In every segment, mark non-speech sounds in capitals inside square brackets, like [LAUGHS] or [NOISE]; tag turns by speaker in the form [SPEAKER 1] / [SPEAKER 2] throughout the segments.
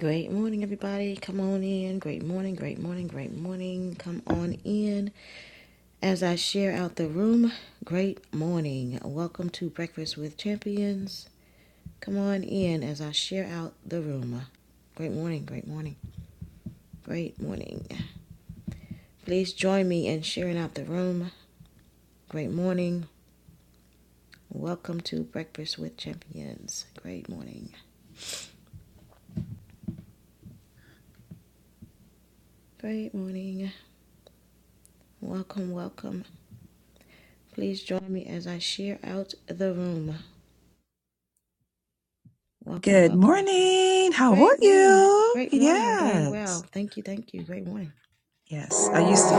[SPEAKER 1] Great morning, everybody. Come on in. Great morning, great morning, great morning. Come on in. As I share out the room, great morning. Welcome to Breakfast with Champions. Come on in as I share out the room. Great morning, great morning, great morning. Please join me in sharing out the room. Great morning. Welcome to Breakfast with Champions. Great morning. Great morning. Welcome, welcome. Please join me as I share out the room. Welcome,
[SPEAKER 2] Good
[SPEAKER 1] welcome.
[SPEAKER 2] morning. How are
[SPEAKER 1] Great morning.
[SPEAKER 2] you?
[SPEAKER 1] Great morning. I'm doing well.
[SPEAKER 2] Yes.
[SPEAKER 1] Thank you. Thank you. Great morning.
[SPEAKER 2] Yes. I used to.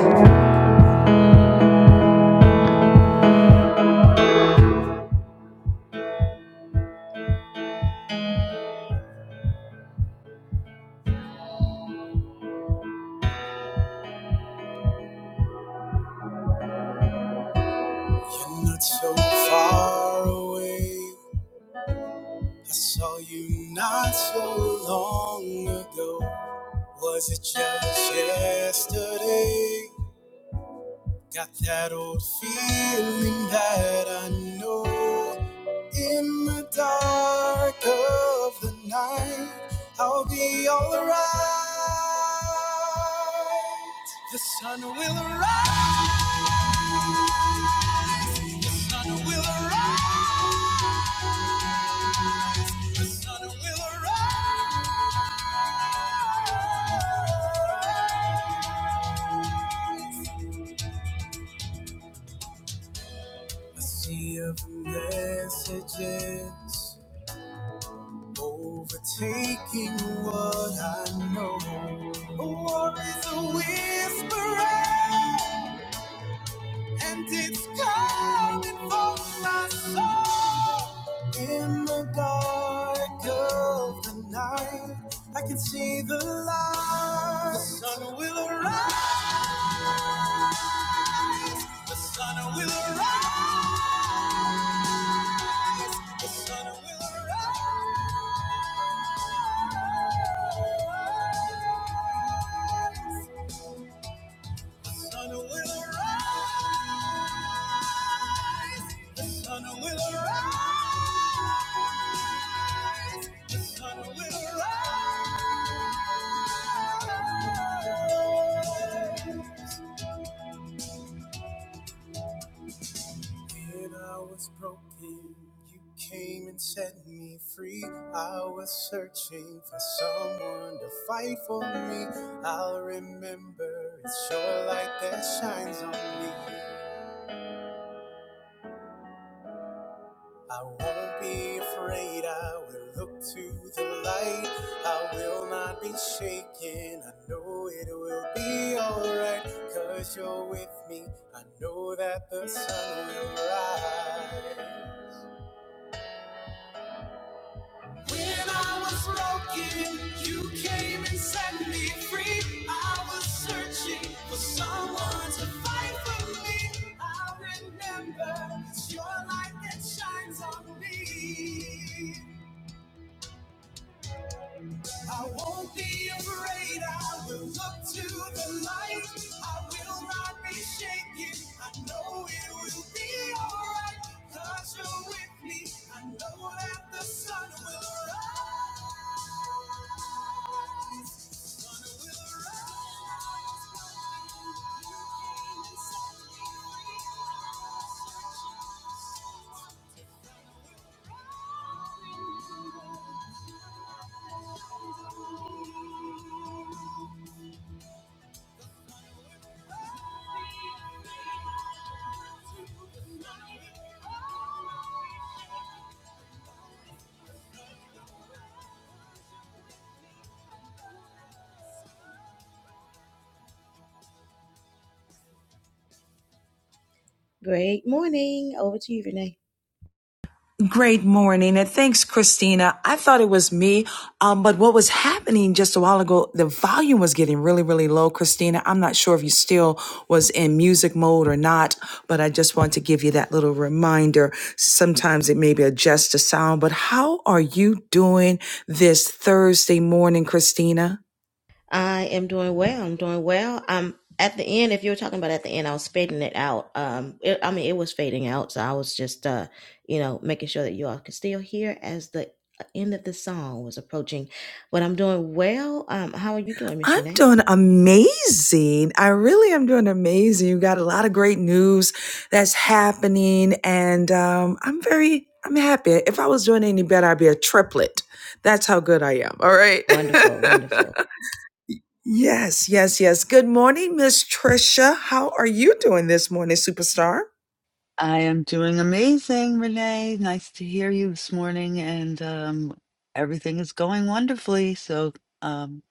[SPEAKER 1] You're not so far away. I saw you not so long ago. Was it just yesterday? Got that old feeling that I know. In the dark of the night, I'll be alright. The sun will rise. The sun will arise. The sun will arise. A sea of messages overtaking what I know. A war is a whisper, and it's coming for my soul. In the dark of the night, I can see the light. The sun will arise. The sun will rise. The sun will rise. The sun will rise. The sun will rise. The sun will rise. When I was broken, you came and set me free. I was searching for someone to fight for me. I'll remember it's your light that shines on me. I won't be afraid, I will look to the light. I will not be shaken, I know it will be alright. Cause you're with me, I know that the sun will rise. Great morning, over to you, Renee.
[SPEAKER 2] Great morning. And thanks, Christina. I thought it was me. Um, but what was happening just a while ago, the volume was getting really, really low, Christina. I'm not sure if you still was in music mode or not, but I just want to give you that little reminder. Sometimes it may be adjust the sound, but how are you doing? this Thursday morning, Christina.
[SPEAKER 1] I am doing well. I'm doing well. Um, at the end, if you were talking about at the end, I was fading it out. Um, it, I mean, it was fading out, so I was just, uh, you know, making sure that you all could still hear as the uh, end of the song was approaching. But I'm doing well. Um, how are you doing, Miss
[SPEAKER 2] I'm
[SPEAKER 1] Renee?
[SPEAKER 2] doing amazing. I really am doing amazing. You got a lot of great news that's happening, and um, I'm very, I'm happy. If I was doing any better, I'd be a triplet. That's how good I am. All
[SPEAKER 1] Wonderful,
[SPEAKER 2] right. [LAUGHS]
[SPEAKER 1] wonderful.
[SPEAKER 2] Yes, yes, yes. Good morning, Miss Trisha. How are you doing this morning, superstar?
[SPEAKER 3] I am doing amazing, Renee. Nice to hear you this morning, and um, everything is going wonderfully. So, um,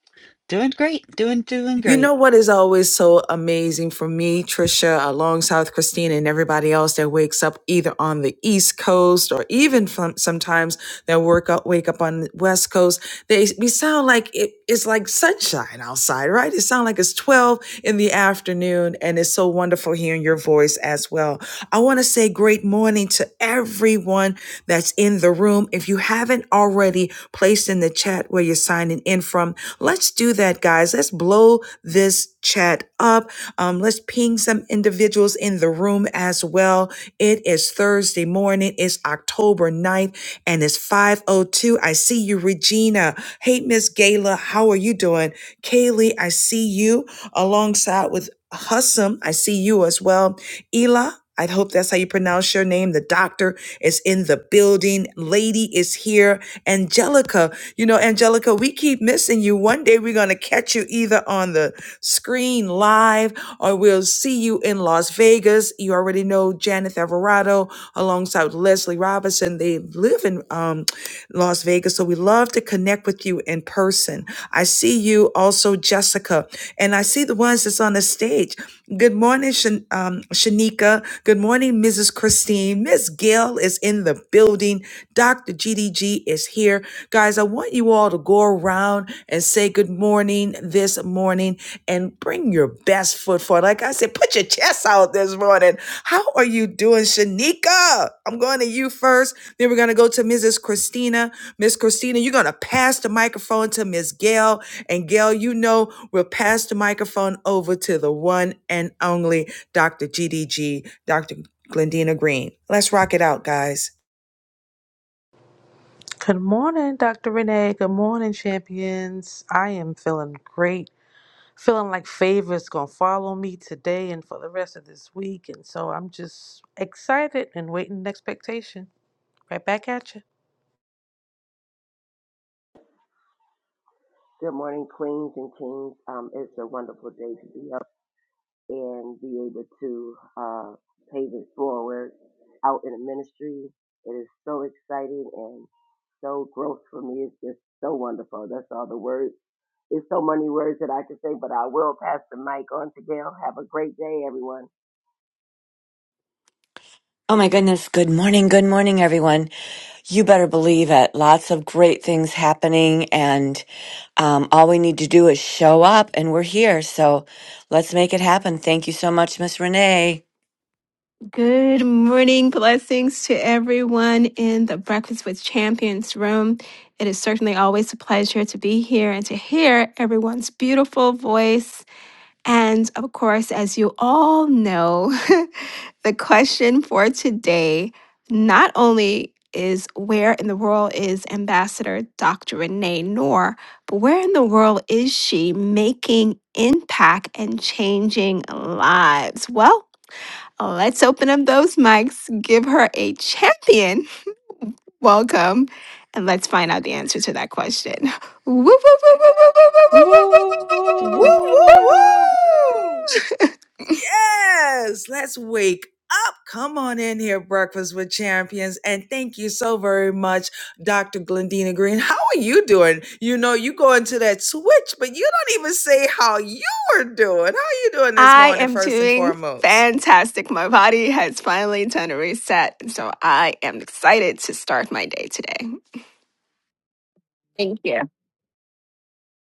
[SPEAKER 3] doing great, doing doing
[SPEAKER 2] You
[SPEAKER 3] great.
[SPEAKER 2] know what is always so amazing for me, Trisha, alongside with Christina and everybody else that wakes up either on the East Coast or even from sometimes that work up, wake up on the West Coast. They we sound like it, it's like sunshine outside, right? It sounds like it's twelve in the afternoon, and it's so wonderful hearing your voice as well. I want to say great morning to everyone that's in the room. If you haven't already placed in the chat where you're signing in from, let's do that, guys. Let's blow this chat up. Um, let's ping some individuals in the room as well. It is Thursday morning. It's October ninth, and it's 5.02. I see you, Regina. Hey, Miss Gayla, how are you doing? Kaylee, I see you alongside with Hussam, I see you as well. Ela, I hope that's how you pronounce your name. The doctor is in the building. Lady is here. Angelica, you know, Angelica, we keep missing you. One day we're going to catch you either on the screen live or we'll see you in Las Vegas. You already know Janet Alvarado alongside Leslie. Leslie Robinson. They live in um, Las Vegas, so we love to connect with you in person. I see you also, Jessica, and I see the ones that's on the stage. Good morning, Shan- um, Shanika. Good morning, Mrs. Christine. Miss Gail is in the building. Dr. GDG is here. Guys, I want you all to go around and say good morning this morning and bring your best foot forward. Like I said, put your chest out this morning. How are you doing, Shanika? I'm going to you first. Then we're going to go to Mrs. Christina. Miss Christina, you're going to pass the microphone to Miss Gail. And Gail, you know, we'll pass the microphone over to the one and only Dr. GDG, Dr. Glendina Green. Let's rock it out, guys.
[SPEAKER 4] Good morning, Dr. Renee. Good morning, champions. I am feeling great, feeling like favors gonna follow me today and for the rest of this week. And so I'm just excited and waiting in expectation. Right back at you.
[SPEAKER 5] Good morning, queens and kings. Um, it's a wonderful day to be up and be able to uh, pave it forward out in the ministry. It is so exciting and so growth for me. It's just so wonderful. That's all the words. It's so many words that I could say, but I will pass the mic on to Gail. Have a great day, everyone.
[SPEAKER 6] Oh my goodness. Good morning. Good morning, everyone. You better believe it. Lots of great things happening. And um, all we need to do is show up, and we're here. So let's make it happen. Thank you so much, Miss Renee.
[SPEAKER 7] Good morning. Blessings to everyone in the Breakfast with Champions room. It is certainly always a pleasure to be here and to hear everyone's beautiful voice. And of course, as you all know, [LAUGHS] the question for today not only is where in the world is Ambassador Dr. Renee Noor, but where in the world is she making impact and changing lives? Well, Oh, Let's open up those mics, give her a champion [LAUGHS] welcome, and let's find out the answer to that question. [LAUGHS] Woo, woo, woo, woo, woo, woo, woo, woo, woo, woo,
[SPEAKER 2] Woo,
[SPEAKER 7] woo, woo, woo,
[SPEAKER 3] Woo.
[SPEAKER 2] woo, woo!
[SPEAKER 7] woo.
[SPEAKER 2] Yes, let's wake up. Come on in here, Breakfast with Champions. And thank you so very much, Dr. Glendina Green. How are you doing? You know, you go into that switch, but you don't even say how you are doing. How are you doing this
[SPEAKER 7] I
[SPEAKER 2] morning,
[SPEAKER 7] am
[SPEAKER 2] first and
[SPEAKER 7] doing
[SPEAKER 2] foremost?
[SPEAKER 7] fantastic. My body has finally done a reset, so I am excited to start my day today. Thank you.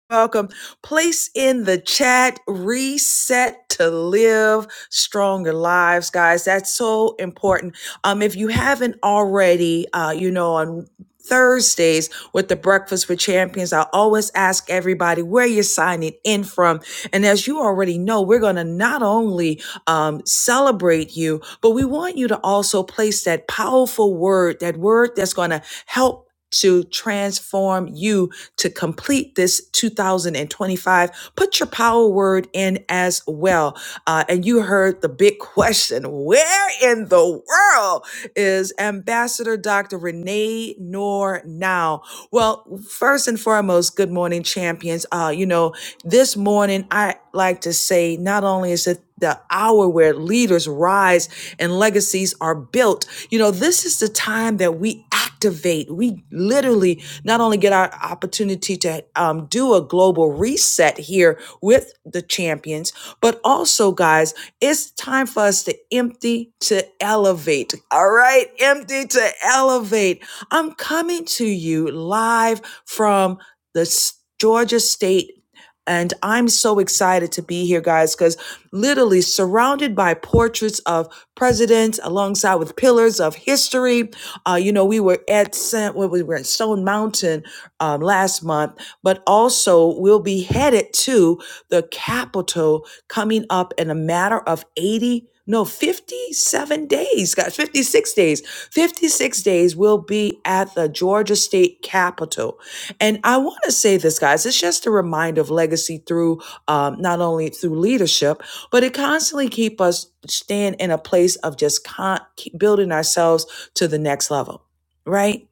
[SPEAKER 2] Welcome. Place in the chat, reset to live stronger lives, guys. That's so important. Um, if you haven't already, uh, you know, on Thursdays with the Breakfast with Champions, I always ask everybody where you're signing in from. And as you already know, we're going to not only um, celebrate you, but we want you to also place that powerful word, that word that's going to help to transform you to complete this 2025. Put your power word in as well. Uh, and you heard the big [LAUGHS] question where in the world is Ambassador Dr. Renee Noor now? Well, first and foremost, good morning, champions. Uh, you know, this morning, I like to say not only is it the hour where leaders rise and legacies are built. You know, this is the time that we activate. We literally not only get our opportunity to um, do a global reset here with the champions, but also, guys, it's time for us to empty to elevate. All right, empty to elevate. I'm coming to you live from the Georgia State. And I'm so excited to be here, guys, because literally surrounded by portraits of presidents alongside with pillars of history. Uh, you know, we were at San- well, we were in Stone Mountain um, last month, but also we'll be headed to the capital coming up in a matter of 80 no 57 days guys 56 days 56 days we will be at the georgia state capitol and i want to say this guys it's just a reminder of legacy through um, not only through leadership but it constantly keep us staying in a place of just con- keep building ourselves to the next level right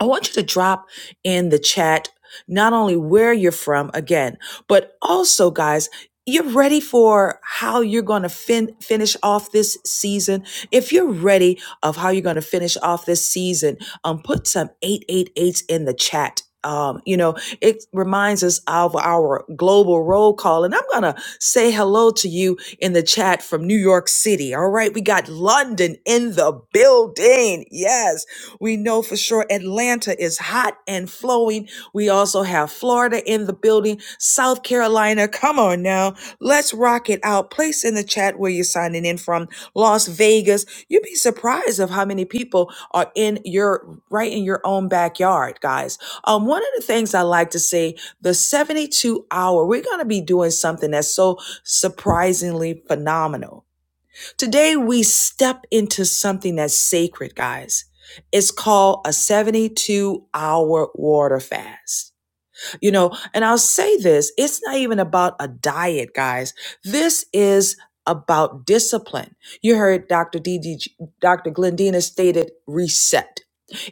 [SPEAKER 2] I want you to drop in the chat not only where you're from again, but also, guys, you're ready for how you're going to fin- finish off this season. If you're ready of how you're going to finish off this season, um, put some eight eight eights in the chat. Um, you know, it reminds us of our global roll call. And I'm going to say hello to you in the chat from New York City. All right. We got London in the building. Yes. We know for sure Atlanta is hot and flowing. We also have Florida in the building, South Carolina. Come on now. Let's rock it out. Place in the chat where you're signing in from Las Vegas. You'd be surprised of how many people are in your right in your own backyard, guys. Um, one of the things I like to say, the 72 hour, we're gonna be doing something that's so surprisingly phenomenal Today, we step into something that's sacred, guys. It's called a 72 hour water fast. You know, and I'll say this it's not even about a diet, guys. This is about discipline. You heard Dr. D. Dr. Glendina stated reset.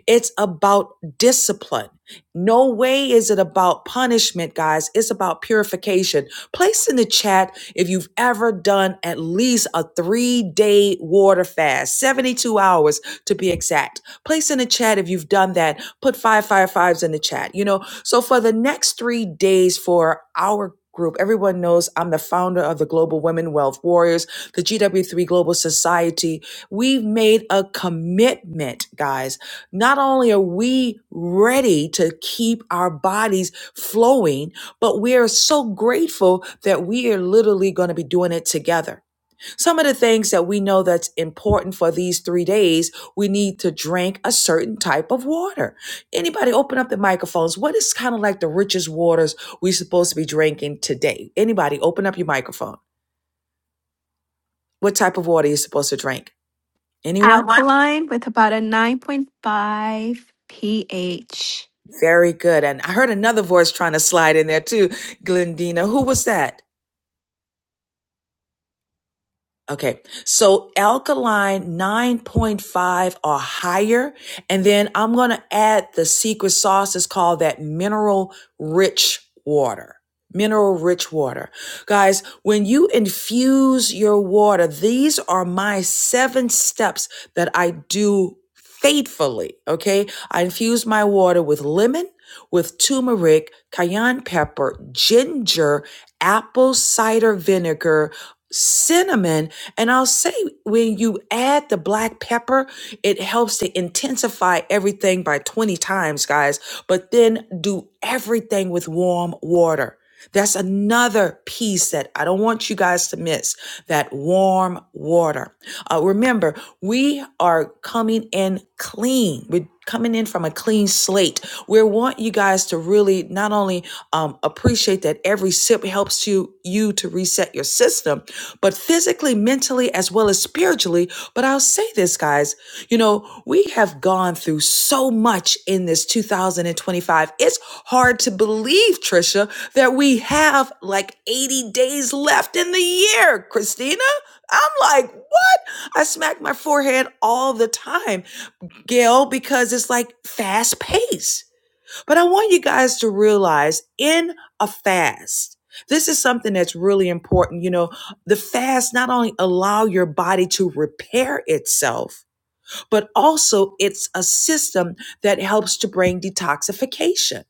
[SPEAKER 2] It's about discipline. No way is it about punishment, guys. It's about purification. Place in the chat if you've ever done at least a three day water fast, 72 hours to be exact. Place in the chat if you've done that. Put five, five, fives in the chat, you know. So for the next three days for our Group. Everyone knows I'm the founder of the Global Women Wealth Warriors, the GW3 Global Society. We've made a commitment, guys not only are we ready to keep our bodies flowing, but we are so grateful that we are literally going to be doing it together. Some of the things that we know that's important for these three days, we need to drink a certain type of water. Anybody open up the microphones. What is kind of like the richest waters we're supposed to be drinking today? Anybody open up your microphone. What type of water are you supposed to drink? Anyone?
[SPEAKER 7] Alkaline with about a 9.5 pH.
[SPEAKER 2] Very good. And I heard another voice trying to slide in there too, Glendina. Who was that? Okay, so alkaline 9.5 or higher. And then I'm going to add the secret sauce is called that mineral rich water. Mineral rich water. Guys, when you infuse your water, these are my seven steps that I do faithfully. Okay, I infuse my water with lemon, with turmeric, cayenne pepper, ginger, apple cider vinegar, cinnamon and I'll say when you add the black pepper, it helps to intensify everything by 20 times, guys. But then do everything with warm water. That's another piece that I don't want you guys to miss that warm water. Uh, remember, we are coming in clean. We're coming in from a clean slate. We want you guys to really not only um, appreciate that every sip helps you, you to reset your system, but physically, mentally, as well as spiritually. But I'll say this, guys, you know, we have gone through so much in this 2025. It's hard to believe, Trisha, that we have like 80 days left in the year, Christina. I'm like, what? I smack my forehead all the time, Gail, because it's like fast pace. But I want you guys to realize in a fast, this is something that's really important. You know, the fast not only allow your body to repair itself, but also it's a system that helps to bring detoxification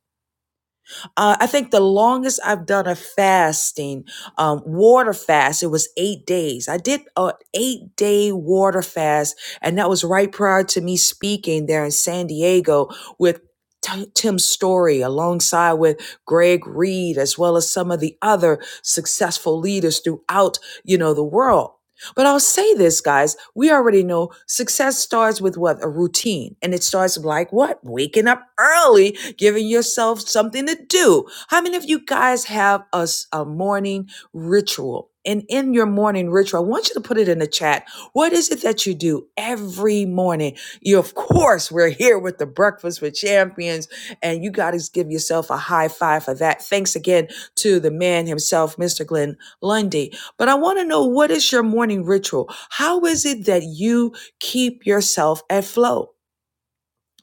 [SPEAKER 2] uh, I think the longest I've done a fasting, um, water fast, it was eight days. I did an eight day water fast, and that was right prior to me speaking there in San Diego with. T- Tim Story, alongside with Greg Reed, as well as some of the other successful leaders throughout, you know, the world but I'll say this, guys. We already know success starts with what? A routine. And it starts like what? Waking up early, giving yourself something to do. How many of you guys have a, s- a morning ritual? And in your morning ritual, I want you to put it in the chat. What is it that you do every morning? You, of course, we're here with the Breakfast with Champions, and you got to give yourself a high five for that. Thanks again to the man himself, Mr. Glenn Lundy. But I want to know what is your morning ritual? How is it that you keep yourself at flow?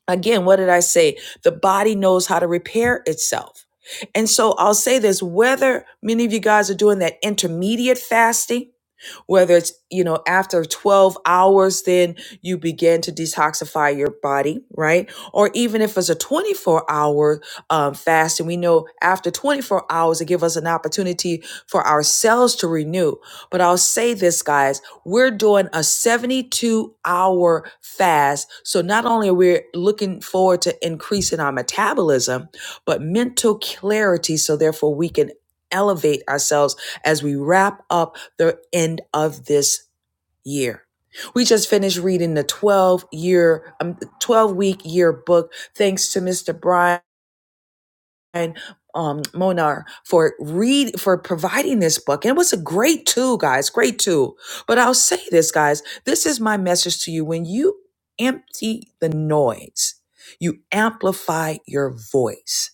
[SPEAKER 2] Again, what did I say? The body knows how to repair itself. And so I'll say this whether many of you guys are doing that intermediate fasting, whether it's, you know, after 12 hours, then you begin to detoxify your body, right? Or even if it's a 24 hour um, fast, and we know after 24 hours, it gives us an opportunity for our cells to renew. But I'll say this, guys, we're doing a 72 hour fast. So not only are we looking forward to increasing our metabolism, but mental clarity. So therefore, we can elevate ourselves as we wrap up the end of this year. We just finished reading the 12 year, um, 12 week year book. Thanks to Mr. Brian um, Monar for read for providing this book. And it was a great tool, guys. Great tool. But I'll say this, guys. This is my message to you. When you empty the noise, you amplify your voice.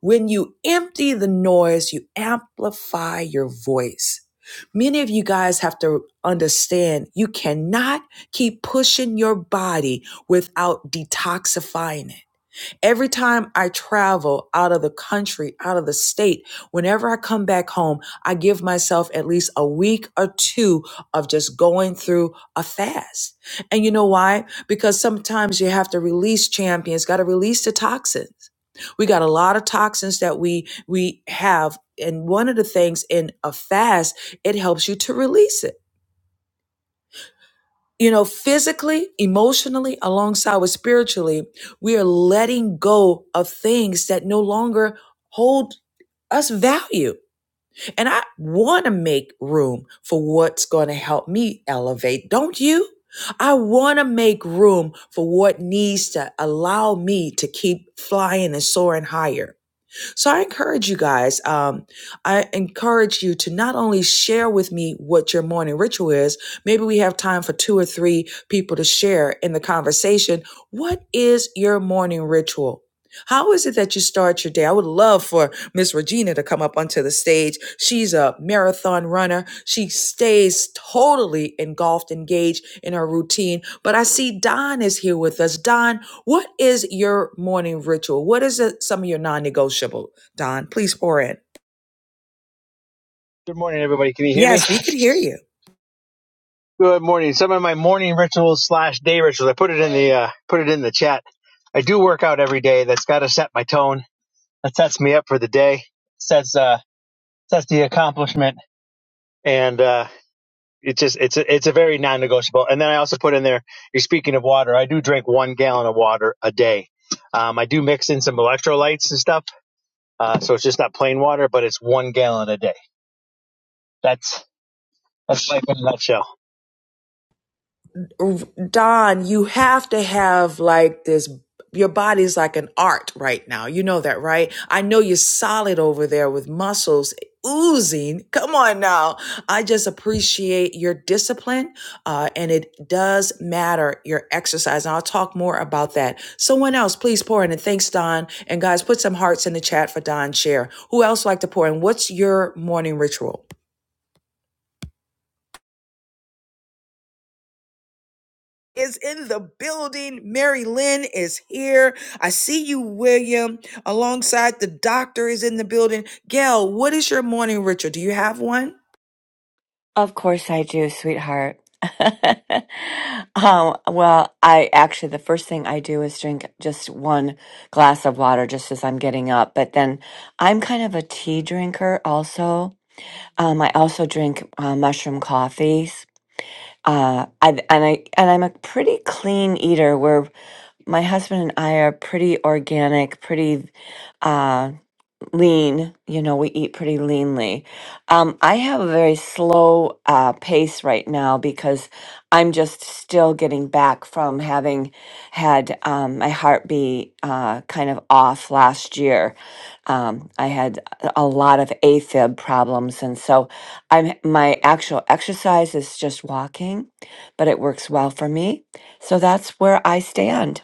[SPEAKER 2] When you empty the noise, you amplify your voice. Many of you guys have to understand you cannot keep pushing your body without detoxifying it. Every time I travel out of the country, out of the state, whenever I come back home, I give myself at least a week or two of just going through a fast. And you know why? Because sometimes you have to release champions, got to release the toxins. We got a lot of toxins that we we have and one of the things in a fast, it helps you to release it. You know, physically, emotionally, alongside with spiritually, we are letting go of things that no longer hold us value. And I want to make room for what's going to help me elevate. Don't you? I want to make room for what needs to allow me to keep flying and soaring higher. So I encourage you guys, um, I encourage you to not only share with me what your morning ritual is, maybe we have time for two or three people to share in the conversation. What is your morning ritual? How is it that you start your day? I would love for Miss Regina to come up onto the stage. She's a marathon runner. She stays totally engulfed, engaged in her routine. But I see Don is here with us. Don, what is your morning ritual? What is it, some of your non negotiable? Don, please pour in.
[SPEAKER 8] Good morning, everybody. Can you hear me?
[SPEAKER 2] Yes, we could hear you.
[SPEAKER 8] Good morning. Some of my morning rituals slash day rituals. I put it in the uh, put it in the chat. I do work out every day. That's got to set my tone. That sets me up for the day. Sets uh sets the accomplishment, and uh, it's just it's a, it's a very non-negotiable. And then I also put in there. You're speaking of water. I do drink one gallon of water a day. Um, I do mix in some electrolytes and stuff, uh, so it's just not plain water, but it's one gallon a day. That's that's life in a nutshell.
[SPEAKER 2] Don, you have to have like this. Your body's like an art right now. You know that, right? I know you're solid over there with muscles oozing. Come on now. I just appreciate your discipline. Uh, and it does matter your exercise. And I'll talk more about that. Someone else, please pour in. And thanks, Don. And guys, put some hearts in the chat for Don Share. Who else like to pour in? What's your morning ritual? is in the building. Mary Lynn is here. I see you, William, alongside the doctor is in the building. Gail, what is your morning ritual? Do you have one?
[SPEAKER 6] Of course I do, sweetheart. [LAUGHS] um, well, I actually, the first thing I do is drink just one glass of water just as I'm getting up. But then I'm kind of a tea drinker also. Um, I also drink uh, mushroom coffees. Uh, I and I and I'm a pretty clean eater. Where my husband and I are pretty organic, pretty uh, lean. You know, we eat pretty leanly. Um, I have a very slow uh, pace right now because I'm just still getting back from having had um, my heart be uh, kind of off last year um, I had a lot of AFib problems, and so I'm my actual exercise is just walking, but it works well for me. So that's where I stand.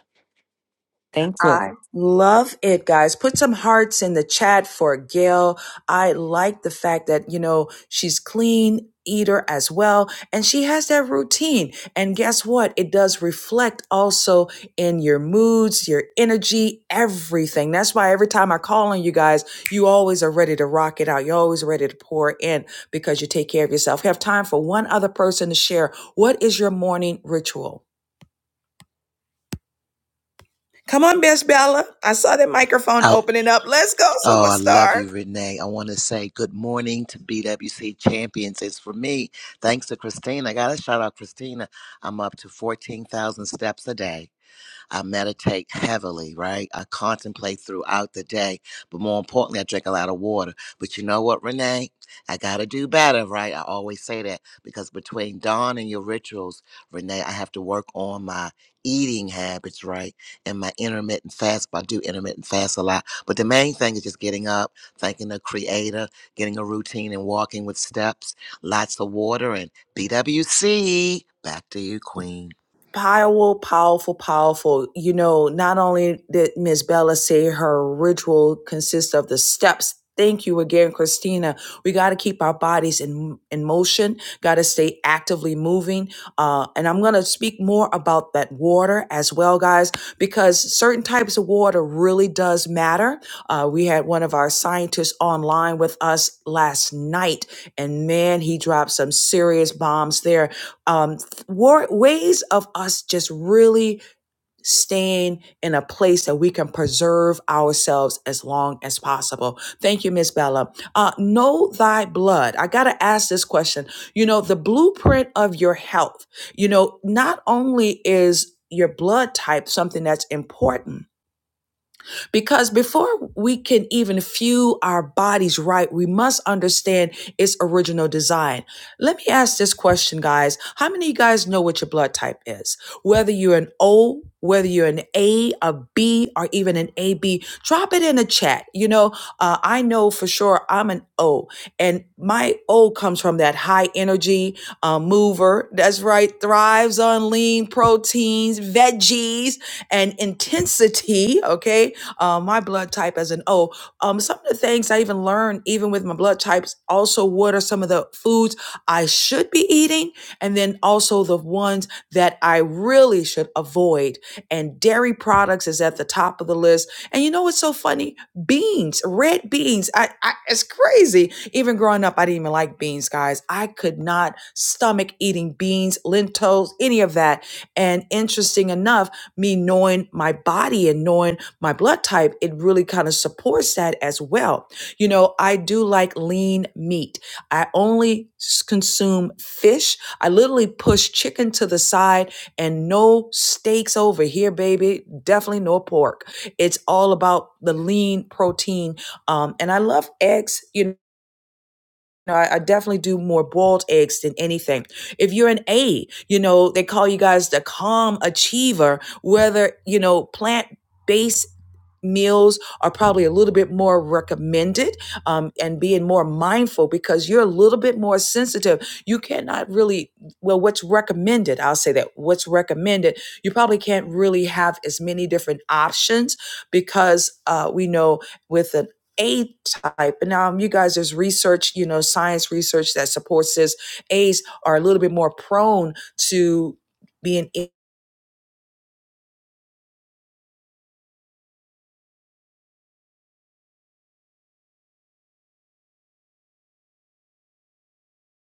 [SPEAKER 6] Thank you.
[SPEAKER 2] I love it, guys. Put some hearts in the chat for Gail. I like the fact that, you know, she's clean eater as well and she has that routine and guess what it does reflect also in your moods your energy everything that's why every time i call on you guys you always are ready to rock it out you're always ready to pour in because you take care of yourself we have time for one other person to share what is your morning ritual Come on, Best Bella. I saw that microphone
[SPEAKER 9] Oh,
[SPEAKER 2] opening up. Let's go,
[SPEAKER 9] oh, I love
[SPEAKER 2] superstar.
[SPEAKER 9] you, Renee. I want to say good morning to BWC champions. It's for me. Thanks to Christina. I got to shout out Christina. I'm up to 14,000 steps a day. I meditate heavily, right? I contemplate throughout the day. But more importantly, I drink a lot of water. But you know what, Renee? I got to do better, right? I always say that because between Dawn and your rituals, Renee, I have to work on my eating habits, right? And my intermittent fast. I do intermittent fast a lot. But the main thing is just getting up, thanking the creator, getting a routine and walking with steps, lots of water and BWC. Back to you, Queen.
[SPEAKER 2] Powerful, powerful, powerful. You know, not only did Miss Bella say her ritual consists of the steps. Thank you again, Christina. We got to keep our bodies in in motion. Got to stay actively moving. Uh, and I'm gonna speak more about that water as well, guys, because certain types of water really does matter. Uh, we had one of our scientists online with us last night, and man, he dropped some serious bombs there. Um, war, ways of us just really staying in a place that we can preserve ourselves as long as possible. Thank you, Miss Bella. Uh, know thy blood. I got to ask this question. You know, the blueprint of your health, you know, not only is your blood type something that's important, because before we can even fuel our bodies right, we must understand its original design. Let me ask this question, guys. How many of you guys know what your blood type is? Whether you're an O, whether you're an A, a B, or even an AB, drop it in the chat. You know, uh, I know for sure I'm an O, and my O comes from that high energy uh, mover. That's right, thrives on lean proteins, veggies, and intensity. Okay uh, my blood type as an O. Um, some of the things I even learned, even with my blood types, also what are some of the foods I should be eating, and then also the ones that I really should avoid. And dairy products is at the top of the list. And you know what's so funny? Beans, red beans. I, I it's crazy. Even growing up, I didn't even like beans, guys. I could not stomach eating beans, lentils, any of that. And interesting enough, me knowing my body and knowing my blood type, it really kind of supports that as well. You know, I do like lean meat. I only consume fish. I literally push chicken to the side and no steaks over here, baby. Definitely no pork. It's all about the lean protein. Um, and I love eggs, you know know, I, I definitely do more boiled eggs than anything. If you're an A, you know, they call you guys the calm achiever, whether, you know, plant based meals are probably a little bit more recommended um, and being more mindful because you're a little bit more sensitive you cannot really well what's recommended i'll say that what's recommended you probably can't really have as many different options because uh, we know with an a type. And now um, you guys, there's research, you know, science research that supports this. A's are a little bit more prone to being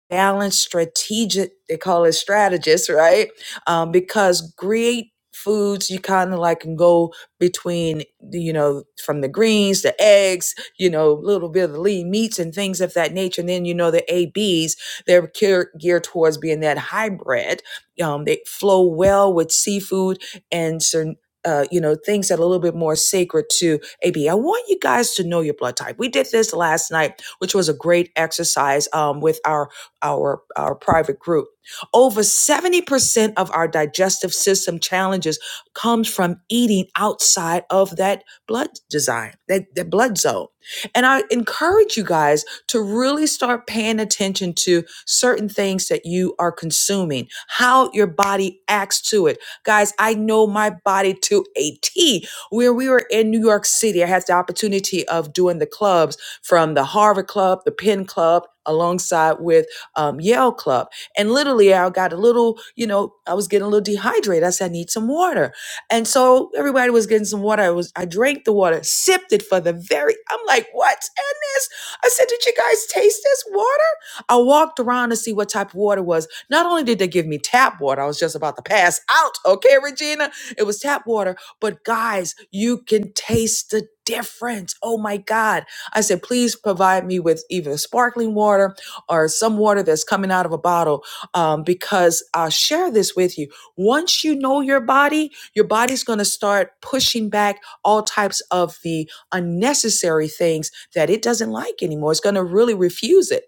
[SPEAKER 2] balanced strategic they call it strategist right um, because great foods you kind of like can go between the, you know from the greens the eggs you know a little bit of the lean meats and things of that nature and then you know the a b's they're gear- geared towards being that hybrid um, they flow well with seafood and certain uh, you know things that are a little bit more sacred to A B. I want you guys to know your blood type we did this last night which was a great exercise um, with our our our private group. Over 70% of our digestive system challenges comes from eating outside of that blood design, that, that blood zone. And I encourage you guys to really start paying attention to certain things that you are consuming, how your body acts to it. Guys, I know my body to a T. Where we were in New York City, I had the opportunity of doing the clubs from the Harvard Club, the Penn Club, alongside with um, Yale Club. And literally, I got a little, you know, I was getting a little dehydrated. I said, I need some water. And so everybody was getting some water. I was, I drank the water, sipped it for the very, I'm like, what's in this? I said, did you guys taste this water? I walked around to see what type of water it was. Not only did they give me tap water, I was just about to pass out. Okay, Regina, it was tap water. But guys, you can taste the difference. Oh my God. I said, please provide me with either sparkling water or some water that's coming out of a bottle. Um, because I'll share this with you. Once you know your body, your body's going to start pushing back all types of the unnecessary things that it doesn't like anymore. It's going to really refuse it.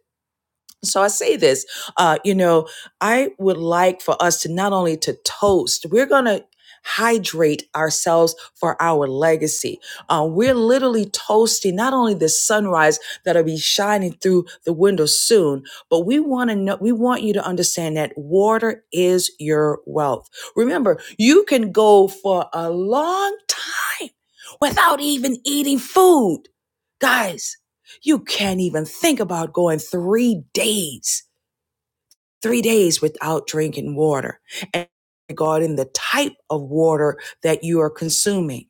[SPEAKER 2] So I say this, uh, you know, I would like for us to not only to toast, we're gonna hydrate ourselves for our legacy. Uh, we're literally toasting not only the sunrise that'll be shining through the window soon, but we want to know, we want you to understand that water is your wealth. Remember, you can go for a long time without even eating food. Guys, you can't even think about going three days, three days without drinking water and regarding the type of water that you are consuming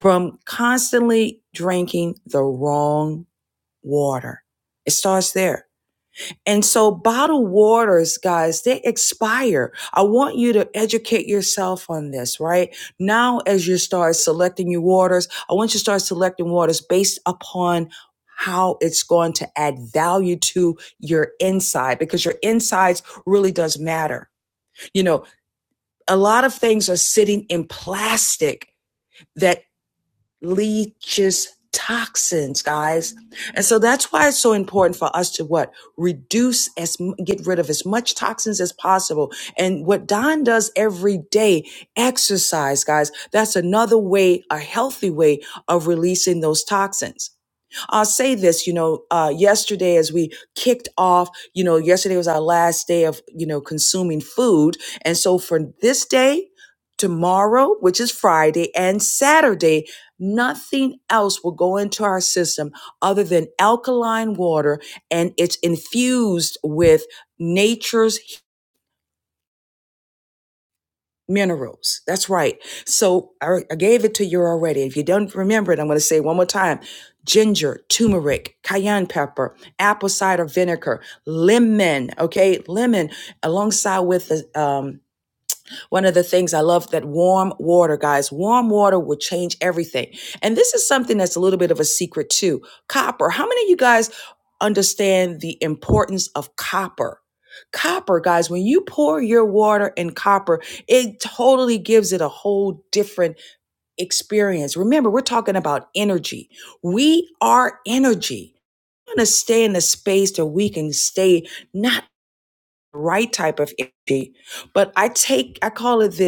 [SPEAKER 2] from constantly drinking the wrong water. It starts there. And so bottled waters, guys, they expire. I want you to educate yourself on this, right? Now, as you start selecting your waters, I want you to start selecting waters based upon how it's going to add value to your inside because your insides really does matter. You know, a lot of things are sitting in plastic that leaches toxins guys and so that's why it's so important for us to what reduce as m- get rid of as much toxins as possible and what don does every day exercise guys that's another way a healthy way of releasing those toxins I'll say this, you know, uh, yesterday as we kicked off, you know, yesterday was our last day of, you know, consuming food. And so for this day, tomorrow, which is Friday, and Saturday, nothing else will go into our system other than alkaline water and it's infused with nature's minerals. That's right. So I, I gave it to you already. If you don't remember it, I'm going to say it one more time. Ginger, turmeric, cayenne pepper, apple cider vinegar, lemon, okay, lemon, alongside with the um, one of the things I love that warm water, guys, warm water will change everything. And this is something that's a little bit of a secret too. Copper. How many of you guys understand the importance of copper? Copper, guys, when you pour your water in copper, it totally gives it a whole different experience. Remember, we're talking about energy. We are energy. We want to stay in a space that we can stay not the right type of energy, but I take, I call it this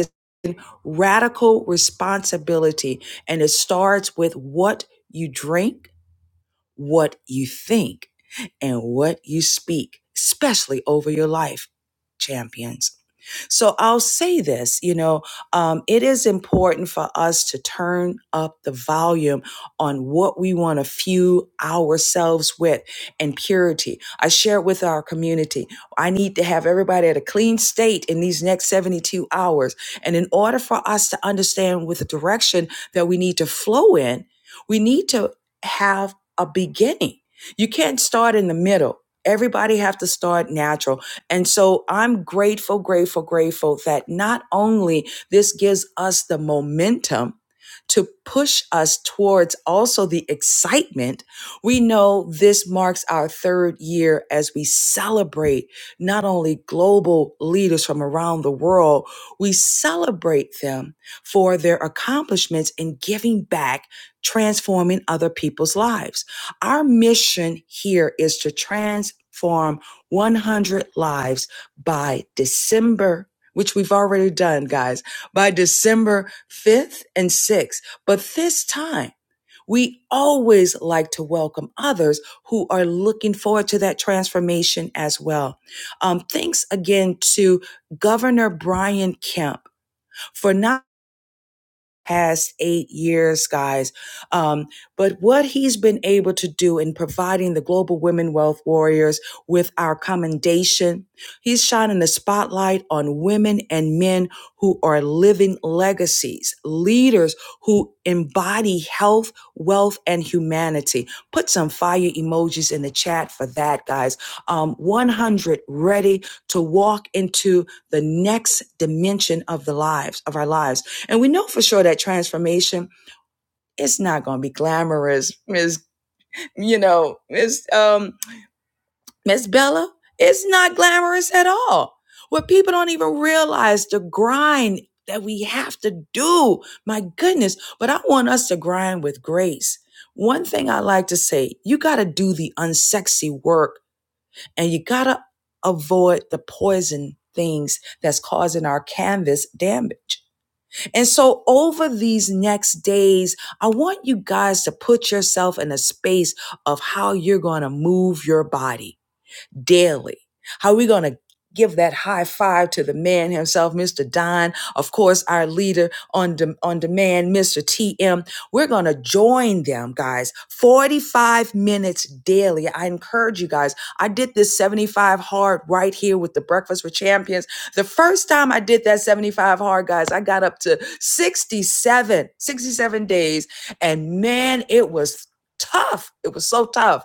[SPEAKER 2] radical responsibility. And it starts with what you drink, what you think, and what you speak, especially over your life, champions. So I'll say this, you know, um, it is important for us to turn up the volume on what we want to fuel ourselves with and purity. I share it with our community. I need to have everybody at a clean state in these next 72 hours. And in order for us to understand with the direction that we need to flow in, we need to have a beginning. You can't start in the middle. Everybody have to start natural and so I'm grateful, grateful, grateful that not only this gives us the momentum to push us towards also the excitement, we know this marks our third year as we celebrate not only global leaders from around the world, we celebrate them for their accomplishments in giving back, transforming other people's lives. Our mission here is to transform 100 lives by December, which we've already done, guys, by December 5th and 6th. But this time, we always like to welcome others who are looking forward to that transformation as well. Um, thanks again to Governor Brian Kemp for not past eight years, guys. Um, but what he's been able to do in providing the Global Women Wealth Warriors with our commendation, he's shining the spotlight on women and men who are living legacies, leaders who embody health, wealth, and humanity. Put some fire emojis in the chat for that, guys. Um, 100 ready to walk into the next dimension of the lives of our lives. And we know for sure that transformation is not going to be glamorous, Miss, you know, Miss um Miss Bella. It's not glamorous at all. What people don't even realize the grind that we have to do. My goodness, but I want us to grind with grace. One thing I like to say, you got to do the unsexy work and you got to avoid the poison things that's causing our canvas damage And so over these next days, I want you guys to put yourself in a space of how you're going to move your body daily. How are we going to give that high five to the man himself, Mr. Don, of course, our leader on, dem- on demand, Mr. TM. We're going to join them, guys, 45 minutes daily. I encourage you guys. I did this 75 hard right here with the Breakfast with Champions. The first time I did that 75 hard, guys, I got up to 67, 67 days. And man, it was tough. It was so tough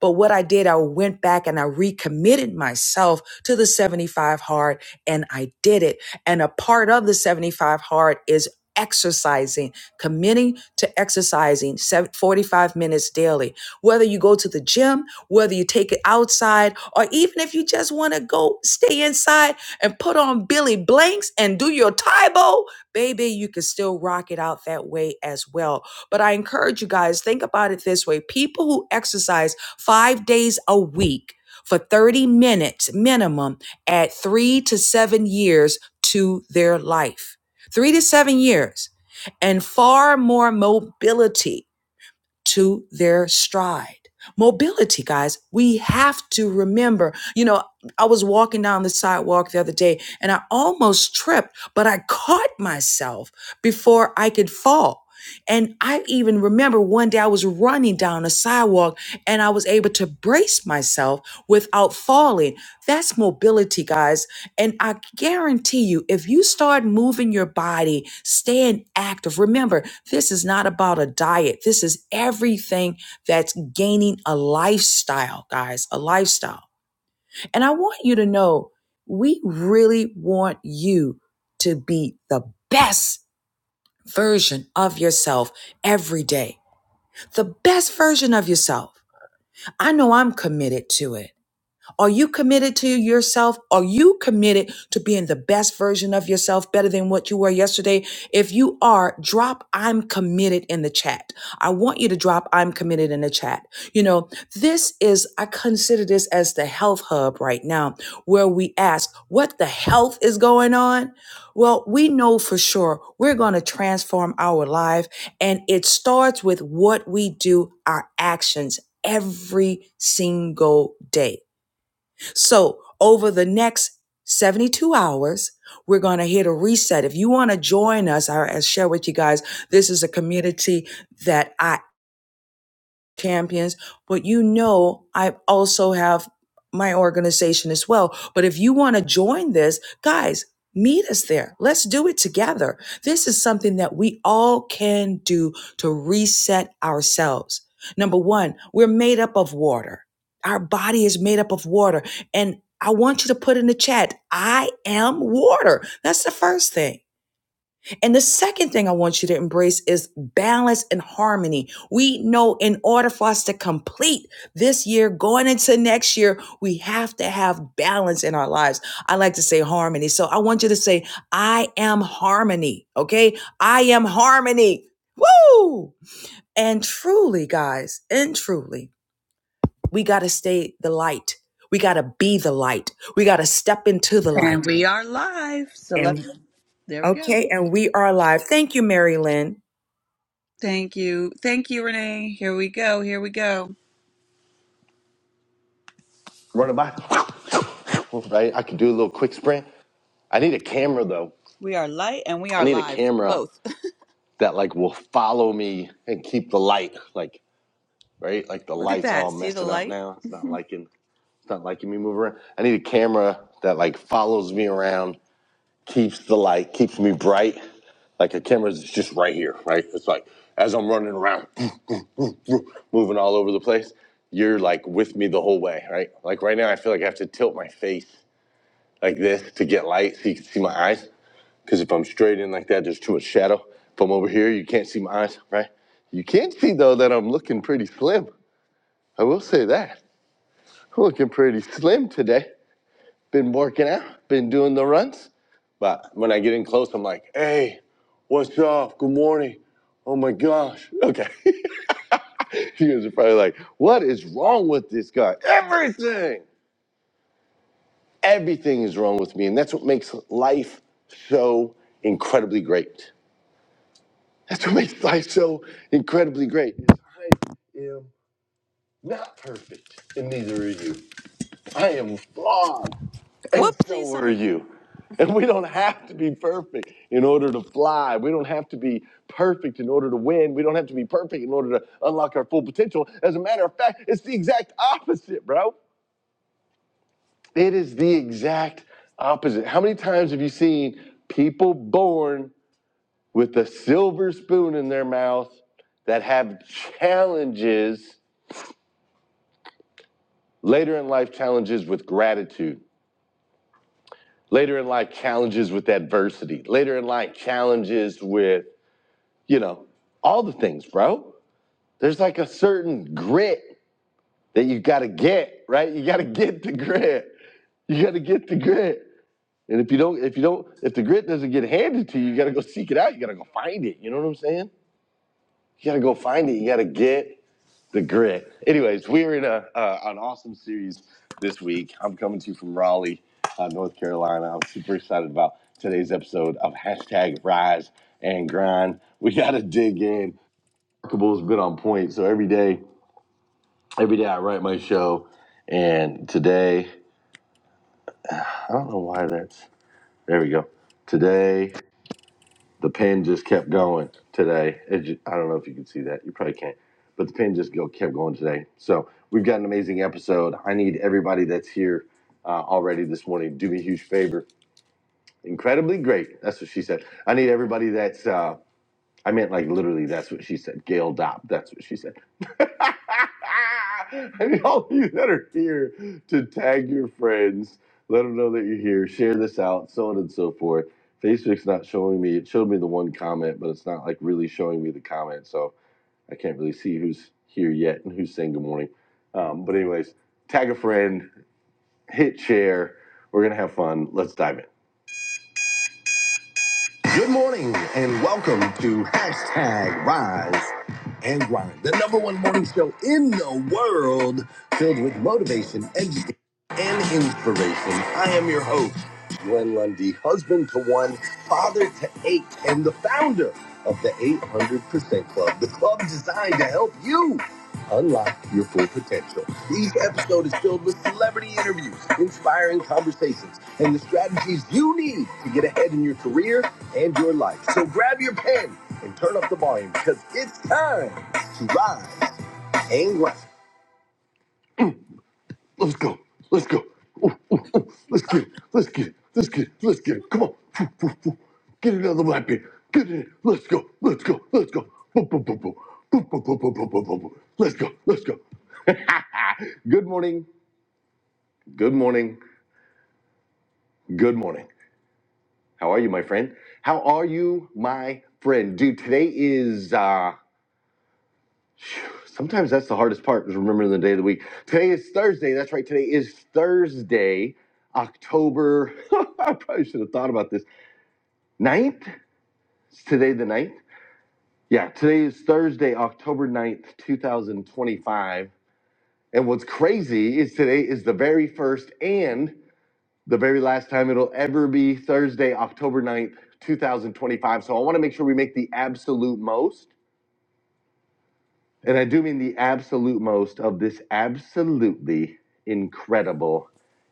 [SPEAKER 2] but what I did, I went back and I recommitted myself to the 75 hard and I did it. And a part of the 75 hard is exercising, committing to exercising 45 minutes daily. Whether you go to the gym, whether you take it outside, or even if you just want to go stay inside and put on Billy Blanks and do your Tybo, baby, you can still rock it out that way as well. But I encourage you guys, think about it this way. People who exercise five days a week for 30 minutes minimum at three to seven years to their life. Three to seven years and far more mobility to their stride. Mobility, guys, we have to remember. You know, I was walking down the sidewalk the other day and I almost tripped, but I caught myself before I could fall. And I even remember one day I was running down a sidewalk and I was able to brace myself without falling. That's mobility, guys. And I guarantee you, if you start moving your body, staying active, remember, this is not about a diet. This is everything that's gaining a lifestyle, guys, a lifestyle. And I want you to know we really want you to be the best version of yourself every day, the best version of yourself. I know I'm committed to it. Are you committed to yourself? Are you committed to being the best version of yourself, better than what you were yesterday? If you are, drop I'm committed in the chat. I want you to drop I'm committed in the chat. You know, this is, I consider this as the health hub right now, where we ask what the health is going on. Well, we know for sure we're going to transform our life, and it starts with what we do, our actions every single day. So over the next 72 hours, we're going to hit a reset. If you want to join us, I, I share with you guys, this is a community that I champions, but you know, I also have my organization as well. But if you want to join this, guys, meet us there. Let's do it together. This is something that we all can do to reset ourselves. Number one, we're made up of water. Our body is made up of water. And I want you to put in the chat, I am water. That's the first thing. And the second thing I want you to embrace is balance and harmony. We know in order for us to complete this year, going into next year, we have to have balance in our lives. I like to say harmony. So I want you to say, I am harmony. Okay. I am harmony. Woo! And truly, guys, and truly, we got to stay the light. We got to be the light. We got to step into the light.
[SPEAKER 10] And we are live. So let
[SPEAKER 2] and.
[SPEAKER 10] us there we go.
[SPEAKER 2] Okay, and we are live. Thank you, Mary Lynn.
[SPEAKER 10] Thank you. Thank you, Renee. Here we go. Here we go. Run a mile, [LAUGHS] right? I could do a little quick sprint. I need a camera though. We are light and we I are need a live. camera Both. [LAUGHS] that like will follow me and keep the light, like right, like the Look at light's all that. See the messing up light? now. It's not [LAUGHS] liking, it's not liking me move around. I need a camera that like follows me around keeps the light, keeps me bright. Like a camera's just right here, right? It's like as I'm running around, [CLEARS THROAT] [LAUGHS] moving all over the place, you're like with me the whole way, right? Like right now, I feel like I have to tilt my face like this to get light so you can see my eyes. Because if I'm straight in like that, there's too much shadow. If I'm over here, you can't see my eyes, right? You can see though that I'm looking pretty slim. I will say that. I'm looking pretty slim today been working out, been doing the runs. But when I get in close, I'm like, hey, what's up? Good morning. Oh my gosh. Okay. [LAUGHS] you guys are probably like, what is wrong with this guy? Everything. Everything is wrong with me. And that's what makes life so incredibly great. That's what makes life so incredibly great. is I am not perfect, and neither are you. I am flawed. And What so Whoopsies. are you. And we don't have to be perfect in order to fly. We don't have to be perfect in order to win. We don't have to be perfect in order to unlock our full potential. As a matter of fact, it's the exact opposite, bro. It is the exact opposite. How many times have you seen people born with a silver spoon in their mouth that have challenges, later in life challenges with gratitude, later in life challenges with adversity, later in life challenges with you know, all the things, bro. There's like a certain grit that you gotta get, right? You gotta get the grit. You gotta get the grit. And if you don't, if you don't, if the grit doesn't get handed to you, you gotta go seek it out. You gotta go find it. You know what I'm saying? You gotta go find it. You gotta get the grit. Anyways, we're in a uh, an awesome series this week. I'm coming to you from Raleigh, uh, North Carolina. I'm super excited about today's episode of hashtag Rise and Grind. We gotta dig in. Remarkable has been on point. So every day, every day I write my show. And today, I don't know why that's. There we go. Today, the pen just kept going. Today, it ju- I don't know if you can see that. You probably can't. But the pen just go kept going today. So we've got an amazing episode. I need everybody that's here uh, already this morning. Do me a huge favor. Incredibly great. That's what she said. I need everybody that's uh, I meant like literally. That's what she said. Gail Dopp. That's what she said. [LAUGHS] I mean, all of you that are here to tag your friends, let them know that you're here. Share this out, so on and so forth. Facebook's not showing me. It showed me the one comment, but it's not like really showing me the comment, so I can't really see who's here yet and who's saying good morning. Um, but anyways, tag a friend, hit share. We're gonna have fun. Let's dive in. Good morning and welcome to hashtag Rise and Grind, the number one morning show in the world filled with motivation, education, and inspiration. I am your host, Glenn Lundy, husband to one, father to eight, and the founder of the 800% Club, the club designed to help you unlock your full potential. Each episode is filled with celebrity interviews, inspiring conversations, and the strategies you need to get ahead in your career and your life. So grab your pen and turn up the volume because it's time to rise and grind. Let's go. Let's get it. Let's get it. Let's come on. Get another white beer. Get it. Let's go. Let's go. Let's go. Boom, boom, boom, boom. Boom, boom, boom, boom, boom, boom, boom, boom. Let's go. Let's go. [LAUGHS] good morning. Good morning. Good morning. How are you, my friend? How are you, my friend? Dude, today is uh sometimes that's the hardest part is remembering the day of the week. Today is Thursday. That's right. Today is Thursday, October. [LAUGHS] I probably should have thought about this. ninth. Is today the ninth. Yeah, today is Thursday, October ninth, 2025. And what's crazy is today is the very first and the very last time it'll ever be Thursday, October ninth, 2025. So I want to make sure we make the absolute most, and I do mean the absolute most of this absolutely incredible,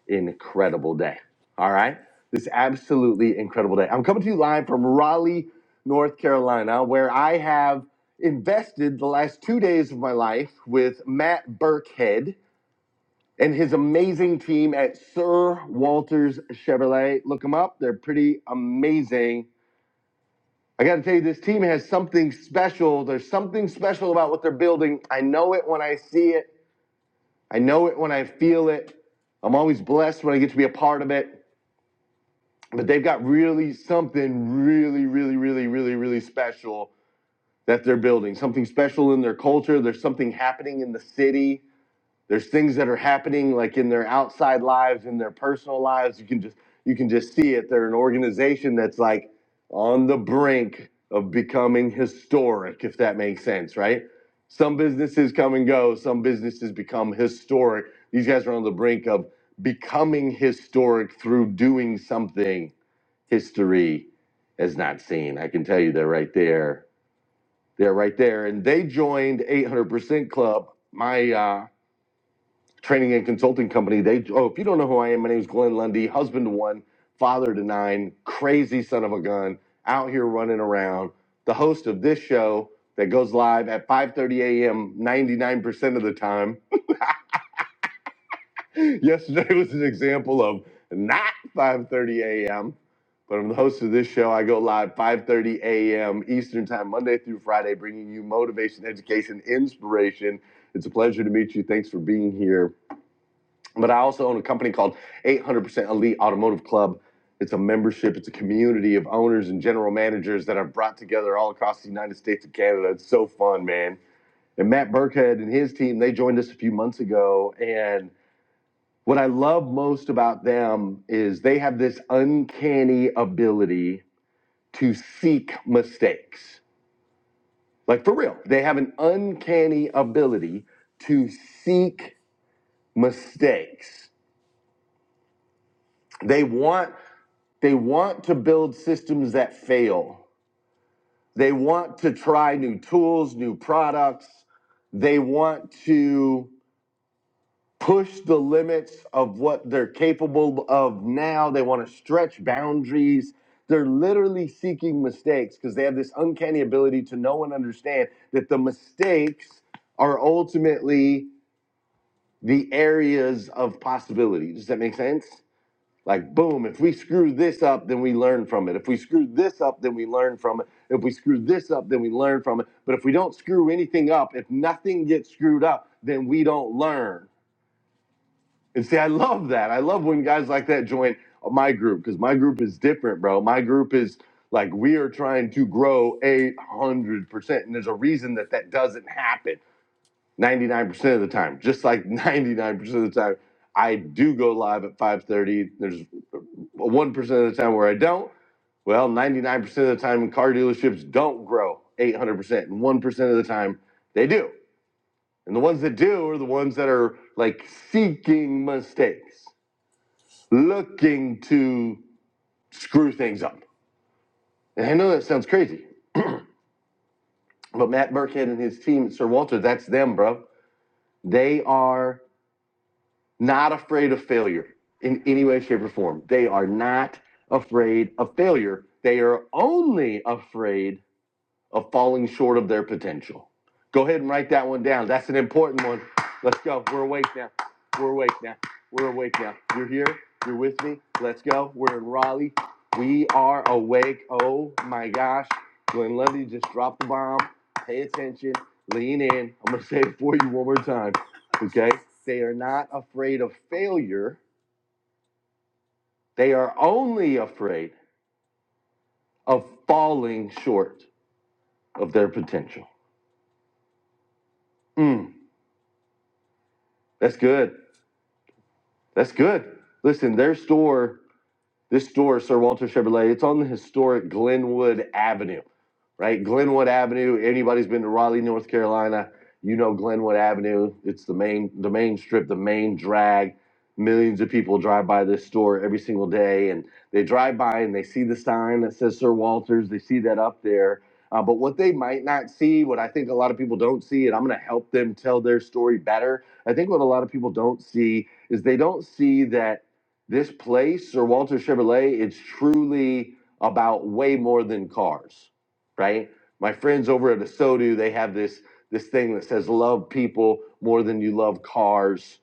[SPEAKER 10] incredible day. All right? This absolutely incredible day. I'm coming to you live from Raleigh, North Carolina, where I have invested the last two days of my life with Matt Burkhead and his amazing team at Sir Walter's Chevrolet. Look them up, they're pretty amazing. I got to tell you, this team has something special. There's something special about what they're building. I know it when I see it, I know it when I feel it. I'm always blessed when I get to be a part of it. But they've got really something really, really, really, really, really special that they're building. Something special in their culture. There's something happening in the city there's things that are happening like in their outside lives in their personal lives you can just you can just see it they're an organization that's like on the brink of becoming historic if that makes sense right some businesses come and go some businesses become historic these guys are on the brink of becoming historic through doing something history has not seen i can tell you they're right there they're right there and they joined 800% club my uh, training and consulting company. They oh, if you don't know who I am, my name is Glenn Lundy, husband to one, father to nine, crazy son of a gun, out here running around. The host of this show that goes live at 5:30 a.m. 99% of the time. [LAUGHS] Yesterday was an example of not 5:30 a.m. But I'm the host of this show. I go live 5:30 a.m. Eastern Time, Monday through Friday, bringing you motivation, education, inspiration. It's a pleasure to meet you. Thanks for being here. But I also own a company called 800% Elite Automotive Club. It's a membership, it's a community of owners and general managers that I've brought together all across the United States and Canada. It's so fun, man. And Matt Burkhead and his team, they joined us a few months ago. And what I love most about them is they have this uncanny ability to seek mistakes. Like for real, they have an uncanny ability to seek mistakes. They want They want to build systems that fail. They want to try new tools, new products. They want to push the limits of what they're capable of now. They want to stretch boundaries. They're literally seeking mistakes because they have this uncanny ability to know and understand that the mistakes are ultimately the areas of possibility. Does that make sense? Like, boom, if we screw this up, then we learn from it. If we screw this up, then we learn from it. If we screw this up, then we learn from it. But if we don't screw anything up, if nothing gets screwed up, then we don't learn. And see, I love that. I love when guys like that join my group because my group is different, bro. My group is like, we are trying to grow 800%. And there's a reason that that doesn't happen 99% of the time just like [LAUGHS] 99% of the time i do go live at 5.30 there's 1% of the time where i don't well 99% of the time car dealerships don't grow 800% and 1% of the time they do and the ones that do are the ones that are like seeking mistakes looking to screw things up and i know that sounds crazy but matt burkhead and his team sir walter that's them bro they are not afraid of failure in any way, shape, or form. They are not afraid of failure. They are only afraid of falling short of their potential. Go ahead and write that one down. That's an important one. Let's go. We're awake now. We're awake now. We're awake now. You're here. You're with me. Let's go. We're in Raleigh. We are awake. Oh my gosh. Glenn Lundy just dropped the bomb. Pay attention. Lean in. I'm going to say it for you one more time. Okay? They are not afraid of failure. They are only afraid of falling short of their potential. Mm, that's good. That's good. Listen, their store. This store, Sir Walter Chevrolet, it's on the historic Glenwood Avenue, right? Glenwood Avenue. Anybody's been to Raleigh, North Carolina, you know Glenwood Avenue. It's the main, the main strip, the main drag. Millions of people drive by this store every single day, and they drive by and they see the sign that says Sir Walters. They see that up there. Uh, but what they might not see, what I think a lot of people don't see, and I'm going to help them tell their story better. I think what a lot of people don't see is they don't see that this place, Sir Walter Chevrolet, it's truly about way more than cars, right? My friends over at Asodu, they have this this thing that says "Love people more than you love cars,"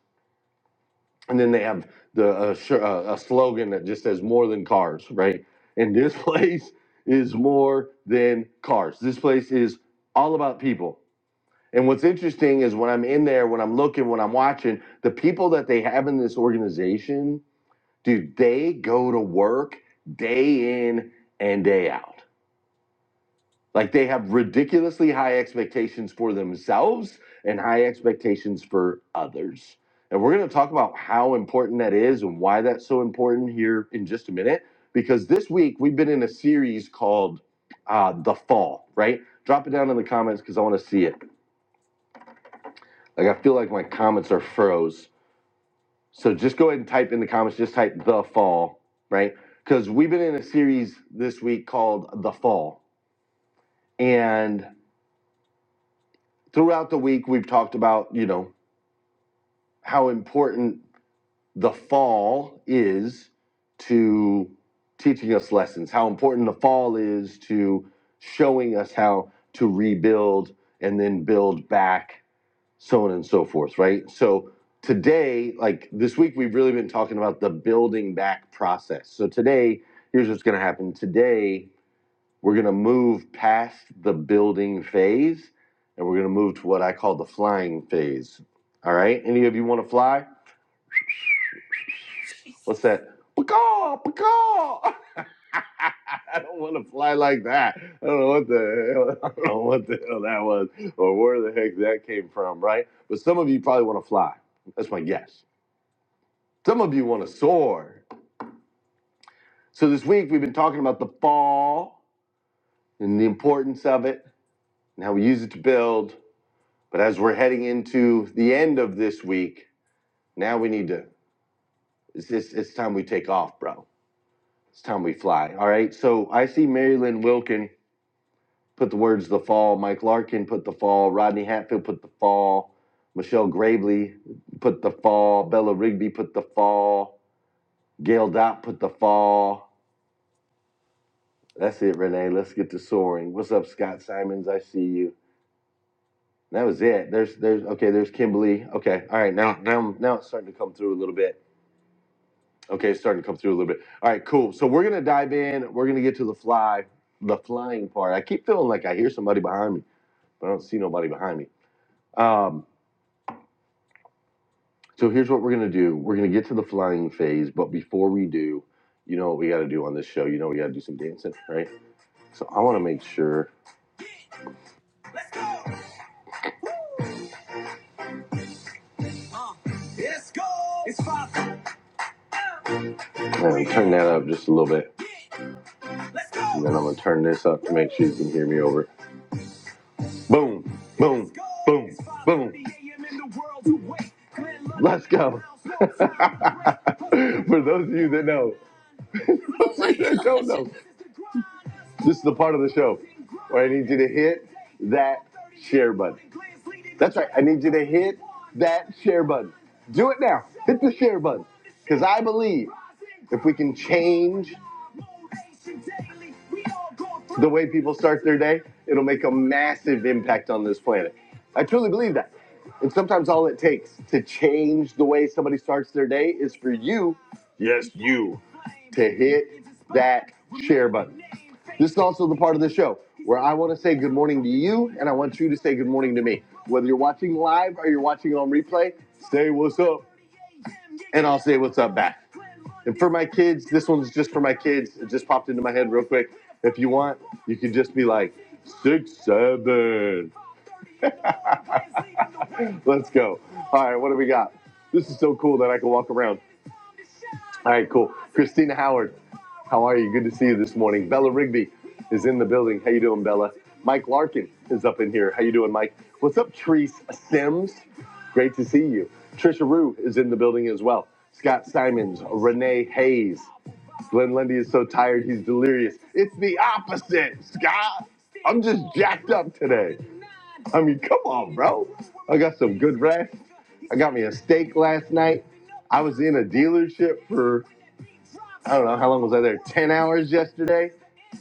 [SPEAKER 10] and then they have the uh, uh, a slogan that just says "More than cars," right? And this [LAUGHS] place is more than cars. This place is all about people. And what's interesting is when I'm in there, when I'm looking, when I'm watching, the people that they have in this organization dude, they go to work day in and day out. Like they have ridiculously high expectations for themselves and high expectations for others. And we're going to talk about how important that is and why that's so important here in just a minute. Because this week we've been in a series called uh, The Fall, right? Drop it down in the comments because I want to see it. Like I feel like my comments are froze. So just go ahead and type in the comments, just type the fall, right? Because we've been in a series this week called The Fall. And throughout the week, we've talked about, you know, how important the fall is to teaching us lessons, how important the fall is to showing us how to rebuild and then build back so on and so forth, right? So today, like this week, we've really been talking about the building back process. So today, here's what's going to happen. Today, we're going to move past the building phase and we're going to move to what I call the flying phase. All right. Any of you want to fly? What's that? Pakaw, pakaw. [LAUGHS] I don't want to fly like that. I don't know what the hell, [LAUGHS] I don't know what the hell that was or where the heck that came from, right? But some of you probably want to fly. That's my guess. Some of you want to soar. So this week we've been talking about the fall and the importance of it and how we use it to build. But as we're heading into the end of this week, now we need to. It's, it's, it's time we take off, bro. It's time we fly. All right. So I see Mary Lynn Wilkin put the words "the fall." Mike Larkin put the fall. Rodney Hatfield put the fall. Michelle Gravely put the fall. Bella Rigby put the fall. Gail Dot put the fall. That's it, Renee. Let's get to soaring. What's up, Scott Simons? I see you. That was it. There's there's okay. There's Kimberly. Okay. All right. Now now now it's starting to come through a little bit. Okay, it's starting to come through a little bit. All right, cool. So we're gonna dive in. We're gonna get to the fly, the flying part. I keep feeling like I hear somebody behind me, but I don't see nobody behind me. Um, So here's what we're gonna do. We're gonna get to the flying phase, but before we do, you know what we gotta do on this show. You know we gotta do some dancing, right? So I wanna make sure Let's go. It's fire. I'm gonna turn that up just a little bit. And then I'm gonna turn this up to make sure you can hear me over. Boom, boom, boom, boom. Let's go. [LAUGHS] For those of you that know, [LAUGHS] that don't know, this is the part of the show where I need you to hit that share button. That's right. I need you to hit that share button. Do it now. Hit the share button. Because I believe if we can change the way people start their day, it'll make a massive impact on this planet. I truly believe that. And sometimes all it takes to change the way somebody starts their day is for you, yes, you, to hit that share button. This is also the part of the show where I want to say good morning to you and I want you to say good morning to me. Whether you're watching live or you're watching on replay, say what's up and I'll say what's up back. And for my kids, this one's just for my kids. It just popped into my head real quick. If you want, you can just be like six seven. Let's go. All right, what do we got? This is so cool that I can walk around. All right, cool. Christina Howard, how are you? Good to see you this morning. Bella Rigby is in the building. How you doing, Bella? Mike Larkin is up in here. How you doing, Mike? What's up, Treese Sims? Great to see you. Trisha Rue is in the building as well. Scott Simons, Renee Hayes. Glenn Lundy is so tired he's delirious. It's the opposite, Scott. I'm just jacked up today. I mean, come on, bro. I got some good rest. I got me a steak last night. I was in a dealership for I don't know how long was I there? Ten hours yesterday,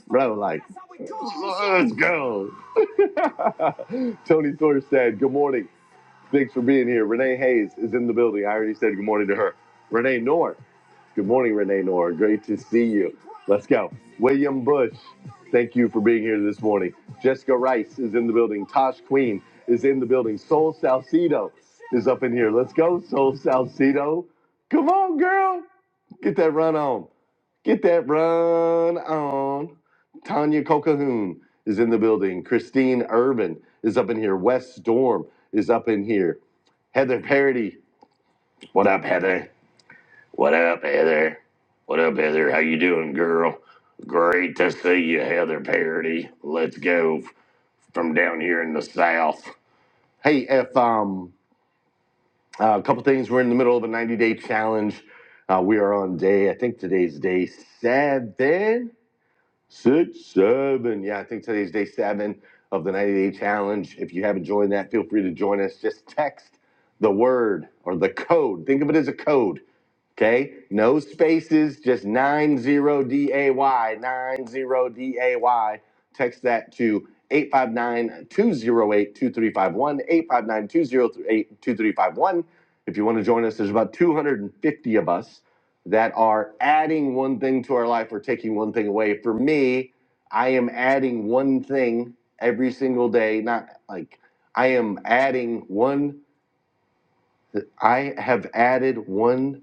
[SPEAKER 10] bro. Like, let's go. [LAUGHS] Tony Thorstad, good morning. Thanks for being here. Renee Hayes is in the building. I already said good morning to her. Renee Noor Good morning, Renee Nora. Great to see you. Let's go. William Bush, thank you for being here this morning. Jessica Rice is in the building. Tosh Queen is in the building. Soul Salcido is up in here. Let's go, Soul Salcido. Come on, girl. Get that run on. Get that run on. Tanya Cocahoon is in the building. Christine Urban is up in here. Wes Storm is up in here. Heather Parody. What up, Heather? What up, Heather? What up, Heather? How you doing, girl? Great to see you, Heather Parody. Let's go f- from down here in the South. Hey, if um, uh, a couple things. We're in the middle of a 90-day challenge. Uh, we are on day. I think today's day seven, six, seven. Yeah, I think today's day seven of the 90-day challenge. If you haven't joined that, feel free to join us. Just text the word or the code. Think of it as a code Okay, no spaces, just 90DAY, 90DAY. Text that to eight five nine two zero eight two three five one eight five nine two zero eight two three five one. If you want to join us, there's about 250 of us that are adding one thing to our life or taking one thing away. For me, I am adding one thing every single day, not like I am adding one I have added one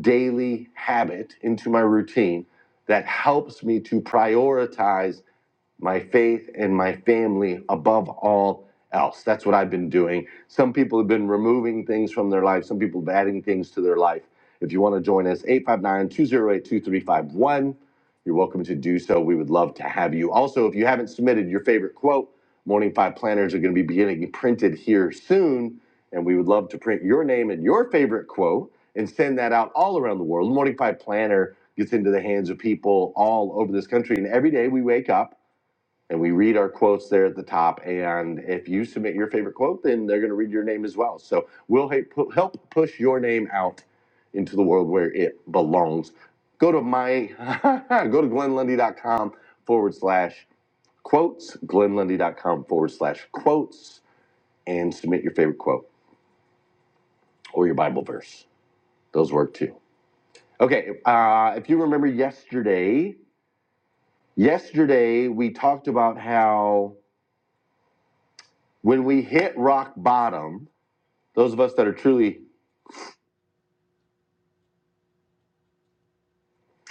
[SPEAKER 10] daily habit into my routine that helps me to prioritize my faith and my family above all else. That's what I've been doing. Some people have been removing things from their life, some people have been adding things to their life. If you want to join us, eight five nine two oh eight, two three five one. you're welcome to do so. We would love to have you. Also, if you haven't submitted your favorite quote, Morning Five Planners are going to be getting printed here soon. And we would love to print your name and your favorite quote and send that out all around the world. The Morning Five Planner gets into the hands of people all over this country. And every day we wake up and we read our quotes there at the top. And if you submit your favorite quote, then they're going to read your name as well. So we'll help push your name out into the world where it belongs. Go to my, [LAUGHS] go to glenn lundy dot com forward slash quotes, glenn lundy dot com forward slash quotes, and submit your favorite quote or your Bible verse. Those work too. Okay. Uh, if you remember yesterday, yesterday we talked about how when we hit rock bottom, those of us that are truly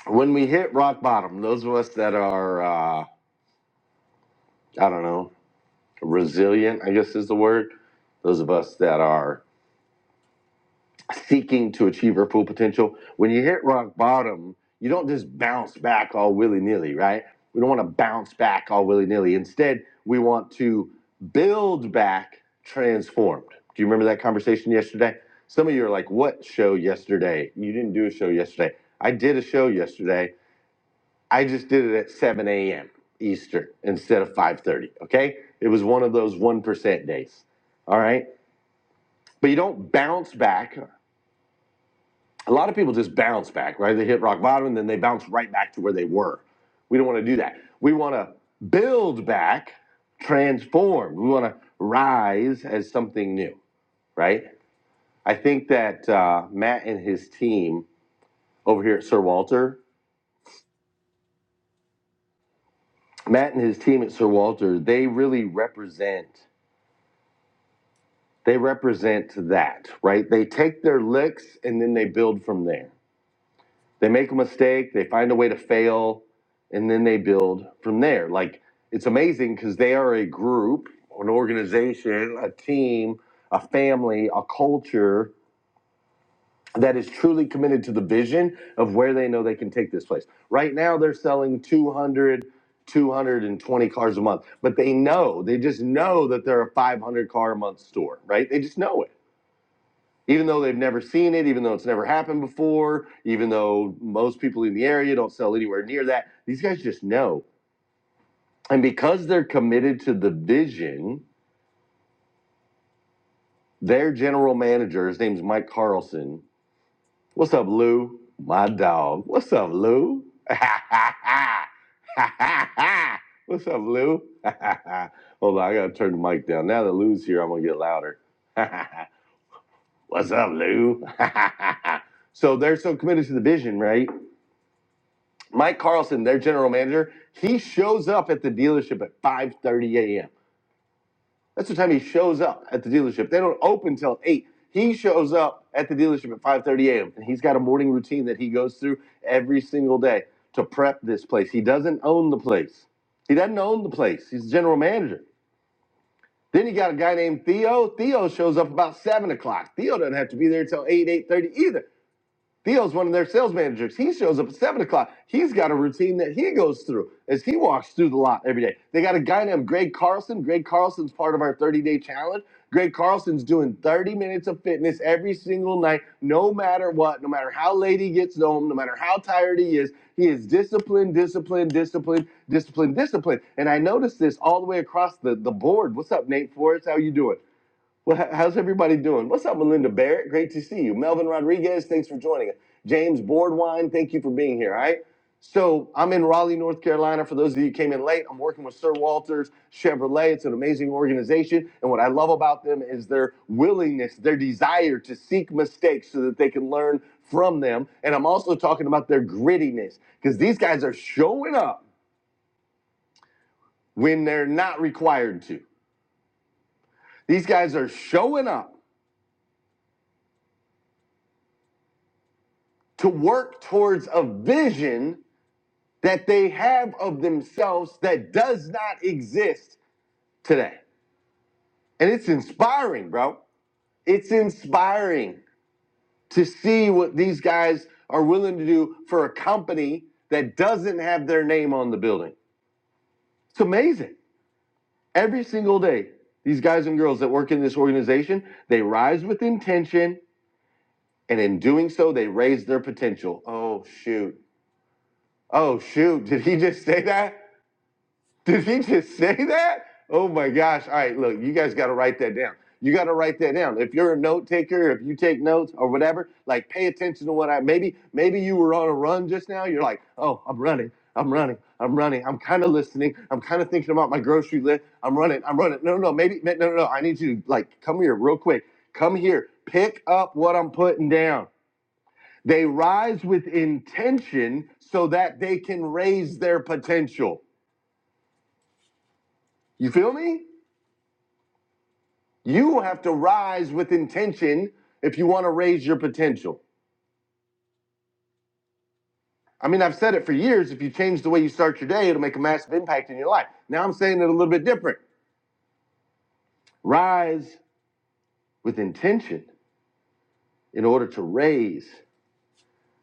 [SPEAKER 10] when we hit rock bottom those of us that are uh, i don't know resilient i guess is the word those of us that are seeking to achieve our full potential when you hit rock bottom you don't just bounce back all willy-nilly right we don't want to bounce back all willy-nilly instead we want to build back transformed do you remember that conversation yesterday some of you are like what show yesterday you didn't do a show yesterday i did a show yesterday I just did it at 7 a.m. Eastern instead of 5:30. Okay, it was one of those one percent days. All right, but you don't bounce back. A lot of people just bounce back, right? They hit rock bottom and then they bounce right back to where they were. We don't want to do that. We want to build back, transform. We want to rise as something new, right? I think that uh, Matt and his team over here at Sir Walter, Matt and his team at Sir Walter, they really represent They represent that, right? They take their licks and then they build from there. They make a mistake, they find a way to fail, and then they build from there. Like it's amazing because they are a group, an organization, a team, a family, a culture that is truly committed to the vision of where they know they can take this place. Right now, they're selling 200, 220 cars a month. But they know, they just know that they're a 500 car a month store, right? They just know it even though they've never seen it, even though it's never happened before, even though most people in the area don't sell anywhere near that, these guys just know. And because they're committed to the vision, their general manager, his name's Mike Carlson. What's up, Lou? My dog. What's up, Lou? [LAUGHS] What's up, Lou? [LAUGHS] Hold on, I gotta turn the mic down. Now that Lou's here, I'm gonna get louder. [LAUGHS] What's up, Lou? [LAUGHS] so they're so committed to the vision, right? Mike Carlson, their general manager, he shows up at the dealership at 5:30 a.m. That's the time he shows up at the dealership. They don't open till 8. He shows up at the dealership at 5:30 a.m. and he's got a morning routine that he goes through every single day to prep this place. He doesn't own the place. He doesn't own the place. He's the general manager. Then you got a guy named Theo. Theo shows up about seven o'clock. Theo doesn't have to be there till eight, eight thirty either. Theo's one of their sales managers. He shows up at seven o'clock. He's got a routine that he goes through as he walks through the lot every day. They got a guy named Greg Carlson. Greg Carlson's part of our 30 day challenge. Greg Carlson's doing 30 minutes of fitness every single night, no matter what, no matter how late he gets home, no matter how tired he is. He is disciplined, disciplined, disciplined, disciplined, disciplined. And I noticed this all the way across the, the board. What's up, Nate Forrest? How you doing? Well, how's everybody doing? What's up, Melinda Barrett? Great to see you. Melvin Rodriguez, thanks for joining us. James Boardwine, thank you for being here. All right. So I'm in Raleigh, North Carolina. For those of you who came in late, I'm working with Sir Walters Chevrolet. It's an amazing organization. And what I love about them is their willingness, their desire to seek mistakes so that they can learn from them. And I'm also talking about their grittiness because these guys are showing up when they're not required to. These guys are showing up to work towards a vision that they have of themselves that does not exist today. And it's inspiring, bro. It's inspiring to see what these guys are willing to do for a company that doesn't have their name on the building. It's amazing. Every single day, these guys and girls that work in this organization, they rise with intention and in doing so they raise their potential. Oh shoot. Oh shoot, did he just say that? [LAUGHS] Did he just say that? Oh my gosh. All right, look, you guys got to write that down. You got to write that down. If you're a note taker, if you take notes or whatever, like pay attention to what I maybe maybe you were on a run just now. You're like, "Oh, I'm running. I'm running. I'm running. I'm kind of listening. I'm kind of thinking about my grocery list. I'm running. I'm running." No, no, no, maybe no, no, no. I need you to like come here real quick. Come here. Pick up what I'm putting down. They rise with intention so that they can raise their potential. You feel me? You have to rise with intention if you want to raise your potential. I mean, I've said it for years. If you change the way you start your day, it'll make a massive impact in your life. Now I'm saying it a little bit different. Rise with intention in order to raise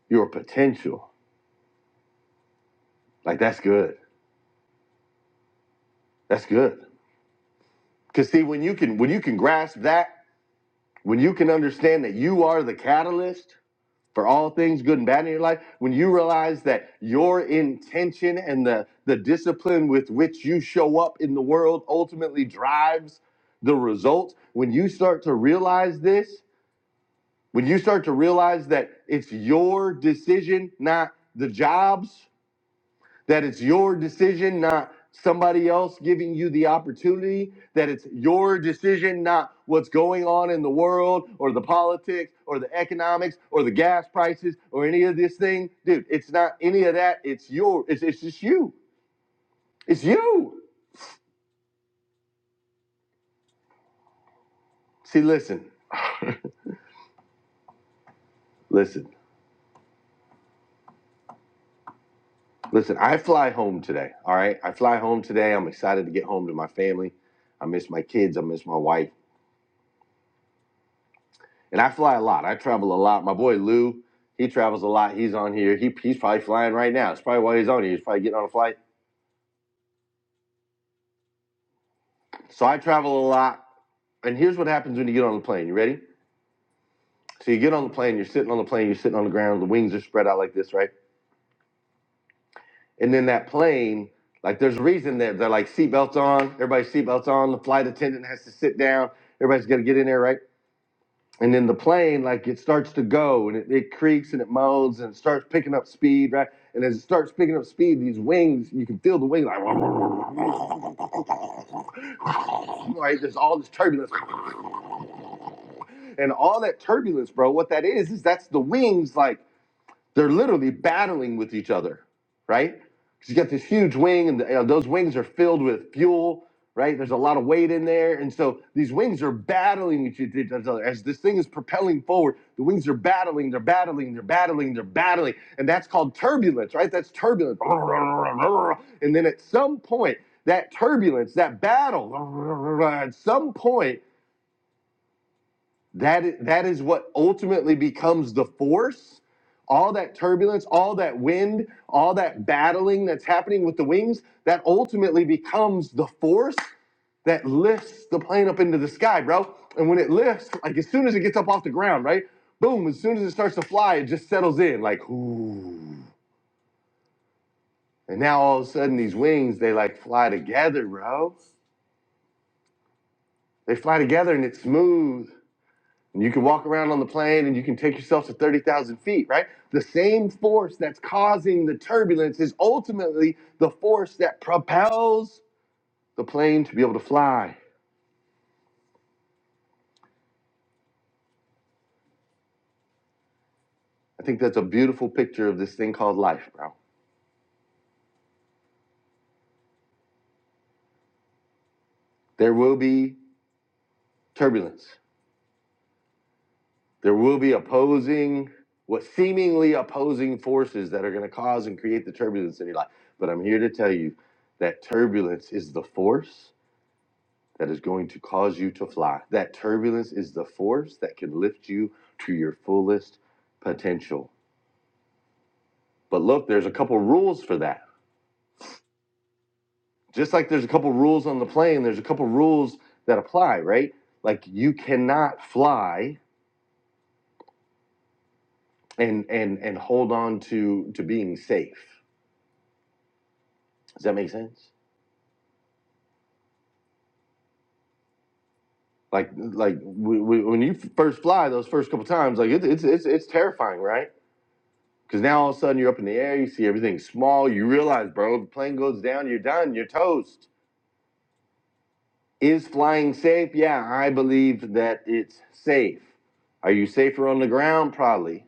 [SPEAKER 10] your potential. Like that's good. That's good. Cause see, when you can when you can grasp that, when you can understand that you are the catalyst, for all things good and bad in your life when you realize that your intention and the, the discipline with which you show up in the world ultimately drives the result when you start to realize this when you start to realize that it's your decision not the job's that it's your decision, not somebody else giving you the opportunity, that it's your decision, not what's going on in the world or the politics or the economics or the gas prices or any of this thing. Dude, it's not any of that. It's your, it's, it's just you. It's you. See, listen, listen, listen. I fly home today. All right. I fly home today. I'm excited to get home to my family. I miss my kids. I miss my wife. And I fly a lot. I travel a lot. My boy Lou, he travels a lot. He's on here. He, he's probably flying right now. It's probably why he's on here. He's probably getting on a flight. So I travel a lot. And here's what happens when you get on the plane. You ready? So you get on the plane, you're sitting on the plane, you're sitting on the ground, the wings are spread out like this, right? And then that plane, like there's a reason that they're like seatbelts on, everybody's seatbelts on, the flight attendant has to sit down, everybody's gotta get in there, right? and then the plane like it starts to go and it, it creaks and it moans and it starts picking up speed right and as it starts picking up speed these wings you can feel the wings, like [LAUGHS] right there's all this turbulence and all that turbulence bro what that is is that's the wings like they're literally battling with each other, right? Because you got this huge wing, and you know, those wings are filled with fuel, right? There's a lot of weight in there, and so these wings are battling with each each other as this thing is propelling forward. The wings are battling, they're battling, they're battling, they're battling, and that's called turbulence, right? That's turbulence. And then at some point, that turbulence, that battle, at some point that that is what ultimately becomes the force. All that turbulence, all that wind, all that battling that's happening with the wings, that ultimately becomes the force that lifts the plane up into the sky, bro. And when it lifts, like as soon as it gets up off the ground, right? Boom, as soon as it starts to fly, it just settles in, like, ooh. And now all of a sudden, these wings, they like fly together, bro. They fly together and it's smooth And you can walk around on the plane and you can take yourself to 30,000 feet, right? The same force that's causing the turbulence is ultimately the force that propels the plane to be able to fly. I think that's a beautiful picture of this thing called life, bro. There will be turbulence, there will be opposing, what seemingly opposing forces that are going to cause and create the turbulence in your life. But I'm here to tell you that turbulence is the force that is going to cause you to fly. That turbulence is the force that can lift you to your fullest potential. But look, there's a couple rules for that. Just like there's a couple rules on the plane, there's a couple rules that apply, right? Like you cannot fly and and and hold on to to being safe. Does that make sense? Like like w- w- when you first fly those first couple times, like it, it's it's it's terrifying, right? Because now all of a sudden you're up in the air, you see everything small, you realize, bro, if the plane goes down, you're done, you're toast. Is flying safe? Yeah, I believe that it's safe. Are you safer on the ground? Probably.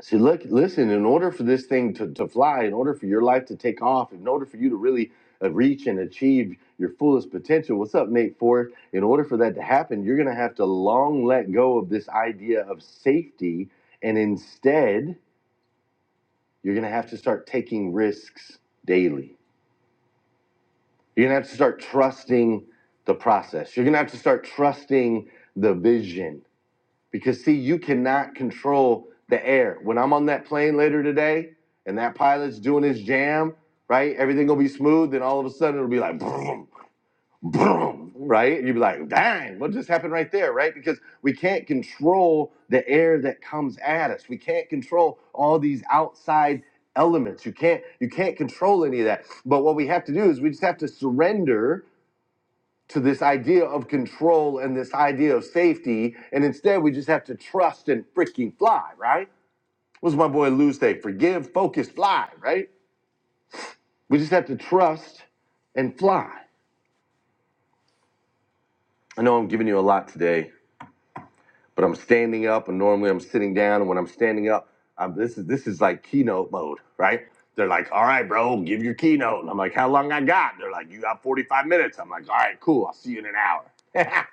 [SPEAKER 10] See, look, listen, in order for this thing to, to fly, in order for your life to take off, in order for you to really uh, reach and achieve your fullest potential, what's up, Nate Forrest? In order for that to happen, you're going to have to long let go of this idea of safety and instead You're going to have to start taking risks daily. You're going to have to start trusting the process. You're going to have to start trusting the vision because, see, you cannot control the air. When I'm on that plane later today and that pilot's doing his jam, right? Everything will be smooth. Then all of a sudden it'll be like, boom, right? And you'd be like, dang, what just happened right there, right? Because we can't control the air that comes at us. We can't control all these outside elements. You can't you can't control any of that. But what we have to do is we just have to surrender to this idea of control and this idea of safety. And instead we just have to trust and freaking fly, right? What's my boy Lou say? Forgive, focus, fly, right? We just have to trust and fly. I know I'm giving you a lot today but I'm standing up, and normally I'm sitting down. And when I'm standing up, I'm, this is this is like keynote mode, right? They're like, "All right, bro, give your keynote." And I'm like, "How long I got?" They're like, "You got 45 minutes." I'm like, "All right, cool. I'll see you in an hour."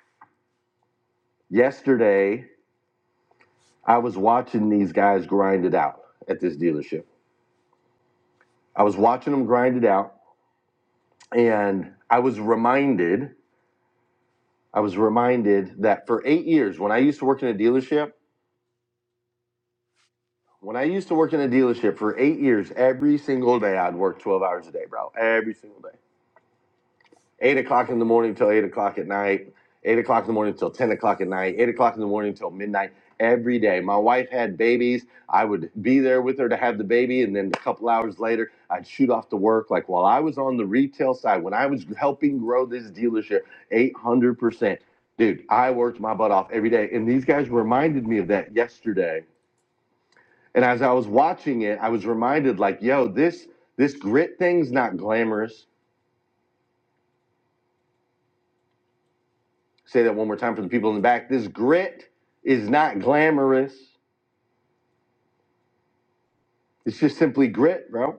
[SPEAKER 10] [LAUGHS] Yesterday, I was watching these guys grind it out at this dealership. I was watching them grind it out, and I was reminded. I was reminded that for eight years, when I used to work in a dealership, When I used to work in a dealership for eight years, every single day I'd work 12 hours a day, bro. Every single day. Eight o'clock in the morning till eight o'clock at night, eight o'clock in the morning till 10 o'clock at night, eight o'clock in the morning till midnight, every day. My wife had babies. I would be there with her to have the baby. And then a couple hours later, I'd shoot off to work. Like while I was on the retail side, when I was helping grow this dealership 800%, dude, I worked my butt off every day. And these guys reminded me of that yesterday and as I was watching it, I was reminded, like, yo, this this grit thing's not glamorous. Say that one more time for the people in the back. This grit is not glamorous. It's just simply grit, bro.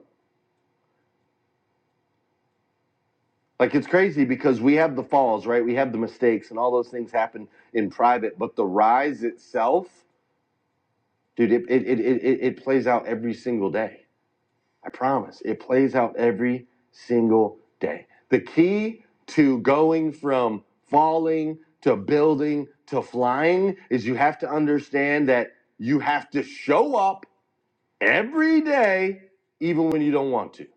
[SPEAKER 10] Like it's crazy because we have the falls, right? We have the mistakes, and all those things happen in private. But the rise itself, dude, it it it it, it plays out every single day. I promise. It plays out every single day. The key to going from falling to building to flying is you have to understand that you have to show up every day, even when you don't want to.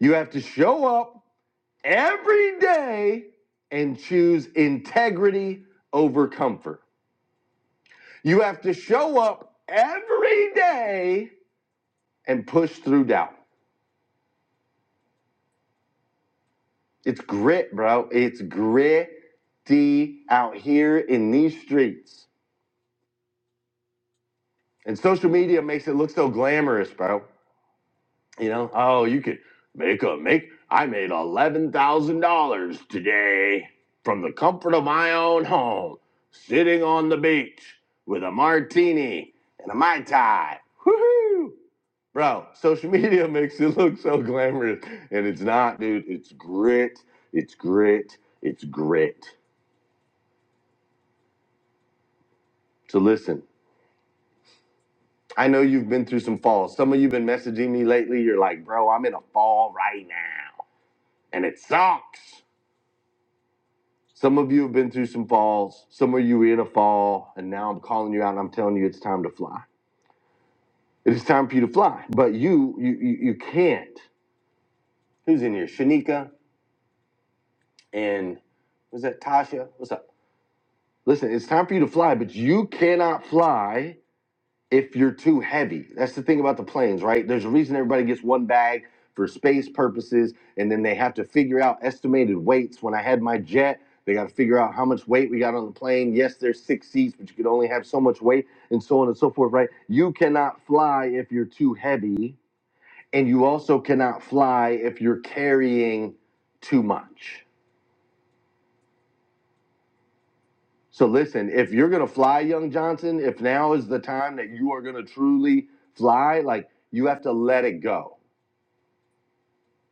[SPEAKER 10] You have to show up every day and choose integrity over comfort. You have to show up every day and push through doubt. It's grit, bro. It's gritty out here in these streets. And social media makes it look so glamorous, bro. You know, oh, you could make a make. I made eleven thousand dollars today from the comfort of my own home, sitting on the beach with a martini and a mai tai. Bro, social media [LAUGHS] makes it look so glamorous, and it's not, dude. It's grit. It's grit. It's grit. So listen. I know you've been through some falls. Some of you have been messaging me lately. You're like, bro, I'm in a fall right now, and it sucks. Some of you have been through some falls. Some of you were in a fall, and now I'm calling you out and I'm telling you it's time to fly. It is time for you to fly, but you you you, you can't. Who's in here? Shanika and was that Tasha? What's up? Listen, it's time for you to fly, but you cannot fly if you're too heavy. That's the thing about the planes, right? There's a reason everybody gets one bag for space purposes, and then they have to figure out estimated weights. When I had my jet, they got to figure out how much weight we got on the plane. Yes, there's six seats, but you could only have so much weight, and so on and so forth, right? You cannot fly if you're too heavy, and you also cannot fly if you're carrying too much. So listen, if you're gonna fly, young Johnson, if now is the time that you are gonna truly fly, like you have to let it go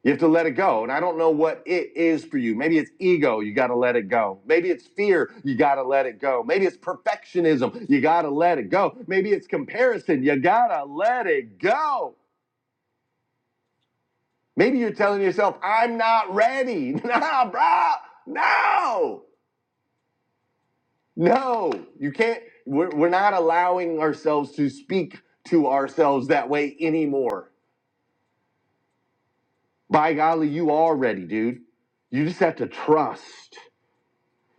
[SPEAKER 10] You have to let it go. And I don't know what it is for you. Maybe it's ego, you got to let it go. Maybe it's fear, you got to let it go. Maybe it's perfectionism, you got to let it go. Maybe it's comparison, you got to let it go. Maybe you're telling yourself, I'm not ready. [LAUGHS] Nah, bro. No, no, you can't. We're, we're not allowing ourselves to speak to ourselves that way anymore. By golly, you are ready, dude. You just have to trust.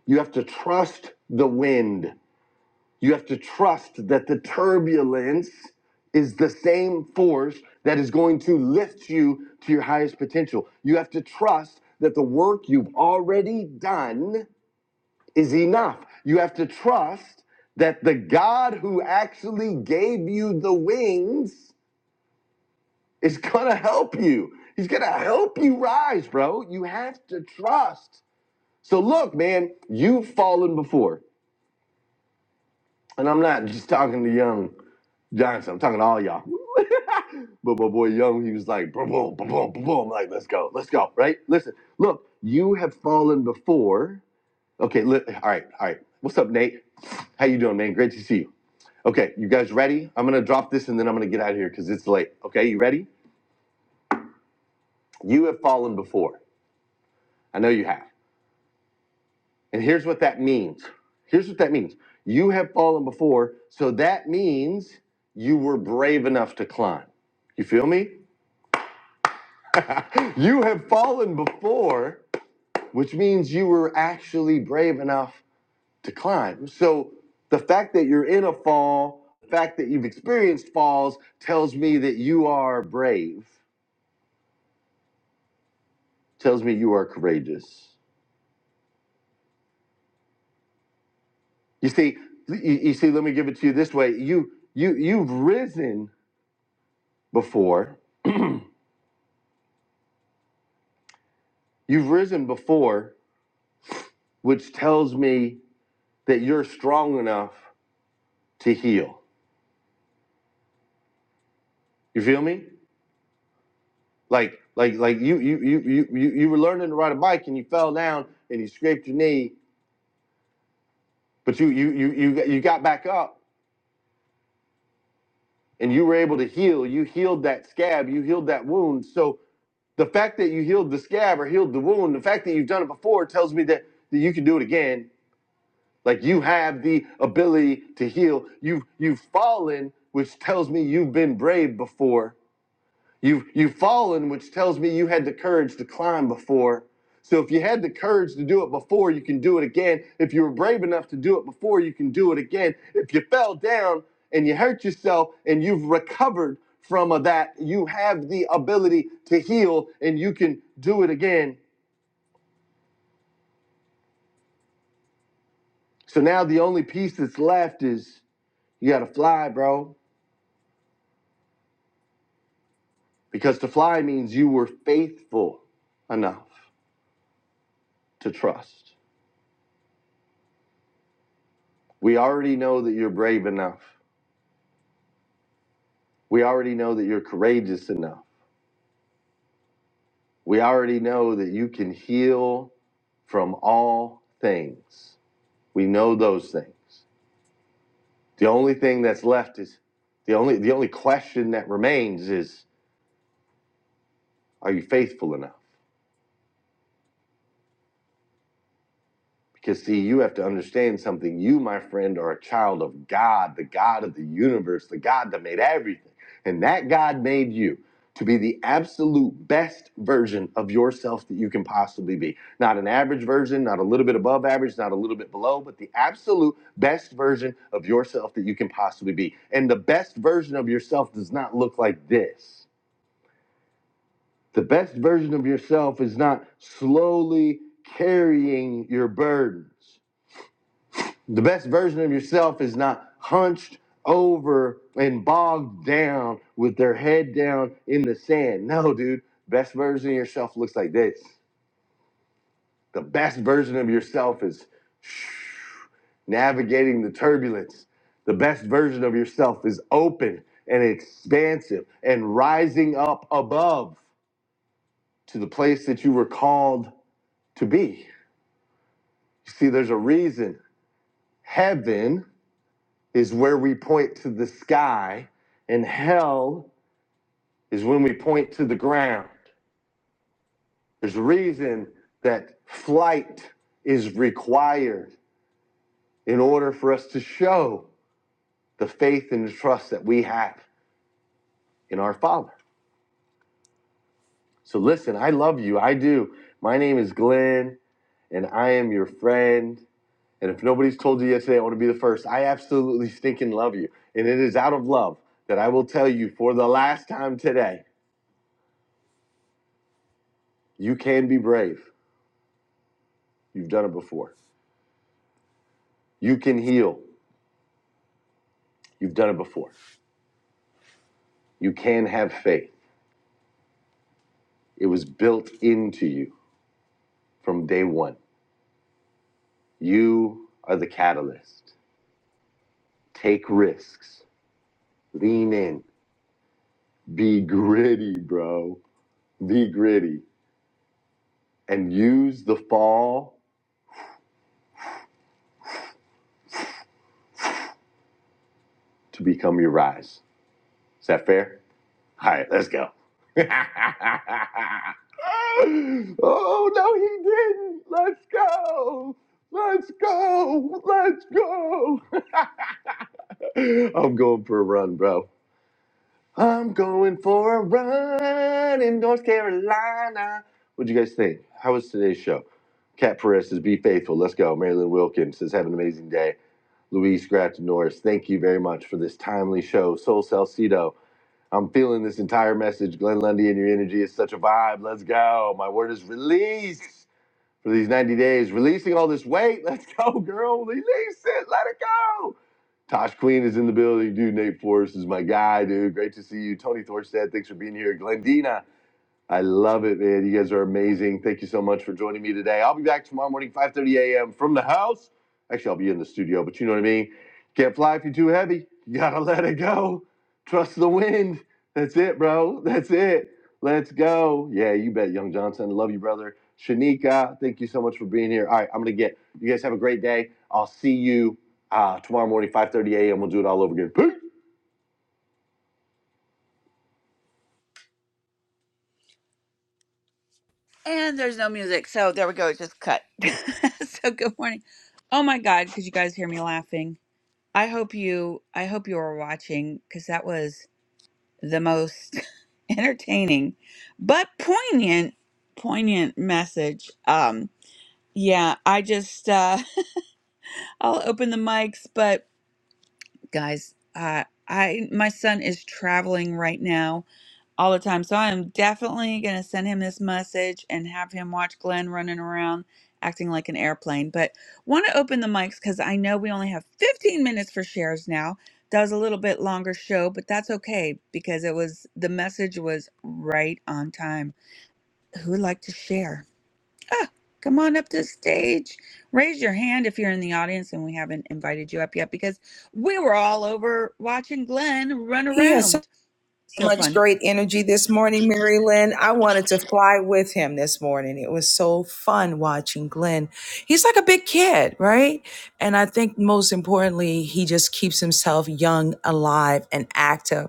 [SPEAKER 10] You have to trust the wind. You have to trust that the turbulence is the same force that is going to lift you to your highest potential. You have to trust that the work you've already done is enough. You have to trust that the God who actually gave you the wings is going to help you. He's going to help you rise, bro. You have to trust. So, look, man, you've fallen before. and I'm not just talking to young Johnson. I'm talking to all y'all. [LAUGHS] but my boy Young, he was like, boom, boom, boom, boom, boom, boom. I'm Like, let's go, let's go, right? Listen, look, you have fallen before. Okay, li- all right, all right. What's up, Nate? How you doing, man? Great to see you. Okay, you guys ready? I'm gonna drop this and then I'm gonna get out of here because it's late. Okay, you ready? You have fallen before. I know you have. And here's what that means. Here's what that means. You have fallen before, so that means you were brave enough to climb. You feel me? [LAUGHS] you have fallen before, which means you were actually brave enough to climb. So the fact that you're in a fall, the fact that you've experienced falls tells me that you are brave, tells me you are courageous. You see, you, you see, let me give it to you this way. You you you've risen before You've risen before, which tells me that you're strong enough to heal. You feel me? Like like like you you you you you, you were learning to ride a bike and you fell down and you scraped your knee, but you you you you you got back up and you were able to heal. You healed that scab, you healed that wound. So the fact that you healed the scab or healed the wound, the fact that you've done it before tells me that, that you can do it again Like you have the ability to heal. You've you've fallen, which tells me you've been brave before. You've you've fallen, which tells me you had the courage to climb before. So if you had the courage to do it before, you can do it again. If you were brave enough to do it before, you can do it again. If you fell down and you hurt yourself and you've recovered from of that, you have the ability to heal and you can do it again. So now the only piece that's left is you gotta fly, bro Because to fly means you were faithful enough to trust. We already know that you're brave enough. We already know that you're courageous enough. We already know that you can heal from all things. We know those things. The only thing that's left is the only the only question that remains is are you faithful enough? Because, see, you have to understand something. You, my friend, are a child of God, the God of the universe, the God that made everything. And that God made you to be the absolute best version of yourself that you can possibly be. Not an average version, not a little bit above average, not a little bit below, but the absolute best version of yourself that you can possibly be. And the best version of yourself does not look like this. The best version of yourself is not slowly carrying your burdens the best version of yourself is not hunched over and bogged down with their head down in the sand. No, dude. Best version of yourself looks like this. The best version of yourself is navigating the turbulence. The best version of yourself is open and expansive and rising up above to the place that you were called to be. You see, there's a reason heaven is where we point to the sky, and hell is when we point to the ground. There's a reason that flight is required in order for us to show the faith and the trust that we have in our Father. So listen, I love you. I do. My name is Glenn, and I am your friend. And if nobody's told you yet today, I want to be the first. I absolutely stinking love you. And it is out of love that I will tell you for the last time today you can be brave. You've done it before. You can heal. You've done it before. You can have faith. It was built into you from day one. You are the catalyst. Take risks. Lean in. Be gritty, bro. Be gritty. And use the fall to become your rise. Is that fair? All right, let's go. [LAUGHS] oh no, he didn't. Let's go. Let's go. Let's go. [LAUGHS] I'm going for a run, bro. I'm going for a run in North Carolina. What'd you guys think? How was today's show? Kat Perez says, "Be faithful." Let's go. Marilyn Wilkins says, "Have an amazing day." Luis Gratton Norris, thank you very much for this timely show. Soul Salcido I'm feeling this entire message. Glenn Lundy and your energy is such a vibe. Let's go. My word is release for these 90 days. Releasing all this weight. [LAUGHS] Let's go, girl. Release it. Let it go. Tosh Queen is in the building. Dude, Nate Forrest is my guy, dude. Great to see you. Tony Thorstad, thanks for being here. Glendina. I love it, man. You guys are amazing. Thank you so much for joining me today. I'll be back tomorrow morning, 5.30 a.m. from the house. Actually, I'll be in the studio, but you know what I mean. Can't fly if you're too heavy. You gotta [LAUGHS] let it go. Trust the wind. That's it, bro. That's it. Let's go. Yeah, you bet, Young Johnson. Love you, brother. Shanika, thank you so much for being here. All right, I'm gonna get. You guys have a great day. I'll see you uh, tomorrow morning, 5.30 a.m. We'll do it all over again. Peace. And there's no music. So there we go. It just cut. [LAUGHS] so good morning. Oh my God, could you guys hear me laughing? I hope you I hope you are watching because that was the most [LAUGHS] entertaining but poignant poignant message. Um yeah, I just uh [LAUGHS] I'll open the mics, but guys, uh I my son is traveling right now all the time. So I am definitely going to send him this message and have him watch Glenn running around acting like an airplane. But want to open the mics because I know we only have 15 minutes for shares now. That was a little bit longer show, but that's okay because it was the message was right on time. Who would like to share? Ah, come on up to the stage. Raise your hand if you're in the audience and we haven't invited you up yet because we were all over watching Glenn run
[SPEAKER 2] He
[SPEAKER 10] around. So
[SPEAKER 2] much
[SPEAKER 10] fun.
[SPEAKER 2] great energy this morning, Mary Lynn. I wanted to fly with him this morning. It was so fun watching Glenn. He's like a big kid, right? And I think most importantly, he just keeps himself young, alive, and active.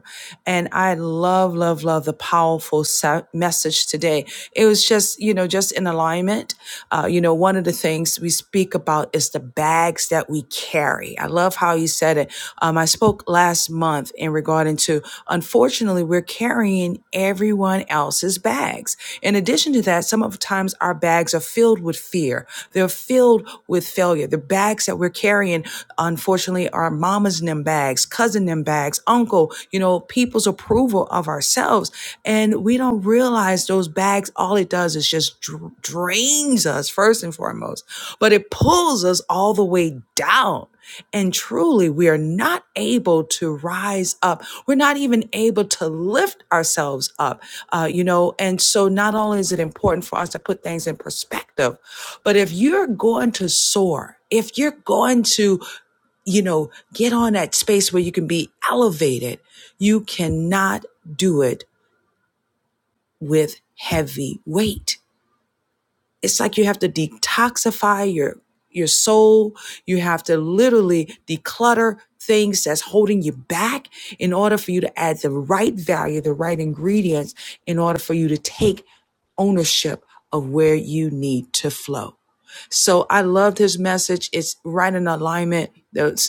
[SPEAKER 2] And I love, love, love the powerful sa- message today. It was just, you know, just in alignment. Uh, you know, one of the things we speak about is the bags that we carry. I love how you said it. Um, I spoke last month in regarding to, unfortunately, we're carrying everyone else's bags. In addition to that, some of the times our bags are filled with fear. They're filled with failure. The bags that we're carrying, unfortunately, are mama's and them bags, bags, cousin them bags, uncle, you know, people's approval of ourselves. And we don't realize those bags, all it does is just dr- drains us first and foremost, but it pulls us all the way down. And truly, we are not able to rise up. We're not even able to lift ourselves up, uh, you know. And so, not only is it important for us to put things in perspective, but if you're going to soar, if you're going to you know, get on that space where you can be elevated. You cannot do it with heavy weight. It's like you have to detoxify your your soul. You have to literally declutter things that's holding you back in order for you to add the right value, the right ingredients in order for you to take ownership of where you need to flow. So I loved his message. It's right in alignment.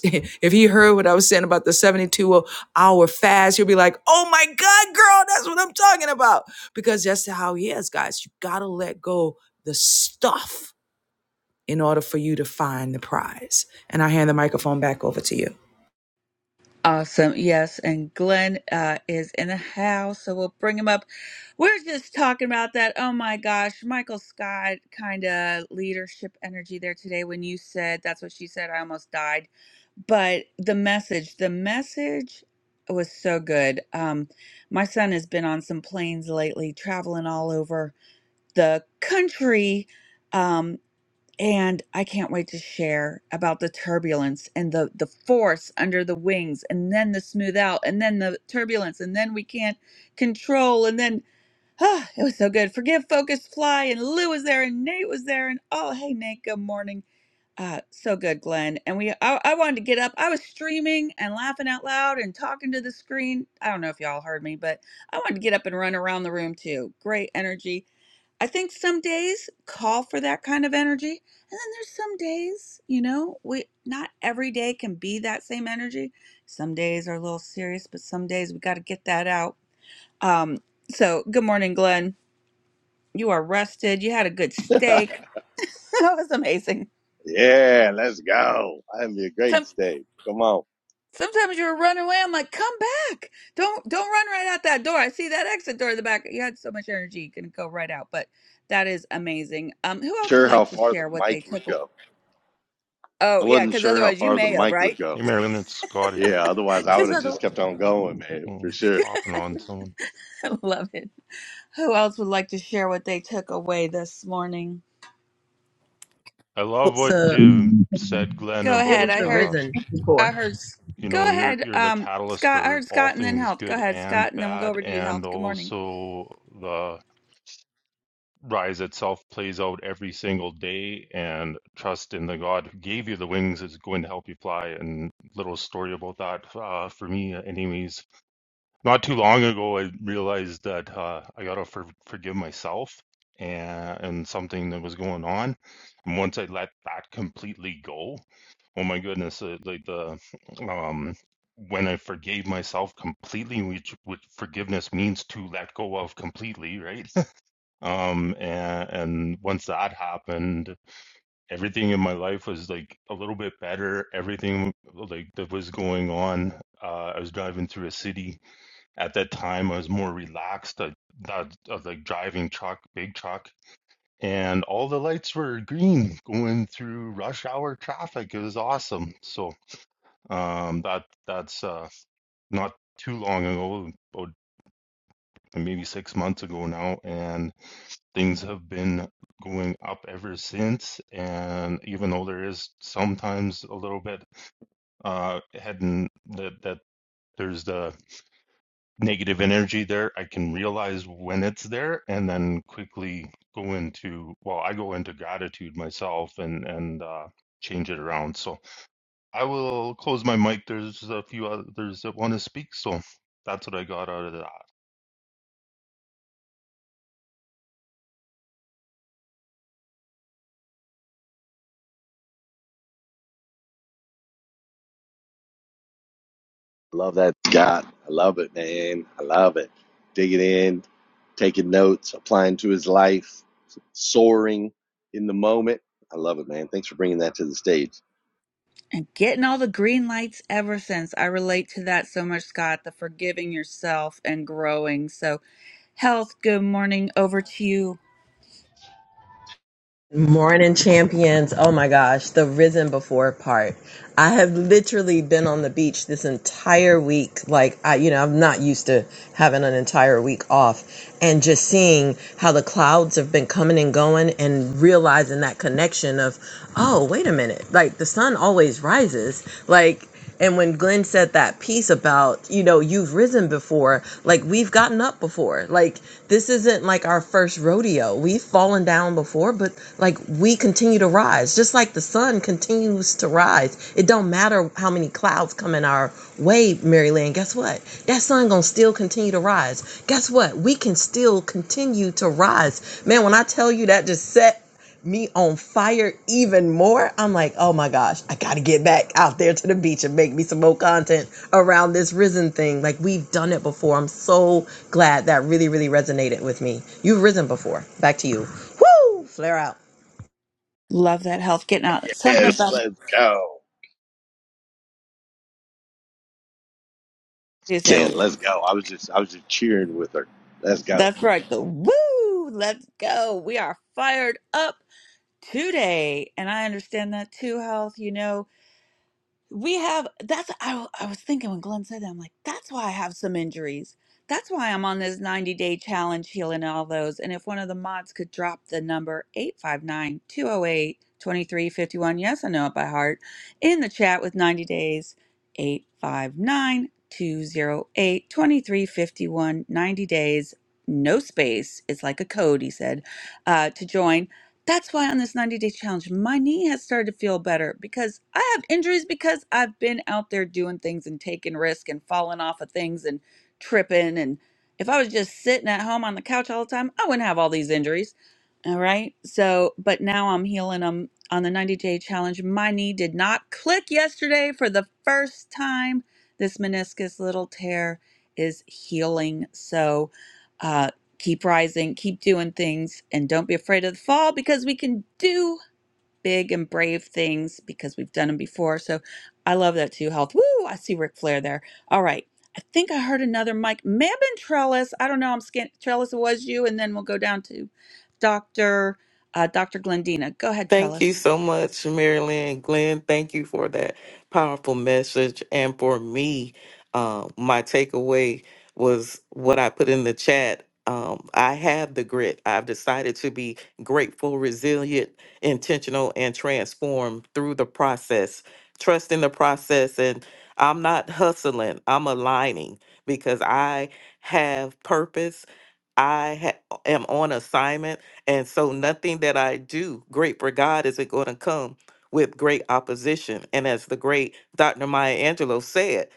[SPEAKER 2] [LAUGHS] If he heard what I was saying about the 72 hour fast, he'll be like, oh my God, girl, that's what I'm talking about. Because that's how he is, guys. You got to let go the stuff in order for you to find the prize. And I hand the microphone back over to you.
[SPEAKER 10] Awesome. Yes. And Glenn uh, is in the house, so we'll bring him up. We're just talking about that. Oh my gosh, Michael Scott kind of leadership energy there today when you said that's what she said. I almost died. But the message, the message was so good. Um, my son has been on some planes lately, traveling all over the country. um, and I can't wait to share about the turbulence and the the force under the wings and then the smooth out and then the turbulence and then we can't control and then [SIGHS] ah, it was so good. Forgive, focus, fly, and Lou was there and Nate was there and oh hey Nate, good morning. Uh, so good, Glenn. And we I, I wanted to get up. I was streaming and laughing out loud and talking to the screen. I don't know if y'all heard me, but I wanted to get up and run around the room too. Great energy. I think some days call for that kind of energy. And then there's some days, you know, we not every day can be that same energy. Some days are a little serious, but some days we got to get that out. Um, so good morning, Glenn. You are rested. You had a good
[SPEAKER 11] [LAUGHS]
[SPEAKER 10] steak. [LAUGHS] That was amazing.
[SPEAKER 11] Yeah, let's go. That'd be a great
[SPEAKER 10] Some
[SPEAKER 11] stage. Come on.
[SPEAKER 10] sometimes you're running away. I'm like, come back. Don't don't run right out that door. I see that exit door in the back. You had so much energy, you can go right out. But that is amazing. Um, who else would
[SPEAKER 11] Sure how
[SPEAKER 10] like to
[SPEAKER 11] far the
[SPEAKER 10] share what
[SPEAKER 11] mic
[SPEAKER 10] they
[SPEAKER 11] would
[SPEAKER 10] took?
[SPEAKER 11] go. I
[SPEAKER 10] Oh, yeah,
[SPEAKER 11] wasn't
[SPEAKER 10] because
[SPEAKER 11] sure how
[SPEAKER 10] otherwise you
[SPEAKER 11] far the
[SPEAKER 10] may have,
[SPEAKER 11] mic would
[SPEAKER 10] right? [LAUGHS]
[SPEAKER 11] go.
[SPEAKER 12] Hey, Marilyn, it's Scott here.
[SPEAKER 11] Yeah, otherwise I would
[SPEAKER 10] Because
[SPEAKER 11] have
[SPEAKER 10] I
[SPEAKER 11] just kept on going, man, for
[SPEAKER 12] Um
[SPEAKER 11] sure.
[SPEAKER 12] hopping on someone.
[SPEAKER 10] [LAUGHS] love it. Who else would like to share what they took away this morning?
[SPEAKER 12] I love
[SPEAKER 13] Well,
[SPEAKER 12] what
[SPEAKER 14] So
[SPEAKER 12] you said, Glenn,
[SPEAKER 10] Go
[SPEAKER 14] it
[SPEAKER 10] ahead.
[SPEAKER 12] about
[SPEAKER 14] was
[SPEAKER 10] I
[SPEAKER 14] the
[SPEAKER 10] heard,
[SPEAKER 12] uh,
[SPEAKER 14] risen before.
[SPEAKER 10] I heard,
[SPEAKER 12] you
[SPEAKER 10] go
[SPEAKER 12] know you're
[SPEAKER 10] ahead,
[SPEAKER 12] you're the
[SPEAKER 10] um,
[SPEAKER 12] catalyst
[SPEAKER 10] Scott. I
[SPEAKER 12] for
[SPEAKER 10] heard
[SPEAKER 12] all
[SPEAKER 10] Scott and then
[SPEAKER 12] things
[SPEAKER 10] Health. Go
[SPEAKER 12] good
[SPEAKER 10] ahead,
[SPEAKER 12] and
[SPEAKER 10] Scott, and then we'll go
[SPEAKER 12] bad,
[SPEAKER 10] over to you,
[SPEAKER 12] and
[SPEAKER 10] Health. Good morning.
[SPEAKER 12] also the rise itself plays out every single day. And trust in the God who gave you the wings is going to help you fly. And little story about that uh, for me, anyways. Not too long ago, I realized that uh, I gotta for forgive myself and, and something that was going on. And once I let that completely go, oh my goodness, uh, like the um, when I forgave myself completely, which which forgiveness means to let go of completely, right? [LAUGHS] Um, and, and once that happened, everything in my life was like a little bit better. Everything like that was going on. Uh, I was driving through a city at that time, I was more relaxed. I, I, I was like driving truck, big truck, and all the lights were green going through rush hour traffic. It was awesome. So um, that that's uh, not too long ago, about maybe six months ago now, and things have been going up ever since. And even though there is sometimes a little bit uh, heading that that. There's the negative energy there, I can realize when it's there and then quickly go into, well, I go into gratitude myself and, and, uh, change it around. So I will close my mic. There's a few others that want to speak. So that's what I got out of that.
[SPEAKER 11] Love that Scott. I love it, man. I love it. Digging in, taking notes, applying to his life, soaring in the moment. I love it, man. Thanks for bringing that to the stage.
[SPEAKER 10] And getting all the green lights ever since. I relate to that so much, Scott, the forgiving yourself and growing. So, Health, good morning. Over to you.
[SPEAKER 14] Morning champions. Oh my gosh, the risen before part. I have literally been on the beach this entire week. Like I you know, I'm not used to having an entire week off and just seeing how the clouds have been coming and going and realizing that connection of, oh, wait a minute. Like the sun always rises. Like And when Glenn said that piece about, you know, you've risen before, like we've gotten up before. Like this isn't like our first rodeo. We've fallen down before, but like we continue to rise. Just like the sun continues to rise. It don't matter how many clouds come in our way, Mary Lynn. Guess what? That sun gonna still continue to rise. Guess what? We can still continue to rise. Man, when I tell you that just set me on fire even more. I'm like, oh my gosh, I gotta get back out there to the beach and make me some more content around this risen thing. Like we've done it before. I'm so glad that really, really resonated with me. You've risen before. Back to you. Woo! Flare out.
[SPEAKER 10] Love that, Health. Getting out. Something
[SPEAKER 11] Yes,
[SPEAKER 10] about,
[SPEAKER 11] let's go. Saying, let's go. I was just, I was just cheering with her. Let's go.
[SPEAKER 10] That's right. The woo! Let's go. We are fired up today. And I understand that too, Health. You know, we have that's I, I was thinking when glenn said that i'm like that's why i have some injuries that's why i'm on this 90 day challenge healing all those and if one of the mods could drop the number eight five nine two zero eight twenty three fifty one yes i know it by heart in the chat with 90 days 859 90 days no space it's like a code he said uh, to join that's why on this 90 day challenge, my knee has started to feel better because I have injuries because I've been out there doing things and taking risk and falling off of things and tripping. And if I was just sitting at home on the couch all the time, I wouldn't have all these injuries. All right. So, but now I'm healing them on the 90 day challenge. My knee did not click yesterday for the first time. This meniscus little tear is healing. So, uh, keep rising, keep doing things, and don't be afraid of the fall because we can do big and brave things because we've done them before. So I love that too. Health. Woo! I see Ric Flair there. All right. I think I heard another mic. May have been Trellis. I don't know. I'm scan- Trellis. It was you, and then we'll go down to Doctor uh, Doctor Glendina. Go ahead,
[SPEAKER 13] thank you
[SPEAKER 10] Trellis.
[SPEAKER 13] so much, Marilyn. Glenn, thank you for that powerful message. And for me, uh, my takeaway was what I put in the chat. Um, I have the grit. I've decided to be grateful, resilient, intentional, and transform through the process. Trust in the process. And I'm not hustling, I'm aligning because I have purpose. I ha- am on assignment. And so nothing that I do, great for God, is it going to come with great opposition. And as the great Dr. Maya Angelou said,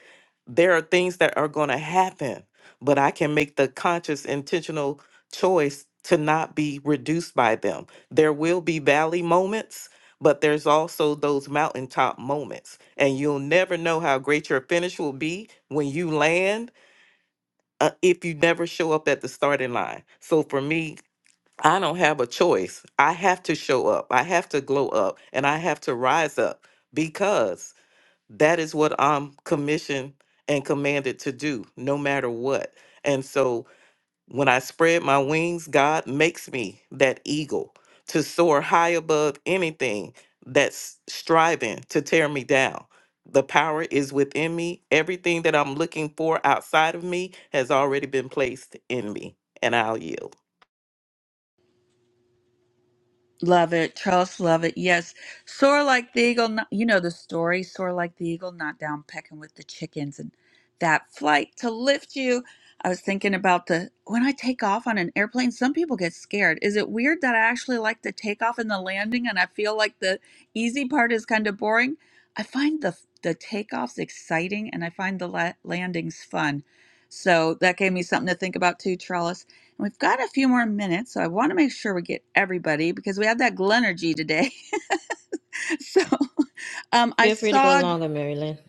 [SPEAKER 13] there are things that are going to happen, but I can make the conscious, intentional choice to not be reduced by them. There will be valley moments, but there's also those mountaintop moments. And you'll never know how great your finish will be when you land uh, if you never show up at the starting line. So for me, I don't have a choice. I have to show up. I have to glow up and I have to rise up because that is what I'm commissioned and commanded to do no matter what. And so when I spread my wings, God makes me that eagle to soar high above anything that's striving to tear me down. The power is within me. Everything that I'm looking for outside of me has already been placed in me, and I'll yield.
[SPEAKER 10] Love it. Charles, love it. Yes. Soar like the eagle. Not, you know the story. Soar like the eagle, not down pecking with the chickens. And that flight to lift you. I was thinking about the when I take off on an airplane, some people get scared. Is it weird that I actually like the takeoff and the landing and I feel like the easy part is kind of boring? I find the the takeoffs exciting and I find the la- landings fun. So that gave me something to think about too, Charles. We've got a few more minutes, so I want to make sure we get everybody because we have that Glenergy today. [LAUGHS] so um, I
[SPEAKER 1] Feel free to go
[SPEAKER 10] saw.
[SPEAKER 1] longer, Mary Lynn.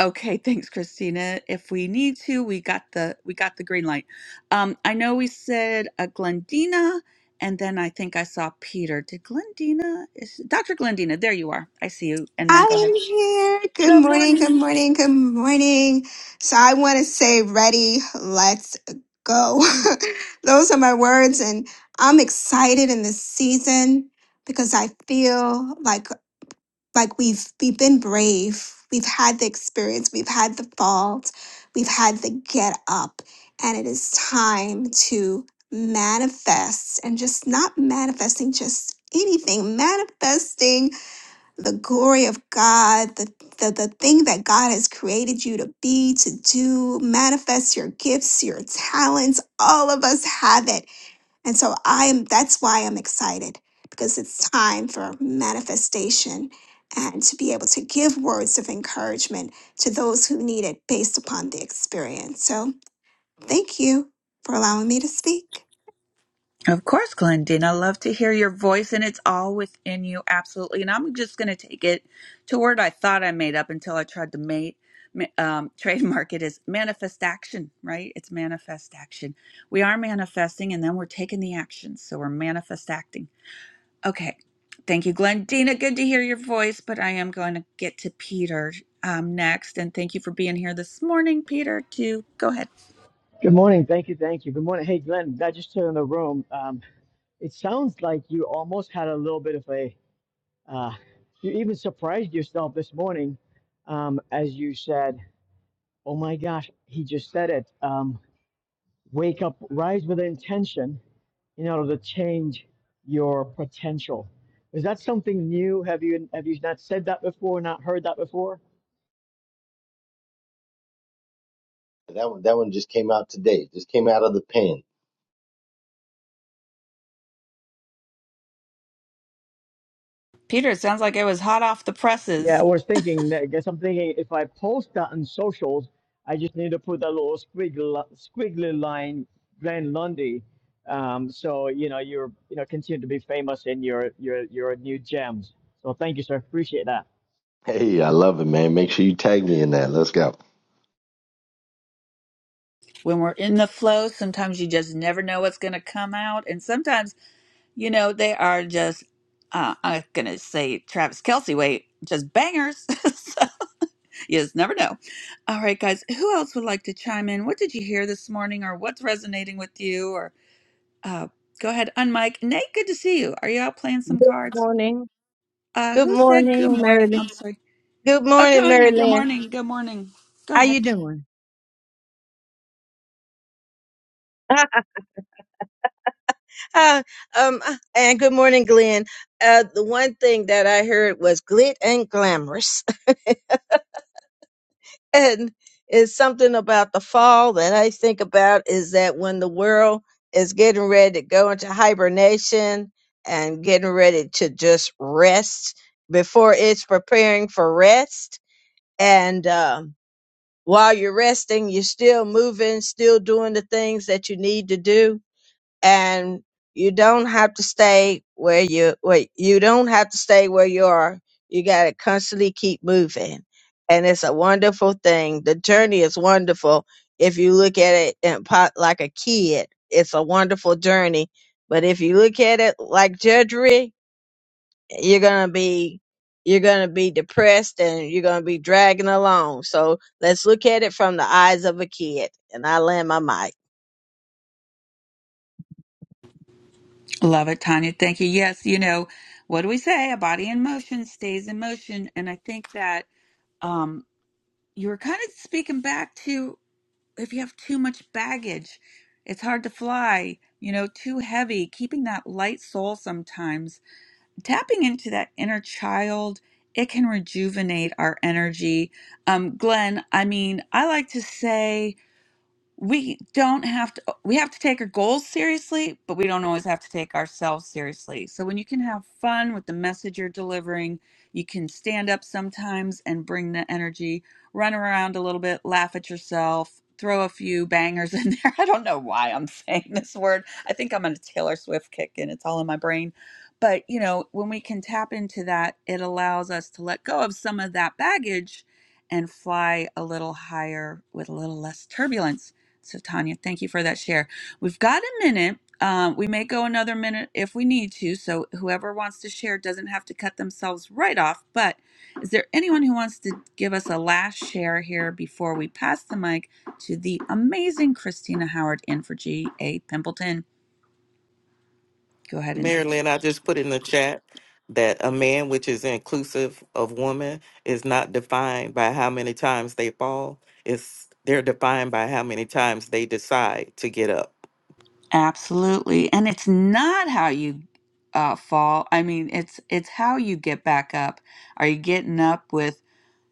[SPEAKER 10] Okay, thanks, Christina. If we need to, we got the we got the green light. Um, I know we said a Glendina, and then I think I saw Peter. Did Glendina? Is Dr. Glendina? There you are. I see you. And then go
[SPEAKER 7] I
[SPEAKER 10] ahead.
[SPEAKER 7] am here. Good
[SPEAKER 10] Good
[SPEAKER 7] morning,
[SPEAKER 10] morning.
[SPEAKER 7] good morning, good morning. So I want to say, ready, let's go. [LAUGHS] Those are my words. And I'm excited in this season because I feel like like we've we've been brave. We've had the experience, we've had the fault, we've had the get up, and it is time to manifest and just not manifesting just anything, manifesting the glory of God, the, the, the thing that God has created you to be, to do, manifest your gifts, your talents. All of us have it. And so I am, that's why I'm excited because it's time for manifestation and to be able to give words of encouragement to those who need it based upon the experience. So thank you for allowing me to speak.
[SPEAKER 10] Of course, Glendina. I love to hear your voice, and it's all within you, absolutely. And I'm just going to take it to a word I thought I made up until I tried to make um, [LAUGHS] trademark it as manifest action, right? It's manifest action. We are manifesting, and then we're taking the action. So we're manifest acting. Okay. Thank you, Glendina. Good to hear your voice, but I am going to get to Peter um, next. And thank you for being here this morning, Peter, too. Go ahead.
[SPEAKER 15] Good morning. Thank you. Thank you. Good morning. Hey, Glenn, I just turned in the room. Um, it sounds like you almost had a little bit of a, uh, you even surprised yourself this morning um, as you said, Oh my gosh, he just said it. Um, wake up, rise with intention in order to change your potential. Is that something new? Have you have you not said that before? Not heard that before?
[SPEAKER 11] That one, that one just came out today. Just came out of the pen.
[SPEAKER 10] Peter, it sounds like it was hot off the
[SPEAKER 15] Yeah,
[SPEAKER 10] presses.
[SPEAKER 15] I was thinking that. I guess I'm thinking if I post that on socials, I just need to put that little squiggly, squiggly line, Glenn Lundy. Um, so you know you're you know continue to be famous in your your your new gems. So thank you, sir. Appreciate that.
[SPEAKER 11] Hey, I love it, man. Make sure you tag me in that. Let's go.
[SPEAKER 10] when we're in the flow, sometimes you just never know what's going to come out. And sometimes, you know, they are just, uh, I'm going to say Travis Kelsey, wait, just bangers. [LAUGHS] so you just never know. All right, guys, who else would like to chime in? What did you hear this morning or what's resonating with you? Or uh, go ahead, unmic. Nate, good to see you. Are you out playing
[SPEAKER 16] Good
[SPEAKER 10] some cards?
[SPEAKER 16] morning.
[SPEAKER 10] Uh,
[SPEAKER 16] Good
[SPEAKER 10] who said good
[SPEAKER 16] morning,
[SPEAKER 10] morning?
[SPEAKER 16] Marilyn.
[SPEAKER 10] I'm sorry.
[SPEAKER 16] Good
[SPEAKER 10] Oh,
[SPEAKER 16] morning,
[SPEAKER 10] Tanya, good
[SPEAKER 16] Marilyn.
[SPEAKER 10] morning. Good morning. Go
[SPEAKER 16] How
[SPEAKER 10] ahead.
[SPEAKER 16] you doing? [LAUGHS] Uh, um, and good morning, Glenn. Uh, the one thing that I heard was glit and glamorous. [LAUGHS] and it's something about the fall that I think about is that when the world is getting ready to go into hibernation and getting ready to just rest before it's preparing for rest. And, um while you're resting, you're still moving, still doing the things that you need to do, and you don't have to stay where you wait. You don't have to stay where you are. You got to constantly keep moving, and it's a wonderful thing. The journey is wonderful if you look at it in pot like a kid. It's a wonderful journey, but if you look at it like judgery, you're gonna be you're gonna be depressed and you're gonna be dragging along. So let's look at it from the eyes of a kid. And I land my mic.
[SPEAKER 10] Love it, Tanya. Thank you. Yes, you know, what do we say? A body in motion stays in motion. And I think that um, you were kind of speaking back to if you have too much baggage, it's hard to fly, you know, too heavy, keeping that light soul sometimes. Tapping into that inner child, it can rejuvenate our energy. Um, Glenn, I mean, I like to say, we don't have to uh, we have to take our goals seriously but we don't always have to take ourselves seriously so when you can have fun with the message you're delivering you can stand up sometimes and bring the energy run around a little bit laugh at yourself throw a few bangers in there [LAUGHS] i don't know why i'm [LAUGHS] saying this word i think i'm on a taylor swift kick and it's all in my brain but you know when we can tap into that it allows us to let go of some of that baggage and fly a little higher with a little less turbulence so, Tanya, thank you for that share. We've got a minute. Um, we may go another minute if we need to. So, whoever wants to share doesn't have to cut themselves right off. But is there anyone who wants to give us a last share here before we pass the mic to the amazing Christina Howard in for G.A. Pimpleton? Go ahead and
[SPEAKER 13] Marilyn, I just put in the chat that a man, which is inclusive of woman, is not defined by how many times they fall. It's they're defined by how many times they decide to get up.
[SPEAKER 10] absolutely. And it's not how you uh, fall. I mean, it's it's how you get back up. Are you getting up with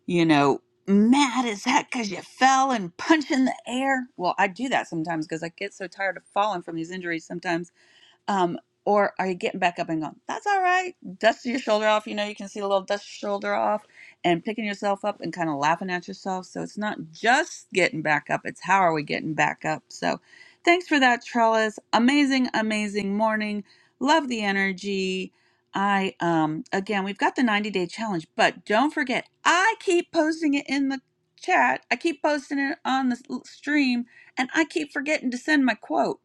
[SPEAKER 10] you know, mad is that because you fell and punched in the air? Well, I do that sometimes because I get so tired of falling from these injuries sometimes um, or are you getting back up and going, that's all right, Dust your shoulder off, you know, you can see a little dust your shoulder off and picking yourself up and kind of laughing at yourself. So it's not just getting back up, it's how are we getting back up. So thanks for that, Trellis. Amazing, amazing morning. Love the energy. I um again we've got the 90 day challenge, but don't forget, I keep posting it in the chat. I keep posting it on the s- stream and I keep forgetting to send my quote.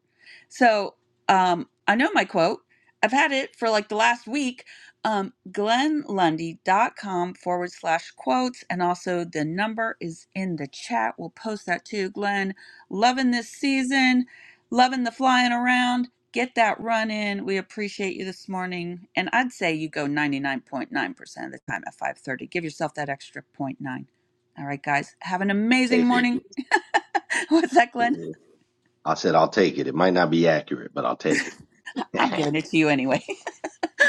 [SPEAKER 10] So um, I know my quote. I've had it for like the last week. Um, glenlundy.com forward slash quotes. And also the number is in the chat. We'll post that too. Glenn, loving this season, loving the flying around. Get that run in. We appreciate you this morning. And I'd say you go 99.9% of the time at 5.30. Give yourself that extra zero point 0.9. All right, guys. Have an amazing
[SPEAKER 11] Take it.
[SPEAKER 10] morning. [LAUGHS] What's that, Glenn?
[SPEAKER 11] Mm-hmm. I said I'll take it. It might not be accurate, but I'll take it. [LAUGHS]
[SPEAKER 10] I'm
[SPEAKER 11] what
[SPEAKER 10] giving it to you anyway.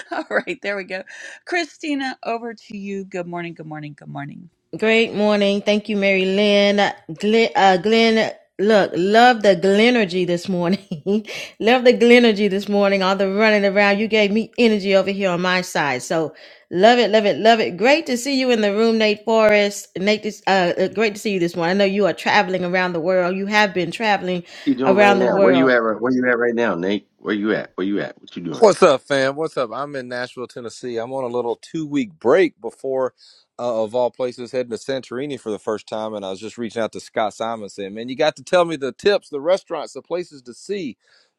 [SPEAKER 10] [LAUGHS] All right, there we go. Christina, over to you. Good morning, good morning, good morning.
[SPEAKER 1] Great morning. Thank you, Mary Lynn. Glenn, uh, Glenn look, love the Glenergy this morning. [LAUGHS] love the Glenergy this morning. All the running around. You gave me energy over here on my side. So love it, love it, love it. Great to see you in the room, Nate Forrest. Nate, this, uh, uh, great to see you this morning. I know you are traveling around the world. You have been traveling
[SPEAKER 11] you doing right
[SPEAKER 1] around the
[SPEAKER 11] now? Where you
[SPEAKER 1] world.
[SPEAKER 11] at? right- Where you at right now, Nate? Where you at? Where you at? What you doing?
[SPEAKER 17] What's up, fam? What's up? I'm in Nashville, Tennessee. I'm on a little two week break before, uh, of all places, heading to Santorini for the first time. And I was just reaching out to Scott Simon saying, Man, you got to tell me the tips, the restaurants, the places to see.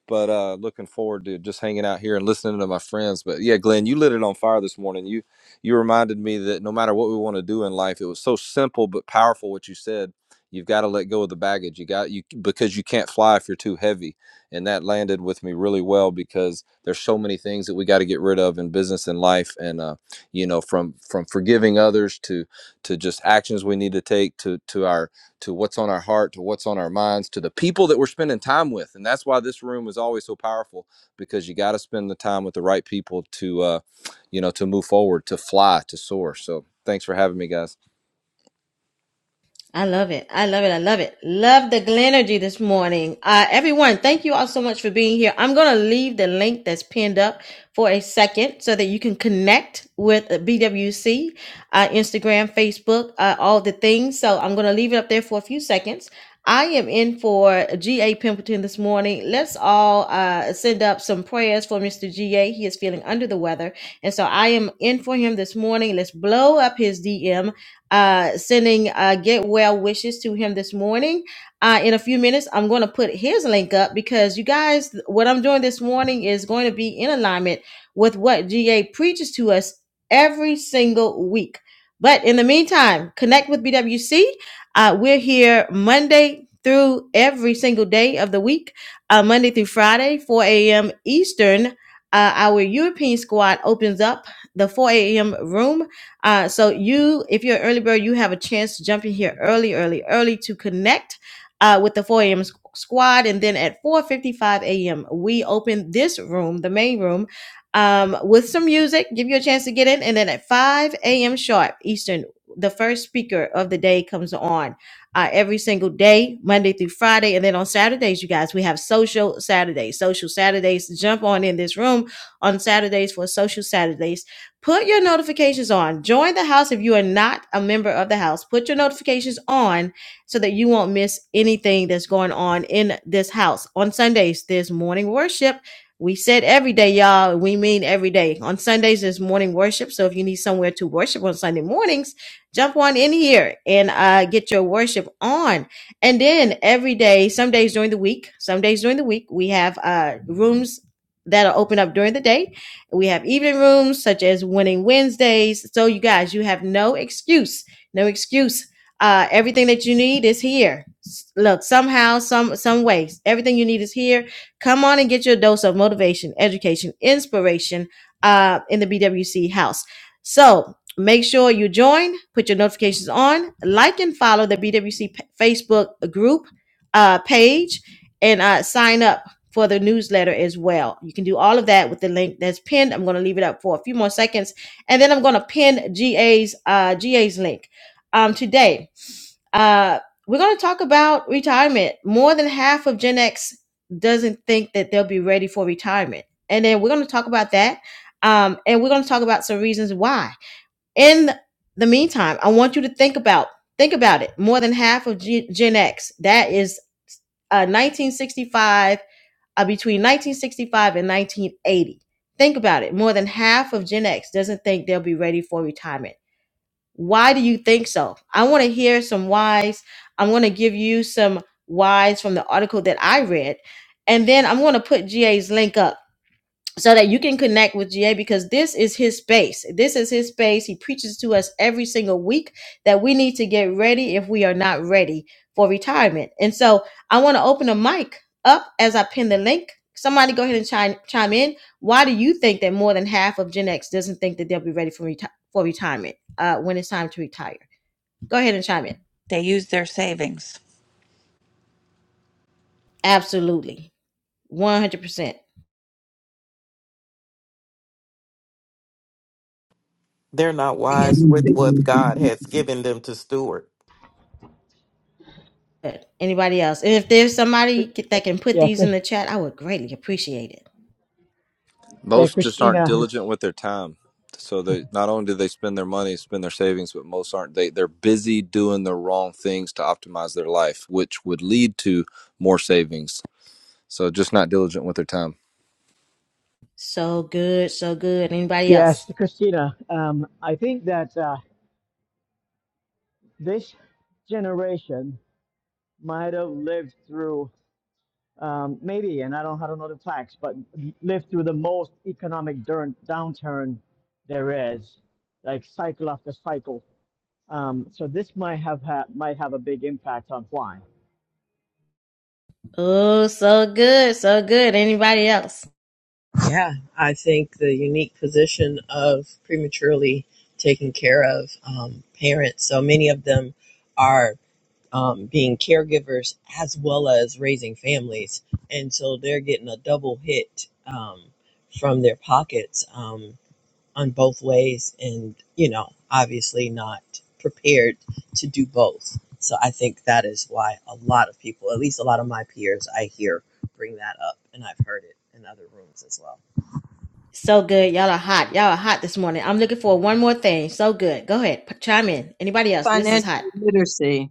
[SPEAKER 17] But uh, looking forward to just hanging out here and listening to my friends. But yeah, Glenn, you lit it on fire this morning. You you reminded me that no matter what we want to do in life, it was so simple but powerful what you said. You've got to let go of the baggage. You got you because you can't fly if you're too heavy and that landed with me really well because there's so many things that we got to get rid of in business and life and uh, you know from from forgiving others to to just actions we need to take to to our to what's on our heart to what's on our minds to the people that we're spending time with and that's why this room is always so powerful because you got to spend the time with the right people to uh, you know to move forward to fly to soar so thanks for having me guys
[SPEAKER 1] I love it. I love it. I love it. Love the Glenergy this morning. Uh, everyone, thank you all so much for being here. I'm going to leave the link that's pinned up for a second so that you can connect with BWC, uh, Instagram, Facebook, uh, all the things. So I'm going to leave it up there for a few seconds. I am in for GA Pimpleton this morning. Let's all uh, send up some prayers for Mr. GA. He is feeling under the weather. And so I am in for him this morning. Let's blow up his DM uh, sending uh, get well wishes to him this morning. Uh, in a few minutes, I'm going to put his link up because you guys, what I'm doing this morning is going to be in alignment with what GA preaches to us every single week. But in the meantime, connect with BWC. Uh, we're here Monday through every single day of the week, uh, Monday through Friday, 4 a.m. Eastern. Uh, our European squad opens up the 4 a.m. room uh, so you, if you're an early bird, you have a chance to jump in here early, early, early to connect uh, with the 4 a.m. s- squad. And then at 4.55 a.m., we open this room, the main room, um, with some music, give you a chance to get in. And then at 5 a.m. sharp Eastern, the first speaker of the day comes on uh, every single day, Monday through Friday. And then on Saturdays, you guys, we have social Saturdays. Social Saturdays, jump on in this room on Saturdays for social Saturdays Put your notifications on. Join the house if you are not a member of the house. Put your notifications on so that you won't miss anything that's going on in this house. On Sundays, there's morning worship. We said every day, y'all. We mean every day. On Sundays, there's morning worship. So if you need somewhere to worship on Sunday mornings, jump on in here and uh, get your worship on. And then every day, some days during the week, some days during the week, we have uh, rooms that are open up during the day we have evening rooms such as Winning Wednesdays. So, you guys, you have no excuse, no excuse. Uh, everything that you need is here. S- Look, somehow, some some ways, everything you need is here. Come on and get your dose of motivation, education, inspiration uh, in the BWC house. So make sure you join, put your notifications on, like and follow the BWC Facebook group uh, page, and uh, sign up for the newsletter as well. You can do all of that with the link that's pinned. I'm going to leave it up for a few more seconds, and then I'm going to pin GA's uh, GA's link um, today. Uh, we're going to talk about retirement. More than half of Gen X doesn't think that they'll be ready for retirement, and then we're going to talk about that, um, and we're going to talk about some reasons why. In the meantime, I want you to think about think about it. More than half of G- Gen X that is uh, 1965 uh, between 1965 and 1980. Think about it. More than half of Gen X doesn't think they'll be ready for retirement. Why do you think so? I want to hear some whys. I'm going to give you some whys from the article that I read. And then I'm going to put GA's link up so that you can connect with GA because this is his space. This is his space. He preaches to us every single week that we need to get ready if we are not ready for retirement. And so I want to open the mic up as I pin the link. Somebody go ahead and chime, chime in. Why do you think that more than half of Gen X doesn't think that they'll be ready for, reti- for retirement uh, when it's time to retire? Go ahead and chime in.
[SPEAKER 10] They used their savings.
[SPEAKER 1] Absolutely. 100%.
[SPEAKER 13] They're not wise with what God has given them to steward.
[SPEAKER 1] Good. Anybody else? And if there's
[SPEAKER 15] Cri-
[SPEAKER 1] somebody c- that can put
[SPEAKER 15] Yeah,
[SPEAKER 1] these
[SPEAKER 15] Chris,
[SPEAKER 1] in the chat, I would greatly appreciate it.
[SPEAKER 15] yeah,
[SPEAKER 17] Most just aren't
[SPEAKER 15] Christina.
[SPEAKER 17] diligent
[SPEAKER 15] this-
[SPEAKER 17] with their time. So they not only do they spend their money, spend their savings, but most aren't. They they're busy doing the wrong things to optimize their life, which would lead to more savings. So just not diligent with their time.
[SPEAKER 1] So good, so good. Anybody
[SPEAKER 15] Yes,
[SPEAKER 1] else?
[SPEAKER 15] Christina. Um, I think that uh, this generation might have lived through um, maybe, and I don't, I don't know the facts, but lived through the most economic downturn there is, like cycle after cycle. Um, so this might have ha- might have a big impact on why.
[SPEAKER 1] Oh, so good, so good. Anybody else?
[SPEAKER 14] Yeah, I think the unique position of prematurely taken care of um, parents. So many of them are. um, being caregivers as well as raising families. And so they're getting a double hit um, from their pockets um, on both ways, and, you know, obviously not prepared to do both. So I think that is why a lot of people, at least a lot of my peers, I hear bring that up, and I've heard it in other rooms as well.
[SPEAKER 1] So good. Y'all are hot. Y'all are hot this morning. I'm looking for one more thing. So good. Go ahead. p- Chime in. Anybody else? This is
[SPEAKER 16] Financial
[SPEAKER 1] hot.
[SPEAKER 16] literacy.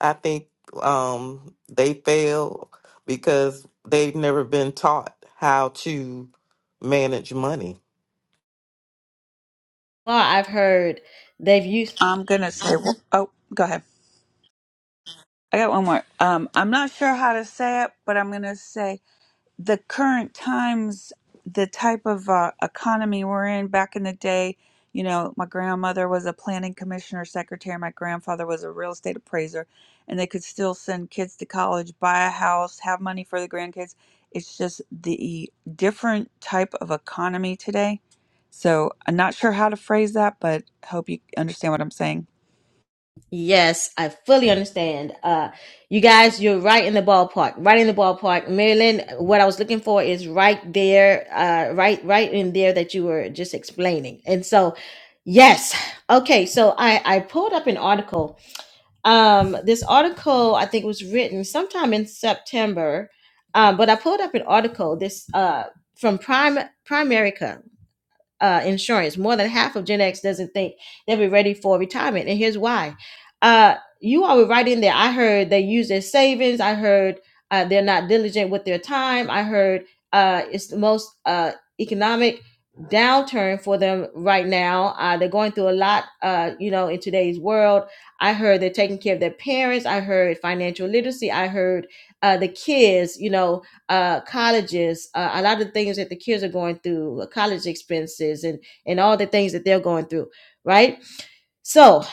[SPEAKER 13] I think um, they fail because they've never been taught how to manage money.
[SPEAKER 1] far I've heard they've used
[SPEAKER 10] I'm going to say, oh, go ahead. I got one more. Um, I'm not sure how to say it, but I'm going to say the current times, the type of uh, economy we're in back in the day, you know, my grandmother was a planning commissioner secretary, my grandfather was a real estate appraiser, and they could still send kids to college, buy a house, have money for the grandkids. It's just the different type of economy today. So I'm not sure how to phrase that, but hope you understand what I'm saying.
[SPEAKER 1] yes, I fully understand. Uh you guys, you're right in the ballpark. Right in the ballpark. Marilyn. what I was looking for is right there, uh right right in there that you were just explaining. And so yes. Okay, so I I pulled up an article. Um this article I think was written sometime in September. Um but I pulled up an article this uh from Prime Primerica uh, insurance. More than half of Gen X doesn't think they'll be ready for retirement. And here's why. Uh, you all were right in there. I heard they use their savings. I heard uh, they're not diligent with their time. I heard uh, it's the most uh, economic downturn for them right now. Uh, they're going through a lot, uh, you know, in today's world. I heard they're taking care of their parents. I heard financial literacy. I heard uh, the kids, you know, uh, colleges, uh, a lot of the things that the kids are going through, uh, college expenses, and and all the things that they're going through, right? So,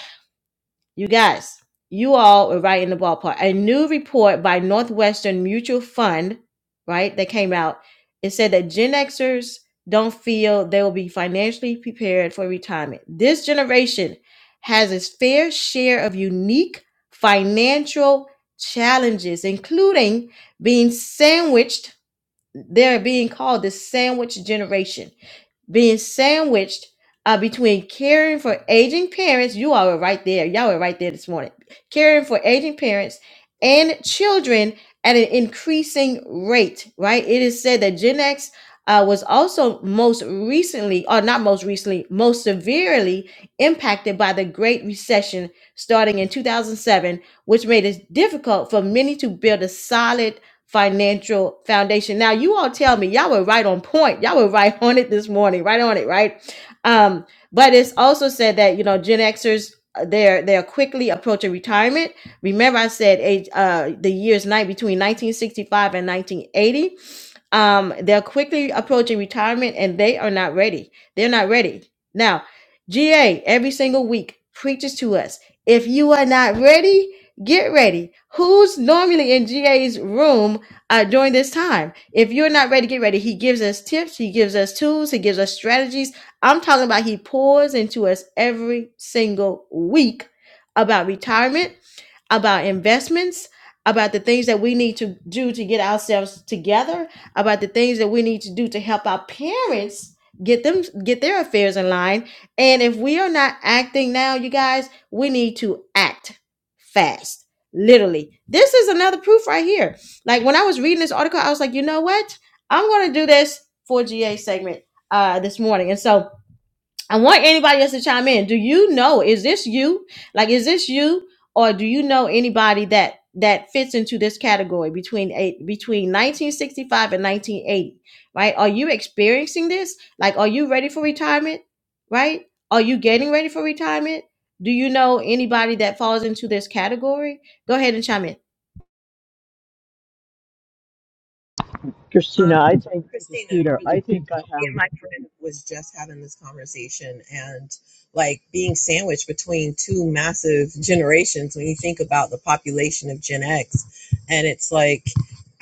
[SPEAKER 1] you guys, you all are right in the ballpark. A new report by Northwestern Mutual Fund, right, that came out, it said that Gen Xers don't feel they will be financially prepared for retirement. This generation has its fair share of unique financial challenges, including being sandwiched they're being called the sandwich generation, being sandwiched uh, between caring for aging parents. You all were right there. Y'all were right there this morning. Caring for aging parents and children at an increasing rate, right? It is said that Gen X uh, was also most recently, or not most recently, most severely impacted by the Great Recession starting in 2007, which made it difficult for many to build a solid financial foundation. Now, you all tell me, y'all were right on point. Y'all were right [LAUGHS] on it this morning, right on it, right? Um, but it's also said that you know Gen Xers uh, they're they're quickly approaching retirement. Remember, I said age uh, the years night between 1965 and 1980. Um, they're quickly approaching retirement, and they are not ready. They're not ready now. GA every single week preaches to us: if you are not ready, Get ready. Who's normally in GA's room uh, during this time? If you're not ready, get ready. He gives us tips, he gives us tools, he gives us strategies. I'm talking about he pours into us every single week about retirement about investments, about the things that we need to do to get ourselves together, about the things that we need to do to help our parents get them get their affairs in line. And if we are not acting now, you guys, we need to act fast. Literally. This is another proof right here. Like when I was reading this article, I was like, you know what? I'm gonna do this for GA segment uh this morning. And so I want anybody else to chime in. Do you know? Is this you? Like, is this you, or do you know anybody that that fits into this category between eight between 1965 and 1980? Right? Are you experiencing this? Like, are you ready for retirement? Right? Are you getting ready for retirement? Do you know anybody that falls into this category? Go ahead and chime in.
[SPEAKER 15] Christina, I
[SPEAKER 14] Um,
[SPEAKER 15] think this is
[SPEAKER 14] Christina,
[SPEAKER 15] Peter.
[SPEAKER 14] really
[SPEAKER 15] I
[SPEAKER 14] quick.
[SPEAKER 15] think I
[SPEAKER 14] though, Me
[SPEAKER 15] have.
[SPEAKER 14] and my friend was just having this conversation and like being sandwiched between two massive generations when you think about the population of Gen X. And it's like,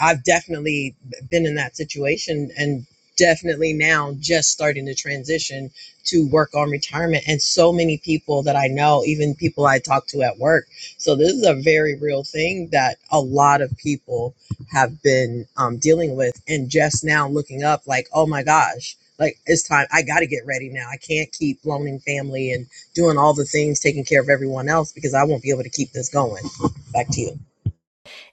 [SPEAKER 14] I've definitely been in that situation and definitely now just starting to transition to work on retirement. And so many people that I know, even people I talk to at work. So this is a very real thing that a lot of people have been um, dealing with and just now looking up like oh my gosh like it's time i got to get ready now i can't keep loaning family and doing all the things taking care of everyone else because i won't be able to keep this going back to you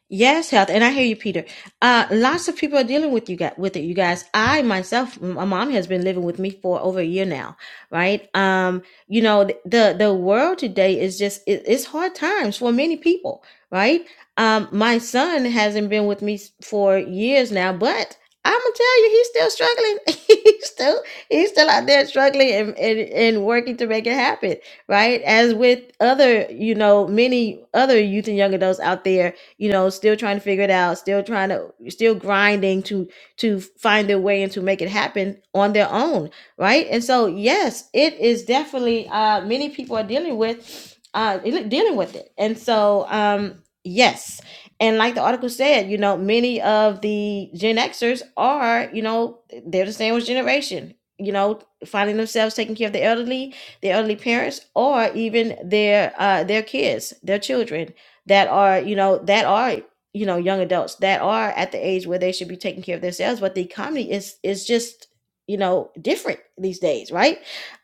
[SPEAKER 1] Yes, health, and I hear you, Peter. Uh, lots of people are dealing with you got with it, you guys. I myself, m- my mom has been living with me for over a year now, right? Um, you know, th- the the world today is just it, it's hard times for many people, right? Um, my son hasn't been with me s- for years now, but I'm gonna tell you, he's still struggling. [LAUGHS] he's still he's still out there struggling and, and and working to make it happen, right? As with other, you know, many other youth and young adults out there you know still trying to figure it out still trying to still grinding to to find their way and to make it happen on their own right and so yes it is definitely uh many people are dealing with uh dealing with it and so um yes and like the article said you know many of the gen xers are you know they're the sandwich generation you know finding themselves taking care of the elderly their elderly parents or even their uh their kids their children that are you know that are you know young adults that are at the age where they should be taking care of themselves but the economy is is just you know different these days right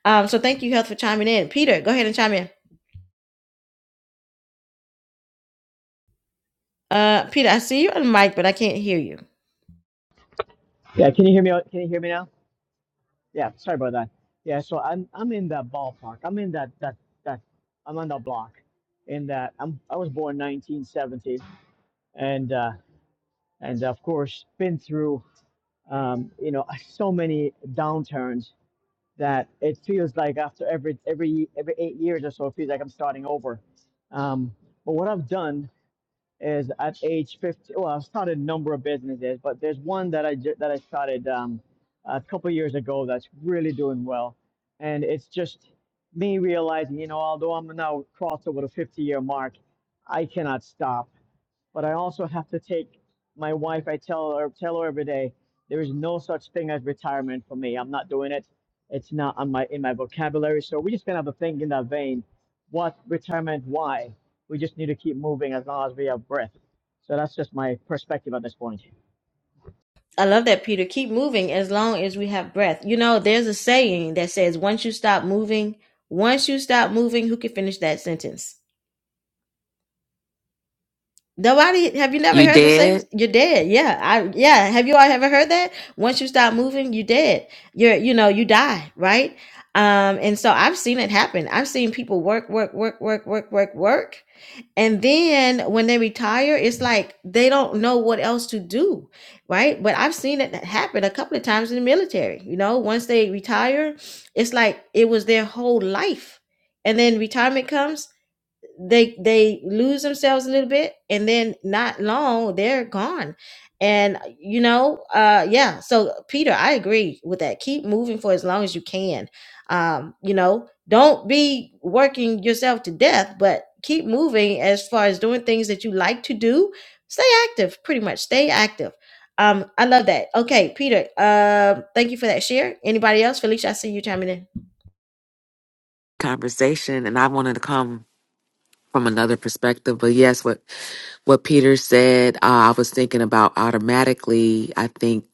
[SPEAKER 1] um so thank you health for chiming in peter go ahead and chime in uh peter i see you on the mic but i can't hear you
[SPEAKER 15] Yeah, can you hear me? Can you hear me now? Yeah, sorry about that. Yeah, so I'm I'm in that ballpark. I'm in that that that I'm on that block. In that I'm I was born 1970, and uh, and of course been through um, you know, so many downturns that it feels like after every every every eight years or so, it feels like I'm starting over. Um, but what I've done is at age 50, well, I've started a number of businesses, but there's one that I ju- that I started um, a couple of years ago that's really doing well, and it's just me realizing, you know, although I'm now crossed over the 50 year mark, I cannot stop but I also have to take my wife. I tell her tell her every day there is no such thing as retirement for me. I'm not doing it. It's not on my in my vocabulary. So we just kind of have to think in that vein. What retirement? Why? We just need to keep moving as long as we have breath. So that's just my perspective at this point.
[SPEAKER 1] i love that peter keep moving as long as we have breath you know there's a saying that says once you stop moving once you stop moving who can finish that sentence Nobody, have you never
[SPEAKER 18] you
[SPEAKER 1] heard the same?
[SPEAKER 18] did
[SPEAKER 1] You're dead. Yeah, I yeah. Have you all ever heard that? Once you stop moving, you're dead. You're you know you die, right? Um, and so I've seen it happen. I've seen people work, work, work, work, work, work, work, and then when they retire, it's like they don't know what else to do, right? But I've seen it happen a couple of times in the military. You know, once they retire, it's like it was their whole life, and then retirement comes they they lose themselves a little bit and then not long they're gone and you know uh yeah so peter i agree with that keep moving for as long as you can um you know don't be working yourself to death but keep moving as far as doing things that you like to do stay active pretty much stay active um, I love that. Okay, Peter. Um, thank you for that share. Anybody else? Felicia, I see you chiming in.
[SPEAKER 18] conversation and i wanted to come from another perspective but yes what what peter said uh, i was thinking about automatically i think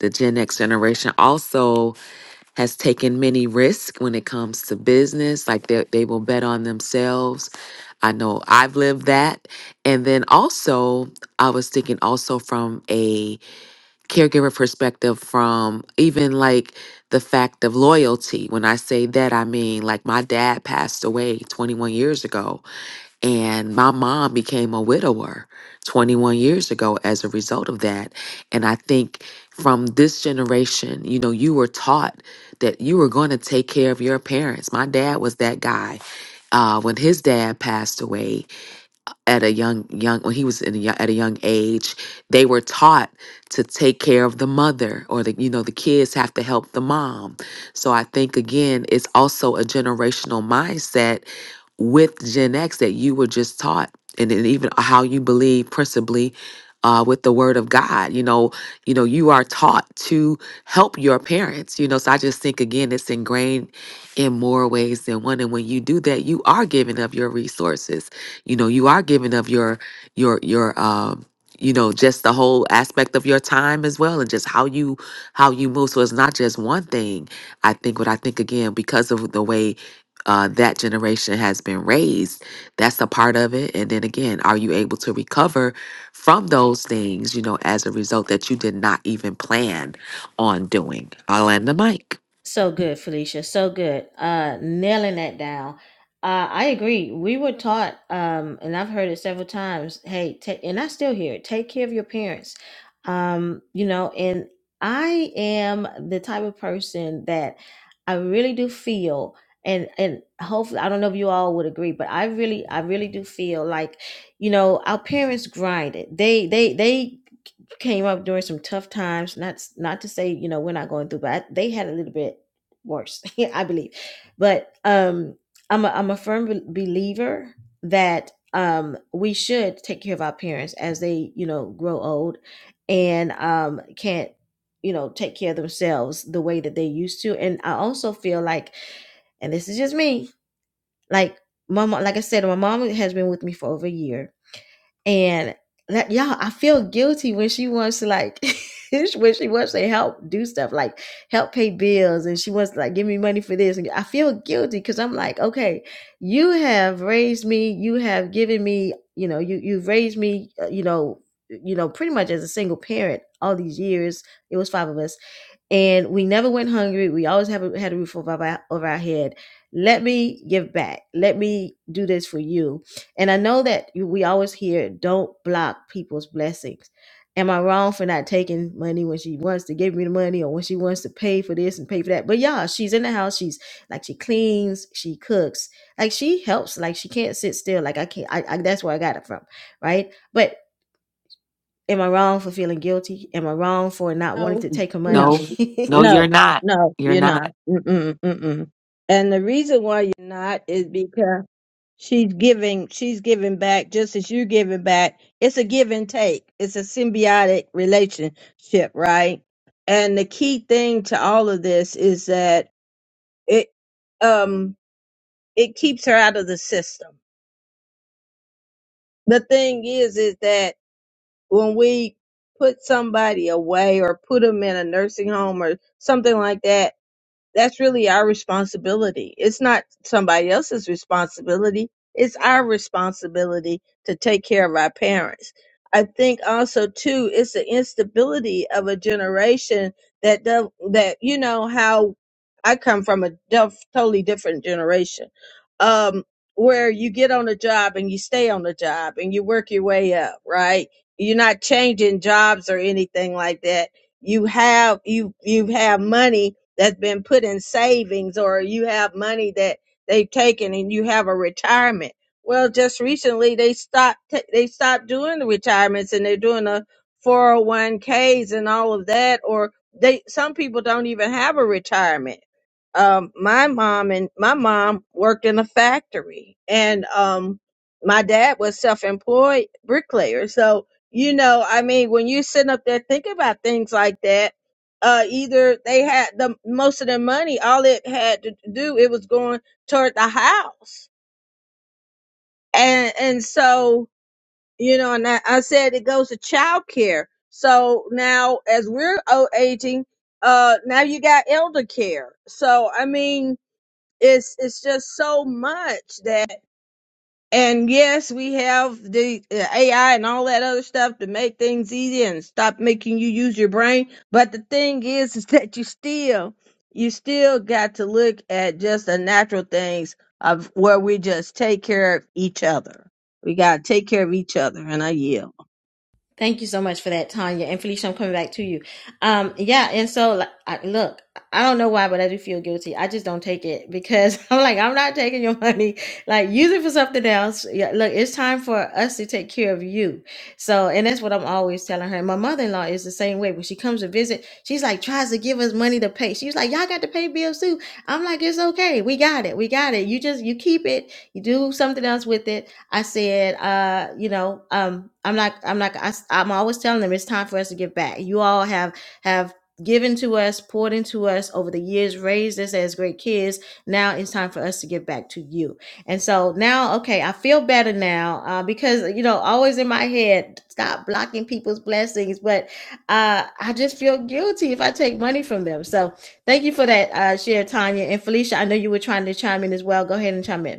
[SPEAKER 18] the gen x generation also has taken many risks when it comes to business like they, they will bet on themselves i know i've lived that and then also i was thinking also from a caregiver perspective from even like the fact of loyalty. When I say that, I mean like my dad passed away 21 years ago, and my mom became a widower 21 years ago as a result of that. And I think from this generation, you know, you were taught that you were going to take care of your parents. My dad was that guy. Uh, when his dad passed away, at a young young when he was in a, yo- at a young age they were taught to take care of the mother or the you know the kids have to help the mom so i think again it's also a generational mindset with Gen X that you were just taught, and then even how you believe principally uh, with the Word of God. You know, you know, you are taught to help your parents. You know, so I just think again, it's ingrained in more ways than one. And when you do that, you are giving up your resources. You know, you are giving up your your your um you know just the whole aspect of your time as well and just how you how you move so it's not just one thing i think what i think again because of the way uh, that generation has been raised. That's a part of it. And then again, are you able to recover from those things, you know, as a result that you did not even plan on doing? I'll end the mic.
[SPEAKER 1] So good, Felicia. So good. Uh, nailing that down. Uh, I agree. We were taught, um, and I've heard it several times. Hey, ta and I still hear it. Take care of your parents. Um, you know, and I am the type of person that I really do feel, and and hopefully, I don't know if you all would agree, but I really, I really do feel like, you know, our parents grinded. They, they, they came up during some tough times. Not not to say you know we're not going through, but I, they had a little bit worse, [LAUGHS] I believe. But um, I'm a, I'm a firm bel- believer that um, we should take care of our parents as they you know grow old and um, can't you know take care of themselves the way that they used to. And I also feel like, and this is just me, like my mom, like I said, my mom has been with me for over a year and that y'all, I feel guilty when she wants to like [LAUGHS] when she wants to help do stuff like help pay bills and she wants to like give me money for this. And I feel guilty because I'm like, okay, you have raised me, you have given me, you know, you you've raised me, uh, you know, you know, pretty much as a single parent all these years. It was five of us and we never went hungry. We always have a, had a roof over our, over our head. Let me give back. Let me do this for you. And I know that you- we always hear, don't block people's blessings. Am I wrong for not taking money when she wants to give me the money or when she wants to pay for this and pay for that? But yeah, she's in the house. She's like, she cleans, she cooks, like she helps, like she can't sit still. Like I can't, I, I that's where I got it from. Right. But am I wrong for feeling guilty? Am I wrong for not wanting
[SPEAKER 16] No,
[SPEAKER 1] to take her
[SPEAKER 16] no,
[SPEAKER 1] money?
[SPEAKER 18] No, no,
[SPEAKER 1] [LAUGHS]
[SPEAKER 18] you're
[SPEAKER 16] no,
[SPEAKER 18] not.
[SPEAKER 16] no,
[SPEAKER 18] You're
[SPEAKER 16] you're
[SPEAKER 18] not.
[SPEAKER 16] not. Mm-mm, mm-mm. And the reason why you're not is because she's giving she's giving back just as you're giving back. It's a give and take. It's a symbiotic relationship, right? And the key thing to all of this is that It um it keeps her out of the system. The thing is is that when we put somebody away or put them in a nursing home or something like that That's really our responsibility. It's not somebody else's responsibility. It's our responsibility to take care of our parents. I think also too, it's the instability of a generation that do, that you know how I come from a def, totally different generation, um, where you get on a job and you stay on the job and you work your way up, right? You're not changing jobs or anything like that. You have you you have money that's been put in savings or you have money that they've taken and you have a retirement. Well, just recently they stopped ta- they stopped doing the retirements and they're doing the 401ks and all of that or they some people don't even have a retirement. Um my mom and my mom worked in a factory and um my dad was self-employed bricklayer. So, you know, I mean, when you sitting up there thinking about things like that, uh, either they had the most of their money. All it had to do, it was going toward the house, and and so you know, and I, I said it goes to child care. So now, as we're o- aging, uh, now you got elder care. So I mean, it's it's just so much that. And yes, we have the uh, AI and all that other stuff to make things easy and stop making you use your brain. But the thing is, [LAUGHS] is that you still, you still got to look at just the natural things of where we just take care of each other. We got to take care of each other, and I yield.
[SPEAKER 1] Thank you so much for that, Tanya and Felicia. I'm coming back to you. Um, yeah, and so like, I, look, I don't know why, but I do feel guilty. I just don't take it because [LAUGHS] I'm like, I'm not taking your money. Like, use it for something else. Yeah, look, it's time for us to take care of you. So, and that's what I'm always telling her. And my mother-in-law is the same way. When she comes to visit, she's like tries to give us money to pay. She's like, y'all got to pay bills too. I'm like, it's okay. We got it. We got it. You just you keep it. You do something else with it I said, uh, you know, um, I'm not, I'm not, I, am always telling them it's time for us to give back. You all have, have given to us, poured into us over the years, raised us as great kids. Now it's time for us to give back to you. And so now, okay, I feel better now, uh, because, you know, always in my head, stop blocking people's blessings. But, uh, I just feel guilty if I take money from them. So thank you for that, uh, share, Tanya and Felicia. I know you were trying to chime in as well. Go ahead and chime in.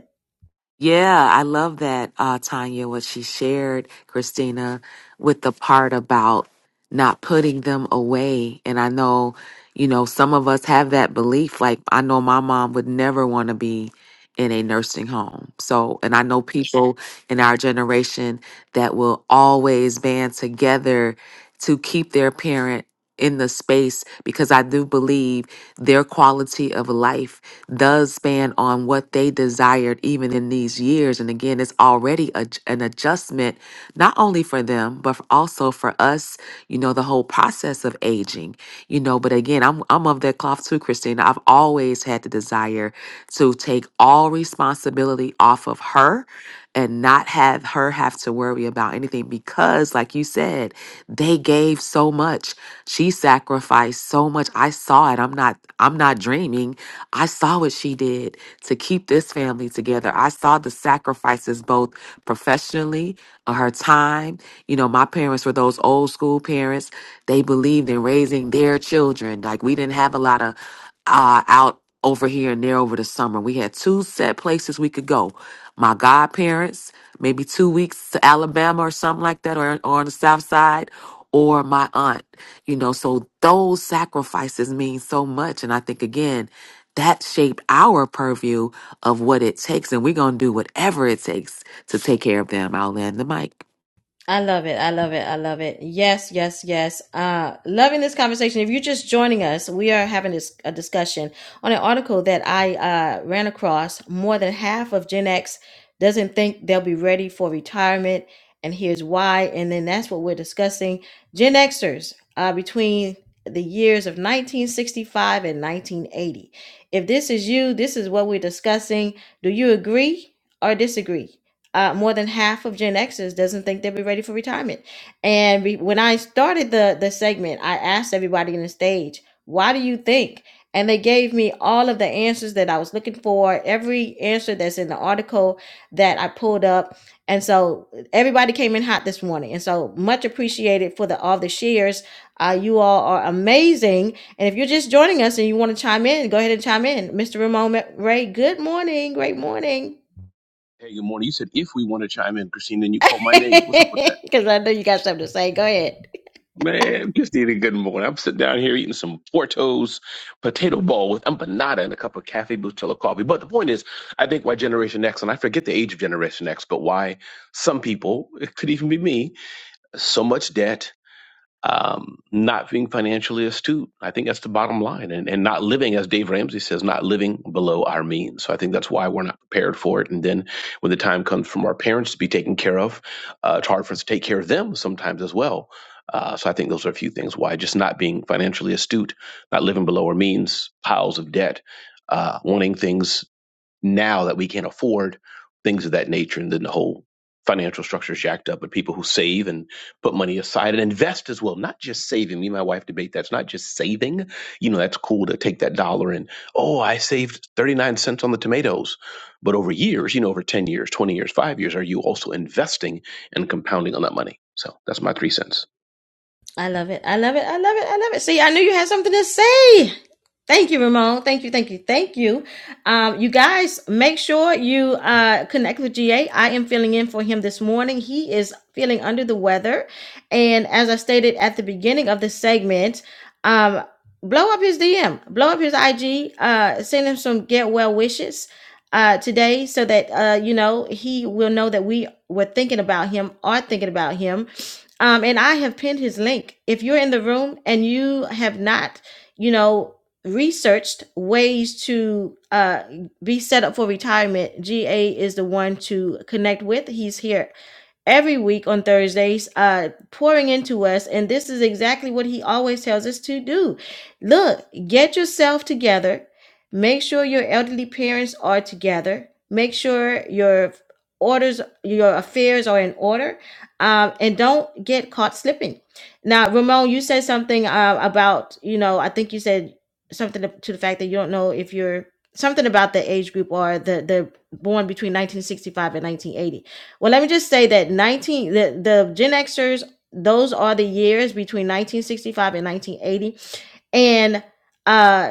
[SPEAKER 18] Yeah, I love that, uh, Tanya, what she shared, Christina, with the part about not putting them away. And I know, you know, some of us have that belief. Like, I know my mom would never want to be in a nursing home. So, and I know people in our generation that will always band together to keep their parent in the space because I do believe their quality of life does span on what they desired even in these years. And again, it's already a, an adjustment, not only for them, but for- also for us, you know, the whole process of aging, you know. But again, I'm, I'm of that cloth too, Christina. I've always had the desire to take all responsibility off of her and not have her have to worry about anything because like you said they gave so much she sacrificed so much i saw it i'm not i'm not dreaming i saw what she did to keep this family together i saw the sacrifices both professionally uh, her time you know my parents were those old school parents they believed in raising their children like we didn't have a lot of uh, out over here and there over the summer. We had two set places we could go. My godparents, maybe two weeks to Alabama or something like that, or, or on the south side, or my aunt, you know. So those sacrifices mean so much. And I think, again, that shaped our purview of what it takes. And we're going to do whatever it takes to take care of them. I'll land the mic.
[SPEAKER 1] I love it. I love it. I love it. Yes, yes, yes. Uh, loving this conversation. If you're just joining us, we are having this, a discussion on an article that I uh, ran across. More than half of Gen X doesn't think they'll be ready for retirement, and here's why. And then that's what we're discussing. Gen Xers uh, between the years of 1965 and 1980. If this is you, this is what we're discussing. Do you agree or disagree? uh, more than half of Gen Xers doesn't think they'll be ready for retirement. And we, when I started the the segment, I asked everybody on the stage, "Why do you think?" And they gave me all of the answers that I was looking for, every answer that's in the article that I pulled up. And so everybody came in hot this morning. And so much appreciated for the all the shares. Uh, you all are amazing. And if you're just joining us and you want to chime in, go ahead and chime in. Mr. Ramon Ray, good morning. Great morning.
[SPEAKER 19] Hey, good morning. You said if we want to chime in, Christine, then you called my name. What's up with that?
[SPEAKER 1] [LAUGHS] Because I know you got something to say. Go ahead.
[SPEAKER 19] Man, just eating good morning. I'm sitting down here eating some Porto's potato ball with empanada and a cup of cafe Bustelo coffee. But the point is, I think why Generation X, and I forget the age of Generation X, but why some people, it could even be me, so much debt, um, not being financially astute. I think that's the bottom line, and and not living, as Dave Ramsey says, not living below our means. So I think that's why we're not prepared for it. And then when the time comes from our parents to be taken care of, uh, it's hard for us to take care of them sometimes as well. Uh, so I think those are a few things why just not being financially astute, not living below our means, piles of debt, uh, wanting things now that we can't afford things of that nature. And then the whole financial structure is jacked up. But people who save and put money aside and invest as well, not just saving. Me and my wife debate that's not just saving. You know, that's cool to take that dollar and, oh, I saved 39 cents on the tomatoes. But over years, you know, over 10 years, 20 years, five years, are you also investing and compounding on that money? So that's my three cents.
[SPEAKER 1] I love it. I love it. I love it. I love it. See, I knew you had something to say. Thank you, Ramon. Thank you. Thank you. Thank you. Um, you guys, make sure you uh, connect with GA. I am filling in for him this morning. He is feeling under the weather. And as I stated at the beginning of this segment, um, blow up his DM, blow up his IG, uh, send him some get well wishes uh, today so that, uh, you know, he will know that we were thinking about him, are thinking about him um, and I have pinned his link. If you're in the room and you have not, you know, researched ways to uh, be set up for retirement, GA is the one to connect with. He's here every week on Thursdays, uh, pouring into us. And this is exactly what he always tells us to do. Look, get yourself together. Make sure your elderly parents are together. Make sure your orders, your affairs are in order. Um, and don't get caught slipping. Now, Ramon, you said something uh, about, you know, I think you said something to, to the fact that you don't know if you're something about the age group or the, the born between 1965 and 1980 well, let me just say that 19 the, the Gen Xers, those are the years between 1965 and 1980. And uh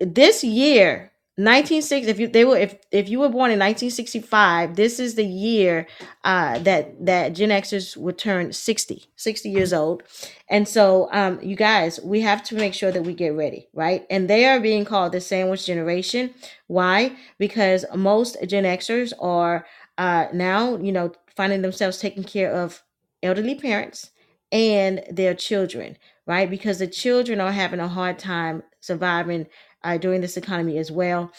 [SPEAKER 1] this year 1960 if you they were if if you were born in 1965 this is the year uh that that gen xers would turn 60, 60 years old and so um you guys we have to make sure that we get ready right and they are being called the sandwich generation why because most gen xers are uh now you know finding themselves taking care of elderly parents and their children right because the children are having a hard time surviving uh, during this economy as well.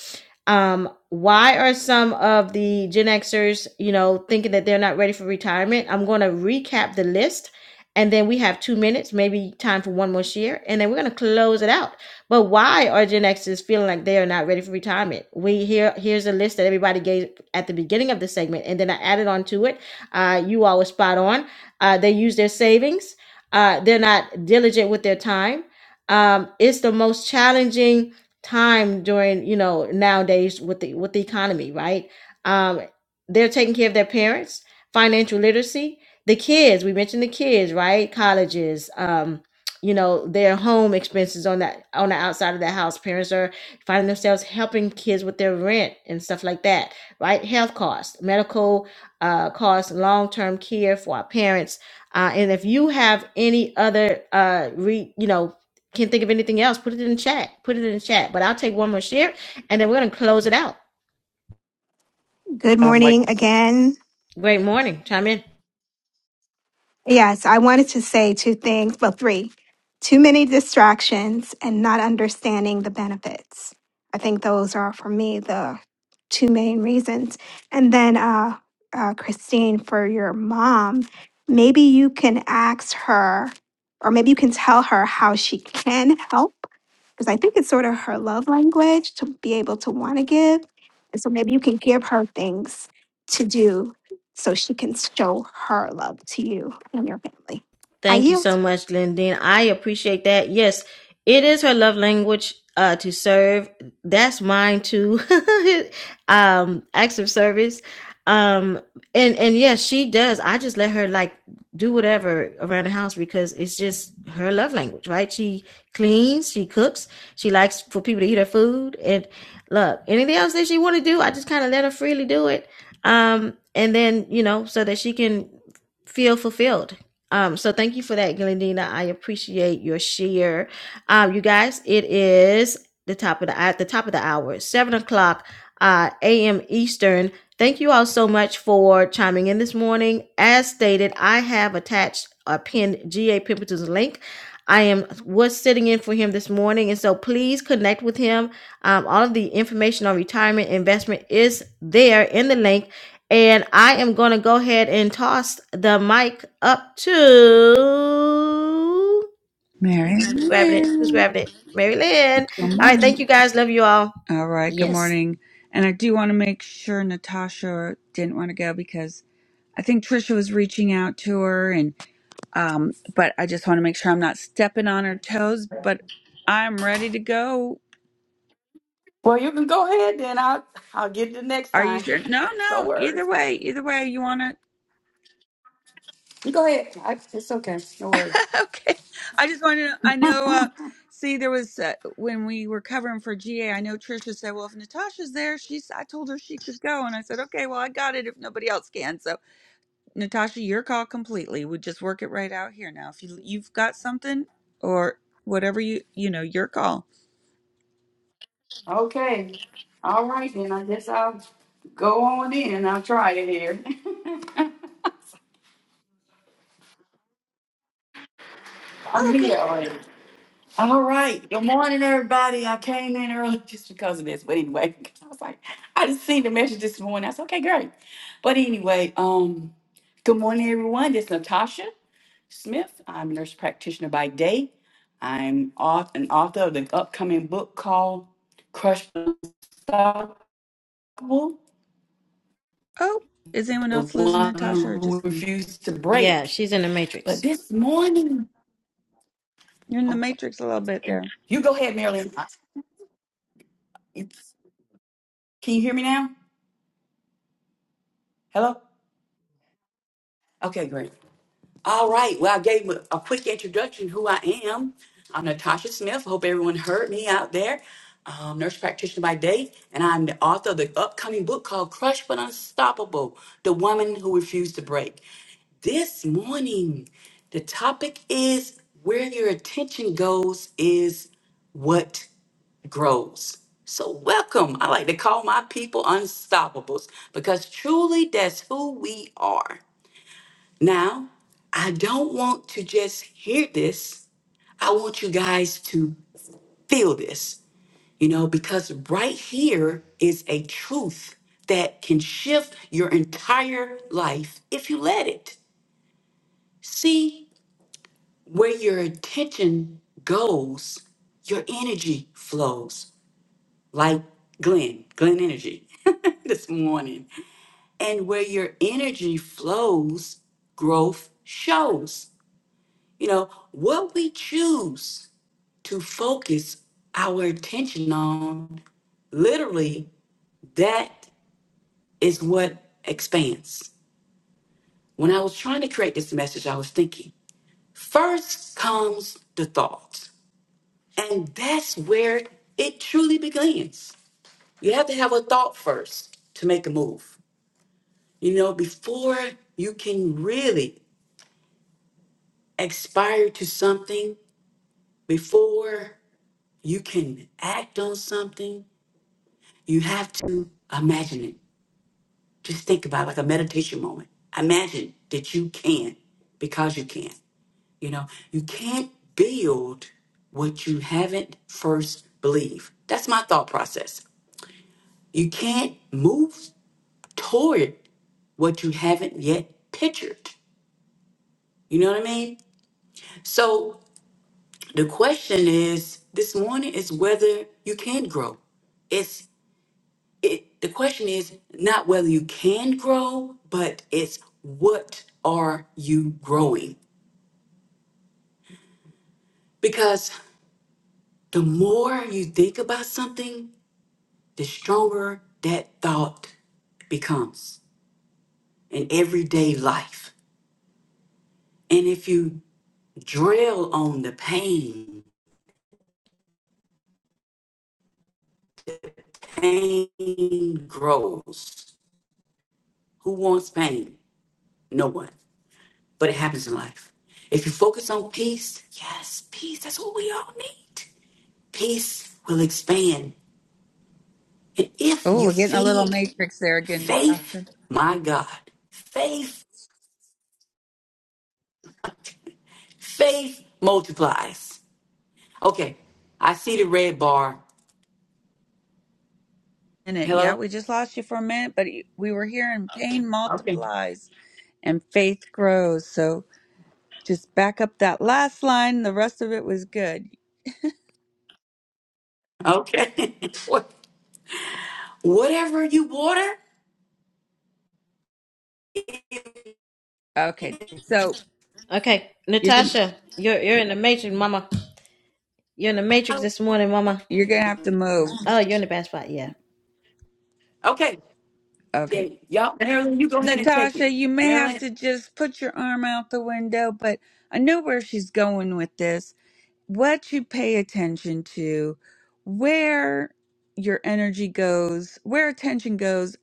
[SPEAKER 1] Um, why are some of the Gen Xers, you know, thinking that they're not ready for retirement? I'm going to recap the list, and then we have two minutes, maybe time for one more share, and then we're going to close it out. But why are Gen Xers feeling like they are not ready for retirement? We here here's a list that everybody gave at the beginning of the segment, and then I added on to it. Uh, you all were spot on. Uh, they use their savings. Uh, they're not diligent with their time. Um, it's the most challenging time during you know nowadays with the with the economy right um they're taking care of their parents financial literacy the kids we mentioned the kids right colleges um you know their home expenses on that on the outside of the house parents are finding themselves helping kids with their rent and stuff like that right health costs medical uh costs long-term care for our parents uh, and if you have any other uh re, you know can't think of anything else. Put it in the chat. Put it in the chat. But I'll take one more share and then we're going to close it out.
[SPEAKER 7] Good
[SPEAKER 13] I'm like,
[SPEAKER 7] morning again.
[SPEAKER 1] Great morning. Chime in.
[SPEAKER 7] Yes, I wanted to say two things, well, three. Too many distractions and not understanding the benefits. I think those are, for me, the two main reasons. And then, uh, uh, Christine, for your mom, maybe you can ask her, or maybe you can tell her how she can help, because I think it's sort of her love language to be able to want to give. And so maybe you can give her things to do so she can show her love to you and your family. I
[SPEAKER 1] Thank you
[SPEAKER 7] yield.
[SPEAKER 1] so much, Glendine. I appreciate that. Yes, it is her love language uh, to serve. That's mine too. [LAUGHS] um, acts of service. Um, and and yes, she does. I just let her like do whatever around the house because it's just her love language, right? She cleans, she cooks, she likes for people to eat her food, and look, anything else that she want to do, I just kind of let her freely do it. Um, and then you know, so that she can feel fulfilled um, so thank you for that, Glendina. I appreciate your share. Um, you guys, it is the top of the at the top of the hour, seven o'clock uh, a.m. Eastern. Thank you all so much for chiming in this morning. As stated, I have attached a pinned GA Pimpleton's link. I am was sitting in for him this morning, and so please connect with him. Um, all of the information on retirement investment is there in the link and I am going to go ahead and toss the mic up to
[SPEAKER 10] Mary
[SPEAKER 1] who's grabbing it? Who's
[SPEAKER 10] Lynn,
[SPEAKER 1] grabbing it? Mary Lynn.
[SPEAKER 10] good
[SPEAKER 1] All right.
[SPEAKER 10] morning.
[SPEAKER 1] Thank you guys. Love you all.
[SPEAKER 10] All right, good
[SPEAKER 1] Yes.
[SPEAKER 10] morning. And I do want to make sure Natasha didn't want to go because I think Trisha was reaching out to her and um but I just want to make sure I'm not stepping on her toes, but I'm ready to go.
[SPEAKER 20] Well, you can go ahead then. I'll I'll get it the next
[SPEAKER 10] Are you
[SPEAKER 20] time.
[SPEAKER 10] sure? No,
[SPEAKER 20] No
[SPEAKER 10] no, either
[SPEAKER 20] worries.
[SPEAKER 10] way, either way you want
[SPEAKER 20] You Go ahead. I, it's okay. No
[SPEAKER 10] to
[SPEAKER 20] worries.
[SPEAKER 10] [LAUGHS] Okay. I just wanted to I know uh see there was uh, when we were covering for GA, I know Trisha said, "Well, if Natasha's there, she's I told her she could go." And I said, "Okay, well, I got it if nobody else can." So Natasha, your call completely. We just work it right out here now. If you you've got something or whatever you you know, your call.
[SPEAKER 20] Okay. All right then. I guess I'll go on in. I'll try it here. [LAUGHS]
[SPEAKER 10] Oh,
[SPEAKER 20] I'm
[SPEAKER 10] okay.
[SPEAKER 20] here already. All right. Good morning, everybody. I came in early [LAUGHS] just because of this. But anyway, [LAUGHS] I was like, I just seen the message this morning. I said, okay, great. But anyway, um, good morning, everyone. This is Natasha. Smith. I'm a nurse practitioner by day. I'm auth- an author of the upcoming book called Crushed Unstoppable,
[SPEAKER 10] Oh, is anyone
[SPEAKER 20] the
[SPEAKER 10] else losing
[SPEAKER 20] one
[SPEAKER 10] Natasha or
[SPEAKER 20] who
[SPEAKER 10] just me?
[SPEAKER 20] refused to
[SPEAKER 1] Yeah,
[SPEAKER 20] break.
[SPEAKER 1] she's in the
[SPEAKER 20] But
[SPEAKER 1] matrix.
[SPEAKER 20] this morning,
[SPEAKER 10] You're in the
[SPEAKER 20] oh,
[SPEAKER 10] matrix a little bit there.
[SPEAKER 20] you go ahead, Marilyn. It's- Can you hear me now? Hello? Okay, great. All right. Well, I gave a a quick introduction who I am. I'm Natasha Smith. Hope everyone heard me out there. Um, nurse practitioner by day, and I'm the author of the upcoming book called Crushed but Unstoppable The Woman Who Refused to Break. This morning, the topic is Where Your Attention Goes is What grows. So, welcome. I like to call my people unstoppables because truly that's who we are. Now, I don't want to just hear this. I want you guys to feel this, you know, because right here is a truth that can shift your entire life if you let it. See where your attention goes, your energy flows, like Glenn, Glenn Energy [LAUGHS] this morning. And where your energy flows, growth shows. You know, what we choose to focus our attention on, literally, that is what expands. When I was trying to create this message, I was thinking first comes the thought, and that's where it truly begins. You have to have a thought first to make a move. You know, before you can really aspire to something, before you can act on something, You have to imagine it. Just think about it like a meditation moment. Imagine that you can because you can. You know, you can't build what you haven't first believed. That's my thought process. You can't move toward what you haven't yet pictured. You know what I mean? So the question is this morning is whether you can grow. it the question is not whether you can grow, but it's what are you growing? Because the more you think about something, the stronger that thought becomes in everyday life. And if you drill on the pain, pain grows. Who wants pain? No one. But it happens in life. If you focus on peace, yes, peace, that's what we all need. peace will expand. And if
[SPEAKER 10] Oh,
[SPEAKER 20] you
[SPEAKER 10] we're getting a little
[SPEAKER 20] feed
[SPEAKER 10] matrix there again,
[SPEAKER 20] faith,
[SPEAKER 10] Natasha.
[SPEAKER 20] my God, faith, faith multiplies. Okay, I see the red bar.
[SPEAKER 10] Minute, yeah,
[SPEAKER 20] Hello?
[SPEAKER 10] we just lost you for a minute, but we were here, and pain
[SPEAKER 20] Okay.
[SPEAKER 10] multiplies and faith grows. So just back up that last line. The rest of it was good.
[SPEAKER 20] Okay. [LAUGHS] What- Whatever you water.
[SPEAKER 10] Okay, so
[SPEAKER 1] Okay.
[SPEAKER 10] you're gonna,
[SPEAKER 1] Natasha, you're you're in the matrix, mama. You're in the matrix this morning, mama.
[SPEAKER 10] you're gonna have to move.
[SPEAKER 1] Oh, you're in the bad spot, yeah.
[SPEAKER 20] Okay,
[SPEAKER 10] Okay,
[SPEAKER 20] then y'all, Marilyn, you go ahead and take it.
[SPEAKER 10] Natasha, you may have
[SPEAKER 20] Marilyn?
[SPEAKER 10] to just put your arm out the window, but I know where she's going with this. What you pay attention to, where your energy goes, where attention goes,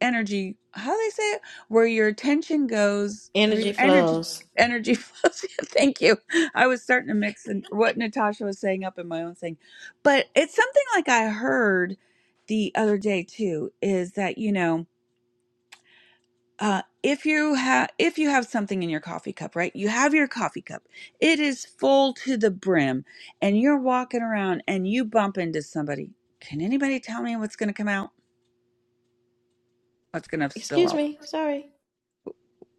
[SPEAKER 10] energy, how do they say it? Where your attention goes, where
[SPEAKER 1] Energy
[SPEAKER 10] your Mhm. energy
[SPEAKER 1] flows.
[SPEAKER 10] energy flows. [LAUGHS] Thank you. I was starting to mix in what Natasha was saying up in my own thing. But it's something like I heard the other day too, is that, you know, uh, if you have if you have something in your coffee cup right you have your coffee cup it is full to the brim and you're walking around and you bump into somebody can anybody tell me what's going to come out what's going to spill
[SPEAKER 1] Excuse
[SPEAKER 10] out
[SPEAKER 1] me, sorry.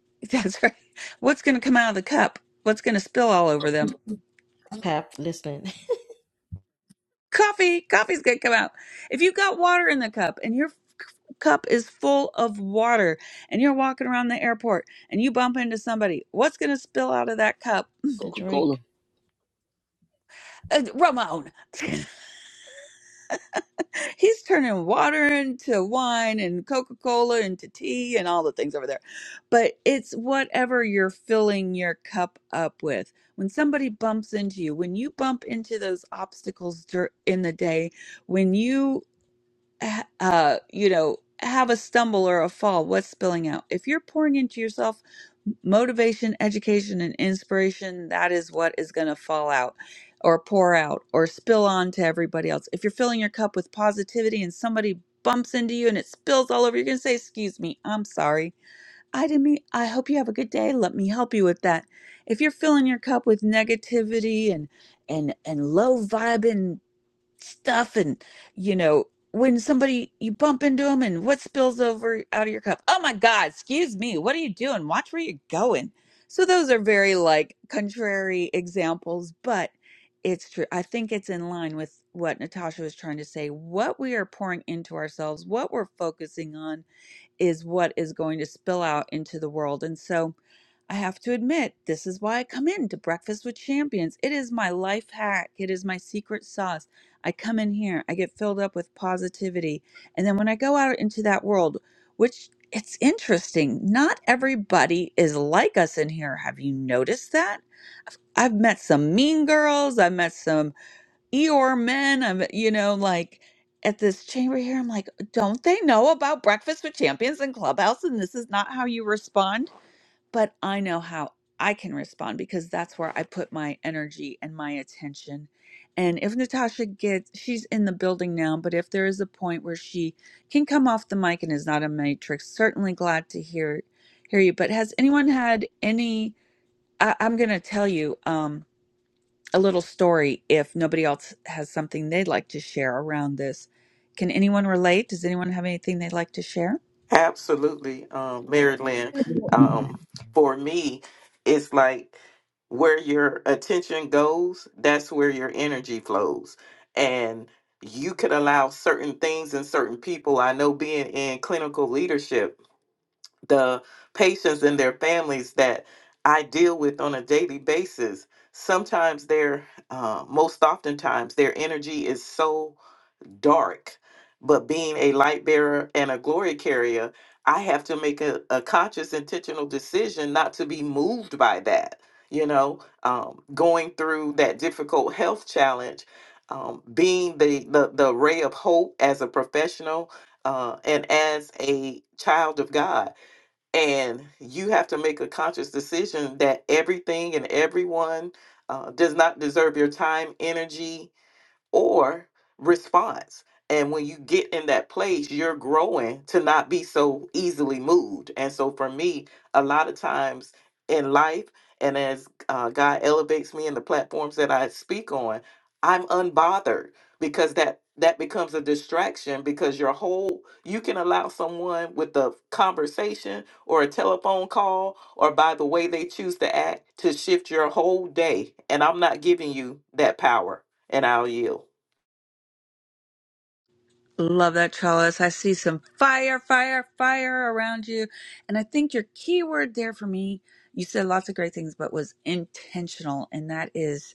[SPEAKER 10] [LAUGHS] that's right what's going to come out of the cup what's going to spill all over them
[SPEAKER 1] Pap listening. [LAUGHS]
[SPEAKER 10] coffee coffee's going to come out if you've got water in the cup and your cup is full of water and you're walking around the airport and you bump into somebody what's going to spill out of that cup
[SPEAKER 1] The
[SPEAKER 19] Coca
[SPEAKER 1] drink.
[SPEAKER 19] Cola.
[SPEAKER 10] uh, ramon [LAUGHS] [LAUGHS] He's turning water into wine and Coca Cola into tea and all the things over there. But it's whatever you're filling your cup up with. When somebody bumps into you, when you bump into those obstacles dur- in the day, when you h- uh, you know, have a stumble or a fall, what's spilling out? If you're pouring into yourself m- motivation, education, and inspiration, that is what is going to fall out or pour out or spill on to everybody else. If you're filling your cup with positivity and somebody bumps into you and it spills all over, you're going to say, Excuse me, I'm sorry. I didn't mean, I hope you have a good day. Let me help you with that. If you're filling your cup with negativity and and and low vibing stuff and you know when somebody you bump into them and what spills over out of your cup oh my god excuse me what are you doing watch where you're going so those are very like contrary examples but it's true i think it's in line with what natasha was trying to say what we are pouring into ourselves what we're focusing on is what is going to spill out into the world. And so I have to admit, this is why I come in to Breakfast with Champions. It is my life hack, it is my secret sauce. I come in here, I get filled up with positivity. And then when I go out into that world, which it's interesting, not everybody is like us in here. Have you noticed that? I've met some mean girls. I've met some Eeyore men I'm you know like at this chamber here I'm like don't they know about breakfast with champions and clubhouse and this is not how you respond but I know how I can respond because that's where I put my energy and my attention and if Natasha gets she's in the building now but if there is a point where she can come off the mic and is not a matrix certainly glad to hear hear you but has anyone had any I, I'm gonna tell you Um, a little story if nobody else has something they'd like to share around this. Can anyone relate? Does anyone have anything they'd like to share?
[SPEAKER 13] absolutely, um, Mary Lynn. Um, for me, it's like where your attention goes, that's where your energy flows. And you could allow certain things and certain people. I know being in clinical leadership, the patients and their families that I deal with on a daily basis, sometimes they're, uh, most oftentimes, their energy is so dark. But being a light bearer and a glory carrier, I have to make a, a conscious, intentional decision not to be moved by that. You know, um, going through that difficult health challenge, um, being the, the the ray of hope as a professional uh, and as a child of God and you have to make a conscious decision that everything and everyone uh, does not deserve your time, energy, or response. And when you get in that place, you're growing to not be so easily moved. And so for me, a lot of times in life, and as uh, God elevates me in the platforms that I speak on, I'm unbothered because that that becomes a distraction because your whole you can allow someone with a conversation or a telephone call or by the way they choose to act to shift your whole day and i'm not giving you that power and I'll yield.
[SPEAKER 10] Love that trellis. I see some fire, fire, fire around you. And I think your key word there for me, you said lots of great things, but was intentional. And that is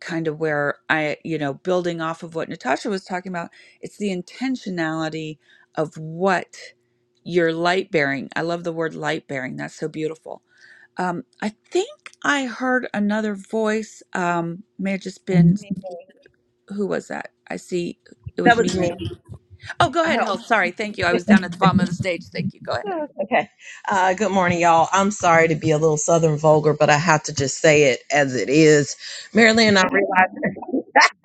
[SPEAKER 10] kind of where I, you know, building off of what Natasha was talking about, it's the intentionality of what you're light bearing. I love the word light bearing. That's so beautiful. Um, I think I heard another voice. Um, may have just been, who was that? I see it
[SPEAKER 14] that
[SPEAKER 10] was me.
[SPEAKER 14] was me
[SPEAKER 10] Mary. Oh, go
[SPEAKER 14] i
[SPEAKER 10] ahead,
[SPEAKER 14] hope
[SPEAKER 10] Hell. Sorry. Thank you. I was down at the bottom of the stage. Thank you. Go ahead. [LAUGHS]
[SPEAKER 14] Yeah, okay uh, good morning y'all i'm sorry to be a little southern vulgar but i have to just say it as it is marilyn and i realize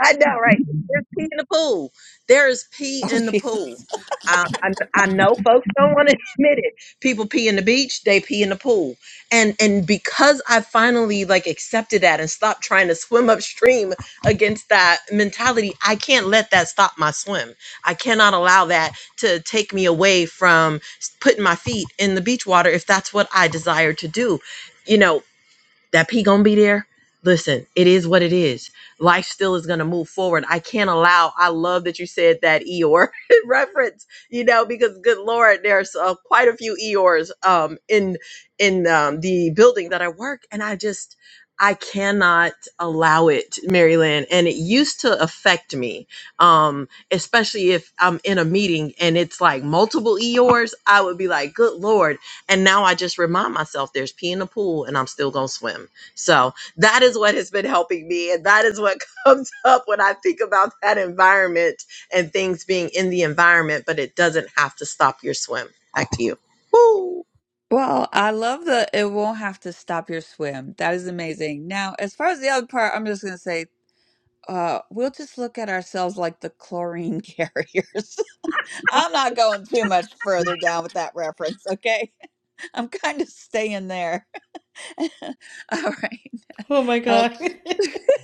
[SPEAKER 14] I know, right? There's pee in the pool. There is pee
[SPEAKER 10] Oh,
[SPEAKER 14] in the pool.
[SPEAKER 10] Jesus.
[SPEAKER 14] I, I, I know folks don't want to [LAUGHS] admit it. People pee in the beach, they pee in the pool. And and because I finally like accepted that and stopped trying to swim upstream against that mentality, I can't let that stop my swim. I cannot allow that to take me away from s- putting my feet in the beach water if that's what I desire to do. You know, that P gonna be there. Listen, it is what it is. Life still is gonna move forward. I can't allow. I love that you said that Eeyore [LAUGHS] reference. You know, because good Lord, there's uh, quite a few Eeyores um, in in um, the building that I work, and I just I cannot allow it, Maryland. And it used to affect me, um, especially if I'm in a meeting and it's like multiple Eeyores. I would be like, Good Lord and now I just remind myself there's pee in the pool and I'm still going to swim. So that is what has been helping me. And that is what [LAUGHS] comes up when I think about that environment and things being in the environment, but it doesn't have to stop your swim. Back to you. Woo!
[SPEAKER 10] Well, I love the it won't have to stop your swim. That is amazing. Now, as far as the other part, I'm just going to say uh, we'll just look at ourselves like the chlorine [LAUGHS] carriers. I'm not going too much further down with that reference, okay? [LAUGHS] I'm kind of staying there. [LAUGHS] All right.
[SPEAKER 1] Oh my
[SPEAKER 10] Help.
[SPEAKER 1] god.
[SPEAKER 10] [LAUGHS]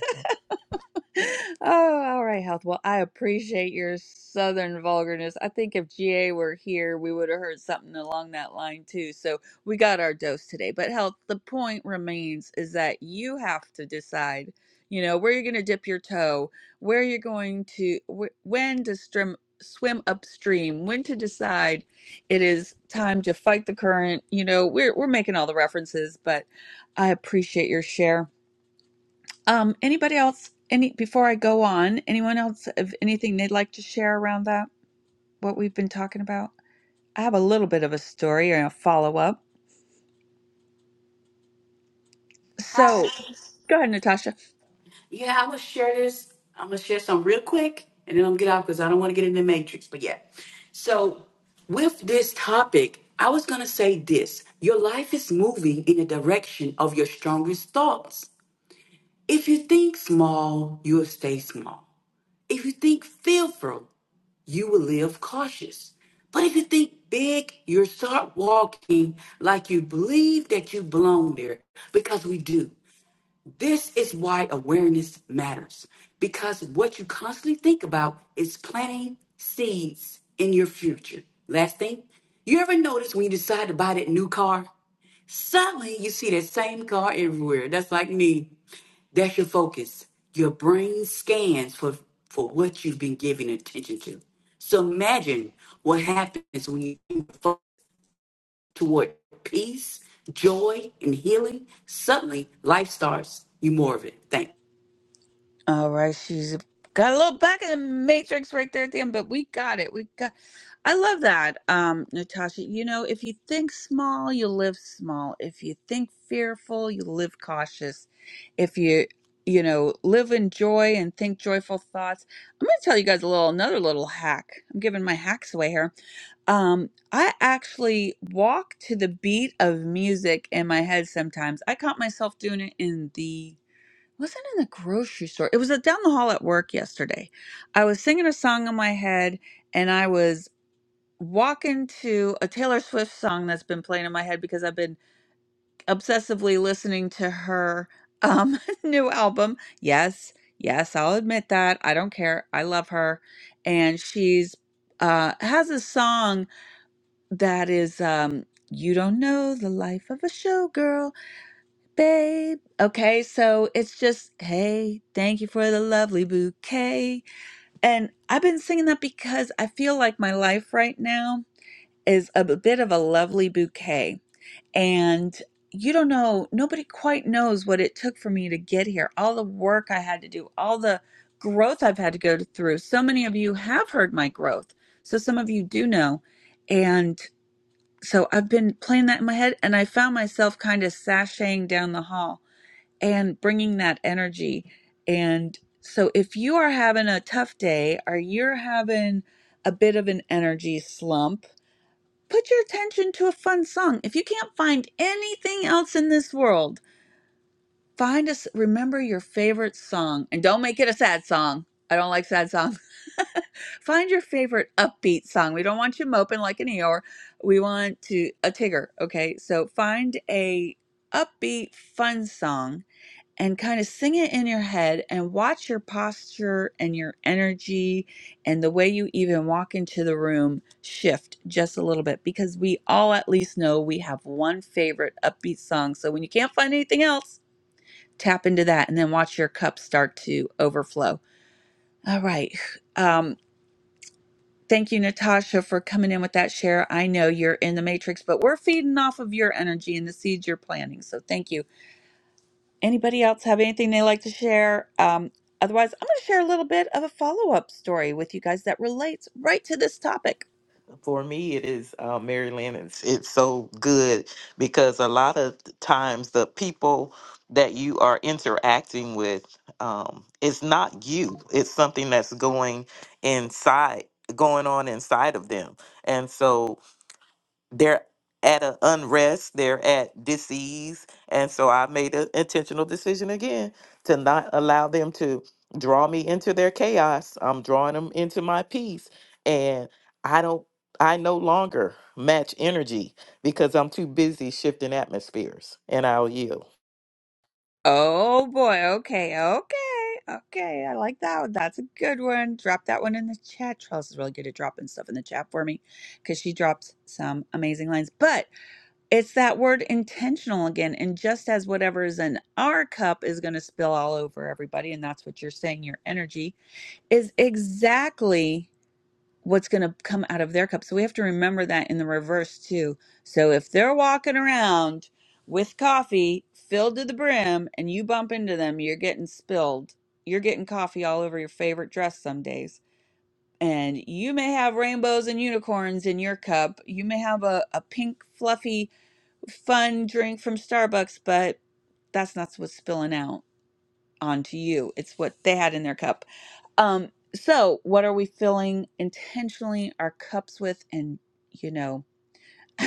[SPEAKER 10] [LAUGHS] Oh, all right, Health. Well, I appreciate your southern vulgarness. I think if GA were here, we would have heard something along that line too. So we got our dose today. But Health, the point remains is that you have to decide, you know, where you're going to dip your toe, where you're going to, wh- when to strim, swim upstream, when to decide it is time to fight the current. You know, we're we're making all the references, but I appreciate your share. Um, anybody else? Any before I go on, anyone else of anything they'd like to share around that? What we've been talking about? I have a little bit of a story and a follow up.
[SPEAKER 20] Hi.
[SPEAKER 10] So go ahead, Natasha.
[SPEAKER 20] Yeah, I'm gonna share this. I'm gonna share some real quick, and then I'm gonna get off because I don't want to get in the matrix. But yeah, so with this topic, I was gonna say this: your life is moving in the direction of your strongest thoughts. If you think small, you will stay small. If you think fearful, you will live cautious. But if you think big, you'll start walking like you believe that you belong there because we do. This is why awareness matters because what you constantly think about is planting seeds in your future. Last thing, you ever notice when you decide to buy that new car, suddenly you see that same car everywhere. That's like me. That's your focus. Your brain scans for, for what you've been giving attention to. So imagine what happens when you focus toward peace, joy, and healing. Suddenly, life starts you more of it. Thanks.
[SPEAKER 10] All right, she's got a little back in the matrix right there at the end, but we got it. We got. I love that, um, Natasha. You know, if you think small, you live small. If you think fearful, you live cautious. If you, you know, live in joy and think joyful thoughts. I'm going to tell you guys a little another little hack. I'm giving my hacks away here. Um, I actually walk to the beat of music in my head sometimes. I caught myself doing it in the wasn't in the grocery store. It was uh, down the hall at work yesterday. I was singing a song in my head and I was walking to a Taylor Swift song that's been playing in my head because I've been obsessively listening to her um [LAUGHS] new album. Yes, yes, I'll admit that. I don't care. I love her and she's uh has a song that is um you don't know the life of a showgirl babe. Okay, so it's just, hey, thank you for the lovely bouquet. And I've been singing that because I feel like my life right now is a b- bit of a lovely bouquet. And you don't know, nobody quite knows what it took for me to get here, all the work I had to do, all the growth I've had to go through. So many of you have heard my growth. So some of you do know. And so I've been playing that in my head, and I found myself kind of sashaying down the hall and bringing that energy. And so, if you are having a tough day or you're having a bit of an energy slump, put your attention to a fun song. If you can't find anything else in this world, find us, remember your favorite song and don't make it a sad song. I don't like sad songs. [LAUGHS] find your favorite upbeat song. We don't want you moping like an Eeyore. We want to a Tigger, okay? So find a upbeat fun song and kind of sing it in your head and watch your posture and your energy and the way you even walk into the room shift just a little bit because we all at least know we have one favorite upbeat song. So when you can't find anything else, tap into that and then watch your cup start to overflow. All right. [SIGHS] Um, Thank you, Natasha, for coming in with that share. I know you're in the matrix, but we're feeding off of your energy and the seeds you're planting. So thank you. Anybody else have anything they like to share? Um, otherwise, I'm going to share a little bit of a follow up story with you guys that relates right to this topic.
[SPEAKER 13] For me, it is uh, Mary Lynn. It's, it's so good because a lot of the times the people that you are interacting with, um, it's not you. It's something that's going inside, going on inside of them. And so they're at an unrest, they're at disease. And so I made an intentional decision again to not allow them to draw me into their chaos. I'm drawing them into my peace. And I don't, I no longer match energy because I'm too busy shifting atmospheres and I'll yield.
[SPEAKER 10] Oh boy, okay, okay, okay. I like that one. That's a good one. Drop that one in the chat. Trellis is really good at dropping stuff in the chat for me because she drops some amazing lines. But it's that word intentional again. And just as whatever is in our cup is going to spill all over everybody, and that's what you're saying, your energy is exactly what's going to come out of their cup. So we have to remember that in the reverse too. So if they're walking around with coffee filled to the brim and you bump into them, you're getting spilled. You're getting coffee all over your favorite dress some days. And you may have rainbows and unicorns in your cup. You may have a, a pink, fluffy, fun drink from Starbucks, but that's not what's spilling out onto you. It's what they had in their cup. Um, so, what are we filling intentionally our cups with? And, you know, [LAUGHS]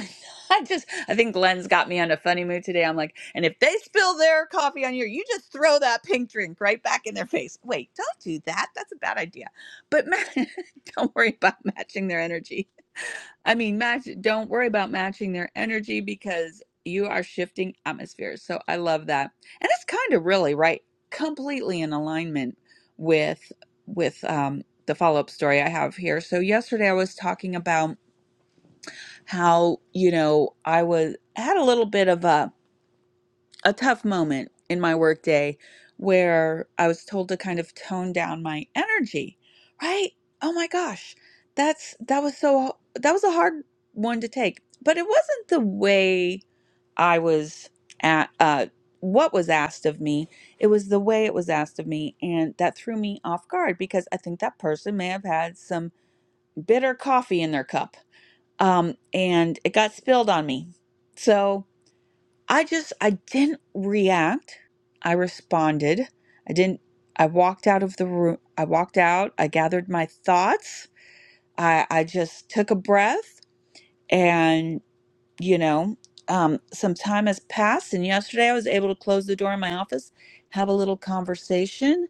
[SPEAKER 10] I just, I think Glenn's got me on a funny mood today. I'm like, and if they spill their coffee on you, you just throw that pink drink right back in their face. Wait, don't do that. That's a bad idea. But ma- [LAUGHS] don't worry about [LAUGHS] matching their energy. I mean, match, don't worry about matching their energy because you are shifting atmospheres. So I love that. And it's kind of really right, completely in alignment with, with, um, the follow-up story I have here. So yesterday I was talking about how you know I was had a little bit of a a tough moment in my workday where I was told to kind of tone down my energy, right? Oh my gosh, that's that was so that was a hard one to take, but it wasn't the way I was at uh, what was asked of me. It was the way it was asked of me, and that threw me off guard because I think that person may have had some bitter coffee in their cup um, and it got spilled on me. So I just I didn't react. I responded. I didn't. I walked out of the room. I walked out. I gathered my thoughts. I I just took a breath, and you know, um, some time has passed. And yesterday, I was able to close the door in my office, have a little conversation,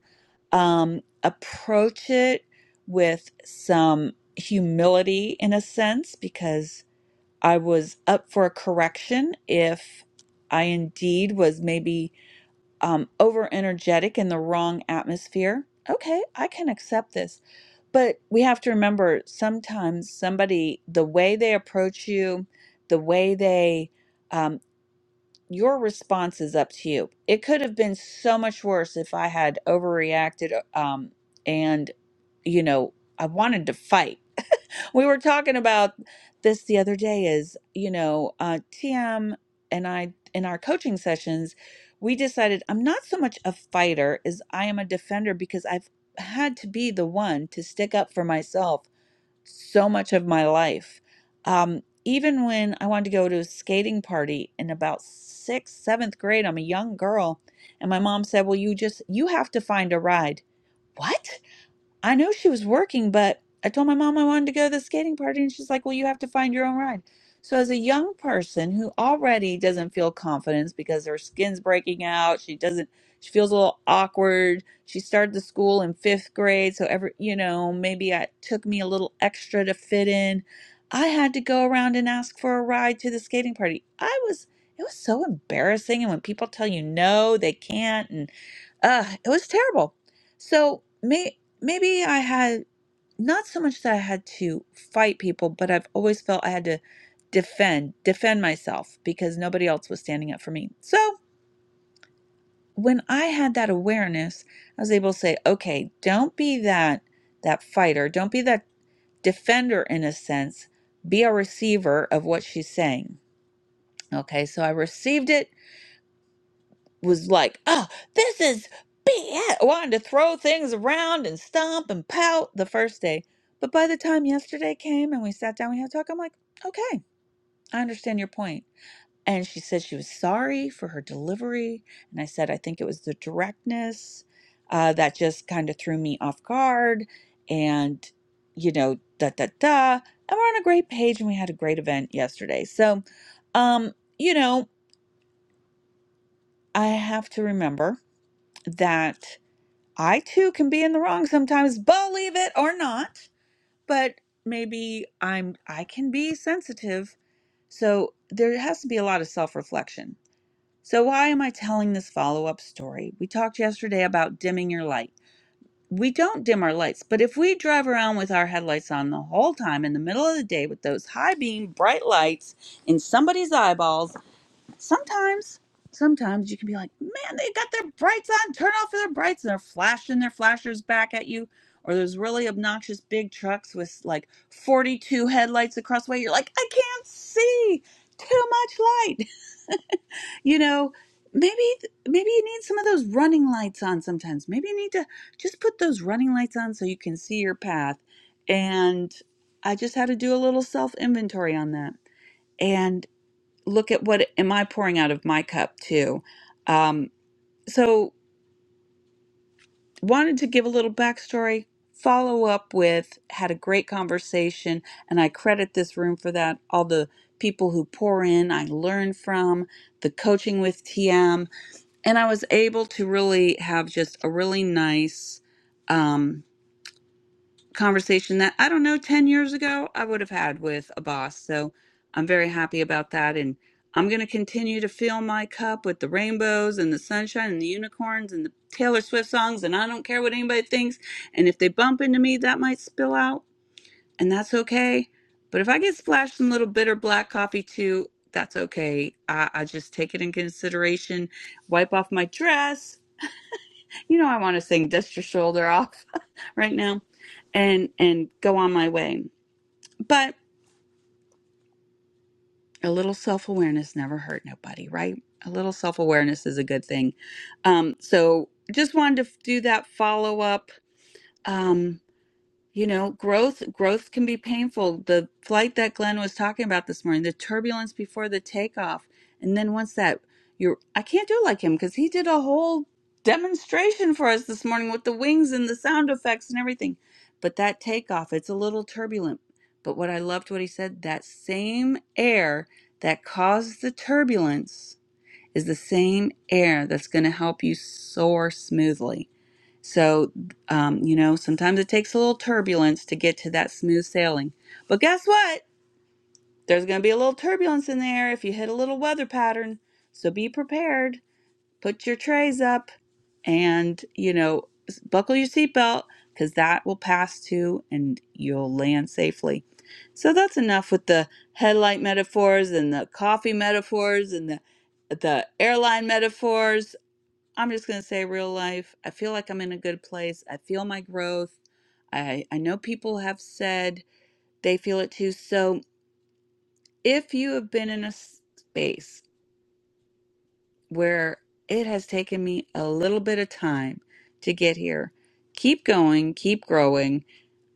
[SPEAKER 10] um, approach it with some humility in a sense because I was up for a correction if I indeed was maybe um, over energetic in the wrong atmosphere. Okay, I can accept this. But we have to remember sometimes somebody, the way they approach you, the way they, um, your response is up to you. It could have been so much worse if I had overreacted um, and, you know, I wanted to fight we were talking about this the other day is you know uh, tm and i in our coaching sessions we decided i'm not so much a fighter as i am a defender because i've had to be the one to stick up for myself so much of my life um, even when i wanted to go to a skating party in about sixth seventh grade i'm a young girl and my mom said well you just you have to find a ride what I know she was working, but I told my mom I wanted to go to the skating party, and she's like, Well, you have to find your own ride. So, as a young person who already doesn't feel confidence because her skin's breaking out, she doesn't, she feels a little awkward. She started the school in fifth grade, so every, you know, maybe it took me a little extra to fit in. I had to go around and ask for a ride to the skating party. I was, it was so embarrassing. And when people tell you no, they can't, and uh, it was terrible. So, me maybe I had not so much that I had to fight people, but I've always felt I had to defend, defend myself because nobody else was standing up for me. So when I had that awareness, I was able to say, okay, don't be that that fighter, don't be that defender in a sense, be a receiver of what she's saying. Okay, so I received it was like, oh, this is BS. Wanted to throw things around and stomp and pout the first day. But by the time yesterday came and we sat down, we had a talk, I'm like, okay, I understand your point. And she said she was sorry for her delivery. And I said, I think it was the directness uh, that just kind of threw me off guard. And, you know, da da da. And we're on a great page and we had a great event yesterday. So, um, you know, I have to remember that I too can be in the wrong sometimes, believe it or not, but maybe I'm I can be sensitive. So there has to be a lot of self-reflection. So why am I telling this follow-up story? We talked yesterday about dimming your light. We don't dim our lights, but if we drive around with our headlights on the whole time in the middle of the day with those high beam bright lights in somebody's eyeballs sometimes sometimes you can be like man they got their brights on turn off their brights and they're flashing their flashers back at you or there's really obnoxious big trucks with like 42 headlights across the way you're like i can't see too much light [LAUGHS] you know maybe maybe you need some of those running lights on sometimes maybe you need to just put those running lights on so you can see your path and i just had to do a little self inventory on that And look at what am I pouring out of my cup too. Um, so wanted to give a little backstory, follow up with, had a great conversation, and I credit this room for that. All the people who pour in, I learn from the coaching with TM, and I was able to really have just a really nice. um, conversation that I don't know 10 years ago I would have had with a boss. So I'm very happy about that. And I'm going to continue to fill my cup with the rainbows and the sunshine and the unicorns and the Taylor Swift songs. And I don't care what anybody thinks. And if they bump into me, that might spill out. And that's okay. But if I get splashed some little bitter black coffee too, that's okay. I, I just take it in consideration, wipe off my dress, you know, I want to sing "Dust Your Shoulder Off" [LAUGHS] right now, and and go on my way. But a little self awareness never hurt nobody, right? A little self awareness is a good thing. Um, so just wanted to do that follow up. you know growth growth can be painful the flight that glenn was talking about this morning the turbulence before the takeoff and then once that you're i can't do like him because he did a whole demonstration for us this morning with the wings and the sound effects and everything but that takeoff it's a little turbulent but what i loved what he said that same air that caused the turbulence is the same air that's going to help you soar smoothly so, um, you know, sometimes it takes a little turbulence to get to that smooth sailing. But guess what? There's going to be a little turbulence in there if you hit a little weather pattern. So be prepared. Put your trays up and, you know, s- buckle your seatbelt because that will pass too and you'll land safely. So that's enough with the headlight metaphors and the coffee metaphors and the the airline metaphors. I'm just going to say real life. I feel like I'm in a good place. I feel my growth. I, I know people have said they feel it too. So if you have been in a space where it has taken me a little bit of time to get here. Keep going, keep growing.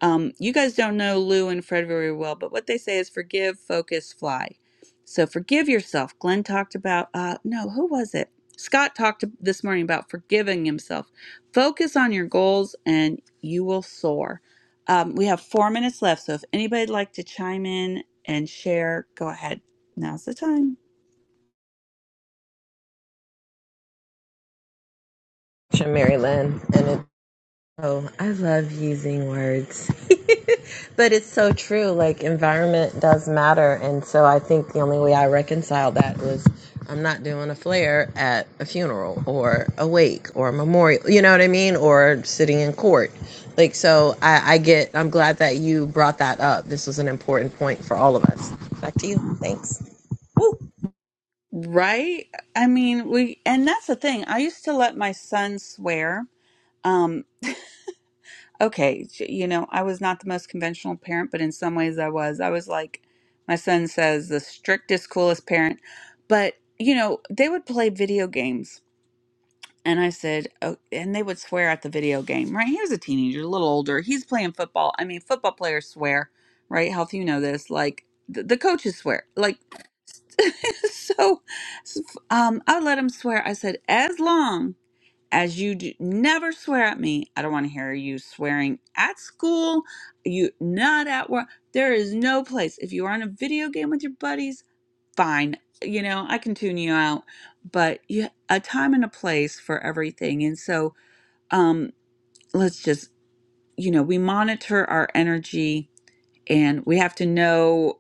[SPEAKER 10] Um, you guys don't know Lou and Fred very well, but what they say is forgive, focus, fly. So forgive yourself. Glenn talked about, uh, no, who was it? Scott talked this morning about forgiving himself. Focus on your goals and you will soar. Um, we have four minutes left, so if anybody'd like to chime in and share, go ahead. Now's the time.
[SPEAKER 14] Mary Lynn. and. it Oh, I love using words. [LAUGHS] but it's so true. Like, environment does matter. And so I think the only way I reconciled that was I'm not doing a flare at a funeral or a wake or a memorial, you know what I mean? Or sitting in court. Like, so I, I get, I'm glad that you brought that up. This was an important point for all of us. Back to you. Thanks. Woo.
[SPEAKER 10] Right? I mean, we, and that's the thing. I used to let my son swear. Um, okay, j- you know, I was not the most conventional parent, but in some ways I was. I was like, my son says, the strictest, coolest parent. But, you know, they would play video games. And I said, oh, and they would swear at the video game, right? He was a teenager, a little older. He's playing football. I mean, football players swear, right? Health, you know this. Like, the, the coaches swear. Like, [LAUGHS] so um, I let him swear. I said, as long as you do, never swear at me, I don't want to hear you swearing at school, you not at work. There is no place. If you are on a video game with your buddies, fine. You know, I can tune you out, but you, a time and a place for everything. And so um, let's just, you know, we monitor our energy and we have to know.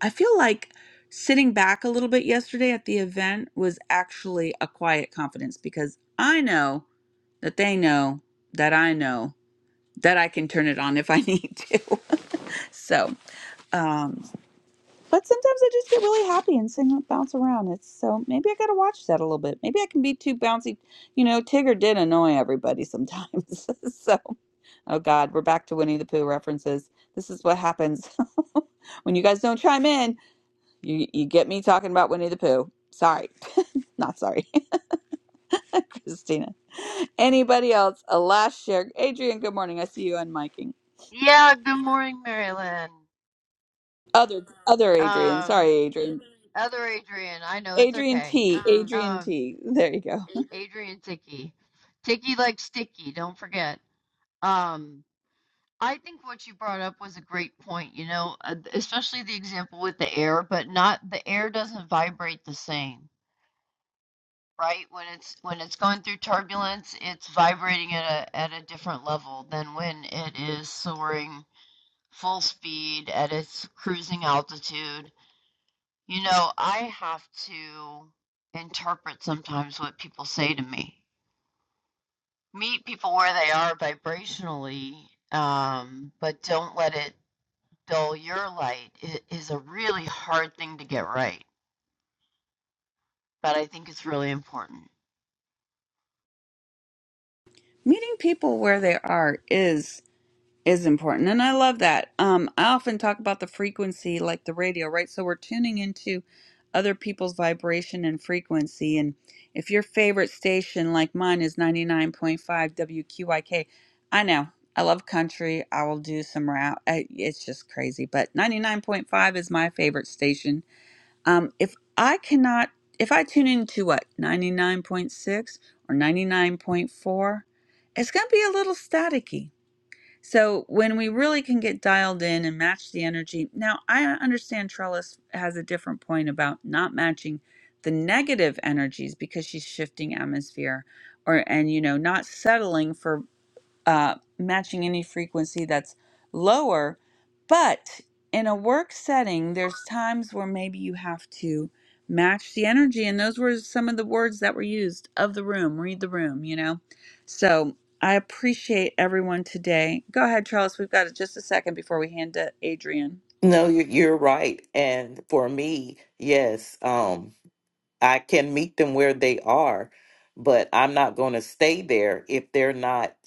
[SPEAKER 10] I feel like sitting back a little bit yesterday at the event was actually a quiet confidence because I know that they know that I know that I can turn it on if I need to. [LAUGHS] so, um, but sometimes I just get really happy and sing and bounce around. It's so maybe I got to watch that a little bit. Maybe I can be too bouncy. You know, Tigger did annoy everybody sometimes. [LAUGHS] so, oh God, we're back to Winnie the Pooh references. This is what happens [LAUGHS] when you guys don't chime in. You you get me talking about Winnie the Pooh. Sorry. [LAUGHS] Not sorry, [LAUGHS] Christina. Anybody else? A last share. Adrian, good morning. I see you unmiking.
[SPEAKER 21] Yeah, good morning, Maryland.
[SPEAKER 10] Other other Adrian.
[SPEAKER 21] Um,
[SPEAKER 10] Sorry, Adrian.
[SPEAKER 21] other Adrian, I know it's
[SPEAKER 10] Adrian
[SPEAKER 21] okay.
[SPEAKER 10] T. Adrian
[SPEAKER 21] Um,
[SPEAKER 10] T. There you go.
[SPEAKER 21] Adrian Tiki. Tiki like sticky, don't forget. Um, I think what you brought up was a great point, you know, uh, especially the example with the air, but not the air doesn't vibrate the same, right? When it's when it's going through turbulence, it's vibrating at a at a different level than when it is soaring full speed at its cruising altitude You know, I have to interpret sometimes what people say to me. Meet people where they are vibrationally, um, but don't let it dull your light. It is a really hard thing to get right, but I think it's really important.
[SPEAKER 10] Meeting people where they are is is important. And I love that. Um, I often talk about the frequency, like the radio, right? So we're tuning into other people's vibration and frequency. And if your favorite station, like mine, is 99.5 WQIK, I K, I know. I love country. I will do some rap. I- It's just crazy. But 99.5 is my favorite station. Um, if I cannot, if I tune into what, 99.6 or 99.4, it's going to be a little staticky so when we really can get dialed in and match the energy. Now, I understand Trellis has a different point about not matching the negative energies because she's shifting atmosphere or and you know not settling for uh, matching any frequency that's lower. But in a work setting, there's times where maybe you have to match the energy. And those were some of the words that were used of the room, read the room, you know? So I appreciate everyone today. Go ahead, Charles. We've got just a second before we hand to Adrian.
[SPEAKER 13] No, you- you're right. And for me, yes, um, I can meet them where they are, but I'm not going to stay there if they're not.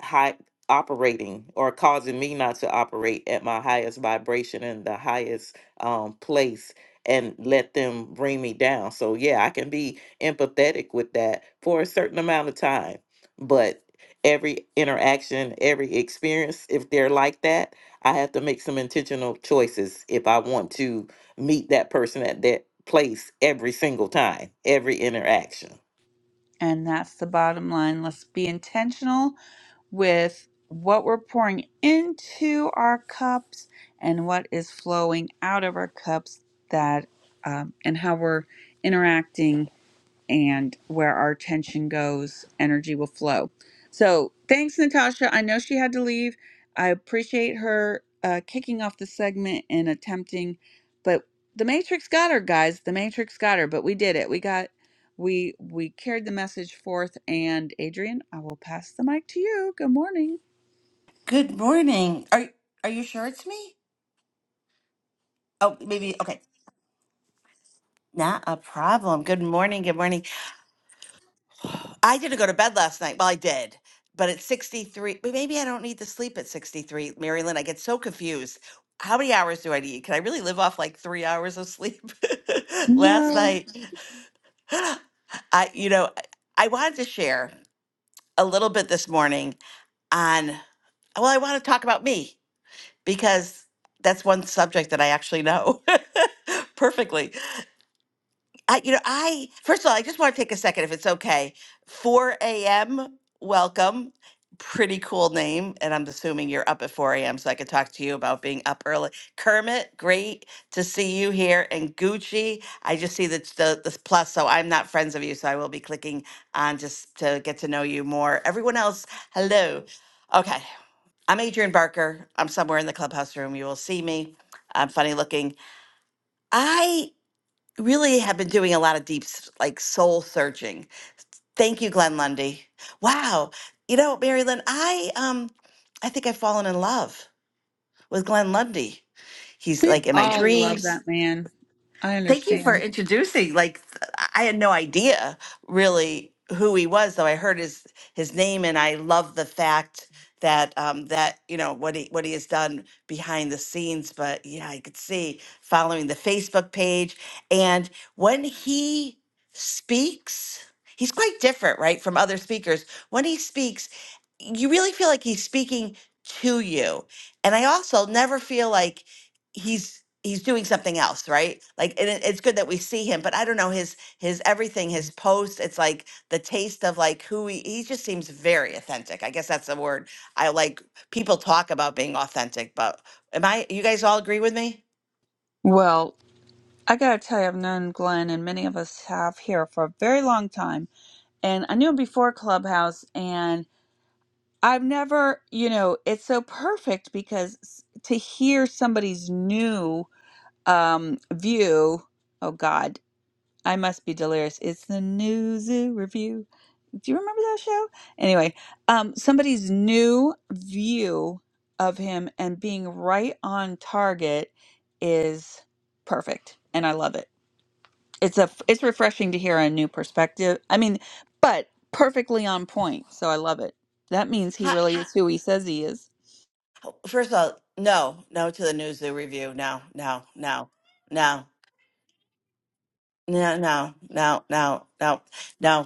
[SPEAKER 13] high operating or causing me not to operate at my highest vibration and the highest um, place and let them bring me down. So yeah, I can be empathetic with that for a certain amount of time, but every interaction, every experience, if they're like that, I have to make some intentional choices if I want to meet that person at that place every single time, every interaction.
[SPEAKER 10] And that's the bottom line. Let's be intentional with what we're pouring into our cups and what is flowing out of our cups that um, and how we're interacting and where our attention goes, energy will flow. So, thanks, Natasha. I know she had to leave. I appreciate her uh, kicking off the segment and attempting, but the Matrix got her, guys. The Matrix got her, but we did it. We got, we we carried the message forth. And Adrian, I will pass the mic to you. Good morning.
[SPEAKER 22] Good morning. Are are you sure it's me? Oh, maybe okay. Not a problem. Good morning. Good morning. I didn't go to bed last night. Well, I did, but at 63, but maybe I don't need to sleep at 63. Marilyn, I get so confused. How many hours do I need? Can I really live off like three hours of sleep? [LAUGHS] last
[SPEAKER 10] No,
[SPEAKER 22] night, I, you know, I wanted to share a little bit this morning on, well, I want to talk about me because that's one subject that I actually know [LAUGHS] perfectly. I, you know, I first of all, I just want to take a second, if it's okay. 4 a.m. Welcome, pretty cool name, and I'm assuming you're up at 4 a.m. so I could talk to you about being up early. Kermit, great to see you here, and Gucci. I just see that the the plus, so I'm not friends of you, so I will be clicking on just to get to know you more. Everyone else, hello. Okay, I'm Adrian Barker. I'm somewhere in the clubhouse room. You will see me. I'm funny looking. I really have been doing a lot of deep s- like soul searching. Thank you, Glenn Lundy. Wow. You know, Mary Lynn, I um I think I've fallen in love with Glenn Lundy. He's
[SPEAKER 10] we
[SPEAKER 22] like in my
[SPEAKER 10] all love
[SPEAKER 22] dreams.
[SPEAKER 10] that man. I
[SPEAKER 22] Thank you for
[SPEAKER 10] understand.
[SPEAKER 22] introducing. Like, th- I had no idea really who he was, though I heard his his name, and I love the fact that um, that you know what he what he has done behind the scenes. But yeah, I could see following the Facebook page, and when he speaks, he's quite different, right, from other speakers. When he speaks, you really feel like he's speaking to you, and I also never feel like he's he's doing something else right like and it, it's good that we see him but i don't know his his everything his posts it's like the taste of like who he, he just seems very authentic i guess that's the word i like people talk about being authentic but am i you guys all agree with me
[SPEAKER 10] Well, I gotta tell you, I've known Glenn and many of us have here for a very long time. And I knew him before Clubhouse, and I've never, you know, it's so perfect because s- to hear somebody's new um, view, oh God, I must be delirious. It's the New Zoo Review. Do you remember that show? Anyway, um, somebody's new view of him and being right on target is perfect. And I love it it's a it's refreshing to hear a new perspective. I mean, but perfectly on point. So I love it. That means he
[SPEAKER 22] Ha
[SPEAKER 10] really is who he says he is.
[SPEAKER 22] first of all no no to the news the review no no no no no no no no no no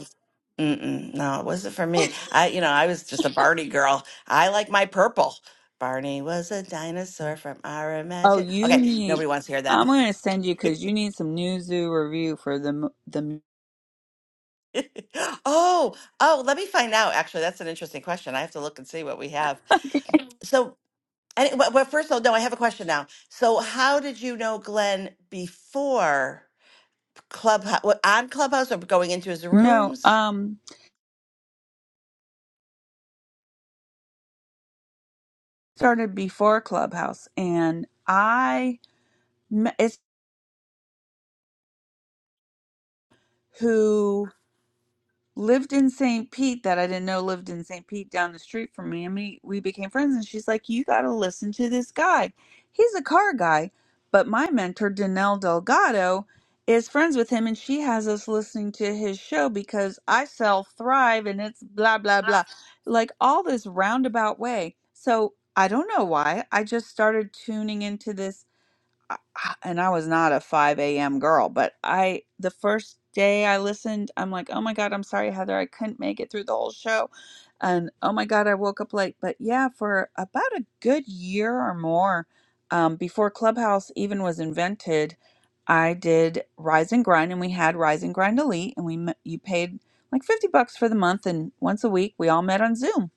[SPEAKER 22] Mm-mm, no, it wasn't for me. I, you know, I was just a Barney girl. I like my purple. Barney was a dinosaur from our
[SPEAKER 10] Oh,
[SPEAKER 22] imagine.
[SPEAKER 10] you
[SPEAKER 22] Okay,
[SPEAKER 10] need.
[SPEAKER 22] nobody wants to hear that.
[SPEAKER 10] I'm going to send you
[SPEAKER 22] [LAUGHS]
[SPEAKER 10] because you need some new zoo review for the m- the. m-
[SPEAKER 22] Oh, oh, let me find out. Actually, that's an interesting question. I have to look and see what we have.
[SPEAKER 10] okay.
[SPEAKER 22] So, any, well, well, first of all, no, I have a question now. So, how did you know Glenn before Clubhouse, on Clubhouse or going into his
[SPEAKER 10] No,
[SPEAKER 22] rooms?
[SPEAKER 10] um, started before Clubhouse, and I met it's who. lived in St. Pete that I didn't know lived in St. Pete down the street from me. And we, we became friends. And she's like, You got to listen to this guy. He's a car guy. But my mentor, Danelle Delgado, is friends with him. And she has us listening to his show because I sell Thrive and it's blah, blah, blah. Like all this roundabout way. So I don't know why. I just started tuning into this I- I- and I was not a 5 a.m. girl, but I, the first day I listened, I'm like, oh my God, I'm sorry, Heather, I couldn't make it through the whole show. And oh my God, I woke up late. But yeah, for about a good year or more, um, before Clubhouse even was invented, I did Rise and Grind, and we had Rise and Grind Elite, and we m- you paid like 50 bucks for the month, and once a week we all met on Zoom.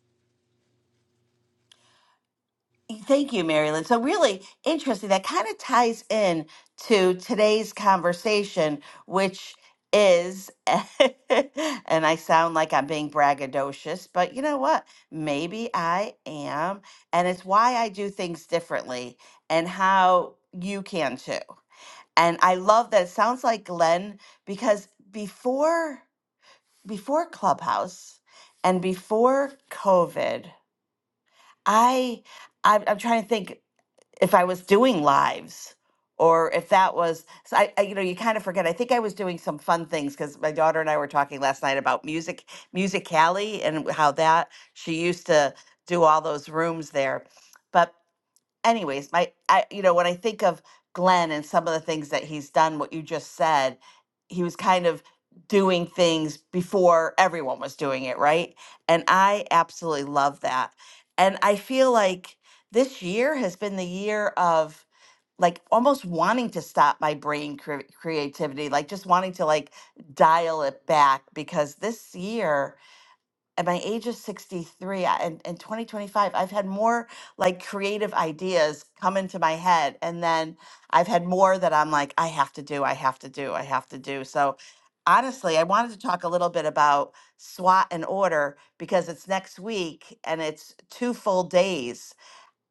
[SPEAKER 22] Thank you, Marilyn. So really interesting. That kind of ties in to today's conversation, which is, [LAUGHS] and I sound like I'm being braggadocious, but you know what? Maybe I am. And it's why I do things differently and how you can too. And I love that it sounds like Glenn because before before Clubhouse and before COVID, I I'm, I'm trying to think if I was doing lives or if that was so I, I you know you kind of forget. I think I was doing some fun things because my daughter and I were talking last night about music Music Alley, and how that she used to do all those rooms there. But anyways, my I you know, when I think of Glenn and some of the things that he's done, what you just said, he was kind of doing things before everyone was doing it, right? And I absolutely love that. And I feel like this year has been the year of like almost wanting to stop my brain cre- creativity, like just wanting to like dial it back because this year at my age of 63 I- and in 2025 i've had more like creative ideas come into my head and then i've had more that i'm like i have to do i have to do i have to do so honestly i wanted to talk a little bit about swat and order because it's next week and it's two full days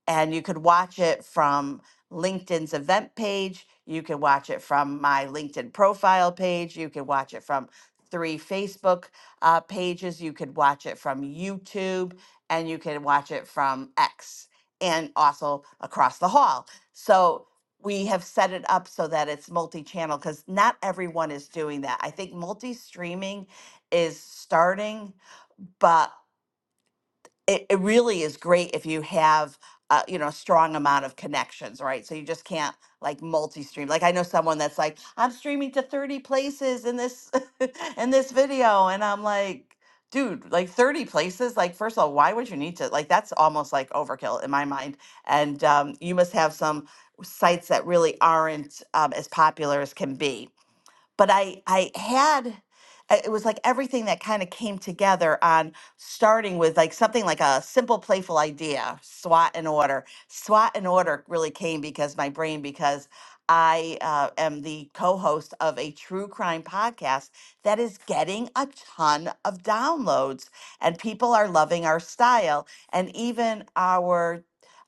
[SPEAKER 22] and you could watch it from LinkedIn's event page. You can watch it from my LinkedIn profile page. You can watch it from three Facebook uh, pages. You could watch it from YouTube, and you can watch it from X, and also across the hall. So we have set it up so that it's multi-channel because not everyone is doing that. I think multi-streaming is starting, but it, it really is great if you have uh, you know a strong amount of connections right so you just can't like multi-stream like i know someone that's like i'm streaming to 30 places in this [LAUGHS] in this video and i'm like dude like 30 places like first of all why would you need to like that's almost like overkill in my mind and um, you must have some sites that really aren't um, as popular as can be but I I had I- it was like everything that kind of came together on starting with like something like a simple playful idea SWAT and order SWAT and order really came because my brain because I uh, am the co-host of a true crime podcast that is getting a ton of downloads and people are loving our style and even our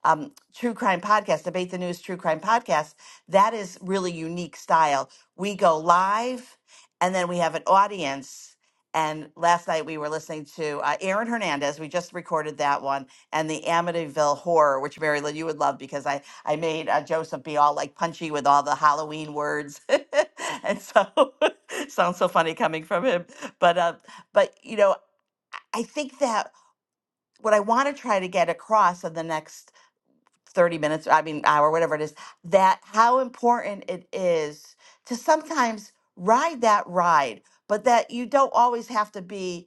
[SPEAKER 22] um, true crime podcast debate the news true crime podcast that is really unique style we go live and then we have an audience and last night we were listening to uh, aaron hernandez we just recorded that one and the amityville horror which mary lynn you would love because i i made uh, joseph be all like punchy with all the halloween words [LAUGHS] and so [LAUGHS] sounds so funny coming from him but uh but you know i think that what i want to try to get across in the next 30 minutes, I mean, hour, whatever it is, that how important it is to sometimes ride that ride, but that you don't always have to be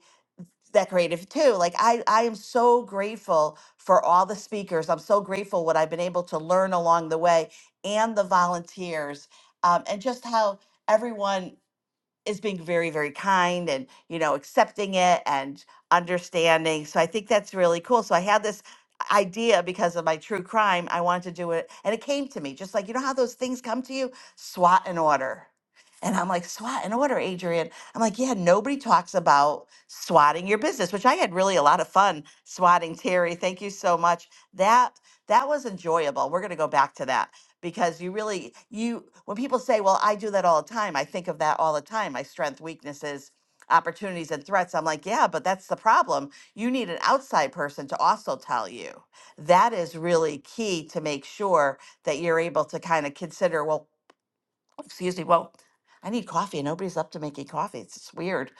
[SPEAKER 22] that creative too. Like I, I am so grateful for all the speakers. I'm so grateful what I've been able to learn along the way and the volunteers um, and just how everyone is being very very kind and you know accepting it and understanding so i think that's really cool so i had this idea because of my true crime i wanted to do it and it came to me just like you know how those things come to you swat and order and i'm like swat and order adrian i'm like yeah nobody talks about swatting your business which i had really a lot of fun swatting terry thank you so much that that was enjoyable we're going to go back to that because you really you when people say well i do that all the time i think of that all the time my strength weaknesses opportunities and threats i'm like yeah but that's the problem you need an outside person to also tell you that is really key to make sure that you're able to kind of consider well excuse me well i need coffee and nobody's up to making coffee it's just weird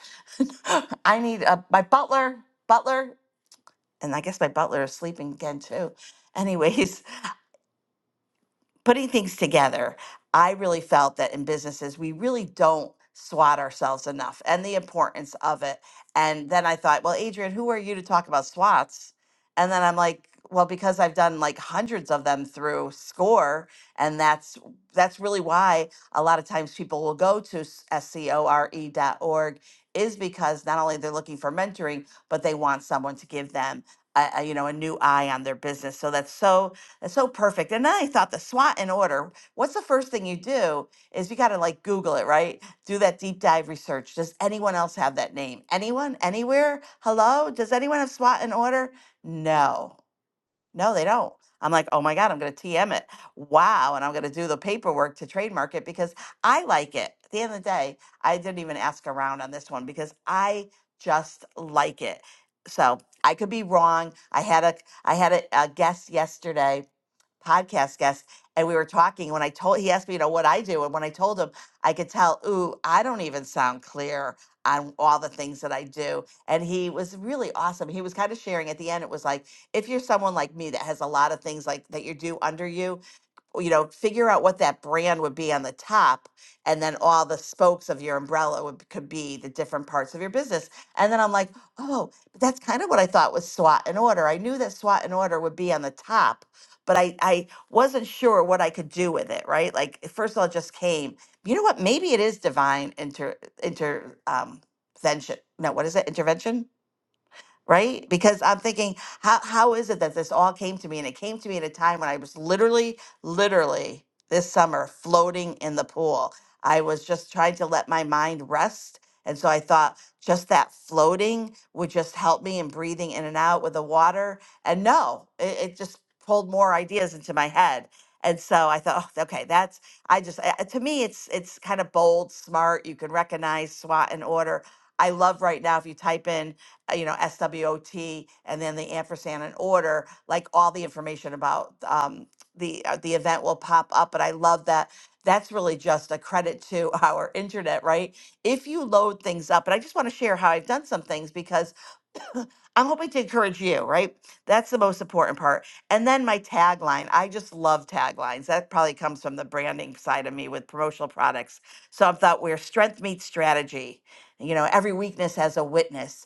[SPEAKER 22] [LAUGHS] i need uh my butler butler and i guess my butler is sleeping again too anyways putting things together, I really felt that in businesses, we really don't SWAT ourselves enough and the importance of it. And then I thought, well, Adrian, who are you to talk about SWATs? And then I'm like, well, because I've done like hundreds of them through SCORE, and that's that's really why a lot of times people will go to s- S C O R E dot org is because not only they're looking for mentoring, but they want someone to give them, a, a, you know, a new eye on their business. So that's so that's so perfect. And then I thought the SWOT in order. What's the first thing you do is you got to like Google it, right? Do that deep dive research. Does anyone else have that name? Anyone? Anywhere? Hello? Does anyone have SWOT in order? No. No, they don't. I'm like, oh my God, I'm going to TM it. Wow. And I'm going to do the paperwork to trademark it because I like it. At the end of the day, I didn't even ask around on this one because I just like it. So I could be wrong. I had a I had a, a guest yesterday podcast guest, and we were talking. When I told, he asked me, you know, what I do, and when I told him, I could tell, ooh, I don't even sound clear on all the things that I do. And he was really awesome. He was kind of sharing at the end. It was like, if you're someone like me that has a lot of things like that you do under you, you know, figure out what that brand would be on the top, and then all the spokes of your umbrella would could be the different parts of your business. And then I'm like, oh, but that's kind of what I thought was SWAT and order. I knew that SWAT and order would be on the top, but I I wasn't sure what I could do with it. Right, like at first of all, it just came. You know what? Maybe it is divine inter inter um, intervention. No, what is it? Intervention right? Because I'm thinking, how, how is it that this all came to me? And it came to me at a time when I was literally, literally this summer floating in the pool. I was just trying to let my mind rest. And so I thought just that floating would just help me in breathing in and out with the water. And no, it, it just pulled more ideas into my head. And so I thought, "Oh, okay, that's I just uh, to me it's it's kind of bold, smart. You can recognize SWOT and order. I love right now if you type in uh, you know, SWOT, and then the ampersand and order, like all the information about um, the uh, the event will pop up. But I love that. That's really just a credit to [LAUGHS] our internet, right? If you load things up, and I just want to share how I've done some things because I'm hoping to encourage you, right? That's the most important part. And then my tagline. I just love taglines. That probably comes from the branding side of me with promotional products. So I thought where strength meets strategy. You know, every weakness has a witness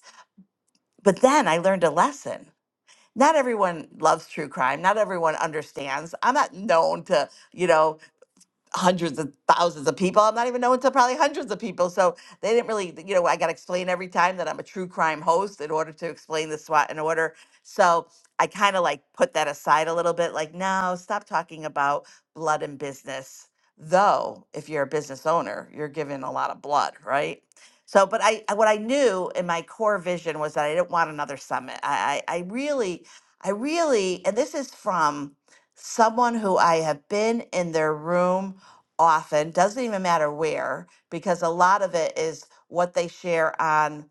[SPEAKER 22] but then I learned a lesson. Not everyone loves true crime. Not everyone understands. I'm not known to, you know, hundreds of thousands of people. I'm not even knowing to probably hundreds of people. So they didn't really, you know, I got to explain every time that I'm a true crime host in order to explain the SWAT and order. So I kind of like put that aside a little bit, like, no, stop talking about blood and business. Though, if you're a business owner, you're given a lot of blood, right? So, but I, I- what I knew in my core vision was that I didn't want another summit. I, I, I really, I really, and this is from someone who I have been in their room often doesn't even matter where because a lot of it is what they share on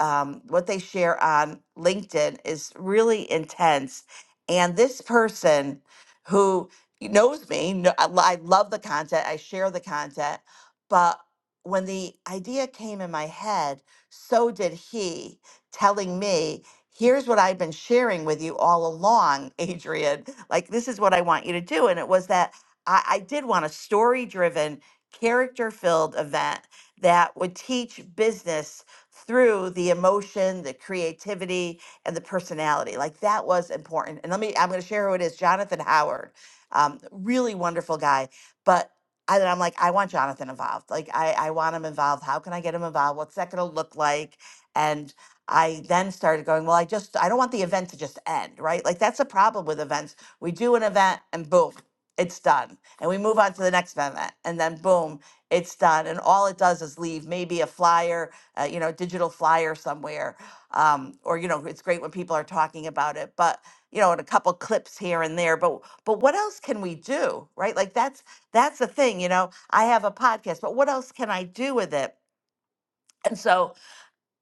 [SPEAKER 22] um, what they share on linkedin is really intense and this person who knows me kno- I lo- I love the content i share the content but when the idea came in my head so did he telling me here's what i've been sharing with you all along [LAUGHS] adrian like this is what i want you to do and it was that I, I did want a story driven, character filled event that would teach business through the emotion, the creativity, and the personality. Like that was important. And let me, I'm going to share who it is Jonathan Howard, um, really wonderful guy. But I, I'm like, I want Jonathan involved. Like, I, I want him involved. How can I get him involved? What's that going to look like? And I then started going, well, I just, I don't want the event to just end, right? Like, that's a problem with events. We do an event and boom, it's done and we move on to the next event and then boom it's done and all it does is leave maybe a flyer uh, you know digital flyer somewhere um, or you know it's great when people are talking about it but you know and a couple clips here and there but but what else can we do right like that's that's the thing you know i have a podcast but what else can i do with it and so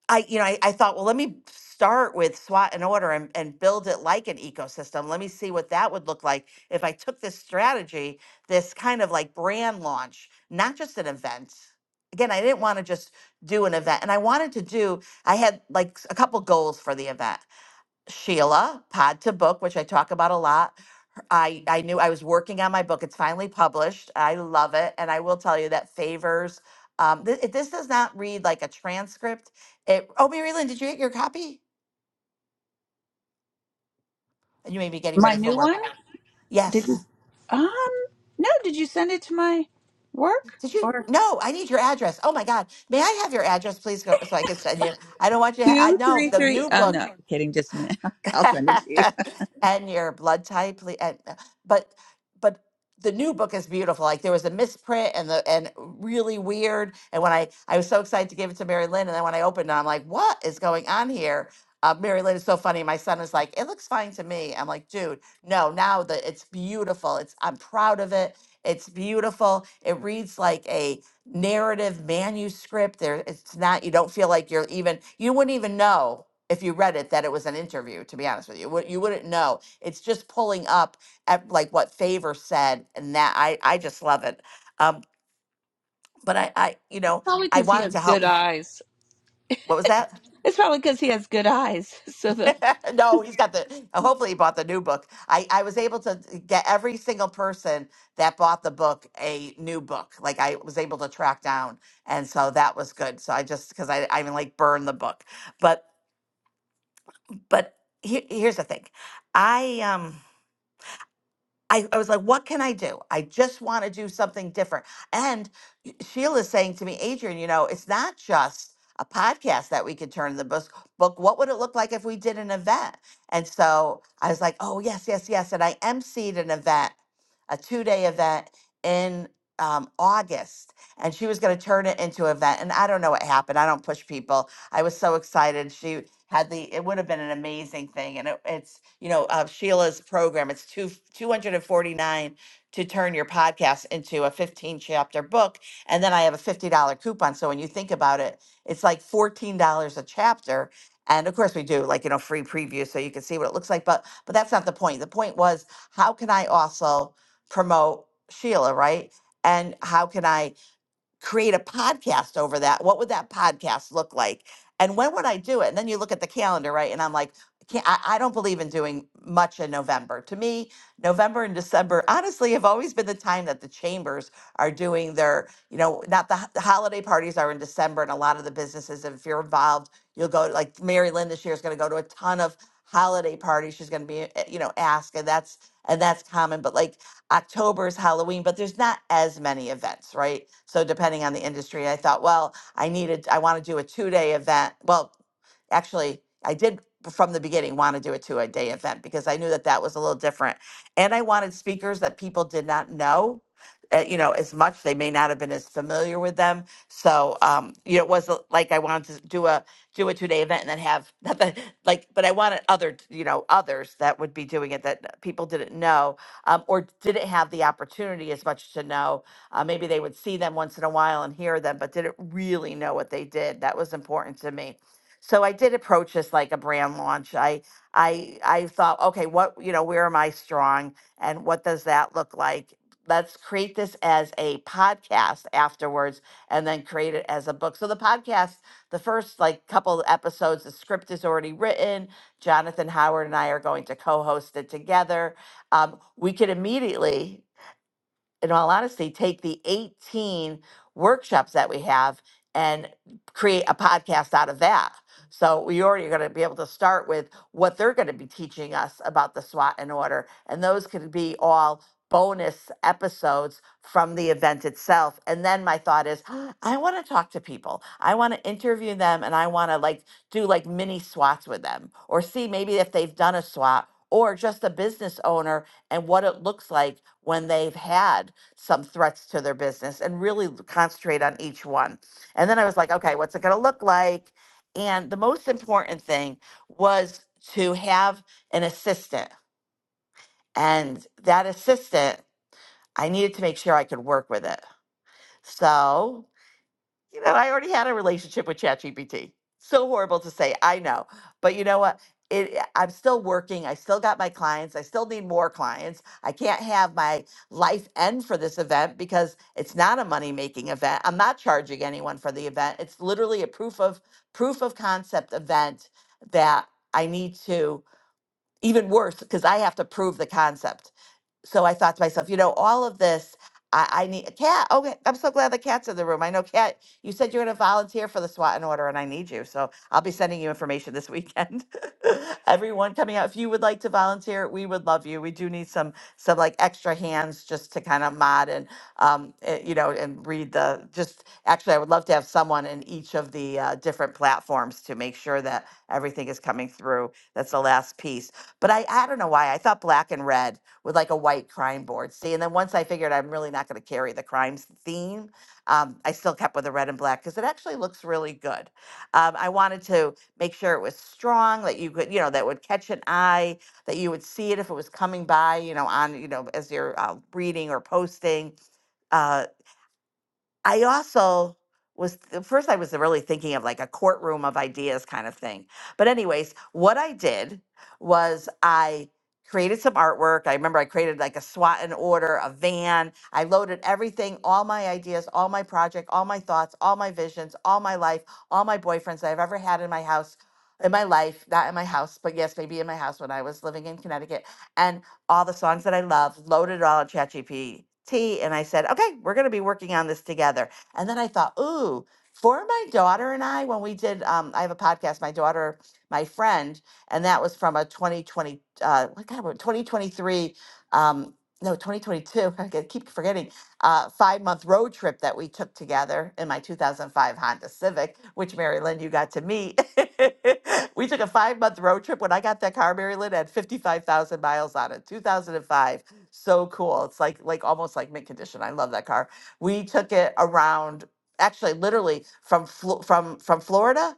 [SPEAKER 22] I, you know, I, I thought, well, let me start with SWOT and order and, and build it like an ecosystem. Let me see what that would look like if I took this strategy, this kind of like brand launch, not just an event. Again, I didn't want to just do an event. And I wanted to do, I had like s- a couple goals for the event. Sheila, Pod to Book, which I talk about a lot. I I knew I was working on my book. It's finally published. I love it, and I will tell you that favors. Um, th- it- this does not read like a transcript. It. Oh, Maryland, did you get your copy? You may be getting
[SPEAKER 10] My
[SPEAKER 22] ready for
[SPEAKER 10] new
[SPEAKER 22] work.
[SPEAKER 10] one? Did you?
[SPEAKER 22] Yes.
[SPEAKER 10] Um, no, did you send it to my work
[SPEAKER 22] Did you?
[SPEAKER 10] or?
[SPEAKER 22] No, I need your address. Oh my God, may I have your address, please, go, so I can send you? I don't want you. To ha- I
[SPEAKER 10] Two,
[SPEAKER 22] know
[SPEAKER 10] three,
[SPEAKER 22] the
[SPEAKER 10] three.
[SPEAKER 22] new
[SPEAKER 10] Oh no,
[SPEAKER 22] book.
[SPEAKER 10] kidding. Just a minute. [LAUGHS] I'll send it to
[SPEAKER 22] [LAUGHS]
[SPEAKER 10] you.
[SPEAKER 22] and your blood type ple- and uh, but but the new book is beautiful like there was a misprint and the and really weird and when i i was so excited to give it to mary lynn and then when i opened it i'm like what is going on here uh, mary lynn is so funny my son is like it looks fine to me i'm like dude no now that it's beautiful it's i'm proud of it it's beautiful it reads like a narrative manuscript there it's not you don't feel like you're even you wouldn't even know if you read it that it was an interview to be honest with you Wou- you wouldn't know it's just pulling up at like what favor said and that i i just love it um but i i you know
[SPEAKER 10] Probably
[SPEAKER 22] i
[SPEAKER 10] because he
[SPEAKER 22] wanted
[SPEAKER 10] has
[SPEAKER 22] to
[SPEAKER 10] good
[SPEAKER 22] help sh-
[SPEAKER 10] eyes.
[SPEAKER 22] what was that
[SPEAKER 10] It's probably because he has good eyes. [LAUGHS] So the
[SPEAKER 22] [LAUGHS] no he's got the uh, hopefully he bought the new book i i was able to d- get every single person that bought the book a new book like i was able to track down and so that was good so i just because i i even like burn the book but but he, here's the thing i um I, I was like, what can I do? I just want to do something different. And y- Sheila's saying to me, Adrian, you know, it's not just a podcast that we could turn in the book, book. What would it look like if we did an event? And so I was like, oh, yes, yes, yes. And I emceed an event, a two day event in um, August. And she was going to turn it into an event. And I don't know what happened. I don't push people. I was so excited. She had the it would have been an amazing thing and it, it's you know uh, sheila's program it's two 249 to turn your podcast into a 15 chapter book and then i have a $50 coupon so when you think about it it's like $14 a chapter and of course we do like you know free preview so you can see what it looks like but but that's not the point the point was how can i also promote sheila right and how can i create a podcast over that. What would that podcast look like? And when would I do it? And then you look at the calendar, right? And I'm like, I can't, I, I don't believe in doing much in November. To me, November and December, honestly, have always been the time that the chambers are doing their, you know, not the, h- the holiday parties are in December, and a lot of the businesses, if you're involved, you'll go, to, like Mary Lynn this year is going to go to a ton of holiday parties. She's going to be, uh, you know, asked, and that's, and that's common. But like, October is Halloween, but there's not as many events, right? So depending on the industry, I thought, well, I needed, I want to do a two day event. Well, actually, I did from the beginning want to do a two a day event because I knew that that was a little different, and I wanted speakers that people did not know. Uh, you know, as much they may not have been as familiar with them, so um, you know, it was uh, like I wanted to do a do a two day event and then have [LAUGHS] not that like, but I wanted other you know others that would be doing it that people didn't know, um, or didn't have the opportunity as much to know. Uh, maybe they would see them once in a while and hear them, but didn't really know what they did. That was important to me. So I did approach this like a brand launch. I I I thought, okay, what you know, where am I strong, and what does that look like? Let's create this as a podcast afterwards, and then create it as a book. So the podcast, the first like couple of episodes, the script is already written. Jonathan Howard and I are going to co-host it together um, we could immediately in all honesty, take the 18 workshops that we have and create a podcast out of that. So we already are going to be able to start with what they're going to be teaching us about the SWOT and order. And those could be all bonus episodes from the event itself. And then my thought is, [GASPS] I want to talk to people. I want to interview them and I want to like do like mini SWATs with them or see maybe if they've done a SWAT or just a business owner and what it looks like when they've had some threats to their business and really concentrate on each one. And then I was like, okay, what's it going to look like? And the most important thing was to have an assistant. And that assistant, I needed to make sure I could work with it. So you know, I already had a relationship with ChatGPT. So horrible to say, I know. But you know what? It, eh, I'm still working. I still got my clients. I still need more clients. I can't have my life end for this event because it's not a money making event. I'm not charging anyone for the event. It's literally a proof of proof of concept event that I need to even worse because I have to prove the concept so I thought to myself, you know, all of this, I, I need a cat. Okay, I'm so glad the cat's in the room. I know, cat, you said you're going to volunteer for the SWAT and order, and I need you. So I'll be sending you information this weekend. [LAUGHS] Everyone coming out, if you would like to volunteer, we would love you. We do need some some like extra hands just to kind of mod and um, eh, you know and read the just. Actually, I would love to have someone in each of the uh, different platforms to make sure that everything is coming through. That's the last piece. But I I don't know why I thought black and red with like a white crime board. See, and then once I figured I'm really not going to carry the crimes theme, um, I still kept with the red and black because it actually looks really good. Um, I wanted to make sure it was strong that you could, you know, that would catch an eye, that you would see it if it was coming by, you know, on, you know, as you're uh, reading or posting. Uh, I also was at first I was really thinking of like a courtroom of ideas kind of thing. But anyways, what I did was I created some artwork. I remember I created like a SWAT and order, a van. I loaded everything, all my ideas, all my project, all my thoughts, all my visions, all my life, all my boyfriends that I've ever had in my house, in my life, not in my house, but yes, maybe in my house when I was living in Connecticut. And all the songs that I love, loaded it all on ChatGPT, and I said, okay, we're going to be working on this together. And then I thought, ooh, for my daughter and I, when we did, um, I have a podcast, my daughter, my friend, and that was from a 2020, uh, what kind of 2023, um, no, 2022. [LAUGHS] I keep forgetting uh, five month road trip that we took together in my 2005 Honda Civic, which Mary Lynn, you got to meet. [LAUGHS] we took a five month road trip. When I got that car, Mary Lynn it had 55,000 miles on it, 2005. So cool. It's like, like almost like mint condition. I love that car. We took it around, actually, literally from, Flo- from, from Florida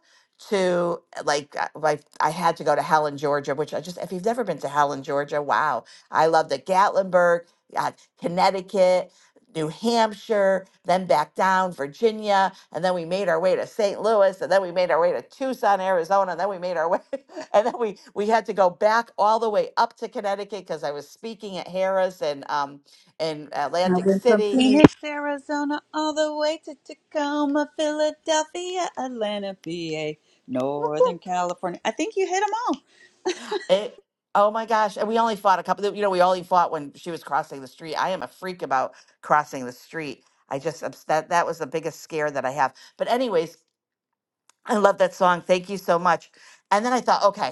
[SPEAKER 22] to uh, like uh, like I had to go to Helen, Georgia, which I just if you've never been to Helen, Georgia, wow, I loved it. Gatlinburg, uh, Connecticut, New Hampshire, then back down Virginia, and then we made our way to St. Louis, and then we made our way to Tucson, Arizona, and then we made our way, [LAUGHS] and then we we had to go back all the way up to Connecticut because I was speaking at Harris and um in Atlantic City.
[SPEAKER 10] Phoenix, Arizona, all the way to Tacoma, Philadelphia, Atlanta, PA, Northern California. I think you hit them all.
[SPEAKER 22] It, oh my gosh! And we only fought a couple. You know, we only fought when she was crossing the street. I am a freak about crossing the street. I just obs- that that was the biggest scare that I have. But anyways, I love that song. Thank you so much. And then I thought, okay.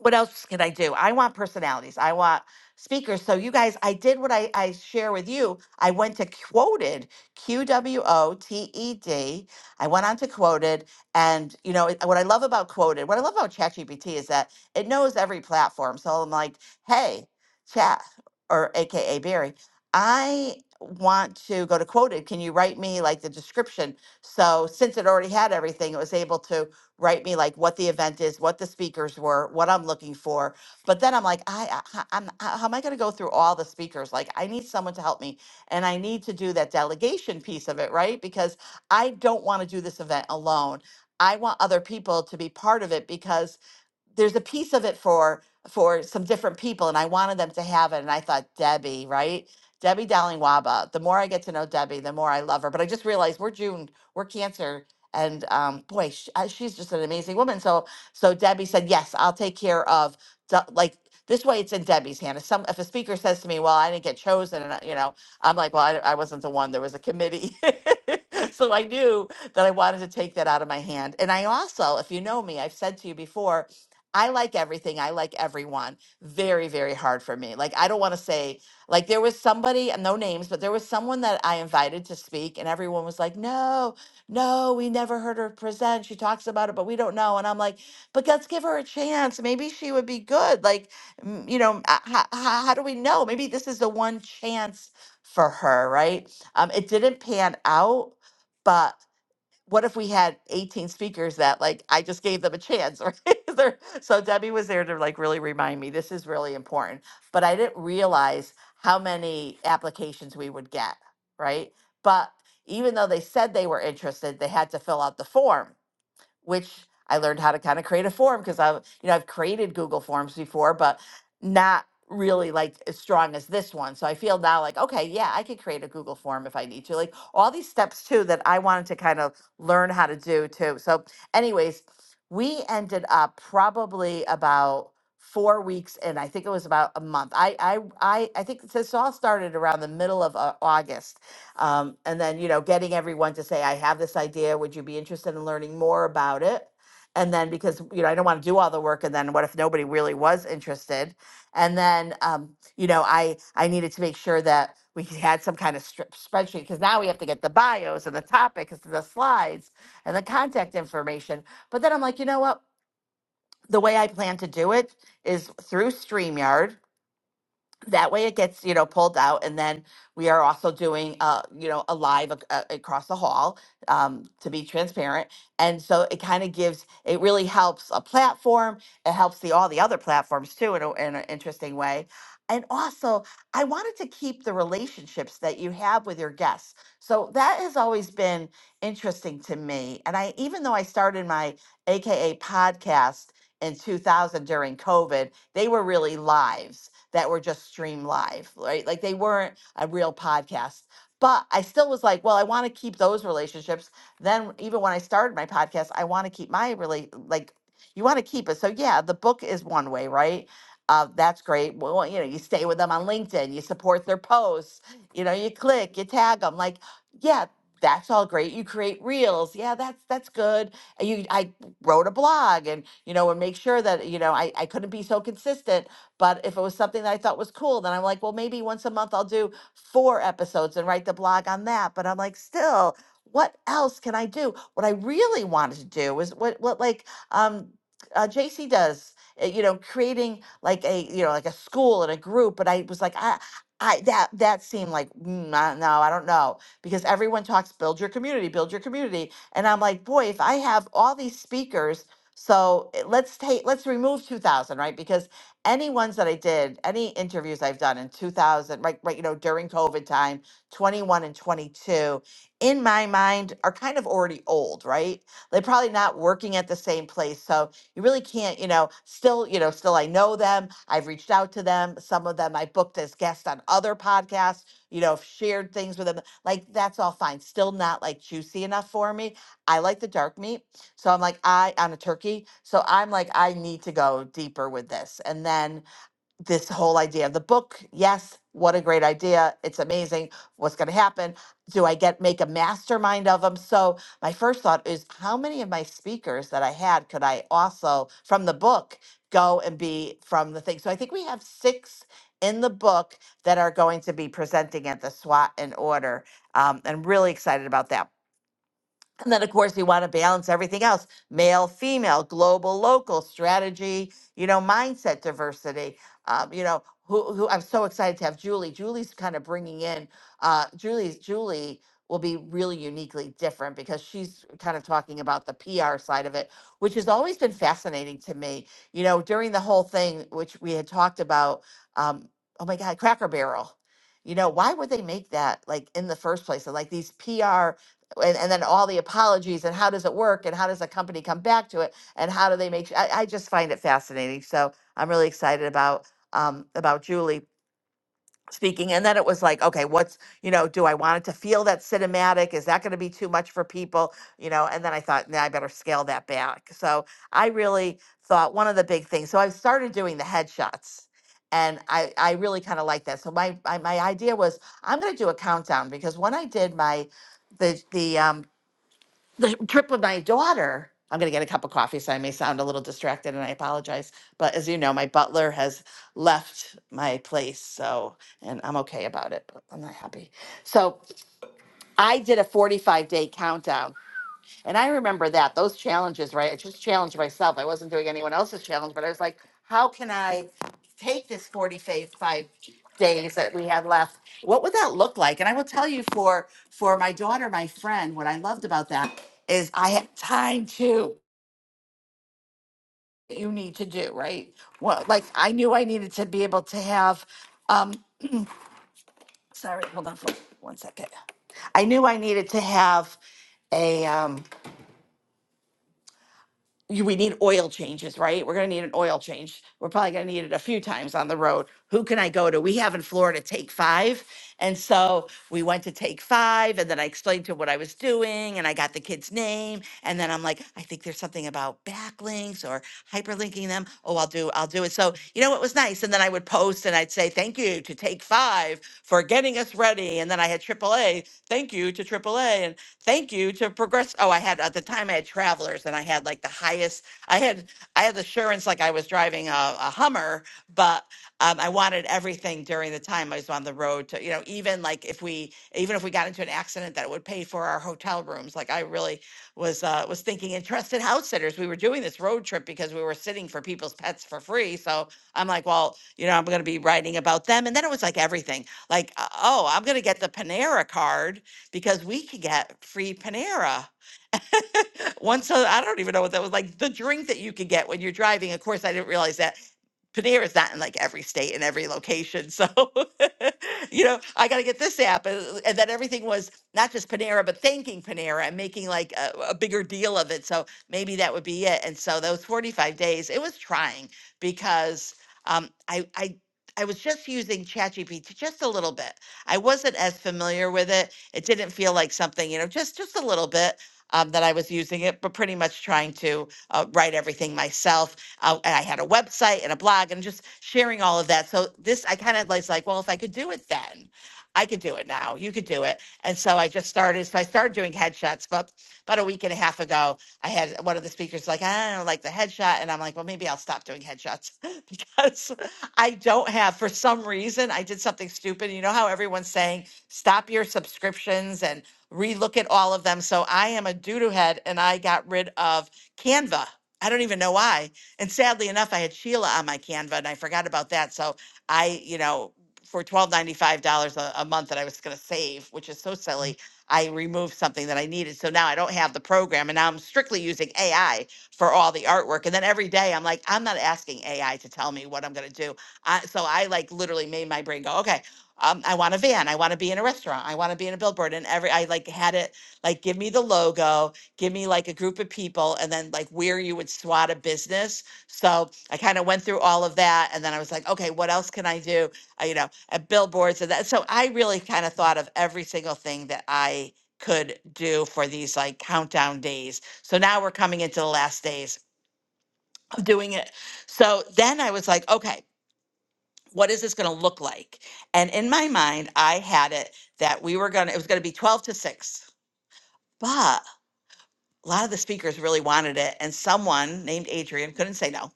[SPEAKER 22] what else can I do? I want personalities. I want speakers. So you guys, I did what I, I share with you. I went to quoted Q W O T E D. I went on to quoted, and you know it- what I love about quoted, what I love about ChatGPT is that it knows every platform. So I'm like, hey, Chat or AKA Barry, I want to go to quoted. Can you write me like the description? So since it already had everything, it was able to write me like what the event is, what the speakers were, what I'm looking for. But then I'm like, I, I I'm, how how am I going to go through all the speakers? Like, I need someone to help me, and I need to do that delegation piece of it, right? Because I don't want to do this event alone. I want other people to be part of it because there's a piece of it for for some different people and I wanted them to have it and I thought Debbie, right? Debbie Dowling Waba. The more I get to know Debbie, the more I love her. But I just realized we're June, we're Cancer, and um, boy, sh uh she's just an amazing woman. So, so Debbie said, yes, I'll take care of Du- like this way. It's in Debbie's hand. If some if a speaker says to me, well, I didn't get chosen, and I- you know, I'm like, well, I, I wasn't the one. There was a committee, [LAUGHS] so I knew that I wanted to take that out of my hand. And I also, if you know me, I've said to you before, I like everything. I like everyone. Very, very hard for me. Like, I don't want to say, like, there was somebody, and no names, but there was someone that I invited to speak, and everyone was like, no, no, we never heard her present. She talks about it, but we don't know. And I'm like, but let's give her a chance. Maybe she would be good. Like, mm, you know, uh, how, how do we know? Maybe this is the one chance for her, right? Um, it didn't pan out, but what if we had 18 speakers that like I just gave them a chance or [LAUGHS] they're- so Debbie was there to like really remind me this is really important but I didn't realize how many applications we would get right but even though they said they were interested they had to fill out the form which I learned how to kind of create a form because I've, you know, I've created Google Forms before, but not really like as strong as this one. So I feel now like, okay, yeah, I could create a Google form if I need to. Like all these steps too that I wanted to kind of learn how to do too. So, anyways, we ended up probably about four weeks in. I think it was about a month. I I I, I think this all started around the middle of uh, August um, and then, you know, getting everyone to say, I have this idea. Would you be interested in learning more about it? And then, because, you know, I don't want to do all the work. And then what if nobody really was interested? And then, um, you know, I, I needed to make sure that we had some kind of strip spreadsheet because now we have to get the bios and the topics and the slides and the contact information. But then I'm like, you know what? The way I plan to do it is through StreamYard that way it gets you know pulled out and then we are also doing uh you know a live ac- uh, across the hall um to be transparent and so it kind of gives it really helps a platform it helps the all the other platforms too in, a, in an interesting way and also i wanted to keep the relationships that you have with your guests so that has always been interesting to me and i even though i started my aka podcast in 2000 during covid they were really lives that were just streamed live, right? Like they weren't a real podcast. But I still was like, well, I want to keep those relationships. Then even when I started my podcast, I want to keep my relate like you want to keep it. So yeah, the book is one way, right? Uh, that's great. Well, you know, you stay with them on LinkedIn, you support their posts, you know, you click, you tag them. Like, yeah, that's all great. You create reels. Yeah, that's that's good. And You I wrote a blog and you know, and make sure that, you know, I, I couldn't be so consistent. But if it was something that I thought was cool, then I'm like, well, maybe once a month I'll do four episodes and write the blog on that. But I'm like, still, what else can I do? What I really wanted to do was what what like um uh, JC does, uh, you know, creating like a you know like a school and a group. But I was like, I I that that seemed like mm, I, no, I don't know because everyone talks build your community, build your community, and I'm like, boy, if I have all these speakers. So eh, let's take let's remove 2000 right because any ones that I did, any interviews I've done in 2000, right, right, you know, during COVID time, 21 and 22, in my mind are kind of already old, right? They're probably not working at the same place. So you really can't, you know, still, you know, still I know them. I've reached out to them. Some of them I booked as guests on other podcasts, you know, shared things with them. Like that's all fine. Still not like juicy enough for me. I like the dark meat. So I'm like, I on a turkey. So I'm like, I need to go deeper with this. And then this whole idea of the book, yes, what a great idea. It's amazing. What's gonna happen? Do I get make a mastermind of them? So my first thought is how many of my speakers that I had could I also from the book go and be from the thing? So I think we have six in the book that are going to be presenting at the SWAT in order. Um, I'm really excited about that and then, of course, you want to balance everything else male, female, global, local, strategy, you know, mindset diversity. Um, you know, who, who I'm so excited to have Julie. Julie's kind of bringing in, uh, Julie's, Julie will be really uniquely different because she's kind of talking about the PR side of it, which has always been fascinating to me. You know, during the whole thing, which we had talked about, um, oh my God, Cracker Barrel. You know, why would they make that like in the first place? And like these PR and, and then all the apologies and how does it work and how does a company come back to it and how do they make su- I, I just find it fascinating so i'm really excited about um about julie speaking and then it was like okay what's you know do i want it to feel that cinematic is that going to be too much for people you know and then i thought nah, i better scale that back so i really thought one of the big things so i started doing the headshots and i i really kind of like that so my, my my idea was i'm going to do a countdown because when i did my the the um the trip with my daughter. I'm going to get a cup of coffee, so I may sound a little distracted and I apologize. But as you know, my butler has left my place, so, and I'm okay about it, but I'm not happy. So I did a 45 day countdown and I remember that those challenges, right? I just challenged myself. I wasn't doing anyone else's challenge, but I was like, how can I take this 45 days that we had left? What would that look like? And I will tell you for for my daughter, my friend, what I loved about that is I had time to you need to do, right? Well, like I knew I needed to be able to have um sorry, hold on for one second. I knew I needed to have a um you- we need oil changes, right? We're going to need an oil change. We're probably going to need it a few times on the road. Who can I go to? We have in Florida Take Five. And so we went to Take Five, and then I explained to what I was doing, and I got the kid's name. And then I'm like, I think there's something about backlinks or hyperlinking them. Oh, I'll do, I'll do it. So, you know, it was nice. And then I would post and I'd say, Thank you to Take Five for getting us ready. And then I had triple A. AAA. Thank you to AAA and thank you to Progress. Oh, I had at the time I had Travelers and I had like the highest. I had I had assurance like I was driving a, a Hummer, but um, I wanted everything during the time I was on the road to you know even like if we even if we got into an accident that it would pay for our hotel rooms. Like I really was uh, was thinking in trusted house sitters. We were doing this road trip because we were sitting for people's pets for free. So I'm like, well, you know, I'm going to be writing about them. And then it was like everything. Like, uh, oh, I'm gonna get the Panera card because we could get free Panera. [LAUGHS] Once I I don't even know what that was like. The drink that you could get when you're driving. Of course, I didn't realize that. Panera is not in like every state and every location. So, [LAUGHS] you know, I got to get this app. And, and then everything was not just Panera, but thanking Panera and making like a, a bigger deal of it. So maybe that would be it. And so those 45 days, it was trying because um, I, I, I was just using ChatGPT just a little bit. I wasn't as familiar with it. It didn't feel like something, you know, just just a little bit um, that I was using it, but pretty much trying to uh, write everything myself uh, and I had a website and a blog and just sharing all of that. So this, I kind of was like, well, if I could do it then, I could do it now. You could do it. And so I just started. So I started doing headshots, but about a week and a half ago, I had one of the speakers like, I don't like the headshot. And I'm like, well, maybe I'll stop doing headshots [LAUGHS] because I don't have, for some reason, I did something stupid. You know how everyone's saying, stop your subscriptions and relook at all of them. So I am a doo doo head and I got rid of Canva. I don't even know why. And sadly enough, I had Sheila on my Canva and I forgot about that. So I, you know, for twelve ninety five dollars a a month that I was going to save, which is so silly, I removed something that I needed. So now I don't have the program, and now I'm strictly using AI for all the artwork. And then every day I'm like, I'm not asking AI to tell me what I'm going to do. I, so I like literally made my brain go, okay, um, I want a van, I want to be in a restaurant, I want to be in a billboard, and every I like had it like give me the logo, give me like a group of people, and then like where you would swat a business so I kind of went through all of that, and then I was like, okay, what else can I do? Uh, you know, at billboards and that. So I really kind of thought of every single thing that I could do for these like countdown days. So now we're coming into the last days of doing it. So then I was like, okay, what is this going to look like? And in my mind, I had it that we were going to, it was going to be 12 to 6. But a lot of the speakers really wanted it. And someone named Adrian couldn't say no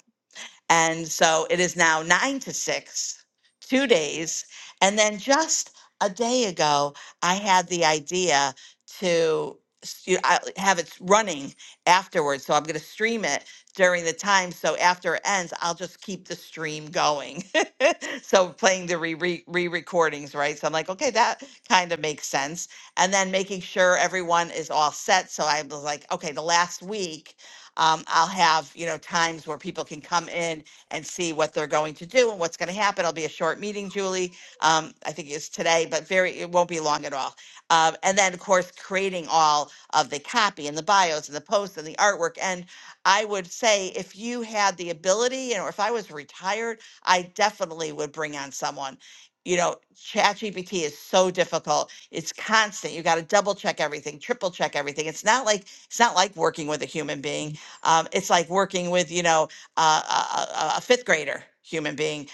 [SPEAKER 22] And so it is now nine to six, two days. And then just a day ago, I had the idea to s- you- I have it running afterwards. So I'm going to stream it during the time. So after it ends, I'll just keep the stream going. [LAUGHS] so playing the re re re recordings, right? So I'm like, okay, that kind of makes sense. And then making sure everyone is all set. So I was like, okay, the last week. Um, I'll have, you know, times where people can come in and see what they're going to do and what's going to happen. It'll be a short meeting, Julie. Um, I think it's today, but very, it won't be long at all. Um, and then, of course, creating all of the copy and the bios and the posts and the artwork. And I would say if you had the ability and or if I was retired, I definitely would bring on someone. You know, ChatGPT is so difficult. It's constant. You got to double check everything, triple check everything. It's not like it's not like working with a human being um, it's like working with, you know, uh, a, a a fifth grader human being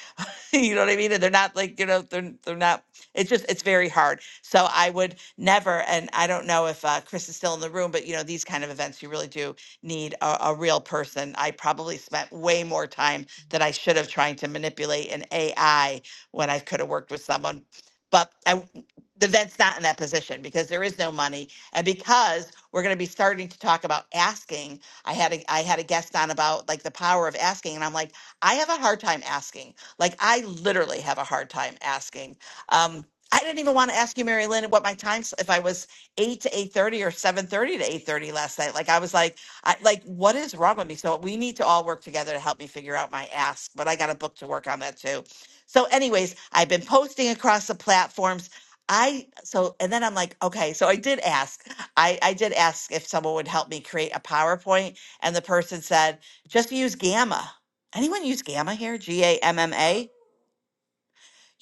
[SPEAKER 22] [LAUGHS] you know what I mean? And they're not like, you know, they're they're not it's just it's very hard. So I would never and I don't know if uh, Chris is still in the room, but you know, these kind of events you really do need a, a real person. I probably spent way more time than I should have trying to manipulate an AI when I could have worked with someone. But I w- the vet's not in that position because there is no money. And because we're going to be starting to talk about asking, I had a I had a guest on about like the power of asking, and I'm like, I have a hard time asking. Like I literally have a hard time asking. Um, I didn't even want to ask you, Mary Lynn, what my time if I was eight to eight thirty or seven thirty to eight thirty last night. Like I was like, I like what is wrong with me? So we need to all work together to help me figure out my ask. But I got a book to work on that too. So, anyways, I've been posting across the platforms. I so and then I'm like, okay, so I did ask. I I did ask if someone would help me create a PowerPoint, and the person said just use Gamma. Anyone use gamma here? G A M M A?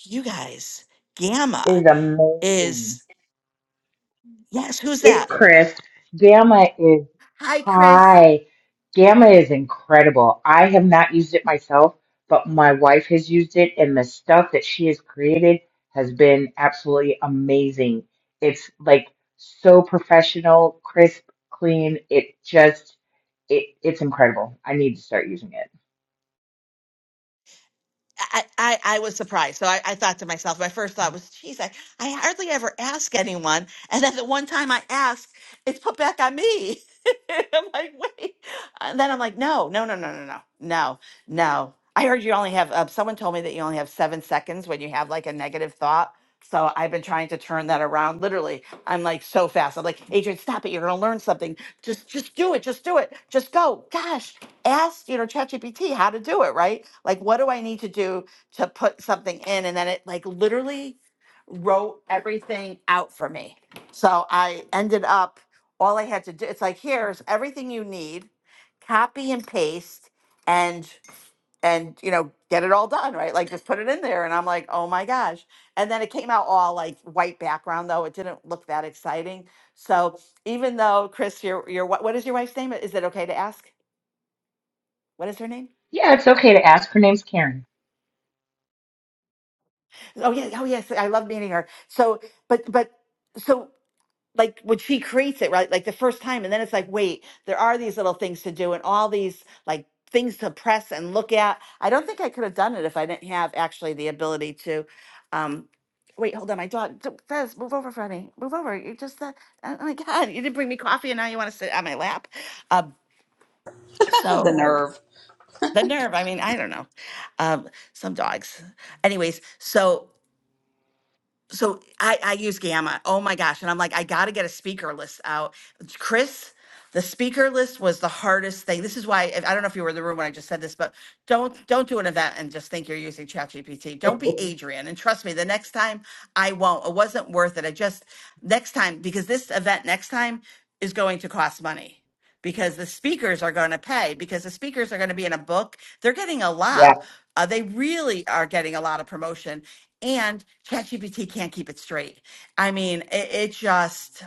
[SPEAKER 22] You guys, gamma
[SPEAKER 23] is amazing.
[SPEAKER 22] is, yes, who's
[SPEAKER 23] It's
[SPEAKER 22] that?
[SPEAKER 23] crisp. Gamma is
[SPEAKER 22] Hi, Chris.
[SPEAKER 23] high. Gamma is incredible. I have not used it myself, but my wife has used it, and the stuff that she has created has been absolutely amazing. It's like so professional, crisp, clean. It just, it, it's incredible. I need to start using it.
[SPEAKER 22] I, I, I was surprised. So I, I thought to myself, my first thought was, geez, I, I hardly ever ask anyone. And then the one time I ask, it's put back on me. [LAUGHS] I'm like, wait. And then I'm like, no, no, no, no, no, no, no, no. I heard you only have, uh, someone told me that you only have seven seconds when you have like a negative thought. So I've been trying to turn that around. Literally, I'm like so fast. I'm like, Adrian, stop it. You're going to learn something. Just, just do it. Just do it. Just go. Gosh ask you know ChatGPT how to do it, right? Like what do I need to do to put something in and then it like literally wrote everything out for me. So I ended up all I had to do it's like here's everything you need, copy and paste and and you know get it all done, right? Like just put it in there and I'm like, "Oh my gosh." And then it came out all like white background though. It didn't look that exciting. So even though Chris your your wi- what is your wife's name? Is it okay to ask? What is her name?
[SPEAKER 23] Yeah, it's okay to ask. Her name's Karen.
[SPEAKER 22] Oh yeah, oh yes, I love meeting her. So, but but so like when she creates it, right? Like the first time, and then it's like, wait, there are these little things to do and all these like things to press and look at. I don't think I could have done it if I didn't have actually the ability to. Um, wait, hold on, my dog. d- Fez, move over, Freddie. Move over. You just uh, oh my god, you didn't bring me coffee, and now you want to sit on my lap. Um,
[SPEAKER 10] [LAUGHS] The
[SPEAKER 22] so
[SPEAKER 10] nerve.
[SPEAKER 22] the nerve. I mean, I don't know. Um, some dogs. Anyways, so so I, I use Gamma. Oh my gosh. And I'm like, I got to get a speaker list out. Chris, the speaker list was the hardest thing. This is why if- I don't know if you were in the room when I just said this, but don't don't do an event and just think you're using ChatGPT. Don't be Adrian. And trust me, the next time I won't. It wasn't worth it. I just next time because this event next time is going to cost money because the speakers are going to pay because the speakers are going to be in a book they're getting a
[SPEAKER 23] Yeah.
[SPEAKER 22] lot. Uh, they really are getting a lot of promotion, and ChatGPT can't keep it straight. I mean, it, it just.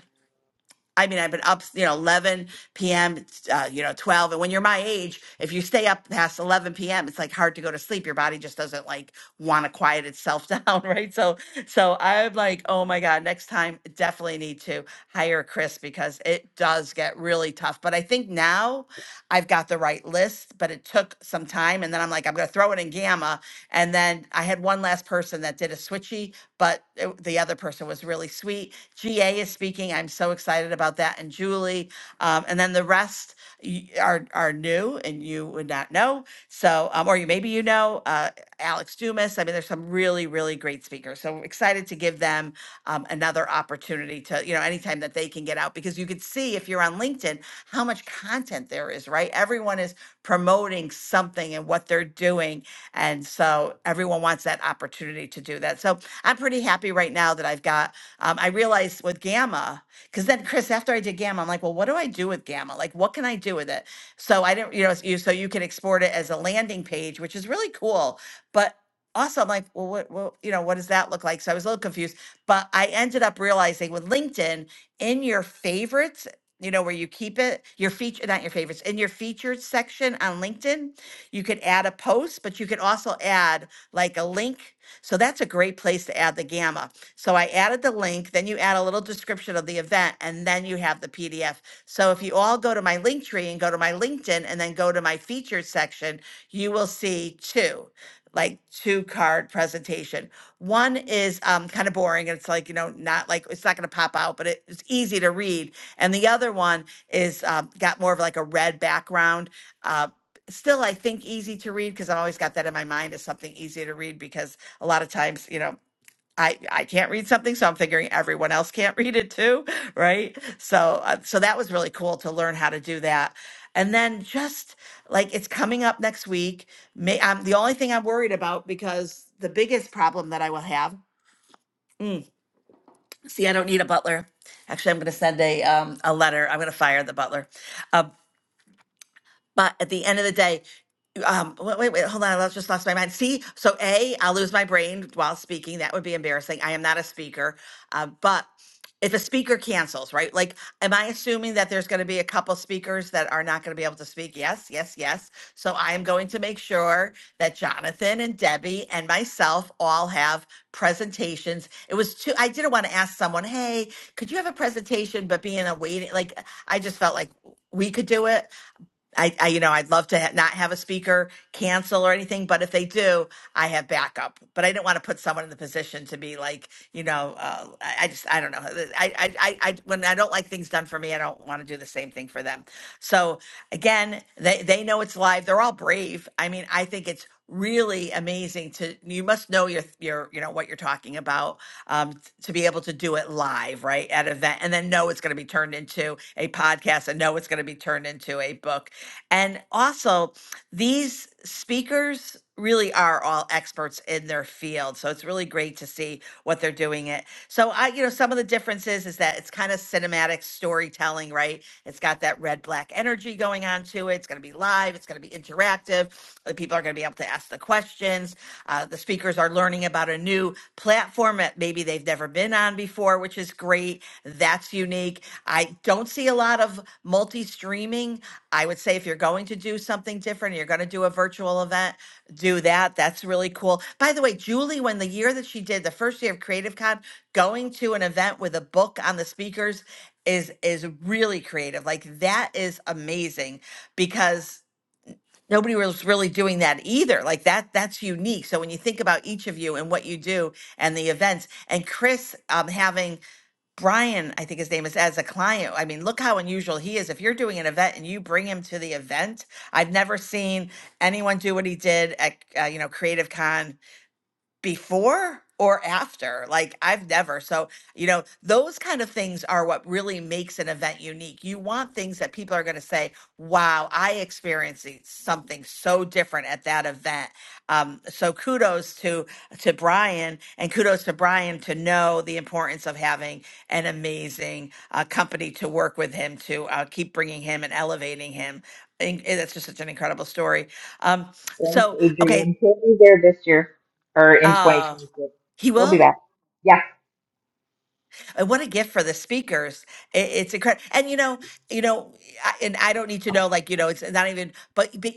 [SPEAKER 22] I mean, I've been up, you know, 11 p.m., uh, you know, 12. And when you're my age, if you stay up past 11 p.m., it's like hard to go to sleep. Your body just doesn't like want to quiet itself [LAUGHS] down, right? So, so I'm like, oh my God, next time definitely need to hire Chris because it does get really tough. But I think now I've got the right list, but it took some time. And then I'm like, I'm going to throw it in Gamma. And then I had one last person that did a switchy, but it- the other person was really sweet. GA is speaking. I'm so excited about that. And Julie. Um, and then the rest y- are, are new and you would not know. So, um, or you maybe you know uh, Alex Dumas. I mean, there's some really, really great speakers. So excited to give them um, another opportunity to, you know, anytime that they can get out because you could see if you're on LinkedIn, how much content there is, right? Everyone is promoting something and what they're doing. And so everyone wants that opportunity to do that. So I'm pretty happy right now that I've got, um, I realized with Gamma, because then Chris, after I did Gamma, I'm like, well, what do I do with Gamma? Like, what can I do with it? So I didn't, you know, you, so you can export it as a landing page, which is really cool. But also, I'm like, well, what, well, you know, what does that look like? So I was a little confused, but I ended up realizing with LinkedIn in your favorites you know, where you keep it, your feature, not your favorites, in your featured section on LinkedIn, you could add a post, but you could also add like a link. So that's a great place to add the gamma. So I added the link, then you add a little description of the event, and then you have the PDF. So if you all go to my link tree and go to my LinkedIn and then go to my featured section, you will see two like two card presentation one is um, kind of boring and it's like you know not like it's not going to pop out but it, it's easy to read and the other one is uh, got more of like a red background. Uh, still, I think easy to read because I always got that in my mind as something easy to read because a lot of times, you know, I, I can't read something, so I'm figuring everyone else can't [LAUGHS] read it too, [LAUGHS] right? So uh, so that was really cool to learn how to do that. And then just like it's coming up next week, may, um, the only thing I'm worried about because the biggest problem that I will have. See, I don't need a butler. Actually, I'm going to send a um, a letter. I'm going to fire the butler. Uh, but at the end of the day, um, wait, wait, wait, hold on. I just lost my mind. See, so A, I'll lose my brain while speaking. That would be embarrassing. I am not a speaker. Uh, but if a speaker cancels, right? Like, am I assuming that there's going to be a couple speakers that are not going to be able to speak? Yes, yes, yes. So I am going to make sure that Jonathan and Debbie and myself all have presentations. It was too, I didn't want to ask someone, hey, could you have a presentation, but being a waiting, like, I just felt like we could do it I, I you know I'd love to ha- not have a speaker cancel or anything, but if they do, I have backup. But I didn't want to put someone in the position to be like you know uh, I, I just I don't know Uh, I, I I I when I don't like things done for me, I don't want to do the same thing for them. So again, they they know it's live. They're all brave. I mean, I think it's really amazing to you must know your your you know what you're talking about um t- to be able to do it live right at an event and then know it's going to be turned into a podcast and know it's going to be turned into a book and also, these speakers really are all experts in their field. So it's really great to see what they're doing it. So I, you know, some of the differences is that it's kind of cinematic storytelling, right? It's got that red black energy going on to it. It's going to be live. It's going to be interactive. The people are going to be able to ask the questions. Uh, the speakers are learning about a new platform that maybe they've never been on before, which is great. That's unique. I don't see a lot of multi streaming. I would say if you're going to do something different, you're going to do a virtual event, do that. That's really cool. By the way, Julie, when the year that she did the first year of Creative Con, going to an event with a book on the speakers is is really creative. Like that is amazing because nobody was really doing that either. Like that that's unique. So when you think about each of you and what you do and the events, and Chris um, having Brian, I think his name is, as a client. I mean, look how unusual he is. If you're doing an event and you bring him to the event, I've never seen anyone do what he did at, uh, you know, Creative Con before or after like i've never so you know those kind of things are what really makes an event unique you want things that people are going to say wow i experienced e- something so different at that event um, so kudos to to brian and kudos to brian to know the importance of having an amazing uh, company to work with him to uh, keep bringing him and elevating him and that's just such an incredible story um,
[SPEAKER 23] Thanks,
[SPEAKER 22] so
[SPEAKER 23] Adrian.
[SPEAKER 22] okay
[SPEAKER 23] He'll be there this year or in
[SPEAKER 22] uh,
[SPEAKER 23] 2026.
[SPEAKER 22] he
[SPEAKER 23] He'll be
[SPEAKER 22] will.
[SPEAKER 23] back. Yeah.
[SPEAKER 22] And what a gift for the speakers. I- It's incredible. And you know, you know, I- and I don't need to know, like, you know, it's not even, but, but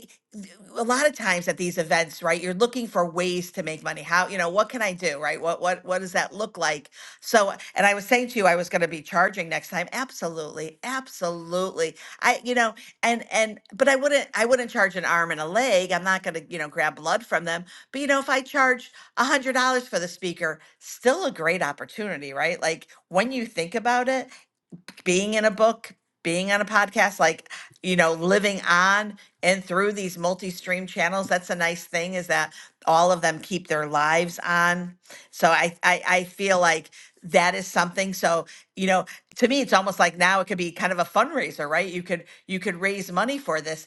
[SPEAKER 22] a lot of times at these events, right, you're looking for ways to make money. How, you know, what can I do, right? What, what, what does that look like? So, and I was saying to you, I was going to be charging next time. Absolutely. Absolutely. I, you know, and, and, but I wouldn't, I wouldn't charge an arm and a leg. I'm not going to, you know, grab blood from them. But, you know, if I charge, $100 for the speaker, still a great opportunity, right? Like when you think about it, being in a book, being on a podcast, like, you know, living on and through these multi stream channels. That's a nice thing is that all of them keep their lives on. So I, I, I feel like that is something. So, you know, to me, it's almost like now it could be kind of a fundraiser, right? You could, you could raise money for this.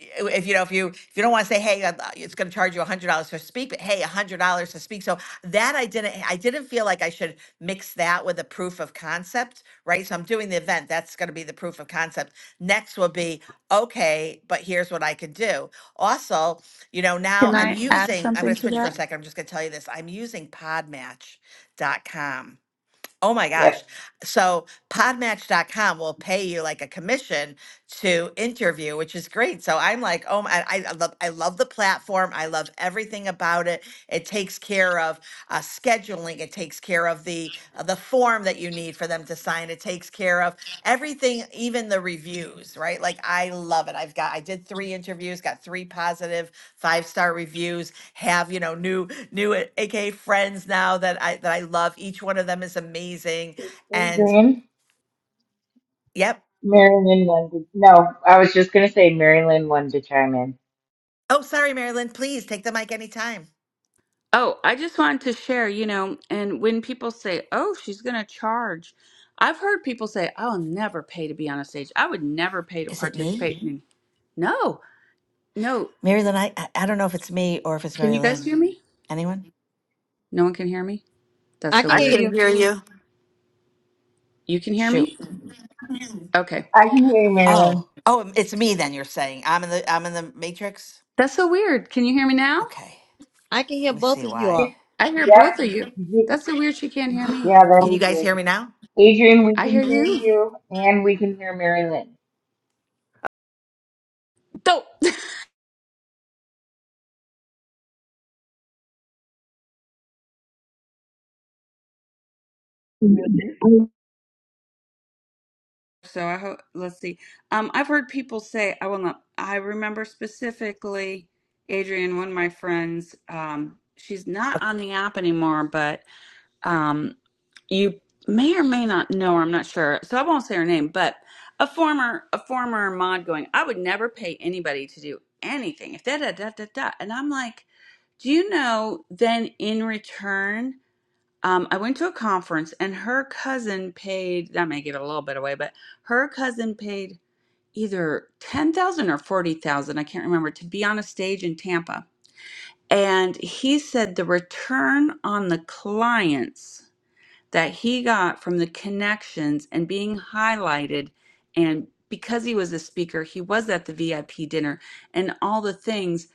[SPEAKER 22] I- If you know, if you if you don't want to say, hey, i uh, it's going to charge you a hundred dollars to speak, but hey, a hundred dollars to speak. So that I didn't, I didn't feel like I should mix that with a proof of concept right? So I'm doing the event. That's going to be the proof of concept. Next will be, okay, but here's what I can do. Also, you know, now
[SPEAKER 10] Can
[SPEAKER 22] I'm
[SPEAKER 10] I add
[SPEAKER 22] using, I'm going
[SPEAKER 10] something
[SPEAKER 22] to
[SPEAKER 10] to
[SPEAKER 22] switch for a
[SPEAKER 10] that?
[SPEAKER 22] second. I'm just going to tell you this. I'm using podmatch.com. Oh my gosh.
[SPEAKER 23] Yep.
[SPEAKER 22] So podmatch.com will pay you like a commission to interview, which is great. So I'm like, oh my, I, I love, I love the platform. I love everything about it. It takes care of uh, scheduling. It takes care of the uh, the form that you need for them to sign. It takes care of everything, even the reviews, right? Like I love it. I've got, I did three interviews, got three positive five star reviews. Have you know new new AK friends now that I that I love. Each one of them is amazing. And
[SPEAKER 23] Adrian.
[SPEAKER 22] yep.
[SPEAKER 23] Marilyn wanted. No, I was just gonna say Marilyn wanted to chime in.
[SPEAKER 22] Oh, sorry, Marilyn. Please take the mic anytime.
[SPEAKER 10] Oh, I just wanted to share, you know, and when people say, "Oh, she's going to charge." I've heard people say, "I'll never pay to be on a stage. I would never pay to
[SPEAKER 22] Is it me?
[SPEAKER 10] participate." in-" No. No,
[SPEAKER 22] Mary Lynn, I, I I don't know if it's me or if it's
[SPEAKER 10] can
[SPEAKER 22] Mary
[SPEAKER 10] you guys
[SPEAKER 22] Lynn.
[SPEAKER 10] hear me?
[SPEAKER 22] Anyone?
[SPEAKER 10] No one can hear me?
[SPEAKER 1] [LAUGHS]
[SPEAKER 10] That's
[SPEAKER 1] I
[SPEAKER 10] so
[SPEAKER 1] can
[SPEAKER 3] I
[SPEAKER 1] hear
[SPEAKER 10] weird.
[SPEAKER 3] can
[SPEAKER 1] you.
[SPEAKER 3] hear you.
[SPEAKER 10] You can hear
[SPEAKER 22] Shoot.
[SPEAKER 10] me? Okay.
[SPEAKER 23] I can hear you, Marilyn.
[SPEAKER 22] Oh. Oh, it's me then you're saying. I'm in the I'm in the matrix.
[SPEAKER 10] That's so weird. Can you hear me now?
[SPEAKER 22] Okay.
[SPEAKER 1] I can hear
[SPEAKER 22] Let me
[SPEAKER 1] both
[SPEAKER 22] see
[SPEAKER 1] of you
[SPEAKER 22] why.
[SPEAKER 1] all.
[SPEAKER 10] I hear
[SPEAKER 23] Yep.
[SPEAKER 10] both of you.
[SPEAKER 23] Ye-
[SPEAKER 10] That's so weird she can't hear me.
[SPEAKER 23] Yeah, that
[SPEAKER 22] Can you
[SPEAKER 23] was
[SPEAKER 22] guys hear
[SPEAKER 23] good.
[SPEAKER 22] me now?
[SPEAKER 23] Adrian, we
[SPEAKER 10] I hear
[SPEAKER 23] can hear
[SPEAKER 10] you.
[SPEAKER 23] you, and we can hear Marilyn.
[SPEAKER 10] Dope. [LAUGHS] So I hope let's see. Um I've heard people say I will not I remember specifically Adrian, one of my friends, um, she's not on the app anymore, but um. you may or may not know her, I'm not sure. So I won't say her name, but a former a former mod going, I would never pay anybody to do anything. If da da da da da and I'm like, do you know then in return um, I went to a conference and her cousin paid. That may give it a little bit away, but her cousin paid either ten thousand or forty thousand. I can't remember to be on a stage in Tampa, and he said the return on the clients that he got from the connections and being highlighted and because he was a speaker he was at the VIP dinner and all the things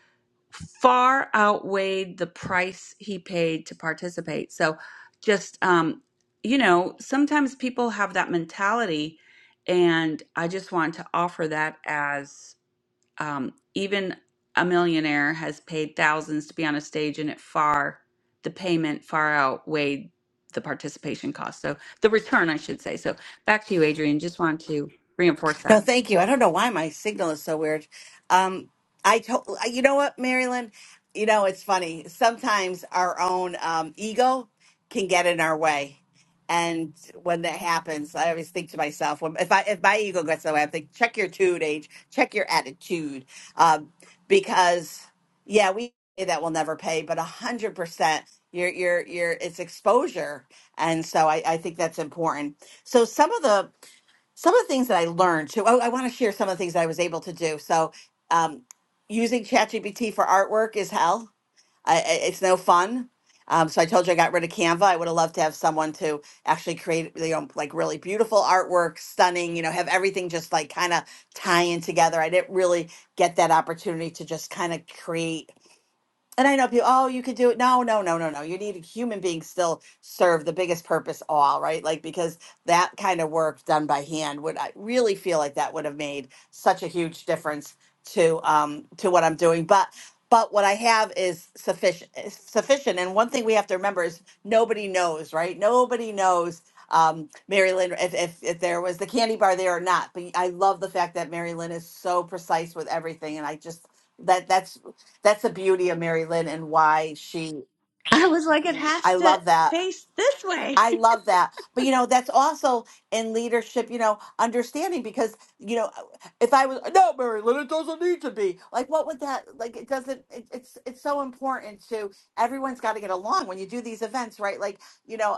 [SPEAKER 10] far outweighed the price he paid to participate so just um you know sometimes people have that mentality and I just want to offer that as um, even a millionaire has paid thousands to be on a stage and it far the payment far outweighed the participation cost so the return i should say so back to you adrian just wanted to reinforce
[SPEAKER 22] No,
[SPEAKER 10] that
[SPEAKER 22] thank you. I don't know why my signal is so weird. Um, I told you know what, Marilyn. You know it's funny. Sometimes our own um, ego can get in our way, and when that happens, I always think to myself, when, if I if my ego gets in the way, I think check your tude, age, check your attitude, um, because yeah, we say that will never pay, but a hundred percent. Your, your, your, it's exposure. And so I, I think that's important. So some of the some of the things that I learned too. I, I want to share some of the things I was able to do. So, um, using ChatGPT for artwork is hell. I, I- it's no fun. Um, so I told you I got rid of Canva. I would have loved to have someone to actually create, you know, like really beautiful artwork, stunning. You know, have everything just like kind of tying together. I didn't really get that opportunity to just kind of create and I know people, oh, you could do it. No, no, no, no, no. You need human beings still serve the biggest purpose of all, right? Like because that kind of work done by hand would I really feel like that would have made such a huge difference to um to what I'm doing. But but what I have is sufficient is sufficient. And one thing we have to remember is nobody knows, right? Nobody knows um Mary Lynn if, if if there was the candy bar there or not. But I love the fact that Mary Lynn is so precise with everything and I just that that's that's the beauty of Mary Lynn and why she,
[SPEAKER 10] I was like, it has
[SPEAKER 22] I
[SPEAKER 10] to
[SPEAKER 22] love that.
[SPEAKER 10] face this way.
[SPEAKER 22] I love that. But, you know, that's also in leadership, you know, understanding because, you know, if I was, no, Mary Lynn, it doesn't need to be. Like, what would that, like, it doesn't, it, it's, it's so important to, everyone's got to get along when you do these events, right? Like, you know,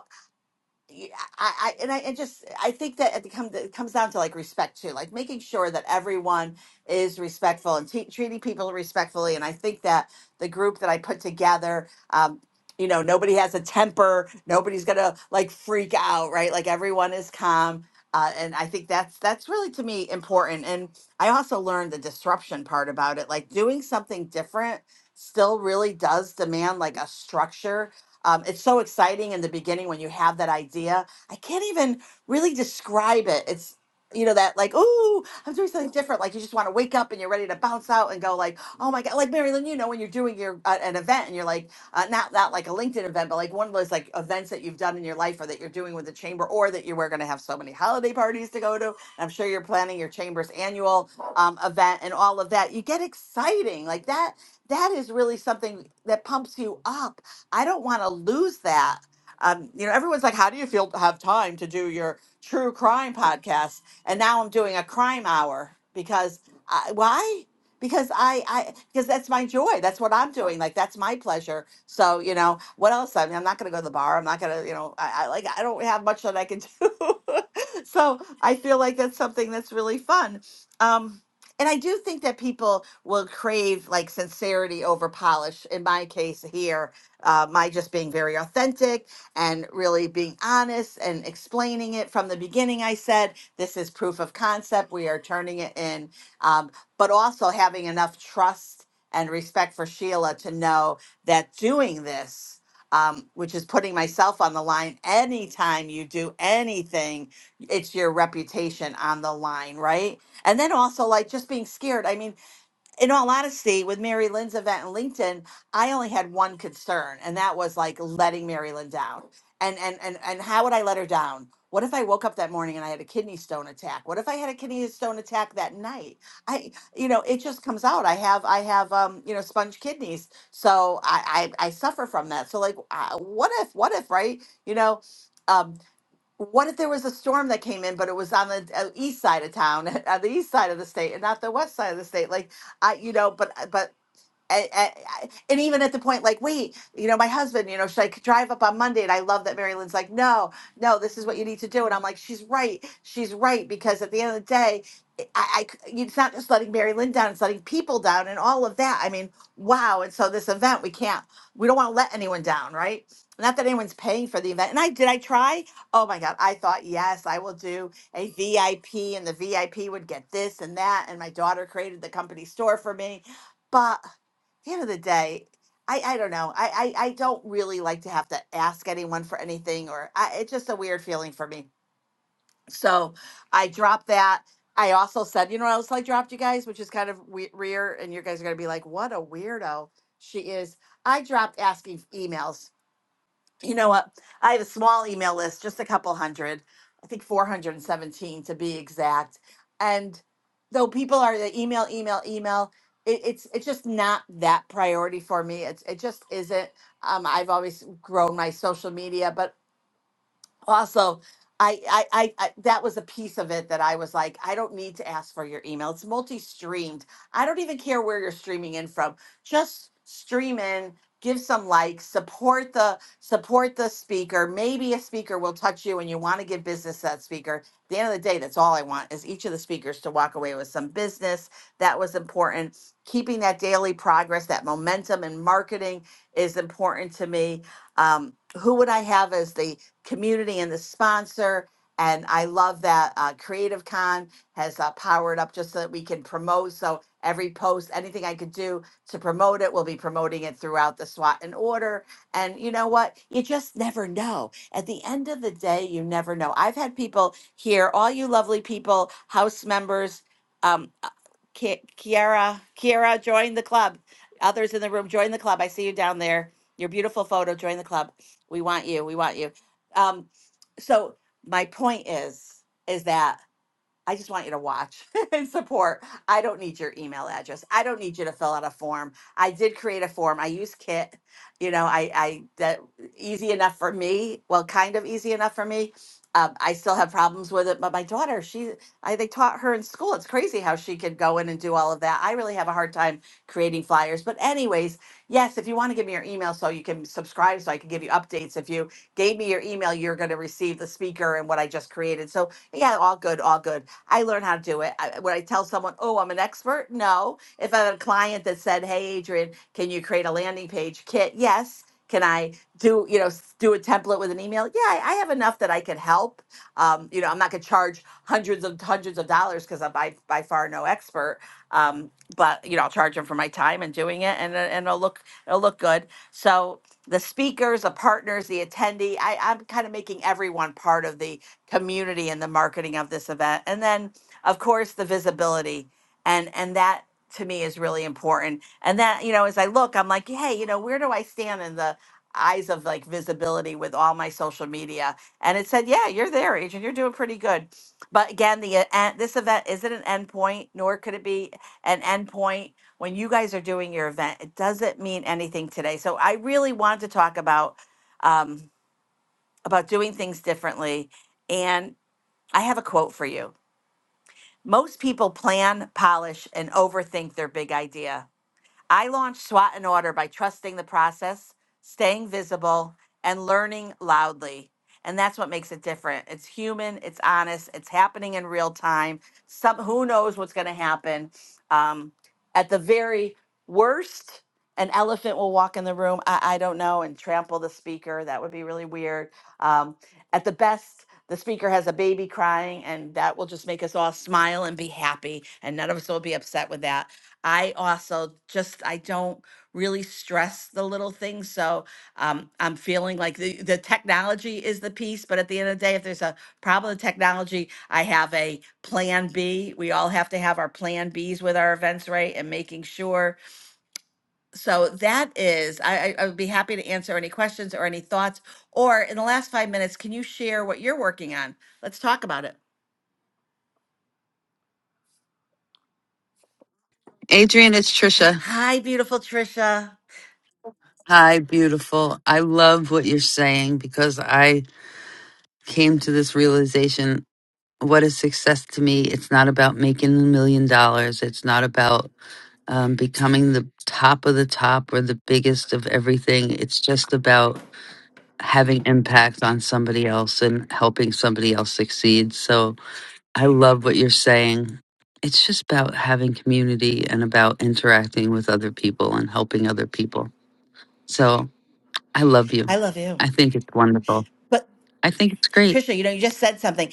[SPEAKER 22] yeah, I, I and I and just I think that it becomes it comes down to like respect too, like making sure that everyone is respectful and te- treating people respectfully. And I think that the group that I put together, um, you know, nobody has a temper, nobody's gonna like freak out, right? Like everyone is calm. Uh, and I think that's that's really to me important. And I also learned the disruption part about it, like doing something different still really does demand like a structure um, it's so exciting in the beginning when you have that idea. I can't even really describe it. It's you know that like oh I'm doing something different. Like you just want to wake up and you're ready to bounce out and go like oh my god. Like Marilyn, you know when you're doing your uh, an event and you're like uh, not not like a LinkedIn event, but like one of those like events that you've done in your life or that you're doing with the chamber or that you were going to have so many holiday parties to go to. And I'm sure you're planning your chamber's annual um, event and all of that. You get exciting like that. That is really something that pumps you up I don't want to lose that. Um, you know, everyone's like, "How do you feel to have time to do your true crime podcast?" And now I'm doing a crime hour because I, why? Because I, I because that's my joy. That's what I'm doing. Like that's my pleasure. So you know, what else? I mean, I'm not going to go to the bar. I'm not going to, you know, I, I like I don't have much that I can do. [LAUGHS] so I feel like that's something that's really fun. Um, and I do think that people will crave like sincerity over polish. In my case here, uh, my just being very authentic and really being honest and explaining it from the beginning. I said, this is proof of concept. We are turning it in, um, but also having enough trust and respect for Sheila to know that doing this, um, which is putting myself on the line anytime you do anything, it's your reputation on the line, right? And then also, like, just being scared. I mean, in all honesty, with Mary Lynn's event in LinkedIn, I only had one concern, and that was like letting Mary Lynn down. And and and and how would I let her down? What if I woke up that morning and I had a kidney stone attack? What if I had a kidney stone attack that night? I, you know, it just comes out. I have, I have, um, you know, sponge kidneys, so I, I, I suffer from that. So like, uh, what if, what if, right? You know, um, what if there was a storm that came in, but it was on the uh, east side of town, [LAUGHS] on the east side of the state, and not the west side of the state? Like I, you know, but uh, but and, and, even at the point like wait you know my husband you know should i drive up on monday and i love that mary lynn's like no no this is what you need to do and i'm like she's right she's right because at the end of the day i, I c- it's not just letting mary lynn down it's letting people down and all of that i mean wow and so this event we can't we don't want to let anyone down right not that anyone's paying for the event and i did i try oh my god i thought yes i will do a vip and the vip would get this and that and my daughter created the company store for me but the end of the day, I, I don't know. I, I, I don't really like to have to ask anyone for anything, or I, it's just a weird feeling for me. So I dropped that. I also said, you know what else I dropped you guys, which is kind of we- weird, and you guys are going to be like, what a weirdo she is. I dropped asking f- emails you know what? I have a small email list, just a couple hundred, I think 417 to be exact. And though people are the email, email, email, it, it's it's just not that priority for me. It's it just isn't. Um, I've always grown my social media, but also I, I i i that was a piece of it that i was like i don't need to ask for your email it's multi-streamed i don't even care where you're streaming in from just stream in give some likes support the support the speaker maybe a speaker will touch you and you want to give business to that speaker at the end of the day that's all i want is each of the speakers to walk away with some business that was important keeping that daily progress that momentum in marketing is important to me um, who would i have as the community and the sponsor. And I love that uh, Creative Con has uh, powered up just so that we can promote. So every post, anything I could do to promote it, we'll be promoting it throughout the SWAT and order. And you know what? You just never know. At the end of the day, you never know. I've had people here, all you lovely people, house members, um, uh, Ki- Kiara, Kiara, join the club. Others in the room, join the club. I see you down there. Your beautiful photo, join the club. We want you. We want you. Um, so my point is, is that I just want you to watch [LAUGHS] and support. I don't need your email address. I don't need you to fill out a form. I did create a form. I use Kit. You know, I, I that easy enough for me. Well, kind of easy enough for me. Um, I still have problems with it, but my daughter, she, I they taught her in school. It's crazy how she could go in and do all of that. I really have a hard time creating flyers. But anyways, yes, if you want to give me your email so you can subscribe, so I can give you updates. If you gave me your email, you're going to receive the speaker and what I just created. So yeah, all good, all good I learned how to do it. I, would I tell someone, oh, I'm an expert? No. If I have a client that said, hey, Adrian, can you create a landing page kit? Yes. Can I do, you know, s- do a template with an email? Yeah, I, I have enough that I can help. Um, you know, I'm not going to charge hundreds of hundreds of dollars because I'm by, by far no expert. Um, but you know, I'll charge them for my time and doing it, and it- and it'll look it'll look good. So the speakers, the partners, the attendee, I, I'm kind of making everyone part of the community and the marketing of this event and then of course the visibility and and that to me is really important and that you know as i look i'm like hey you know where do i stand in the eyes of like visibility with all my social media and it said yeah you're there adrian you're doing pretty good but again the uh, en- this event isn't an endpoint nor could it be an endpoint when you guys are doing your event it doesn't mean anything today so i really want to talk about um, about doing things differently and. I have a quote for you. Most people plan, polish, and overthink their big idea. I launched SWAT and Order by trusting the process, staying visible, and learning loudly. And that's what makes it different. It's human, it's honest, it's happening in real time. Some who knows what's going to happen. Um, at the very worst, an elephant will walk in the room. I, I don't know and trample the speaker. That would be really weird. Um, at the best, the speaker has a baby crying, and that will just make us all smile and be happy, and none of us will be upset with that I also just I don't really stress the little things. So um, I'm feeling like the, the technology is the piece, but at the end of the day, if there's a problem with technology, I have a plan B. We all have to have our plan Bs with our events, right? And making sure. So that is, I, I I would be happy to answer any questions or any thoughts. Or in the last five minutes, can you share what you're working on? Let's talk about it.
[SPEAKER 3] Adrian, it's Trisha.
[SPEAKER 22] Hi, beautiful Trisha.
[SPEAKER 3] Hi, beautiful. I love what you're saying because I came to this realization what is success to me it's not about making a million dollars it's not about um, becoming the top of the top or the biggest of everything it's just about having impact on somebody else and helping somebody else succeed so i love what you're saying it's just about having community and about interacting with other people and helping other people so i love you
[SPEAKER 22] I love you.
[SPEAKER 3] i think it's wonderful
[SPEAKER 22] But.
[SPEAKER 3] i think it's great
[SPEAKER 22] Trisha, you know, you just said something.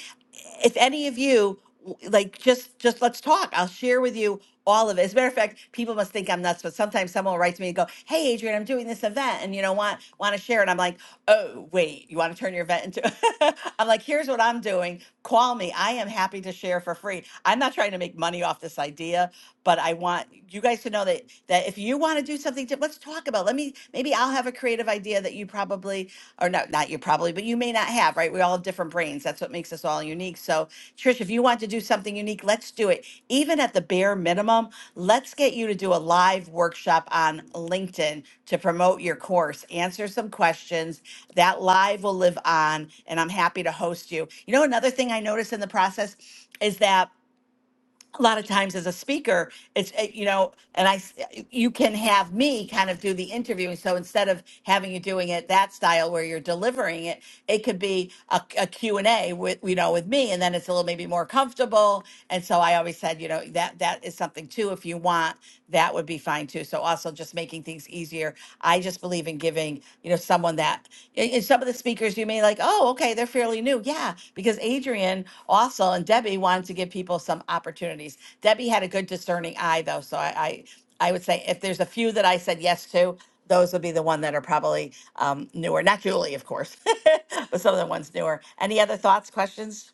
[SPEAKER 22] If any of you w- like, just just let's talk. I'll share with you all of it. As a matter of fact, people must think I'm nuts, but sometimes someone will write to me and go, "Hey, Adrian, I'm doing this event, and you know, want want to share?" And I'm like, "Oh, wait, you want to turn your event into?" [LAUGHS] I'm like, "Here's what I'm doing. Call me. I am happy to share for free. I'm not trying to make money off this idea, but I want you guys to know that that if you want to do something, di- let's talk about. Let me maybe I'll have a creative idea that you probably or no, not you probably, but you may not have, right? We all have different brains. That's what makes us all unique. So, Trish, if you want to do something unique, let's do it. Even at the bare minimum, let's get you to do a live workshop on LinkedIn to promote your course, answer some questions. That live will live on, and I'm happy to host you. You know, another thing I noticed in the process is that a lot of times as a speaker it's uh, you know and i s- eh, you can have me kind of do the interviewing so instead of having you doing it that style where you're delivering it it could be a, a Q and a with you know with me and then it's a little maybe more comfortable and so i always said you know that that is something too if you want that would be fine too so also just making things easier i just believe in giving, you know, someone that and and some of the speakers you may like, oh, okay, they're fairly new. Yeah, because Adrian also and Debbie wanted to give people some opportunities. Debbie had a good discerning eye though. So I I, I would say if there's a few that I said yes to, those would be the one that are probably um, newer. Not Julie, of course, [LAUGHS] but some of the ones newer. Any other thoughts, questions?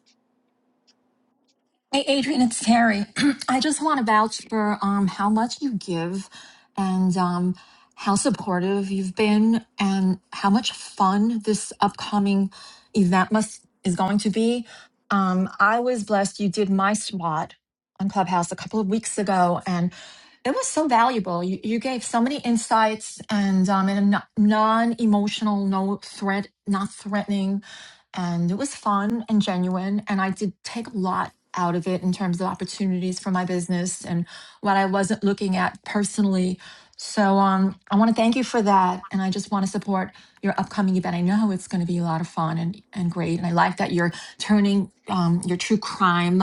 [SPEAKER 24] Hey, Adrian, it's Terry. [CLEARS THROAT] I just want to vouch for um, how much you give and um, how supportive you've been and how much fun this upcoming event must is going to be. Um, I was blessed you did my SWAT on Clubhouse a couple of weeks ago, and it was so valuable. You, you gave so many insights and um, in a non emotional, no threat, not threatening, and it was fun and genuine. And I did take a lot out of it in terms of opportunities for my business and what I wasn't looking at personally. So um, I want to thank you for that, and I just want to support your upcoming event. I know it's going to be a lot of fun and and great, and I like that you're turning um, your true crime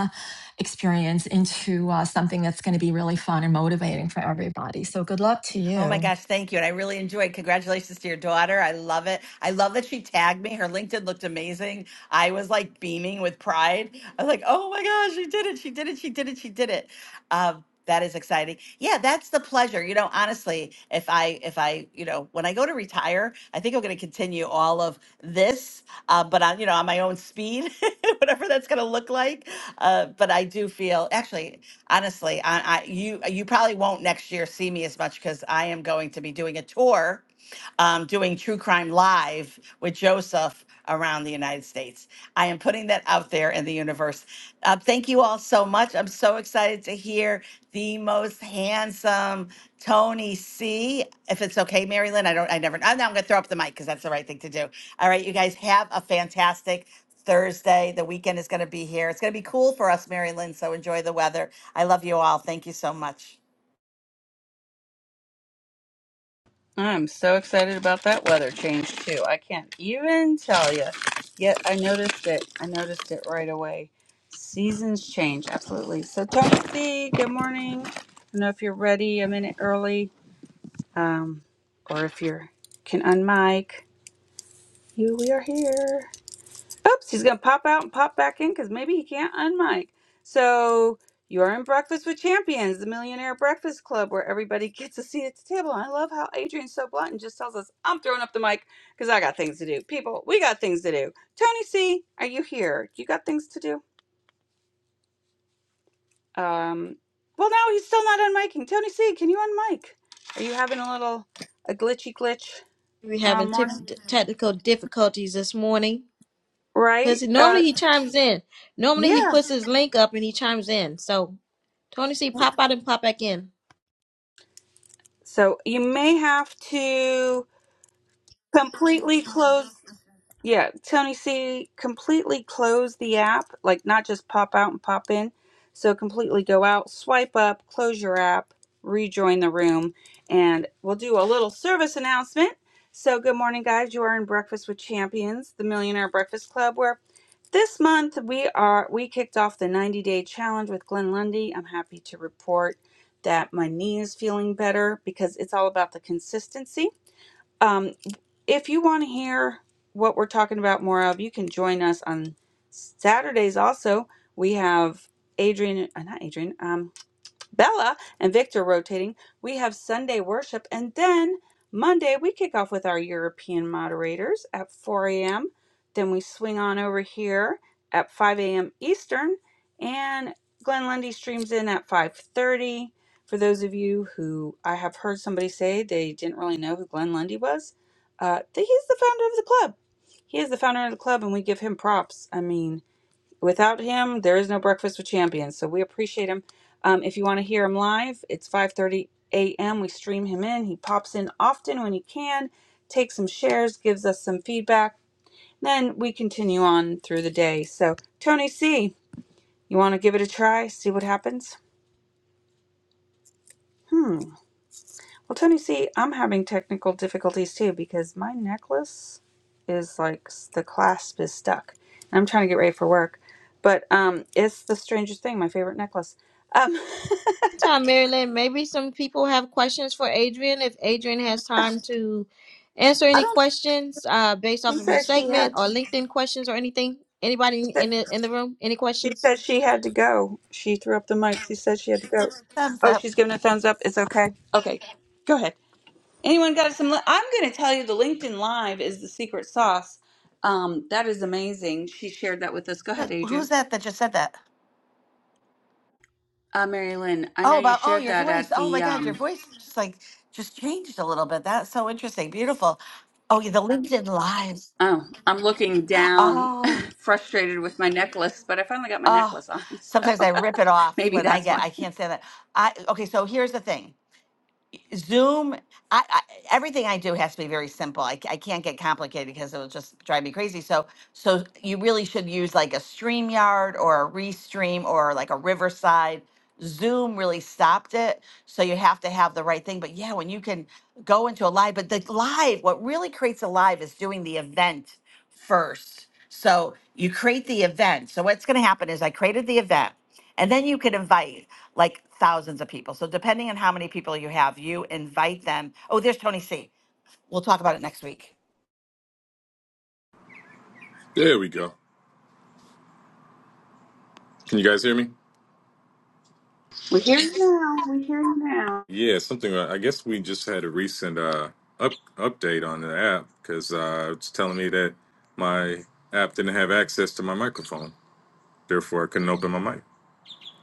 [SPEAKER 24] experience into uh, something that's going to be really fun and motivating for everybody. So good luck to
[SPEAKER 22] Oh my
[SPEAKER 24] you.
[SPEAKER 22] gosh, thank you. And I really enjoyed. Congratulations to your daughter. I love it. I love that she tagged me. Her LinkedIn looked amazing. I was like beaming with pride. I was like, oh my gosh, she did it. She did it. She did it. She did it. Um, that is exciting. Yeah, that's the pleasure. You know, honestly, if I, if I, you know, when I go to retire, I think I'm going to continue all of this, uh, but on, you know, on my own speed, [LAUGHS] whatever that's going to look like. Uh, but but I do feel actually, honestly, I, I you you probably won't next year see me as much because I am going to be doing a tour, um, doing true crime live with Joseph around the United States. I am putting that out there in the universe. Uh, thank you all so much. I'm so excited to hear the most handsome Tony C. If it's okay, Mary Lynn, I don't, I never, I'm, now I'm going to throw up the mic because that's the right thing to do. All right, you guys have a fantastic Thursday. The weekend is going to be here. It's going to be cool for us, Mary Lynn. So enjoy the weather. I love you all. Thank you so much.
[SPEAKER 10] i'm so excited about that weather change too i can't even tell you yet i noticed it i noticed it right away seasons change absolutely so tony C, good morning i don't know if you're ready a minute early Um, or if you can unmic, you we are here. Oops, he's gonna pop out and pop back in because maybe he can't unmic. So you are in Breakfast with Champions, the Millionaire Breakfast Club, where everybody gets a seat at the table. I love how Adrian's so blunt and just tells us, "I'm throwing up the mic because I got things to do." People, we got things to do. Tony C, are you here? You got things to do? Um, well, now he's still not unmiking. Tony C, can you unmic? Are you having a little a glitchy glitch
[SPEAKER 1] we having
[SPEAKER 10] um,
[SPEAKER 1] tif-
[SPEAKER 10] morning?
[SPEAKER 1] technical difficulties this morning because
[SPEAKER 10] right?
[SPEAKER 1] normally
[SPEAKER 10] Uh,
[SPEAKER 1] he chimes in. Normally he
[SPEAKER 10] yeah.
[SPEAKER 1] puts his link up and he chimes in. So Tony C, pop out and pop back in.
[SPEAKER 10] So you may have to completely close, yeah, the- completely close the app, like not just pop out and pop in. So completely go out, swipe up, close your app, rejoin the room, and we'll do a little service announcement. So, good morning, guys. You are in Breakfast with Champions, the Millionaire Breakfast Club, where This month we are we kicked off the 90 day challenge with Glenn Lundy. I'm happy to report that my knee is feeling better because it's all about the consistency. Um, if you want to hear what we're talking about more of, you can join us on Saturdays. Also, we have Adrian, uh, not Adrian. um, Bella and Victor rotating. We have Sunday worship, and then Monday we kick off with our European moderators at 4 a.m. Then we swing on over here at 5 a.m. Eastern, and Glenn Lundy streams in at 5:30. For those of you who I have heard somebody say they didn't really know who Glenn Lundy was, uh, th- he's the founder of the club. He is the founder of the club, and we give him props. I mean, without him there is no breakfast with champions so we appreciate him um, if you want to hear him live it's 5.30 a.m we stream him in he pops in often when he can takes some shares gives us some feedback then we continue on through the day so tony c you want to give it a try see what happens hmm well tony c i'm having technical difficulties too because my necklace is like the clasp is stuck i'm trying to get ready for work but um it's the strangest thing my favorite necklace um
[SPEAKER 1] Meantime, Maryland, maybe some people have questions for Adrian. If Adrian has time to answer
[SPEAKER 10] [LAUGHS]
[SPEAKER 1] any questions uh, based off
[SPEAKER 10] She
[SPEAKER 1] of her
[SPEAKER 10] said she
[SPEAKER 1] segment
[SPEAKER 10] had to.
[SPEAKER 1] or LinkedIn questions or anything, anybody in
[SPEAKER 10] Say,
[SPEAKER 1] the in the room, any
[SPEAKER 10] she
[SPEAKER 1] questions?
[SPEAKER 10] said she had to go. She threw up the mic. She said she had to go.
[SPEAKER 22] Thumbs
[SPEAKER 10] Oh,
[SPEAKER 22] up.
[SPEAKER 10] she's giving a thumbs up. It's okay. Okay, go ahead. Anyone got some? li- I'm going to tell you the LinkedIn Live is the secret sauce. Um, that is amazing. She shared that with us. Go ahead,
[SPEAKER 22] Who- Who's
[SPEAKER 10] Adrian.
[SPEAKER 22] that that just said that?
[SPEAKER 10] Uh, Mary Lynn, I
[SPEAKER 22] Oh,
[SPEAKER 10] know you
[SPEAKER 22] about, oh,
[SPEAKER 10] shared
[SPEAKER 22] your
[SPEAKER 10] that
[SPEAKER 22] voice.
[SPEAKER 10] at
[SPEAKER 22] Oh my
[SPEAKER 10] the.
[SPEAKER 22] God, your
[SPEAKER 10] Um,
[SPEAKER 22] voice just like just changed a little bit. That's so interesting. Beautiful. Oh, yeah, the LinkedIn lives.
[SPEAKER 10] oh, I'm looking down,
[SPEAKER 22] Oh,
[SPEAKER 10] [LAUGHS] frustrated with my necklace, but I finally got my
[SPEAKER 22] oh.
[SPEAKER 10] necklace on, [LAUGHS] so
[SPEAKER 22] Sometimes I rip it off
[SPEAKER 10] maybe
[SPEAKER 22] when I
[SPEAKER 10] that's
[SPEAKER 22] get,
[SPEAKER 10] why.
[SPEAKER 22] I can't say that. I, okay, so here's the thing. Zoom, I, I everything I do has to be very simple. I c- I can't get complicated because it'll just drive me crazy. So so you really should use like a StreamYard or a Restream or like a Riverside. Zoom really stopped it, so you have to have the right thing. But yeah, when you can go into a live, but the live, what really creates a live is doing the event first. So you create the event. So what's going to happen is I created the event, and then you could invite like thousands of people. So depending on how many people you have, you invite them. Oh, there's Tony C. We'll talk about it next week.
[SPEAKER 25] There we go. Can you guys hear me?
[SPEAKER 10] We're here now.
[SPEAKER 25] Yeah, something. uh, I guess we just had a recent uh, up, update on the app because uh, it's telling me that my app didn't have access to my microphone. Therefore, I couldn't open my mic.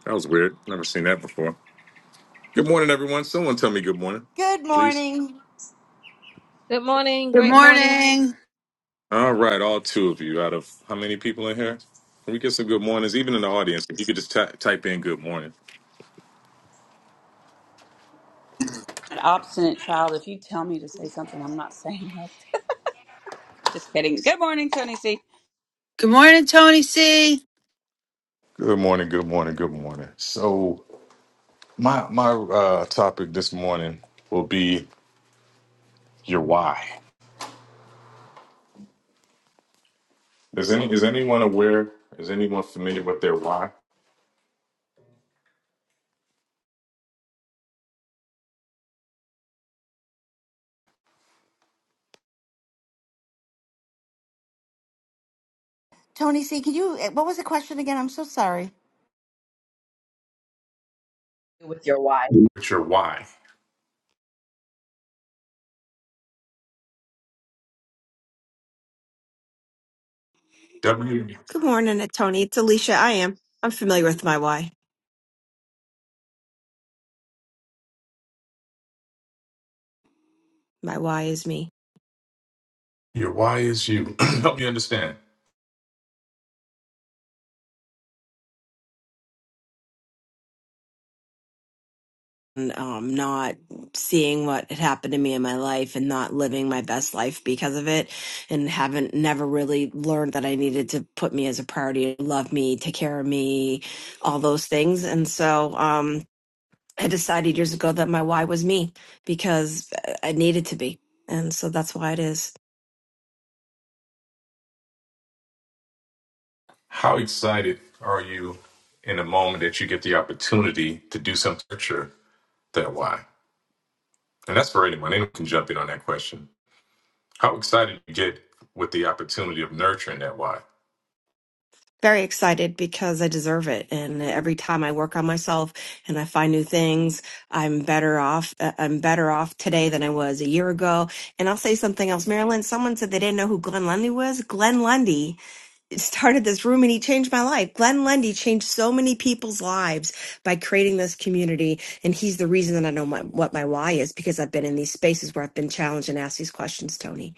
[SPEAKER 25] That was weird. Never seen that before. Good morning, everyone. Someone tell me good morning,
[SPEAKER 22] Good
[SPEAKER 25] please.
[SPEAKER 22] morning,
[SPEAKER 1] Good morning,
[SPEAKER 3] good
[SPEAKER 1] great morning.
[SPEAKER 3] morning
[SPEAKER 25] All right, all two of you out of how many people in here? Can we get some good mornings? Even in the audience, if you could just ty- type in good morning.
[SPEAKER 10] An obstinate child. If you tell me to say something, I'm not saying it. Just kidding. Good morning, Tony C.
[SPEAKER 3] good morning tony c
[SPEAKER 25] Good morning, good morning, good morning. So, my, my uh, topic this morning will be. your why. Is any is anyone aware? Is anyone familiar with their why?
[SPEAKER 22] Tony C. Can you? eh, What was the question again? I'm so sorry.
[SPEAKER 14] With your why.
[SPEAKER 25] It's your why. W.
[SPEAKER 26] Good morning, uh, Tony. It's Alicia. I am. I'm familiar with my why. My why is me.
[SPEAKER 25] Your why is you. [CLEARS THROAT] Help me understand.
[SPEAKER 26] And um, not seeing what had happened to me in my life and not living my best life because of it. And haven't never really learned that I needed to put me as a priority, love me, take care of me, all those things. And so um, I decided years ago that my why was me because uh, I needed to be. And so that's why it is.
[SPEAKER 25] How excited are you in the moment that you get the opportunity to do something? That's that why, and that's for anyone. Anyone can jump in on that question. How excited you get with the opportunity of nurturing that why?
[SPEAKER 26] very excited because I deserve it. And every time I work on myself and I find new things, I'm better off. uh, I'm better off today than I was a year ago. And I'll say something else. Marilyn, someone said they didn't know who Glenn Lundy was. Glenn Lundy started this room and he changed my life. Glenn Lundy changed so many people's lives by creating this community. And he's the reason that I know my, what my why is because I've been in these spaces where I've been challenged and asked these questions, Tony.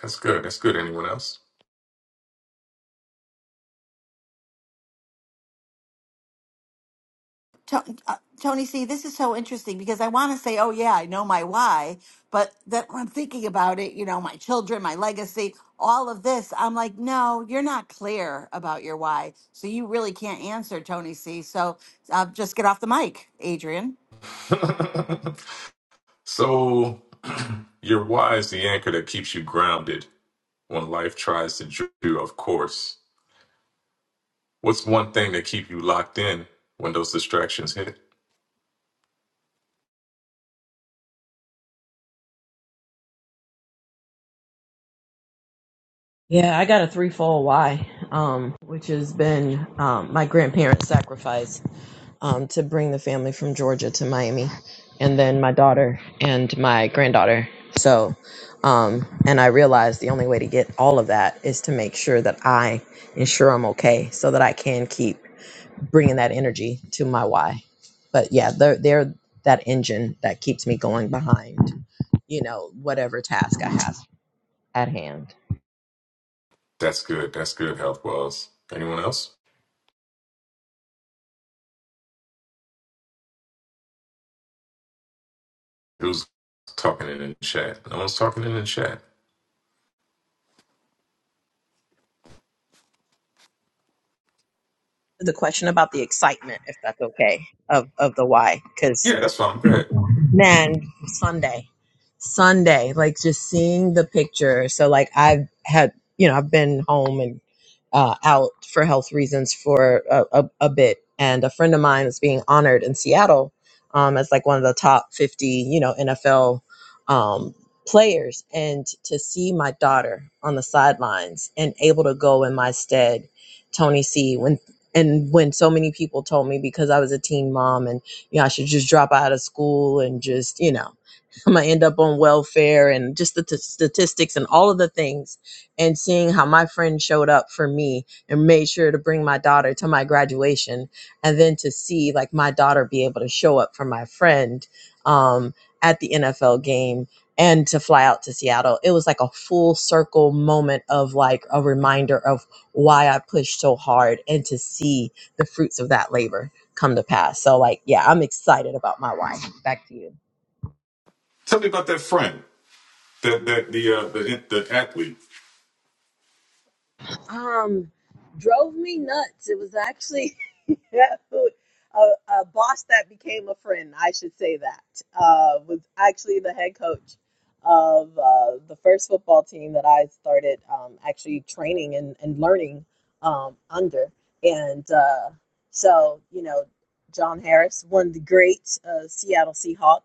[SPEAKER 25] That's good. That's good. Anyone else?
[SPEAKER 22] To- uh, Tony, see, this is so interesting because I want to say, oh, yeah, I know my why, but that when I'm thinking about it, you know, my children, my legacy, all of this, I'm like, no, you're not clear about your why. So you really can't answer, Tony C. So uh, just get off the mic, Adrian.
[SPEAKER 25] [LAUGHS] so [CLEARS THROAT] your why is the anchor that keeps you grounded when life tries to jerk you off course? What's one thing that keep you locked in when those distractions hit?
[SPEAKER 14] Yeah, I got a threefold why, um, which has been um, my grandparents' sacrifice um, to bring the family from Georgia to Miami, and then my daughter and my granddaughter. So, um, and I realized the only way to get all of that is to make sure that I ensure I'm okay, so that I can keep bringing that energy to my why. But yeah, they're they're that engine that keeps me going behind, you know, whatever task I have at hand
[SPEAKER 25] That's good. That's good, Health Wells. Anyone else? Who's talking in the chat? No one's talking in the chat.
[SPEAKER 14] the question about the excitement, if that's okay, of of the why, because
[SPEAKER 25] Yeah, that's fine. Go ahead.
[SPEAKER 14] man sunday sunday like just seeing the picture so like i've had you know i've been home and uh, out for health reasons for a, a, a bit and a friend of mine is being honored in seattle um, as like one of the top 50 you know nfl um, players and to see my daughter on the sidelines and able to go in my stead tony c when and when so many people told me because i was a teen mom you know, I should just drop out of school and just, you know, [LAUGHS] I'm gonna end up on welfare and just the t- statistics and all of the things. And seeing how my friend showed up for me and made sure to bring my daughter to my graduation, and then to see like my daughter be able to show up for my friend um, at the NFL game and to fly out to Seattle, it was like a full circle moment of like a reminder of why I pushed so hard and to see the fruits of that labor come to pass. So like, yeah, I'm excited about my wife. Back to you.
[SPEAKER 25] Tell me about that friend, that that the uh, the the athlete.
[SPEAKER 14] Um, drove me nuts. It was actually [LAUGHS] a, a boss that became a friend, I should say that, uh, was actually the head coach of uh, the first football team that I started um, actually training and, and learning um, under. And uh, so, you know, John Harris, one of the great uh, Seattle Seahawk,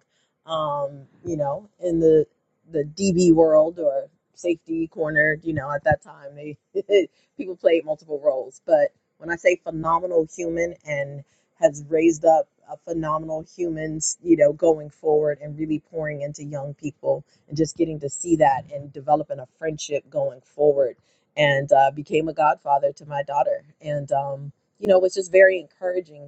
[SPEAKER 14] um, you know, in the the DB world or safety corner, you know, at that time, they [LAUGHS] people played multiple roles, but when I say phenomenal human and has raised up a phenomenal humans, you know, going forward and really pouring into young people and just getting to see that and developing a friendship going forward. And uh, became a godfather to my daughter. And, um, you know, it was just very encouraging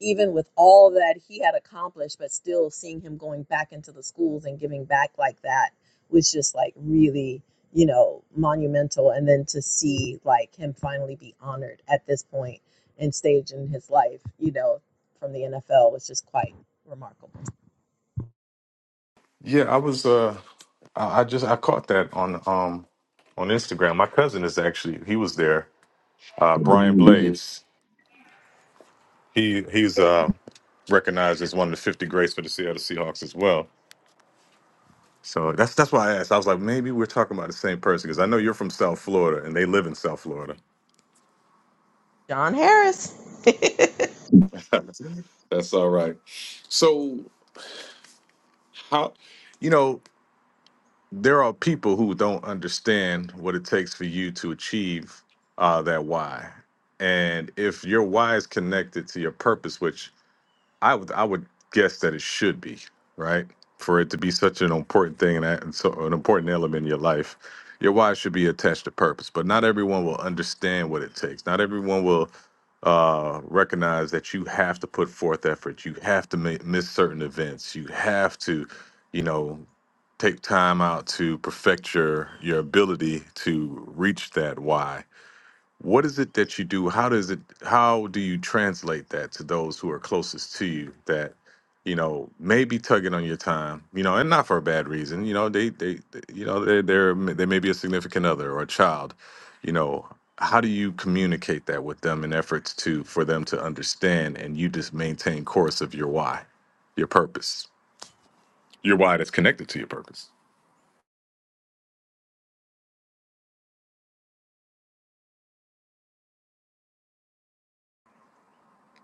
[SPEAKER 14] even with all that he had accomplished, but still seeing him going back into the schools and giving back like that was just like really, you know, monumental. And then to see like him finally be honored at this point and stage in his life, you know, from the NFL was just quite remarkable.
[SPEAKER 25] Yeah, I was. Uh, I I just I caught that on um on Instagram. My cousin is actually he was there. Uh, Brian Blades. He he's uh, recognized as one of the 50 greats for the Seattle Seahawks as well. So that's that's why I asked. I was like, maybe we're talking about the same person because I know you're from South Florida and they live in South Florida. [LAUGHS] that's all right. So how, you know, there are people who don't understand what it takes for you to achieve uh, that why, and if your why is connected to your purpose, which I would I would guess that it should be right for it to be such an important thing and that- and so an important element in your life. Your why should be attached to purpose, but not everyone will understand what it takes. Not everyone will uh, recognize that you have to put forth effort. You have to ma- miss certain events. You have to, you know, take time out to perfect your your ability to reach that why what is it that you do? How does it? How do you translate that to those who are closest to you that, you know, may be tugging on your time, you know, and not for a bad reason. You know, they they, they- you know, they they're they may be a significant other or a child. You know, how do you communicate that with them in efforts to for them to understand and you just maintain course of your why, your purpose, your why that's connected to your purpose.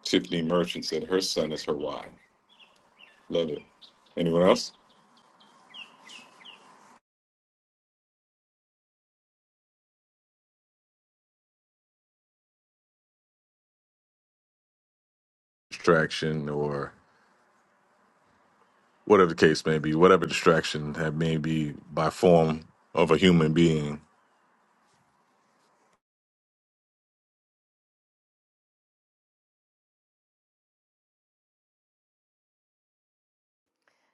[SPEAKER 25] Tiffany Merchant said her son is her why. Love it. Anyone else? Distraction or whatever the case may be, whatever distraction that may be by form of a human being. [LAUGHS]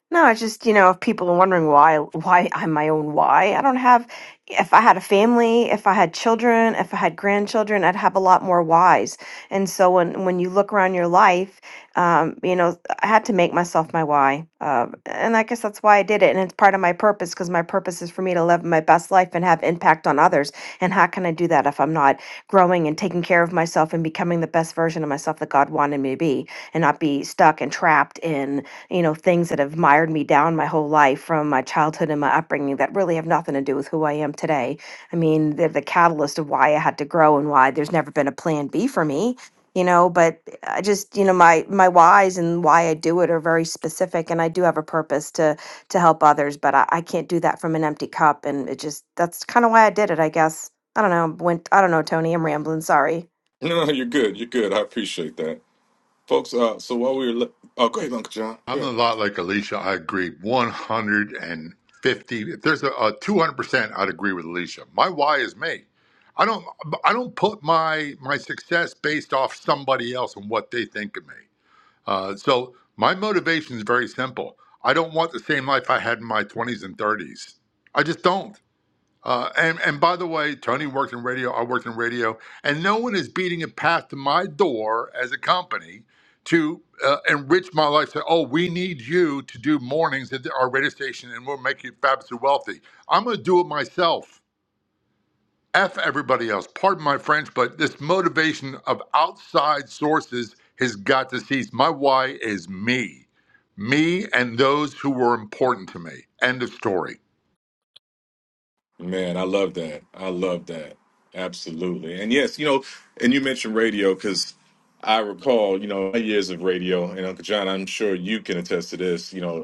[SPEAKER 26] No, it's just, you know, if people are wondering why why I'm my own why, I don't have if I had a family, if I had children, if I had grandchildren, I'd have a lot more whys. And so when when you look around your life, um, you know, I had to make myself my why. Uh, and I guess that's why I did it. And it's part of my purpose because my purpose is for me to live my best life and have impact on others. And how can I do that if I'm not growing and taking care of myself and becoming the best version of myself that God wanted me to be and not be stuck and trapped in you know, things that have mired me down my whole life from my childhood and my upbringing that really have nothing to do with who I am today. I mean, they're the catalyst of why I had to grow and why there's never been a plan B for me, you know, but I just, you know, my my whys and why I do it are very specific and I do have a purpose to to help others, but I, I can't do that from an empty cup and it just that's kind of why I did it, I guess. I don't know, went I don't know, Tony, I'm rambling, sorry.
[SPEAKER 25] No, no, you're good. You're good. I appreciate that, folks. Uh, so while we were, li- oh, go ahead, Uncle John.
[SPEAKER 27] I'm a
[SPEAKER 25] Good
[SPEAKER 27] lot like Alicia. I agree 150. If there's a, a 200%, I'd agree with Alicia. My why is me. I don't I don't put my my success based off somebody else and what they think of me. Uh, so my motivation is very simple. I don't want the same life I had in my 20s and 30s. I just don't. Uh, and, and by the way, Tony worked in radio, I worked in radio, and no one is beating a path to my door as a company to uh, enrich my life. Say, oh, we need you to do mornings at the- our radio station and we'll make you fabulously wealthy. I'm going to do it myself. F everybody else. Pardon my French, but this motivation of outside sources has got to cease. My why is me, me and those who were important to me. End of story.
[SPEAKER 25] man. I love that. I love that. Absolutely. And yes, you know, and you mentioned radio because I recall, you know, my years of radio, and Uncle John, I'm sure you can attest to this. You know,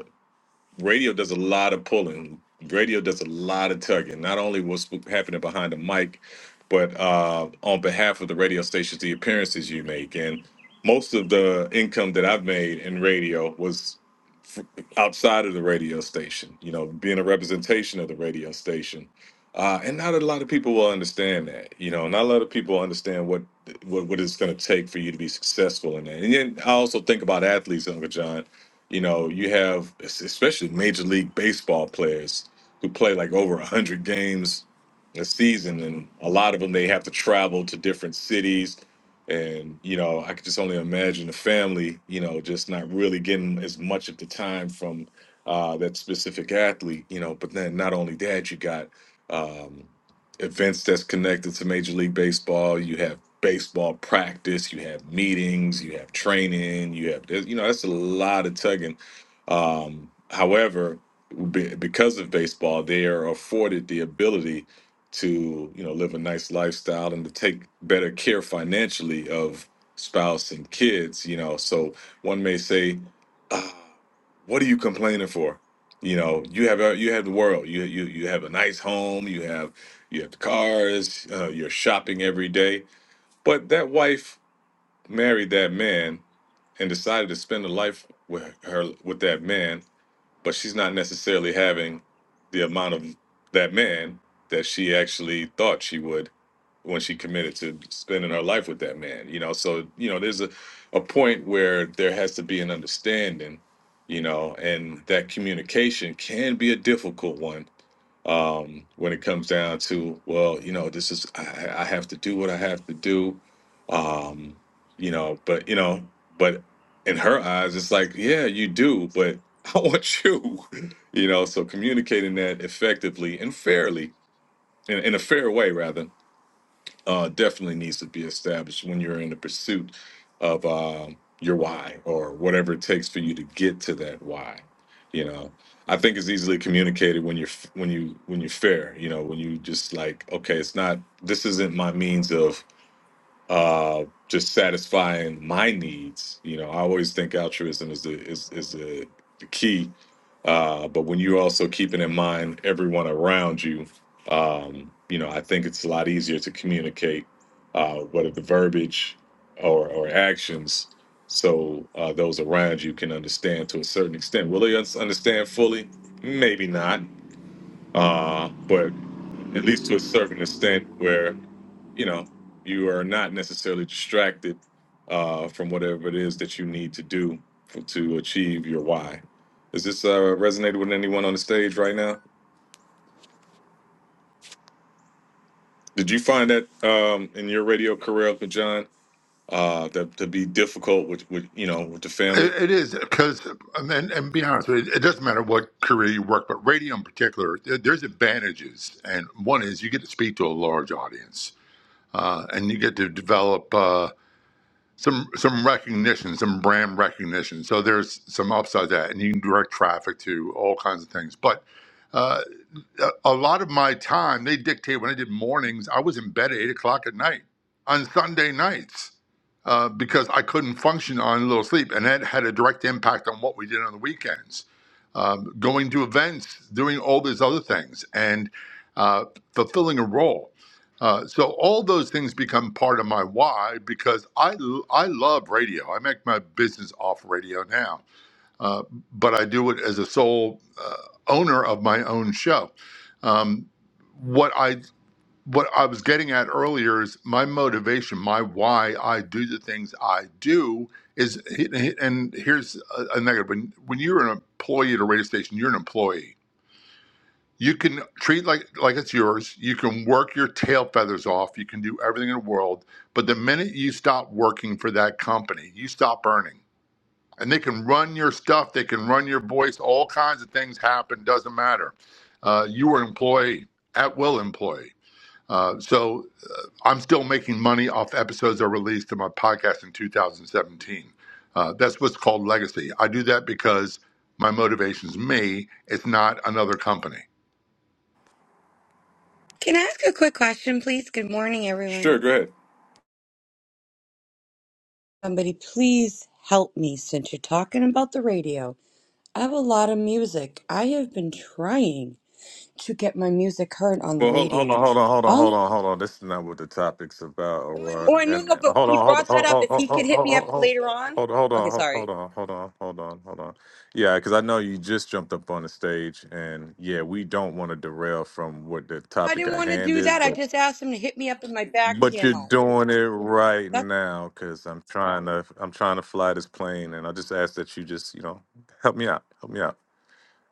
[SPEAKER 25] radio does a lot of pulling. Radio does a lot of tugging. Not only what's happening behind the mic, but uh, on behalf of the radio stations, the appearances you make, and most of the income that I've made in radio was outside of the radio station, you know, being a representation of the radio station. Uh, and not a lot of people will understand that, you know, not a lot of people understand what what, what it's going to take for you to be successful in that. And then I also think about athletes, Uncle John. You know, you have es- especially Major League Baseball players who play like over 100 games a season, and a lot of them they have to travel to different cities and you know i could just only imagine the family you know just not really getting as much at the time from uh, that specific athlete you know but then not only that you got um, events that's connected to major league baseball you have baseball practice you have meetings you have training you have you know that's a lot of tugging um, however be- because of baseball they are afforded the ability to you know live a nice lifestyle and to take better care financially of spouse and kids you know so one may say ah, what are you complaining for you know you have uh, you have the world you you you have a nice home you have you have the cars uh, you're shopping every day but that wife married that man and decided to spend a life with her with that man but she's not necessarily having the amount of that man that she actually thought she would when she committed to spending her life with that man you know so you know there's a, a point where there has to be an understanding you know and that communication can be a difficult one um, when it comes down to well you know this is I, I have to do what i have to do um, you know but you know but in her eyes it's like yeah you do but [LAUGHS] i want you [LAUGHS] you know so communicating that effectively and fairly in, in a fair way rather uh, definitely needs to be established when you're in the pursuit of uh, your why or whatever it takes for you to get to that why. You know, I think it's easily communicated when you're f- when you when you're fair. You know, when you just like, okay, it's not this isn't my means of uh, just satisfying my needs. You know, I always think altruism is the is is the, the key. Uh, but when you're also keeping in mind everyone around you, um, you know, I think it's a lot easier to communicate uh, whether the verbiage or or actions, so uh, those around you can understand to a certain extent. Will they un- understand fully? Maybe not. Uh, but at least to a certain extent, where you know you are not necessarily distracted uh, from whatever it is that you need to do for, to achieve your why. Is this uh, resonated with anyone on the stage right now? Did you find that um, in your radio career, Uncle John, uh, that to be difficult with, with you know with the family?
[SPEAKER 27] It, it is because, and, and be honest, with you, it doesn't matter what career you work, but radio in particular, there, there's advantages, and one is you get to speak to a large audience, uh, and you get to develop uh, some some recognition, some brand recognition. So there's some upside to that, and you can direct traffic to all kinds of things. But a, a lot of my time they dictate when I did mornings. I was in bed at eight o'clock at night on Sunday nights uh, because I couldn't function on a little sleep, and that had a direct impact on what we did on the weekends, um, going to events, doing all these other things, and uh, fulfilling a role. Uh, so all those things become part of my why because I I love radio. I make my business off radio now uh, but I do it as a sole uh, owner of my own show. Um, what I what I was getting at earlier is my motivation, my why I do the things I do is, and here's a, a negative: when when you're an employee at a radio station, you're an employee. You can treat like like it's yours. You can work your tail feathers off. You can do everything in the world, but the minute you stop working for that company, you stop earning and they can run your stuff, they can run your voice, all kinds of things happen, doesn't matter. Uh, you are an employee, at will employee. Uh, so uh, I'm still making money off episodes I released in my podcast in 2017. Uh, that's what's called legacy. I do that because my motivation is me, it's not another company.
[SPEAKER 28] Can I ask a quick question, please? Good morning,
[SPEAKER 25] Sure,
[SPEAKER 28] everyone.
[SPEAKER 25] go ahead.
[SPEAKER 28] Somebody, please help me since you're talking about the radio. I have a lot of music. I have been trying to get my music heard on the
[SPEAKER 25] Well, hold, hold
[SPEAKER 28] radio.
[SPEAKER 25] on, hold on, hold on, hold
[SPEAKER 28] All
[SPEAKER 25] on, hold on. This is not what the topic's about. Or, uh,
[SPEAKER 28] oh, I know,
[SPEAKER 25] and
[SPEAKER 28] no,
[SPEAKER 25] uh,
[SPEAKER 28] but when
[SPEAKER 25] hold
[SPEAKER 28] he
[SPEAKER 25] on, hold on,
[SPEAKER 28] brought
[SPEAKER 25] hold
[SPEAKER 28] that up,
[SPEAKER 25] on, hold
[SPEAKER 28] if he could hit me up
[SPEAKER 25] on,
[SPEAKER 28] later on.
[SPEAKER 25] hold on, hold
[SPEAKER 28] Okay,
[SPEAKER 25] on,
[SPEAKER 28] sorry.
[SPEAKER 25] hold on, hold on, hold on, hold on. Yeah, because I know you just jumped up on the stage, and yeah, we don't want to derail from what the
[SPEAKER 28] I
[SPEAKER 25] topic
[SPEAKER 28] didn't
[SPEAKER 25] at
[SPEAKER 28] want to
[SPEAKER 25] hand
[SPEAKER 28] do
[SPEAKER 25] is,
[SPEAKER 28] that. I
[SPEAKER 25] but
[SPEAKER 28] just asked him to hit me up in my back
[SPEAKER 25] but you're
[SPEAKER 28] channel.
[SPEAKER 25] doing it right
[SPEAKER 28] That's
[SPEAKER 25] now because I'm trying to I'm trying to fly this plane, and I just ask that you just you know help me out, help me out.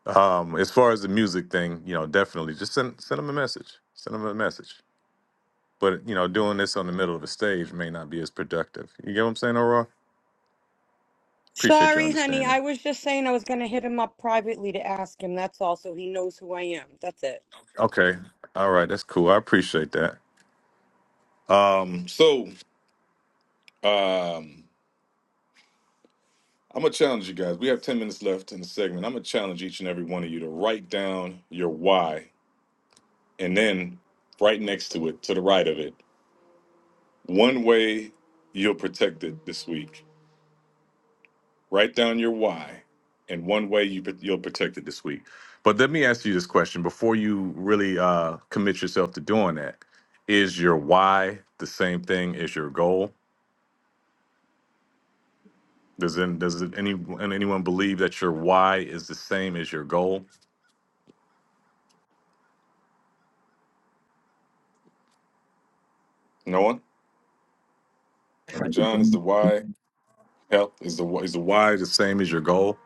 [SPEAKER 25] Um, as far as the music thing, you know, definitely just send send them a message, send them a message. But you know, doing this on the middle of the stage may not be as productive. You get what I'm saying, Aurora? Appreciate your
[SPEAKER 28] sorry, honey.
[SPEAKER 25] understanding.
[SPEAKER 28] I was just saying I was going to hit him up privately to ask him. That's all, so he knows who I am. That's it.
[SPEAKER 25] Okay. All right, that's cool. I appreciate that. Um, so um, I'm gonna challenge you guys. We have 10 minutes left in the segment. I'm gonna challenge each and every one of you to write down your why, and then right next to it, to the right of it, one way you'll protect it this week. Write down your why and one way you, you'll protect it this week. But let me ask you this question before you really uh, commit yourself to doing that. Is your why the same thing as your goal? Does any, does it any and anyone believe that your why is the same as your goal? No one. Uncle John is the why. Health is the is the why the same as your goal?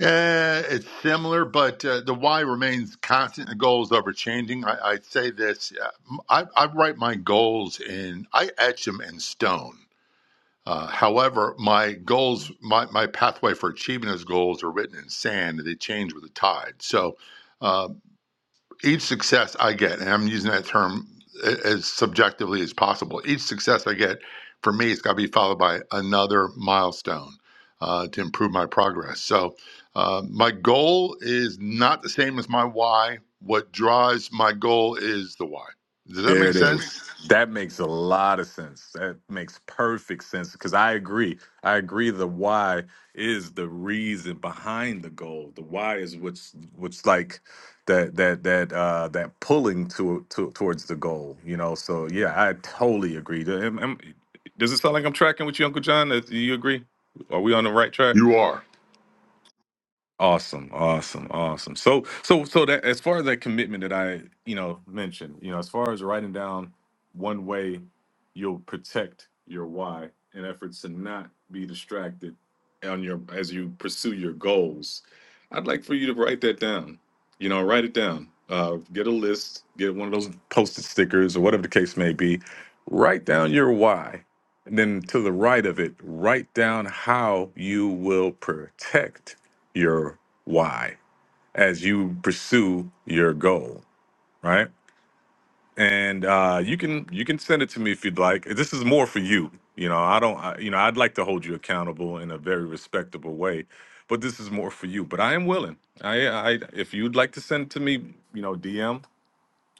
[SPEAKER 27] Uh, it's similar, but uh, the why remains constant. The goal is ever changing. I, I say this: uh, I, I write my goals in, I etch them in stone. Uh, however, my goals, my, my pathway for achieving those goals are written in sand and they change with the tide. So uh, each success I get, and I'm using that term as subjectively as possible, each success I get for me, it's got to be followed by another milestone uh, to improve my progress. So uh, my goal is not the same as my why. What drives my goal is the why. Does that
[SPEAKER 25] There
[SPEAKER 27] make
[SPEAKER 25] it
[SPEAKER 27] sense?
[SPEAKER 25] is. That makes a lot of sense. That makes perfect sense because I agree. I agree. The why is the reason behind the goal. The why is what's what's like that that that uh that pulling to, to towards the goal. You know. So yeah, I totally agree. Am- am- Does it sound like I'm tracking with you, Uncle John? Uh, Do you agree? Are we on the right track?
[SPEAKER 27] You are.
[SPEAKER 25] Awesome, awesome, awesome. So, so, so that as far as that commitment that I, you know, mentioned, you know, as far as writing down one way you'll protect your why in efforts to not be distracted on your as you pursue your goals, I'd like for you to write that down. You know, write it down. Uh, get a list, get one of those post-it stickers or whatever the case may be. Write down your why. And then to the right of it, write down how you will protect your why as you pursue your goal right and uh you can you can send it to me if you'd like this is more for you you know i don't I, you know i'd like to hold you accountable in a very respectable way but this is more for you but i am willing i i if you'd like to send it to me you know dm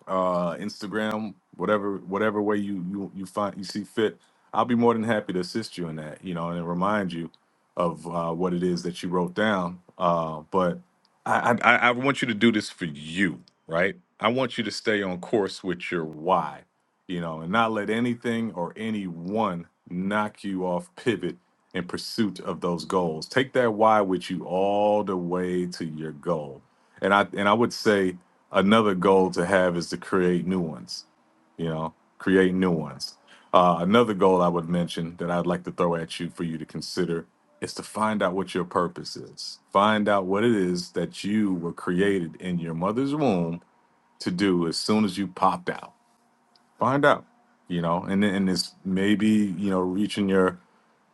[SPEAKER 25] uh, Instagram, whatever whatever way you you you find you see fit. I'll be more than happy to assist you in that, you know, and remind you of uh, what it is that you wrote down. Uh, but I, I I want you to do this for you, right? I want you to stay on course with your why, you know, and not let anything or anyone knock you off pivot in pursuit of those goals. Take that why with you all the way to your goal. And I and I would say another goal to have is to create new ones you know create new ones uh, another goal i would mention that i'd like to throw at you for you to consider is to find out what your purpose is find out what it is that you were created in your mother's womb to do as soon as you popped out find out you know and then and it's maybe you know reaching your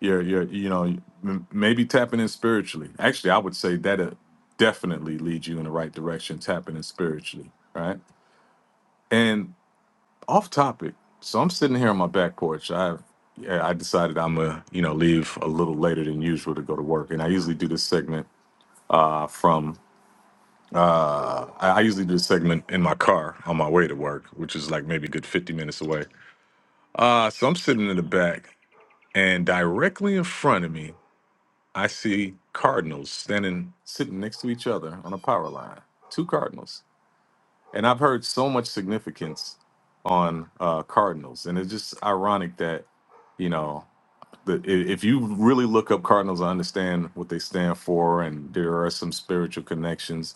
[SPEAKER 25] your your you know m- maybe tapping in spiritually actually i would say that uh, definitely leads you in the right direction tapping in spiritually right and off topic, so I'm sitting here on my back porch. I yeah, I decided I'm gonna you know leave a little later than usual to go to work, and I usually do this segment uh, from uh, I I usually do this segment in my car on my way to work, which is like maybe a good 50 minutes away. Uh, so I'm sitting in the back, and directly in front of me, I see cardinals standing sitting next to each other on a power line. Two cardinals and I've heard so much significance on uh, Cardinals, and it's just ironic that you know the, i- if you really look up Cardinals, I understand what they stand for, and there are some spiritual connections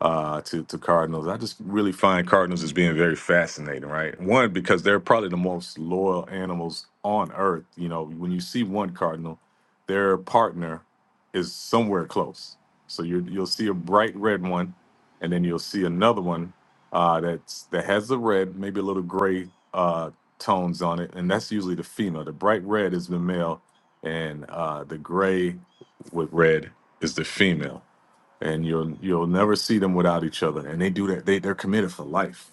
[SPEAKER 25] uh, to to Cardinals. I just really find Cardinals as being very fascinating, right? One because they're probably the most loyal animals on earth. You know, when you see one cardinal, their partner is somewhere close. So you you'll see a bright red one, and then you'll see another one uh, that's that has the red, maybe a little gray uh, tones on it, and that's usually the female. The bright red is the male, and uh, the gray with red is the female and you'll you'll never see them without each other. And they do that. They they're committed for life.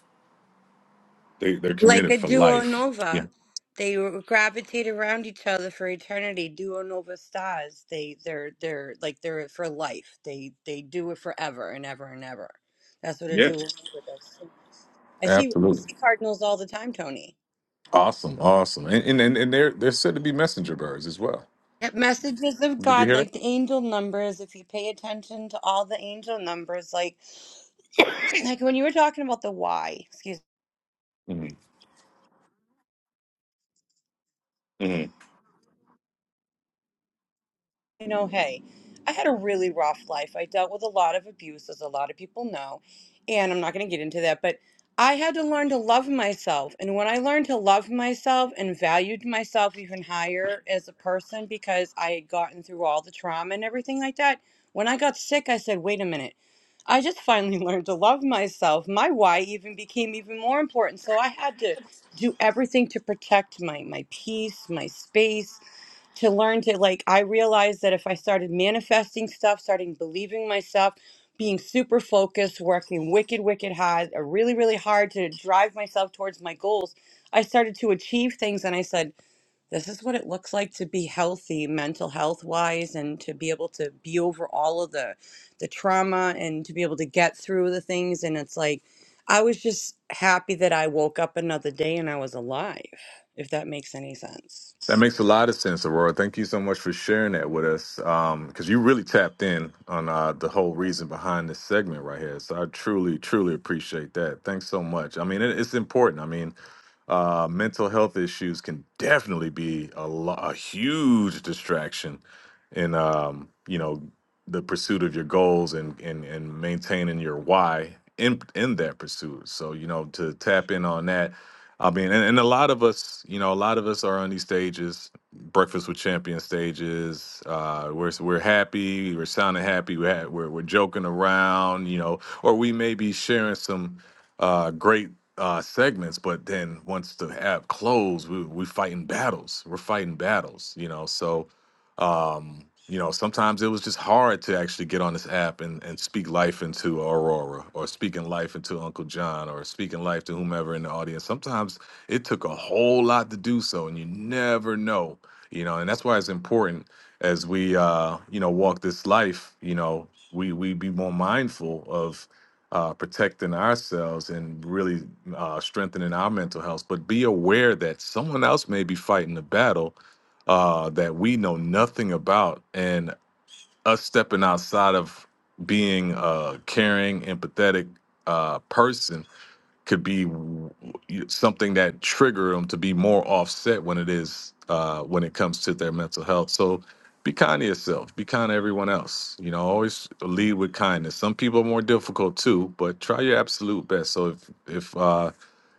[SPEAKER 25] They they're
[SPEAKER 28] Like
[SPEAKER 25] committed
[SPEAKER 28] a
[SPEAKER 25] for
[SPEAKER 28] duo
[SPEAKER 25] life. Yeah.
[SPEAKER 28] nova, they gravitate around each other for eternity. Duo nova stars. They they're they're like they're for life. They they do it forever and ever and ever. That's what a
[SPEAKER 25] Yeah.
[SPEAKER 28] duo nova does. I see I
[SPEAKER 25] Absolutely.
[SPEAKER 28] see cardinals all the time, Tony.
[SPEAKER 25] Awesome. Awesome. And and and, and they're they're said to be messenger birds as well.
[SPEAKER 28] Get Messages of
[SPEAKER 25] Did you
[SPEAKER 28] God,
[SPEAKER 25] hear
[SPEAKER 28] like the
[SPEAKER 25] that?
[SPEAKER 28] angel numbers. If you pay attention to all the angel numbers, like [COUGHS] like when you were talking about the why, excuse
[SPEAKER 25] Mhm.
[SPEAKER 28] you know, hey, I had a really rough life. I dealt with a lot of abuse, as a lot of people know, and I'm not going to get into that, but I had to learn to love myself. And when I learned to love myself and valued myself even higher as a person because I had gotten through all the trauma and everything like that, when I got sick, I said, wait a minute. I just [LAUGHS] finally learned to love myself. My why even became even more important. So I had to do everything to protect my my peace, my space, to learn to like I realized that if I started manifesting stuff, starting believing myself, being super focused, working wicked, wicked hard, uh, really, really hard to drive myself towards my goals, I started to achieve things and I said, this is what it looks like to be healthy mental health wise and to be able to be over all of the the trauma and to be able to get through the things and it's like I was just happy that I woke up another day and I was alive, if that makes any sense.
[SPEAKER 25] That makes a lot of sense, Aurora. Thank you so much for sharing that with us, because you really tapped in on uh, the whole reason behind this segment right here. So I truly, truly appreciate that. Thanks so much. I mean, it, it's important. I mean, uh, mental health issues can definitely be a, lo- a huge distraction in, um, you know, the pursuit of your goals and and, and maintaining your why in in that pursuit. So you know, to tap in on that I mean, and, and a lot of us, you know, a lot of us are on these stages, breakfast with champion stages. Uh, we're we're happy, we're sounding happy, we're ha- we're, we're joking around, you know, or we may be sharing some uh, great uh, segments. But then once the app closed, we we fighting battles. We're fighting battles, you know. So um, you know, sometimes it was just hard to actually get on this app and, and speak life into Aurora or speaking life into Uncle John or speaking life to whomever in the audience. Sometimes it took a whole lot to do so, and you never know, you know, and that's why it's important as we, uh, you know, walk this life, you know, we, we be more mindful of uh, protecting ourselves and really uh, strengthening our mental health, but be aware that someone else may be fighting the battle uh, that we know nothing about, and us stepping outside of being a caring, empathetic uh, person could be w- w- something that trigger them to be more offset when it is uh, when it comes to their mental health. So be kind to yourself. Be kind to everyone else. You know, always lead with kindness. Some people are more difficult too, but try your absolute best. So if if uh,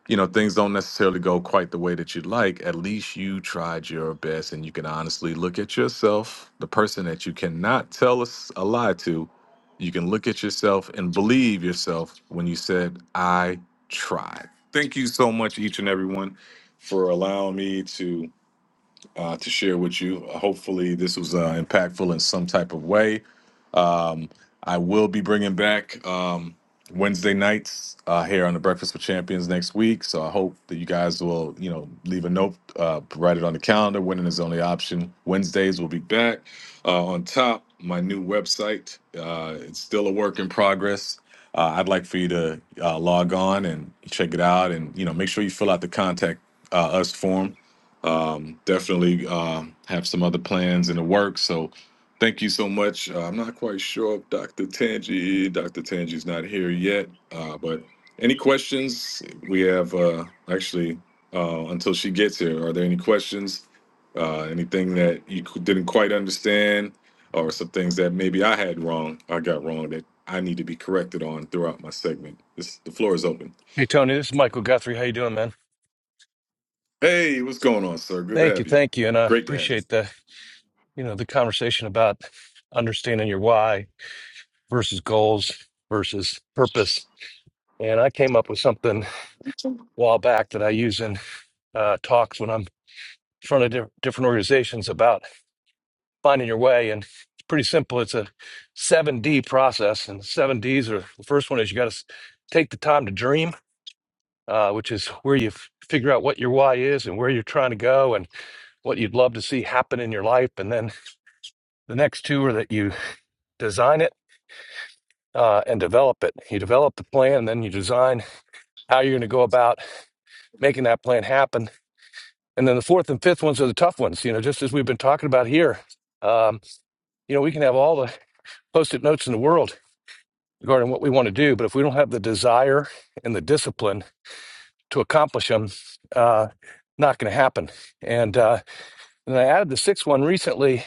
[SPEAKER 25] you know things don't necessarily go quite the way that you'd like at least you tried your best and you can honestly look at yourself the person that you cannot tell us a s- a lie to you can look at yourself and believe yourself when you said i tried thank you so much each and everyone for allowing me to uh, to share with you hopefully this was uh, impactful in some type of way um, I will be bringing back um, Wednesday nights uh, here on the Breakfast with Champions next week. So I hope that you guys will, you know, leave a note, uh, write it on the calendar. Winning is the only option. Wednesdays will be back. Uh, on top, my new website. Uh, it's still a work in progress. Uh, I'd like for you to uh, log on and check it out, and you know, make sure you fill out the contact uh, us form. Um, definitely uh, have some other plans in the works. So Thank you so much. Uh, I'm not quite sure if Dr. Tangi, Dr. Tangi's not here yet, uh, but any questions? We have uh, actually uh, until she gets here. Are there any questions? Uh, anything that you cou- didn't quite understand, or some things that maybe I had wrong, I got wrong that I need to be corrected on throughout my segment? This, the floor is open.
[SPEAKER 29] Hey Tony, this is Michael Guthrie. How you doing, man?
[SPEAKER 25] Hey, what's going on, sir? Good to
[SPEAKER 29] Thank you,
[SPEAKER 25] have you.
[SPEAKER 29] thank you, and I
[SPEAKER 25] Great to have you.
[SPEAKER 29] appreciate the you know the conversation about understanding your why versus goals versus purpose. And I came up with something a while back that I use in uh, talks when I'm in front of di- different organizations about finding your way. And it's pretty simple. It's a seven D process, and seven Ds are the first one is you got to take the time to dream, uh, which is where you f- figure out what your why is and where you're trying to go, and what you'd love to see happen in your life. And then the next two are that you design it uh, and develop it. You develop the plan, and then you design how you're going to go about making that plan happen. And then the fourth and fifth ones are the tough ones. You know, just as we've been talking about here, um, you know, we can have all the post-it notes in the world regarding what we want to do, but if we don't have the desire and the discipline to accomplish them, uh, not going to happen. And uh, and I added the sixth one recently,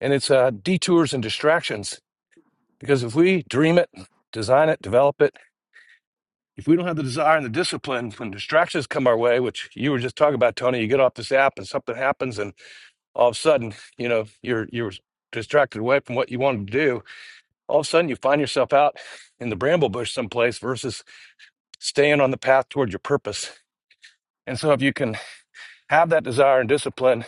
[SPEAKER 29] and it's uh, detours and distractions Because if we dream it, design it, develop it, if we don't have the desire and the discipline, when distractions come our way, which you were just talking about, Tony, you get off this app and something happens, and all of a sudden, you know, you're you're distracted away from what you wanted to do. All of a sudden, you find yourself out in the bramble bush someplace versus staying on the path toward your purpose. And so, if you can have that desire and discipline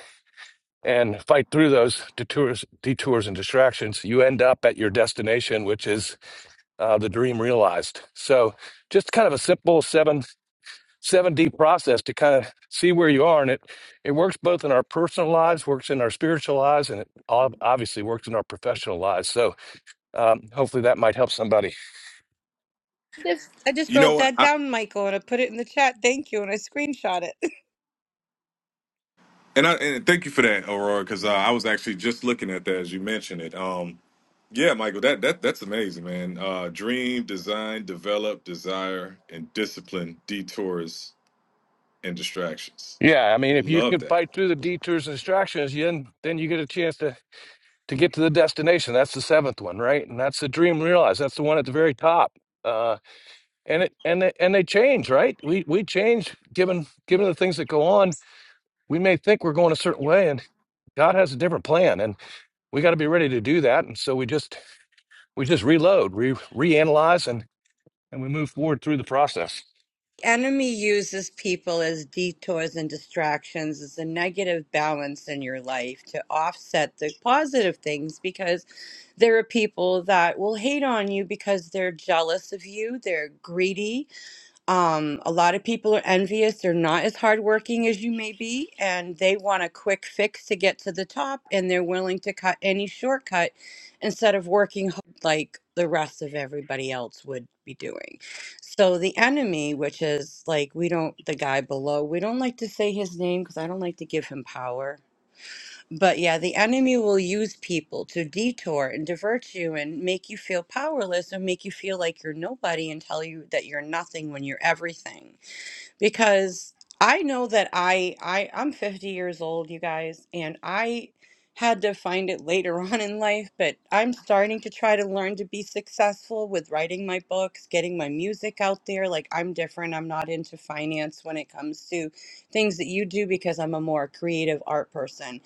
[SPEAKER 29] and fight through those detours, detours and distractions, you end up at your destination, which is uh, the dream realized. So just kind of a simple seven seven D process to kind of see where you are, and it it works both in our personal lives, works in our spiritual lives, and it ob- obviously works in our professional lives. So um, hopefully that might help somebody.
[SPEAKER 28] Just, I just
[SPEAKER 25] You know
[SPEAKER 28] wrote
[SPEAKER 25] what?
[SPEAKER 28] that
[SPEAKER 25] I,
[SPEAKER 28] down, Michael, and I put it in the chat. Thank you, and I screenshot it.
[SPEAKER 25] And I and thank you for that, Aurora, because uh, I was actually just looking at that as you mentioned it. Um, yeah, Michael, that that that's amazing, man. Uh, dream, design, develop, desire, and discipline, detours and distractions.
[SPEAKER 29] Yeah, I mean, if you
[SPEAKER 25] Love
[SPEAKER 29] can
[SPEAKER 25] that.
[SPEAKER 29] fight through the detours and distractions, then then you get a chance to to get to the destination. That's the seventh one, right? And that's the dream realized. That's the one at the very top. Uh, and it and they, and they change, right? We we change given given the things that go on. We may think we're going a certain way, and God has a different plan, and we got to be ready to do that. And so we just we just reload, we reanalyze, and and we move forward through the process.
[SPEAKER 28] [LAUGHS] Enemy uses people as detours and distractions as a negative balance in your life to offset the positive things because there are people that will hate on you because they're jealous of you, they're greedy, Um, a lot of people are envious. They're not as hardworking as you may be, and they want a quick fix to get to the top, and they're willing to cut any shortcut instead of working hard like the rest of everybody else would be doing. So, the enemy, which is like we don't, the guy below, we don't like to say his name because I don't like to give him power. But yeah, the enemy will use people to detour and divert you and make you feel powerless and make you feel like you're nobody and tell you that you're nothing when you're everything. Because I know that I I I'm 50 years old, you guys, and I had to find it later [LAUGHS] on in life, but I'm starting to try to learn to be successful with writing my books, getting my music out there. Like I'm different. I'm not into finance when it comes to things that you do because I'm a more creative art person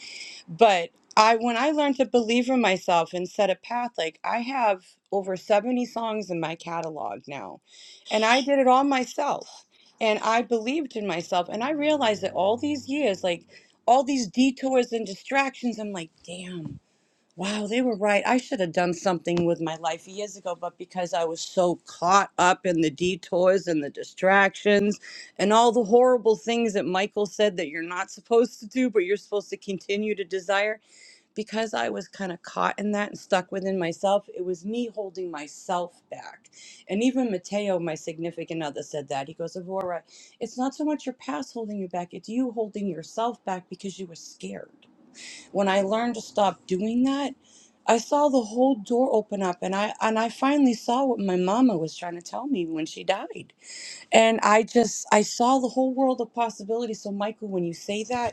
[SPEAKER 28] but I when I learned to believe in myself and set a path, like I have over 70 songs in my catalog now. And I did it all myself. And I believed in myself and I realized that all these years, like all these detours and distractions, I'm like, damn. Wow, they were right. I should have done something with my life years ago, but because I was so caught up in the detours and the distractions and all the horrible things that Michael said that you're not supposed to do, but you're supposed to continue to desire, because I was kind of caught in that and stuck within myself, it was me holding myself back. And even Mateo, my significant other, said that. He goes, Evora, it's not so much your past holding you back, it's you holding yourself back because you were scared when I learned to stop doing that, I saw the whole door open up and I and I finally saw what my mama was trying to tell me when she died. And I just I saw the whole world of possibilities. So Michael, when you say that,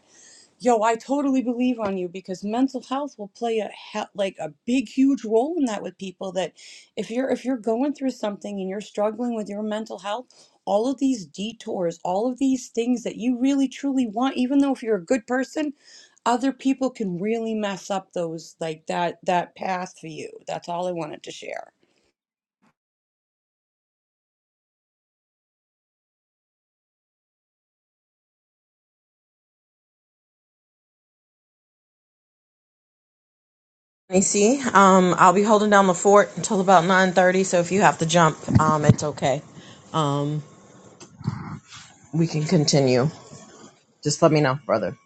[SPEAKER 28] Yo, I totally believe on you because mental health will play a he- like a big, huge role in that with people. That if you're if you're going through something and you're struggling with your mental health, all of these detours, all of these things that you really truly want, even though if you're a good person, other people can really mess up those like that that path for you. That's all I wanted to share.
[SPEAKER 14] I see. um, I'll be holding down the fort until about nine thirty. So if you have to jump, um, it's okay. Um, we can continue. Just let me know, brother.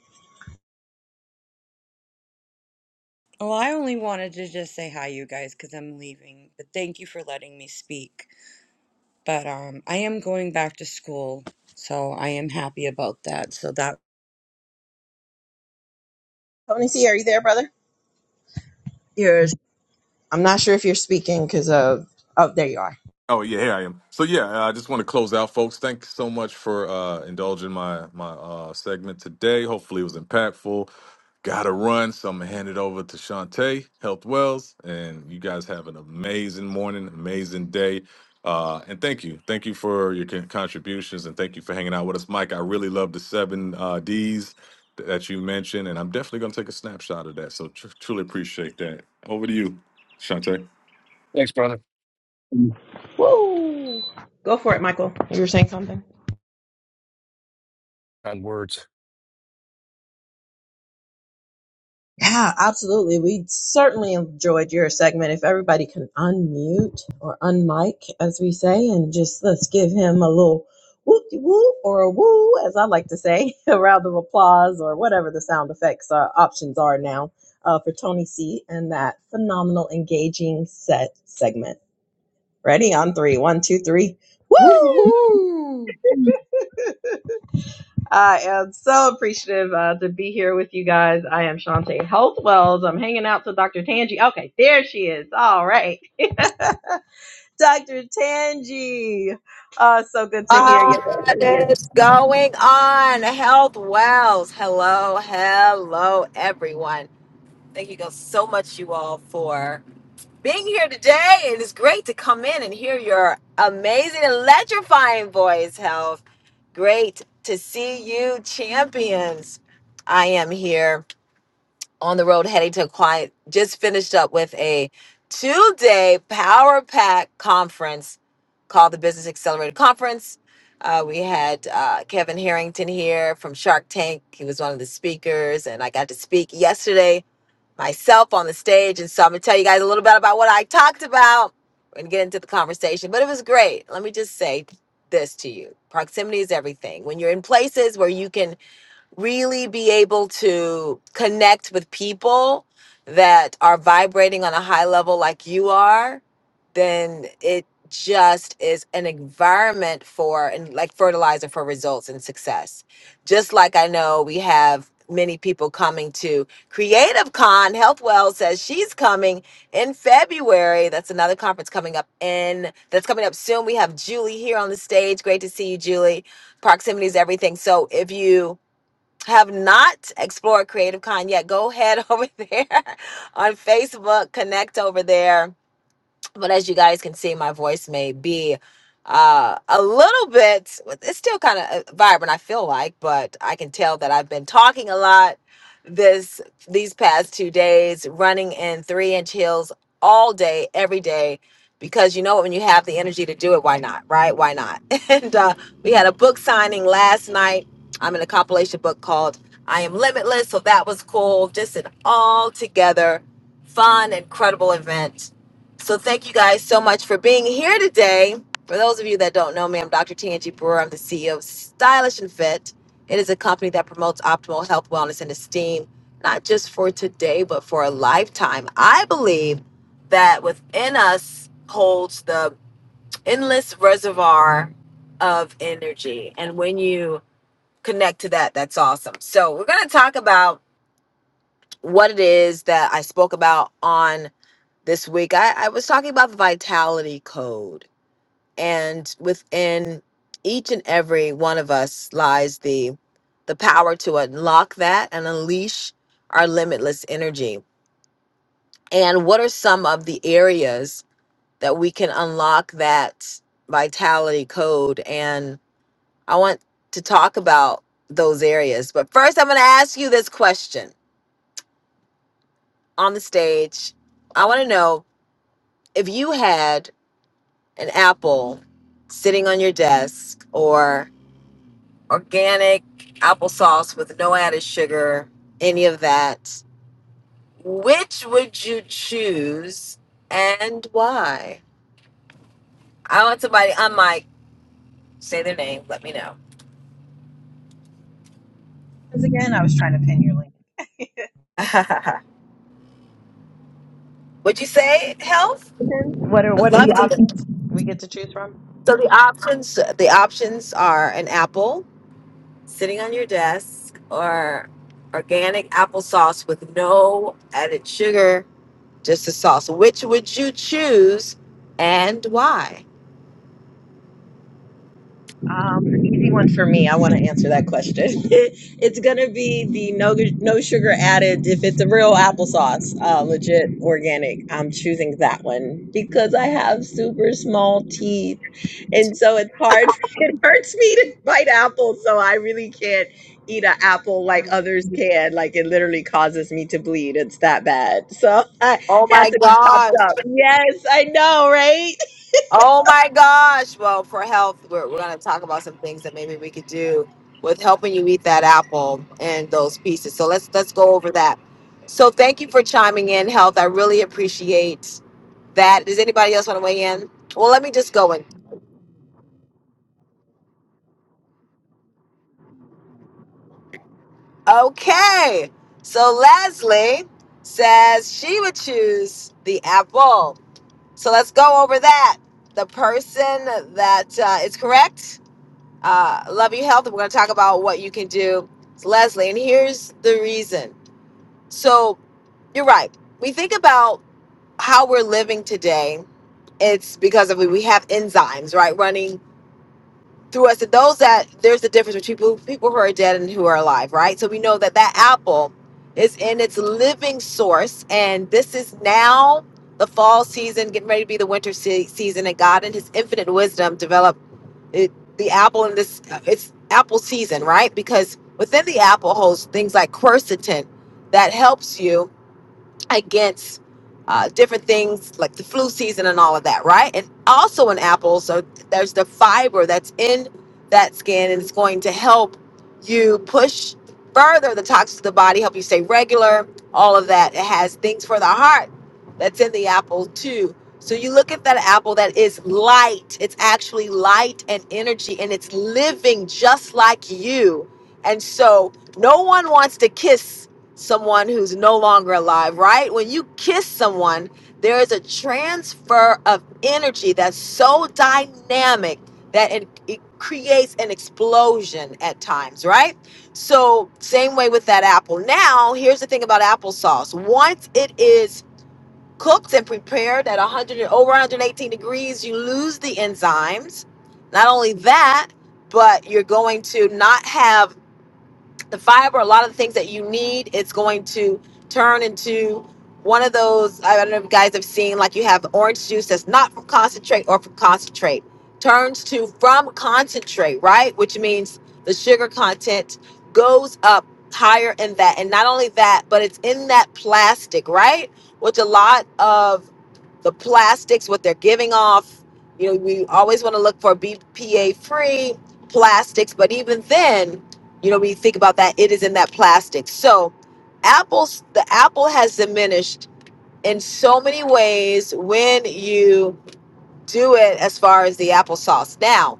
[SPEAKER 28] Well, I only wanted to just say hi, you guys, because I'm leaving. But thank you for letting me speak. but um, I am going back to school, so I am happy about that. So that
[SPEAKER 14] Tony C, are you there, brother? Yours. I'm not sure if you're speaking because of. Oh, there you are.
[SPEAKER 25] Oh yeah, here I am. So yeah, uh, I just want to close out, folks. Thanks so much for uh, indulging my my uh, segment today. Hopefully, it was impactful. Got to run, so I'm gonna hand it over to Shantae Health Wells, and you guys have an amazing morning, amazing day. Uh, and thank you, thank you for your con- contributions, and thank you for hanging out with us, Mike. I really love the seven uh, D's th- that you mentioned, and I'm definitely gonna take a snapshot of that. So tr- truly appreciate that. Over to you, Shantae.
[SPEAKER 29] Thanks, brother.
[SPEAKER 14] Woo! Go, go. Saying something?
[SPEAKER 29] Kind words.
[SPEAKER 14] Yeah, absolutely. We certainly enjoyed your segment. If everybody can unmute or unmic, as we say, and just let's give him a little whoop whoop or a woo, as I like to say, [LAUGHS] a round of applause or whatever the sound effects uh, options are now uh, for Tony C and that phenomenal, engaging set segment. Ready on three, one, two, three. Woo!
[SPEAKER 30] Woohoo!
[SPEAKER 14] I am so appreciative uh, to be here with you guys. I am Shantae Health Wells. I'm hanging out to Dr. Tanji. Okay, there she is. All right. Dr. Tanji. Uh, so good to hear you.
[SPEAKER 31] What
[SPEAKER 14] Yes.
[SPEAKER 31] is going on? Health Wells. Hello, hello, everyone. Thank you guys so much, you all, for being here today. It is great to come in and hear your amazing, electrifying voice, Health. Great to see you, champions. I am here on the road heading to a client. Just finished up with a two day Power Pack conference called the Business Accelerator Conference. Uh, we had uh, Kevin Harrington here from Shark Tank. He was one of the speakers, and I got to speak yesterday myself on the stage. And so I'm going to tell you guys a little bit about what I talked about and get into the conversation. But it was great. Let me just say this to you proximity is everything. When you're in places where you can really be able to connect with people that are vibrating on a high level like you are, then it just is an environment for and like fertilizer for results and success. Just like I know we have many people coming to Creative Con. Health Well says she's coming in February. That's another conference coming up in that's coming up soon. We have Julie here on the stage. Great to see you, Julie. Proximity is everything. So if you have not explored Creative Con yet, go head over there [LAUGHS] on Facebook, connect over there but as you guys can see, my voice may be uh, a little bit, it's still kind of vibrant, I feel like, but I can tell that I've been talking a lot this these past two days, running in three inch heels all day, every day, because you know what, when you have the energy to do it, why not, right? Why not? [LAUGHS] And uh, we had a book signing last night. I'm in a compilation book called I Am Limitless, so that was cool. Just an all together fun, incredible event so thank you guys so much for being here today. For those of you that don't know me, I'm Dr. Tanji Brewer. I'm the CEO of Stylish and Fit. It is a company that promotes optimal health, wellness, and esteem, not just for today, but for a lifetime. I believe that within us holds the endless reservoir of energy. And when you connect to that, that's awesome. So we're going to talk about what it is that I spoke about on this week. I, I was talking about the vitality code, and within each and every one of us lies the the power to unlock that and unleash our limitless energy. And what are some of the areas that we can unlock that vitality code? And I want to talk about those areas. But first, I'm going to ask you this question on the stage. I want to know if you had an apple sitting on your desk or organic applesauce with no added sugar, any of that, which would you choose and why? I want somebody, I'm Mike, say their name, let me know.
[SPEAKER 14] Again, I was trying to pin your link.
[SPEAKER 31] [LAUGHS] would you say health?
[SPEAKER 14] What are
[SPEAKER 31] Would
[SPEAKER 14] what are the
[SPEAKER 31] love to. hear.
[SPEAKER 14] options we get to choose from?
[SPEAKER 31] So the options, the options are an apple sitting on your desk or organic applesauce with no added sugar Just the sauce. Which would you choose and why?
[SPEAKER 14] Um, an easy one for me. I want to answer that question. [LAUGHS] it's gonna be the no no sugar added. If it's a real applesauce, uh, legit organic, I'm choosing that one because I have super small teeth, and so it's hard. [LAUGHS] It hurts me to bite apples, so I really can't eat an apple like others can. Like it literally causes me to bleed. It's that bad. So [LAUGHS] it
[SPEAKER 31] Oh
[SPEAKER 14] has
[SPEAKER 31] my
[SPEAKER 14] to be chopped
[SPEAKER 31] gosh.
[SPEAKER 14] up. Yes, I know, right?
[SPEAKER 31] Oh my gosh. Well, for health, we're, we're going to talk about some things that maybe we could do with helping you eat that apple and those pieces. So let's let's go over that. So thank you for chiming in, health. I really appreciate that. Does anybody else want to weigh in? Well, let me just go in. Okay. So Leslie says she would choose the apple So let's go over that. The person that uh, is correct, uh, Love You Health, we're going to talk about what you can do. It's Leslie, and here's the reason. So you're right. We think about how we're living today. It's because of we have enzymes, right, running through us to those that there's a difference between people, people who are dead and who are alive, right? So we know that that apple is in its living source, and this is now the fall season, getting ready to be the winter se- season, and God in His infinite wisdom developed it, the apple in this uh, it's apple season, right? Because within the apple holds things like quercetin that helps you against uh, different things like the flu season and all of that, right? And also in apples, so there's the fiber that's in that skin and it's going to help you push further the toxins of the body, help you stay regular, all of that. It has things for the heart that's in the apple too. So you look at that apple that is light. It's actually light and energy and it's living just like you. And so no one wants to kiss someone who's no longer alive, right? When you kiss someone, there is a transfer of energy that's so dynamic that it, it creates an explosion at times, right? So, same way with that apple. Now, here's the thing about applesauce once it is cooked and prepared at 100 and over 118 degrees, you lose the enzymes. Not only that, but you're going to not have the fiber, a lot of the things that you need, it's going to turn into one of those. I don't know if you guys have seen, like you have orange juice that's not from concentrate or from concentrate, turns to from concentrate, right? Which means the sugar content goes up higher in that. And not only that, but it's in that plastic, right? Which a lot of the plastics, what they're giving off, you know, we always want to look for BPA free plastics, but even then, you know, when you think about that, it is in that plastic. So, apples, the apple has diminished in so many ways when you do it as far as the applesauce. Now,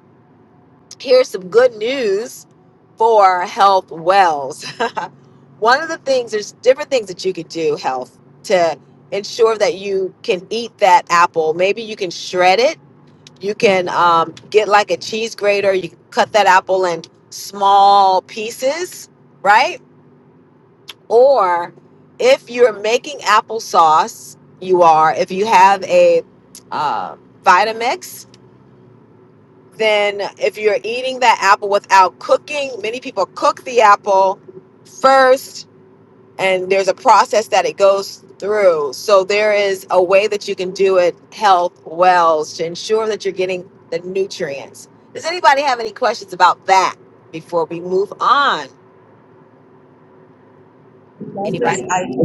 [SPEAKER 31] here's some good news for health wells. [LAUGHS] One of the things, there's different things that you could do, health, to ensure that you can eat that apple. Maybe you can shred it. You can um, get like a cheese grater. You can cut that apple in small pieces, right? Or if you're making applesauce, you are. If you have a uh, Vitamix, then if you're eating that apple without cooking, many people cook the apple first, and there's a process that it goes through. So there is a way that you can do it health wells to ensure that you're getting the nutrients. Does anybody have any questions about that before we move on?
[SPEAKER 14] That's
[SPEAKER 31] Anybody?
[SPEAKER 14] just- I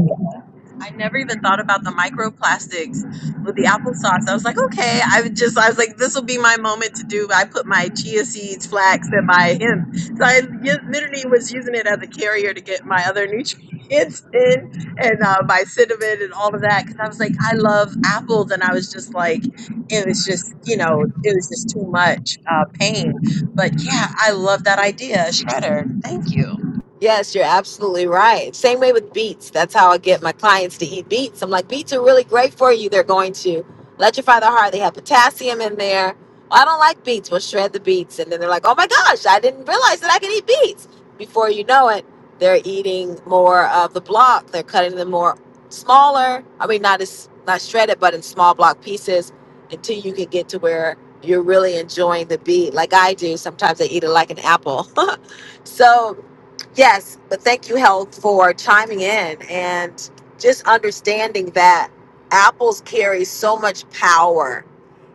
[SPEAKER 14] I never even thought about the microplastics with the applesauce. I was like, okay, I would just, I was like, this will be my moment to do. I put my chia seeds, flax, and my hemp. So I y- literally was using it as a carrier to get my other nutrients [LAUGHS] in and uh, my cinnamon and all of that. Cause I was like, I love apples. And I was just like, it was just, you know, it was just too much uh, pain. But yeah, I love that idea, Shredder. Thank you.
[SPEAKER 31] Yes, you're absolutely right. Same way with beets. That's how I get my clients to eat beets. I'm like, beets are really great for you. They're going to electrify the heart. They have potassium in there. "Well, I don't like beets. We'll shred the beets. And then they're like, oh my gosh, I didn't realize that I could eat beets. Before you know it, they're eating more of the block. They're cutting them more smaller. I mean, not as not shredded, but in small block pieces until you can get to where you're really enjoying the beet. Like I do. Sometimes I eat it like an apple. [LAUGHS] So Yes, but thank you, Health, for chiming in and just understanding that apples carry so much power.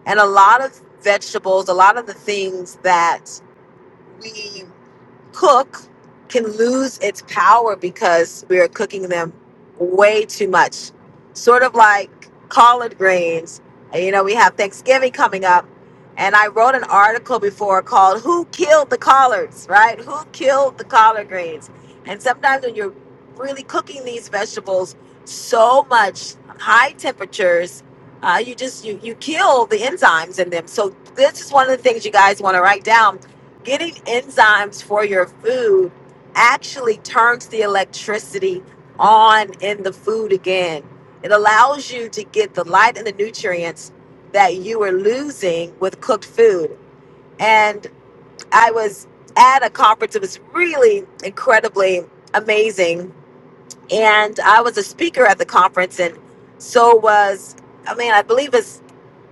[SPEAKER 31] And a lot of vegetables, a lot of the things that we cook can lose its power because we are cooking them way too much. Sort of like collard greens. You know, we have Thanksgiving coming up, and I wrote an article before called Who Killed the Collards, right? Who Killed the Collard Greens? And sometimes when you're really cooking these vegetables so much high temperatures, uh, you just you you kill the enzymes in them. So this is one of the things you guys want to write down getting enzymes for your food actually turns the electricity on in the food again. It allows you to get the light and the nutrients that you were losing with cooked food. And I was at a conference, it was really incredibly amazing. And I was a speaker at the conference, and so was, I mean, I believe it's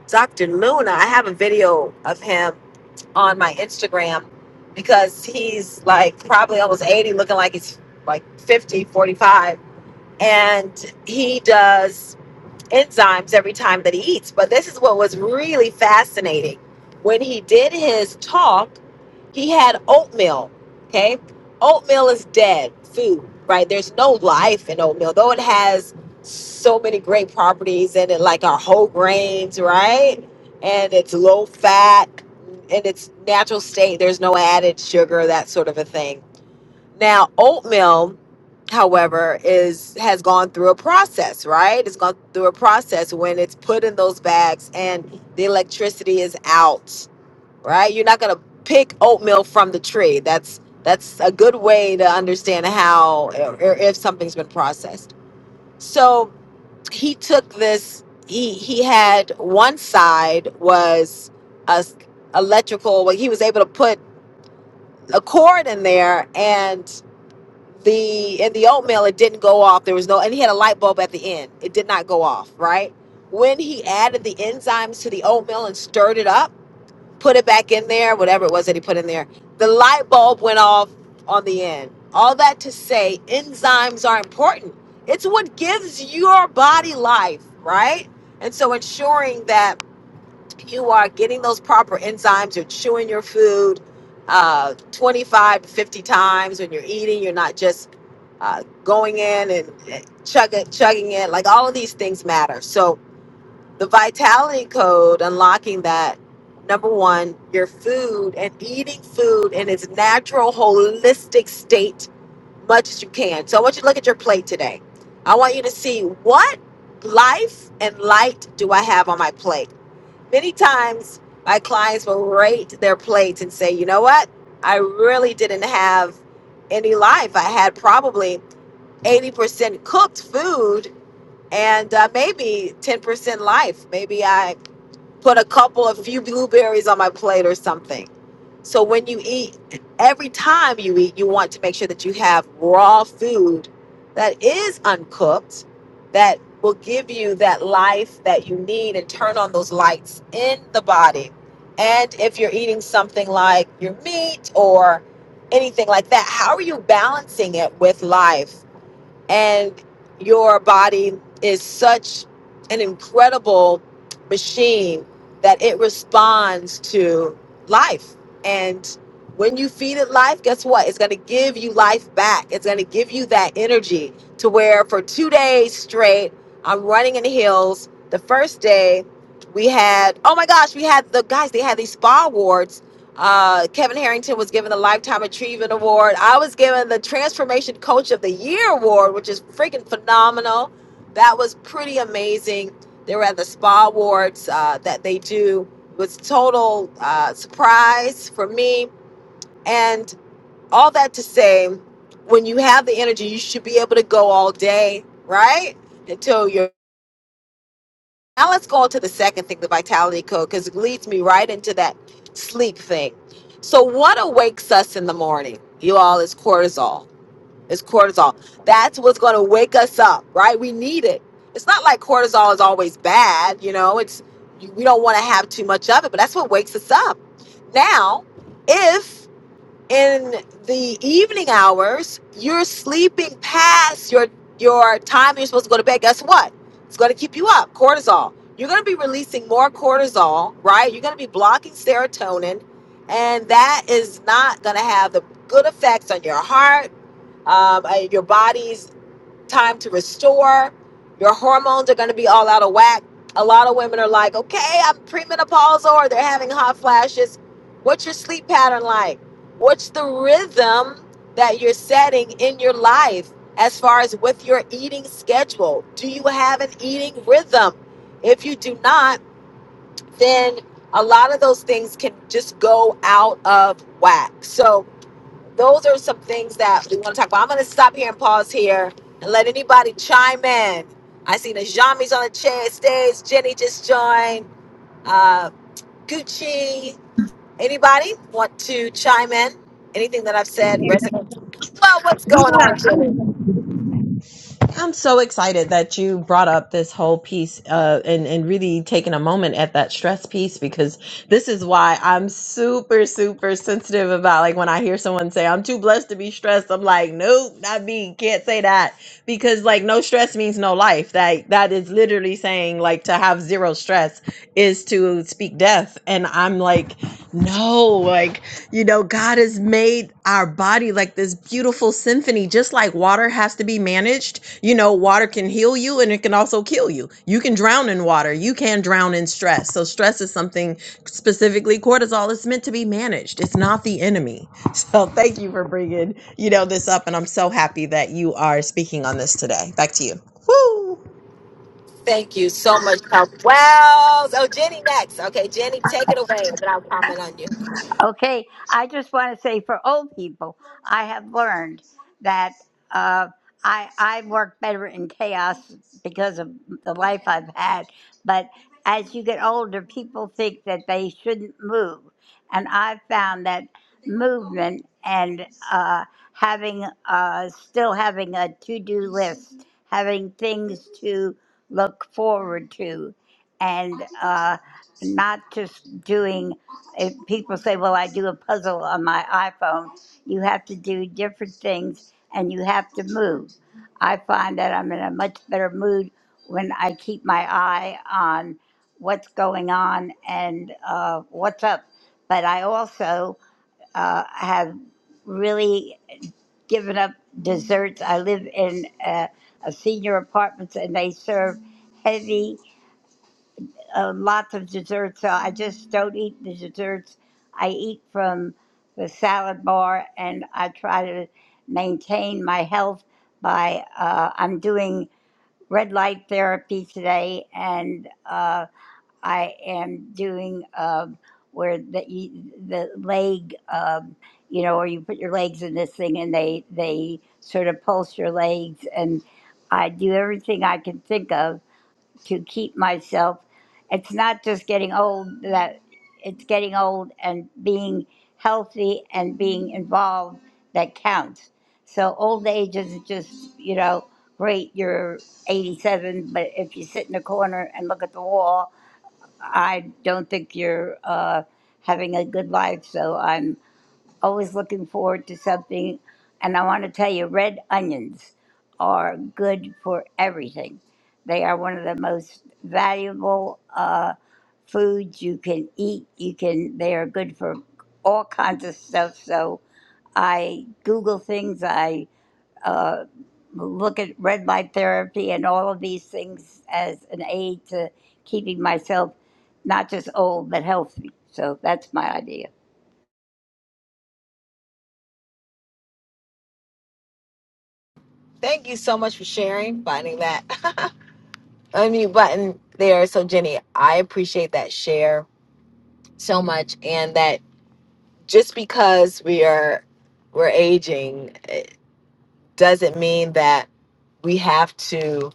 [SPEAKER 31] Dr. Luna. I have a video of him on my Instagram because he's like probably almost 80, looking like he's like 50, 45, And he does enzymes every time that he eats. But this is what was really fascinating. When he did his talk, he had oatmeal. Okay. Oatmeal is dead food, right? There's no life in oatmeal, though it has so many great properties in it, like our whole grains, right? And it's low fat in its natural state. There's no added sugar, that sort of a thing. Now, oatmeal, however, is has gone through a process, right? It's gone through a process when it's put in those bags and the electricity is out, right? You're not gonna pick oatmeal from the tree. That's that's a good way to understand how or if something's been processed. So he took this he he had one side was a s- electrical well he was able to put a cord in there and the in the oatmeal it didn't go off there was no and he had a light bulb at the end it did not go off right when he added the enzymes to the oatmeal and stirred it up put it back in there, whatever it was that he put in there. The light bulb went off on the end. All that to say, enzymes are important. It's what gives your body life, right? And so ensuring that you are getting those proper enzymes, you're chewing your food uh, 25 to 50 times when you're eating, you're not just uh, going in and chugging, chugging it. Like all of these things matter. So the vitality code, unlocking that, number one, your food and eating food in its natural, holistic state, much as you can. So I want you to look at your plate today. I want you to see what life and light do I have on my plate. Many times, my clients will rate their plates and say, you know what? I really didn't have any life. I had probably 80% cooked food and uh, maybe 10% life. Maybe I put a couple, a few blueberries on my plate or something. So when you eat, every time you eat, you want to make sure that you have raw food that is uncooked, that will give you that life that you need and turn on those lights in the body. And if you're eating something like your meat or anything like that, how are you balancing it with life? and your body is such an incredible machine that it responds to life and when you feed it life guess what it's going to give you life back it's going to give you that energy to where for two days straight i'm running in the hills the first day we had oh my gosh we had the guys they had these spa awards uh, Kevin Harrington was given the Lifetime Achievement Award. I was given the Transformation Coach of the Year Award, which is freaking phenomenal. That was pretty amazing. They were at the Spa Awards uh, that they do. It was total uh, surprise for me. And all that to say, when you have the energy, you should be able to go all day, right? Until you're now let's go on to the second thing, the vitality code, because it leads me right into that sleep thing. So what awakes us in the morning, you all, is cortisol. It's cortisol. That's what's going to wake us up, right? We need it. It's not like cortisol is always bad, you know. It's we don't want to have too much of it, but that's what wakes us up. Now, if in the evening hours, you're sleeping past your your time you're supposed to go to bed. Guess what? It's going to keep you up. Cortisol. You're going to be releasing more cortisol, right? You're going to be blocking serotonin, and that is not going to have the good effects on your heart, um, uh, your body's time to restore. Your hormones are going to be all out of whack. A lot of women are like, okay, I'm premenopausal or they're having hot flashes. What's your sleep pattern like? What's the rhythm that you're setting in your life as far as with your eating schedule? Do you have an eating rhythm? If you do not, then a lot of those things can just go out of whack. So, those are some things that we want to talk about. I'm going to stop here and pause here and let anybody chime in. I see Najami's on the chair stage. Jenny just joined. Uh, Gucci. Anybody want to chime in? Anything that I've said resonates? Well, what's going on,
[SPEAKER 14] Yeah.
[SPEAKER 31] Jenny?
[SPEAKER 14] I'm so excited that you brought up this whole piece uh, and, and really taking a moment at that stress piece because this is why I'm super, super sensitive about like when I hear someone say, I'm too blessed to be stressed. I'm like, nope, not me. Can't say that because like no stress means no life. That That is literally saying like to have zero stress is to speak death. And I'm like, no, like you know, God has made our body like this beautiful symphony, just like water has to be managed. You know, water can heal you and it can also kill you. You can drown in water. You can drown in stress. So, stress is something specifically cortisol is meant to be managed. It's not the enemy. [LAUGHS] So, thank you for bringing, you know, this up. And I'm so happy that you are speaking on this today. Back to you. Woo!
[SPEAKER 31] Thank you so much. Well, so Jenny next. Okay, Jenny, take it away, and then I'll comment on you.
[SPEAKER 32] Okay, I just want to say for old people, I have learned that uh, I I work better in chaos because of the life I've had. But as you get older, people think that they shouldn't move, and I've found that movement and uh, having uh, still having a to do list, having things to look forward to, and. Uh, not just doing if people say well i do a puzzle on my iphone you have to do different things and you have to move i find that i'm in a much better mood when i keep my eye on what's going on and uh, what's up but i also uh, have really given up desserts i live in a, a senior apartments and they serve heavy uh, lots of desserts. So I just don't eat the desserts. I eat from the salad bar, and I try to maintain my health by uh, I'm doing red light therapy today, and uh, I am doing um where the e, the leg, um, you know, where you put your legs in this thing, and they they sort of pulse your legs, and I do everything I can think of to keep myself. It's not just getting old that it's getting old and being healthy and being involved that counts. So old age isn't just, you know, great, you're 87, but if you sit in a corner and look at the wall, I don't think you're uh, having a good life. So I'm always looking forward to something. And I want to tell you, red onions are good for everything. They are one of the most valuable uh, foods you can eat. You can. They are good for all kinds of stuff. So I Google things. I uh, look at red light therapy and all of these things as an aid to keeping myself not just old but healthy. So that's my idea.
[SPEAKER 31] Thank you so much for sharing, finding that [LAUGHS] unmute button there. So, Jenny, I appreciate that share so much and that just because we are we're aging it doesn't mean that we have to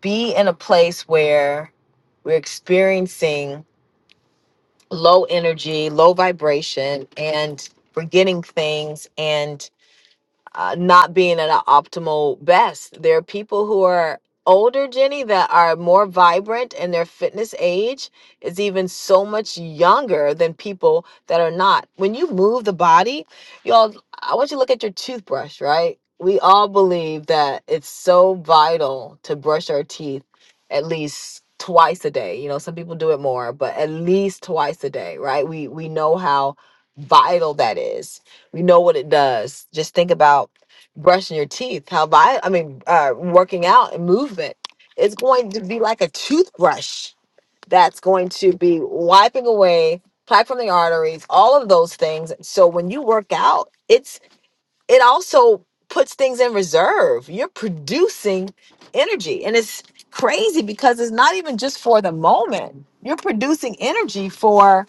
[SPEAKER 31] be in a place where we're experiencing low energy low vibration and forgetting things and. uh, not being at an optimal best. There are people who are older, Jenny, that are more vibrant and their fitness age is even so much younger than people that are not. When you move the body, y'all, I want you to look at your toothbrush, right? We all believe that it's so vital to brush our teeth at least twice a day. You know, some people do it more, but at least twice a day, right? We we know how vital that is you know what it does. Just think about brushing your teeth. How vi- I mean, uh, working out and movement. It's going to be like a toothbrush that's going to be wiping away plaque from the arteries, all of those things. So when you work out, it's it also puts things in reserve. You're producing energy, and it's crazy because it's not even just for the moment. You're producing energy for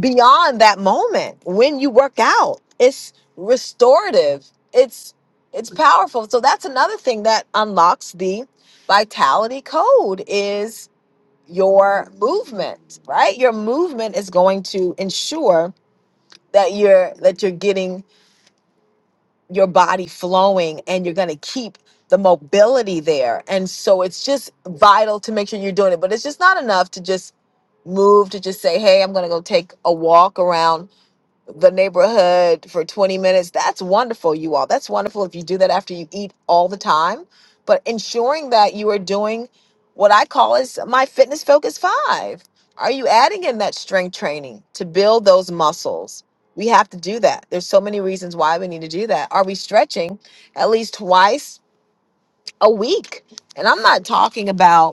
[SPEAKER 31] beyond that moment when you work out it's restorative it's it's powerful so that's another thing that unlocks the vitality code is your movement right your movement is going to ensure that you're that you're getting your body flowing and you're going to keep the mobility there and so it's just vital to make sure you're doing it but it's just not enough to just move to just say hey i'm going to go take a walk around the neighborhood for 20 minutes. That's wonderful, you all. That's wonderful if you do that after you eat all the time. But ensuring that you are doing what I call is my fitness focus five. Are you adding in that strength training to build those muscles? We have to do that. There's so many reasons why we need to do that. Are we stretching at least twice a week? And I'm not talking about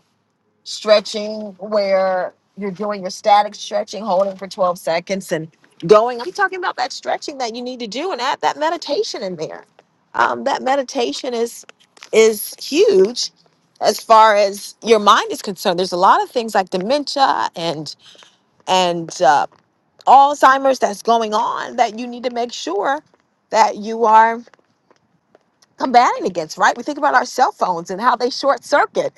[SPEAKER 31] stretching where you're doing your static stretching, holding for 12 seconds and going. I'm talking about that stretching that you need to do and add that meditation in there. Um, that meditation is is huge as far as your mind is concerned. There's a lot of things like dementia and and uh, Alzheimer's that's going on that you need to make sure that you are combating against. Right? We think about our cell phones and how they short circuit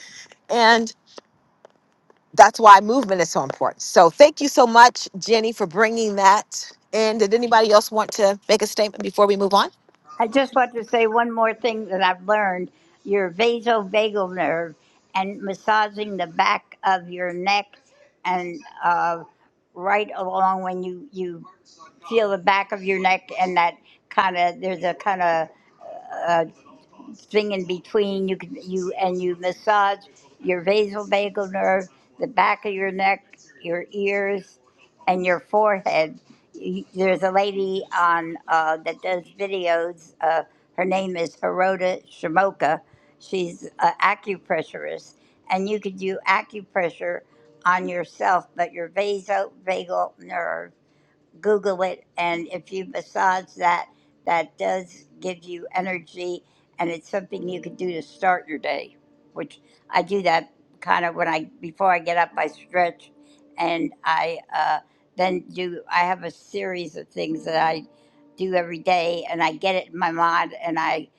[SPEAKER 31] that's why movement is so important. So thank you so much, Jenny, for bringing that. And did anybody else want to make a statement before we move on?
[SPEAKER 32] I just want to say one more thing that I've learned. Your vasovagal nerve and massaging the back of your neck and uh, right along when you, you feel the back of your neck and that kind of, there's a kind of uh, thing in between. You can you and you massage your vasovagal nerve, the back of your neck, your ears, and your forehead. Y- There's a lady on uh, that does videos. Uh, her name is Hirota Shimoka. She's an acupressurist, and you could do acupressure on yourself, but your vasovagal nerve Google it, and if you massage that, that does give you energy, and it's something you can do to start your day. Which I do that kind of when I before I get up, I stretch, and I uh, then do. I have a series of things that I do every day, and I get it in my mind, and I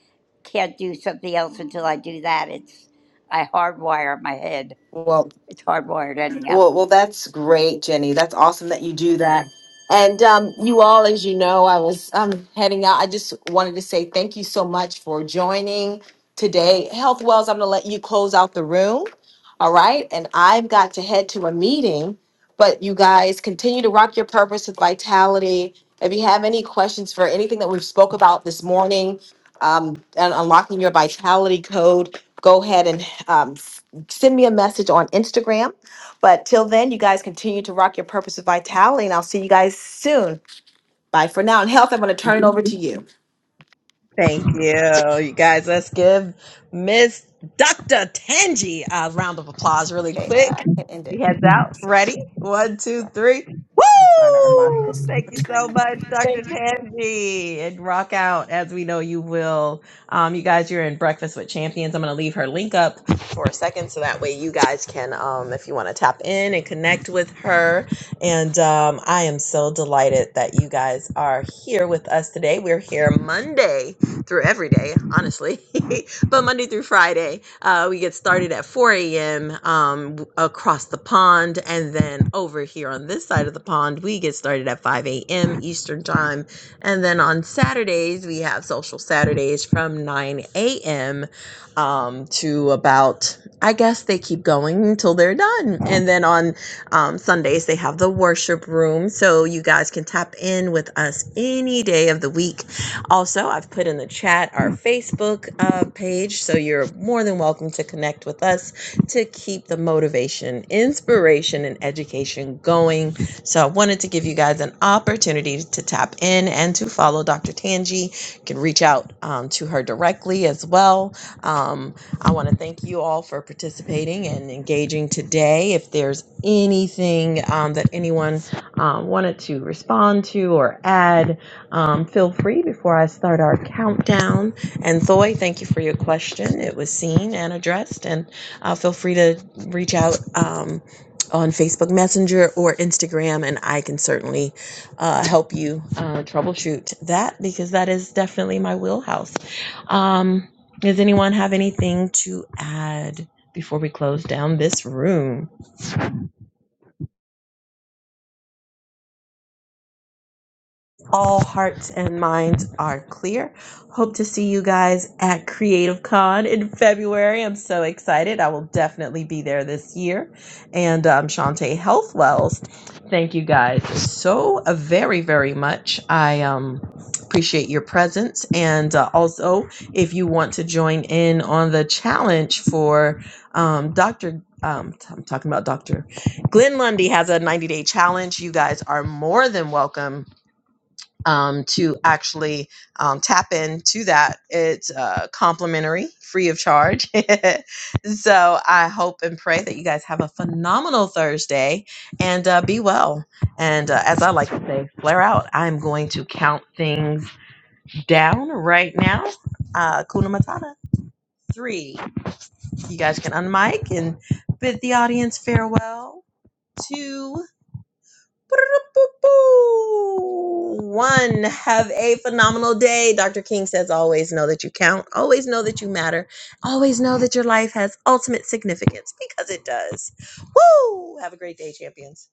[SPEAKER 32] can't do something else until I do that. It's I hardwire my head.
[SPEAKER 31] Well.
[SPEAKER 32] It's hardwired anyhow.
[SPEAKER 31] Well, well, that's great, Jenny. That's awesome that you do that. And um, you all, as you know, I was um, heading out. I just wanted to say thank you so much for joining today. Health Wells, I'm going to let you close out the room. All right. And I've got to head to a meeting, but you guys continue to rock your purpose with vitality. If you have any questions for anything that we've spoke about this morning um, and unlocking your vitality code, go ahead and um, s- send me a message on Instagram but till then, you guys continue to rock your purpose with vitality, and I'll see you guys soon. Bye for now. And health, I'm going to turn it over to you.
[SPEAKER 14] Thank you, you guys. Let's give Miss Dr. Tanji a round of applause really
[SPEAKER 31] Okay, uh,
[SPEAKER 14] quick.
[SPEAKER 31] I can end
[SPEAKER 14] She
[SPEAKER 31] it.
[SPEAKER 14] heads out.
[SPEAKER 31] That's it.
[SPEAKER 14] Ready? One, two, three.
[SPEAKER 31] I'm trying to unlock
[SPEAKER 14] Woo!
[SPEAKER 31] this.
[SPEAKER 14] Thank you so much, Dr.
[SPEAKER 31] Thank you.
[SPEAKER 14] Tanji, And rock out as we know you will. Um, you guys, you're in Breakfast with Champions. I'm going to leave her link up for a second so that way you guys can, um, if you want to tap in and connect with her. And um, I am so delighted that you guys are here with us today. We're here Monday through every day, honestly. [LAUGHS] but Monday through Friday, uh, we get started at 4 a.m. Um, w- across the pond. And then over here on this side of the pond, we get started at 5 a.m. Eastern Time. And then on Saturdays, we have social Saturdays from 9 a.m. Um, to about, I guess they keep going until they're done. And then on um, Sundays, they have the worship room. So you guys can tap in with us any day of the week also, I've put in the chat our Facebook uh, page, so you're more than welcome to connect with us to keep the motivation, inspiration, and education going. So, I wanted to give you guys an opportunity to tap in and to follow Dr. Tanji. You can reach out um, to her directly as well. Um, I want to thank you all for participating and engaging today. If there's anything um, that anyone um, wanted to respond to or add, um, feel free before I start our countdown. And Thoy, thank you for your question. It was seen and addressed, and uh, feel free to reach out um, on Facebook Messenger or Instagram, and I can certainly uh, help you uh, troubleshoot that because that is definitely my wheelhouse. Um, does anyone have anything to add before we close down this room? all hearts and minds are clear. Hope to see you guys at Creative Con in February. I'm so excited. I will definitely be there this year. And um, Shantae Health thank you guys so uh, very, very much. I um, appreciate your presence. And uh, also, if you want to join in on the challenge for um, Dr. Um, t- I'm talking about Dr. Glenn Lundy has a 90 day challenge. You guys are more than welcome um, to actually um, tap into that. It's uh, complimentary, free of charge. [LAUGHS] so I hope and pray that you guys have a phenomenal Thursday and uh, be well. And uh, as I like to say, flare out. I'm going to count things down right now. Uh, Kuna Matata, three. You guys can unmic and bid the audience farewell. Two. One, have a phenomenal day. Dr. King says, always know that you count, always know that you matter, always know that your life has ultimate significance because it does. Woo! Have a great day, champions.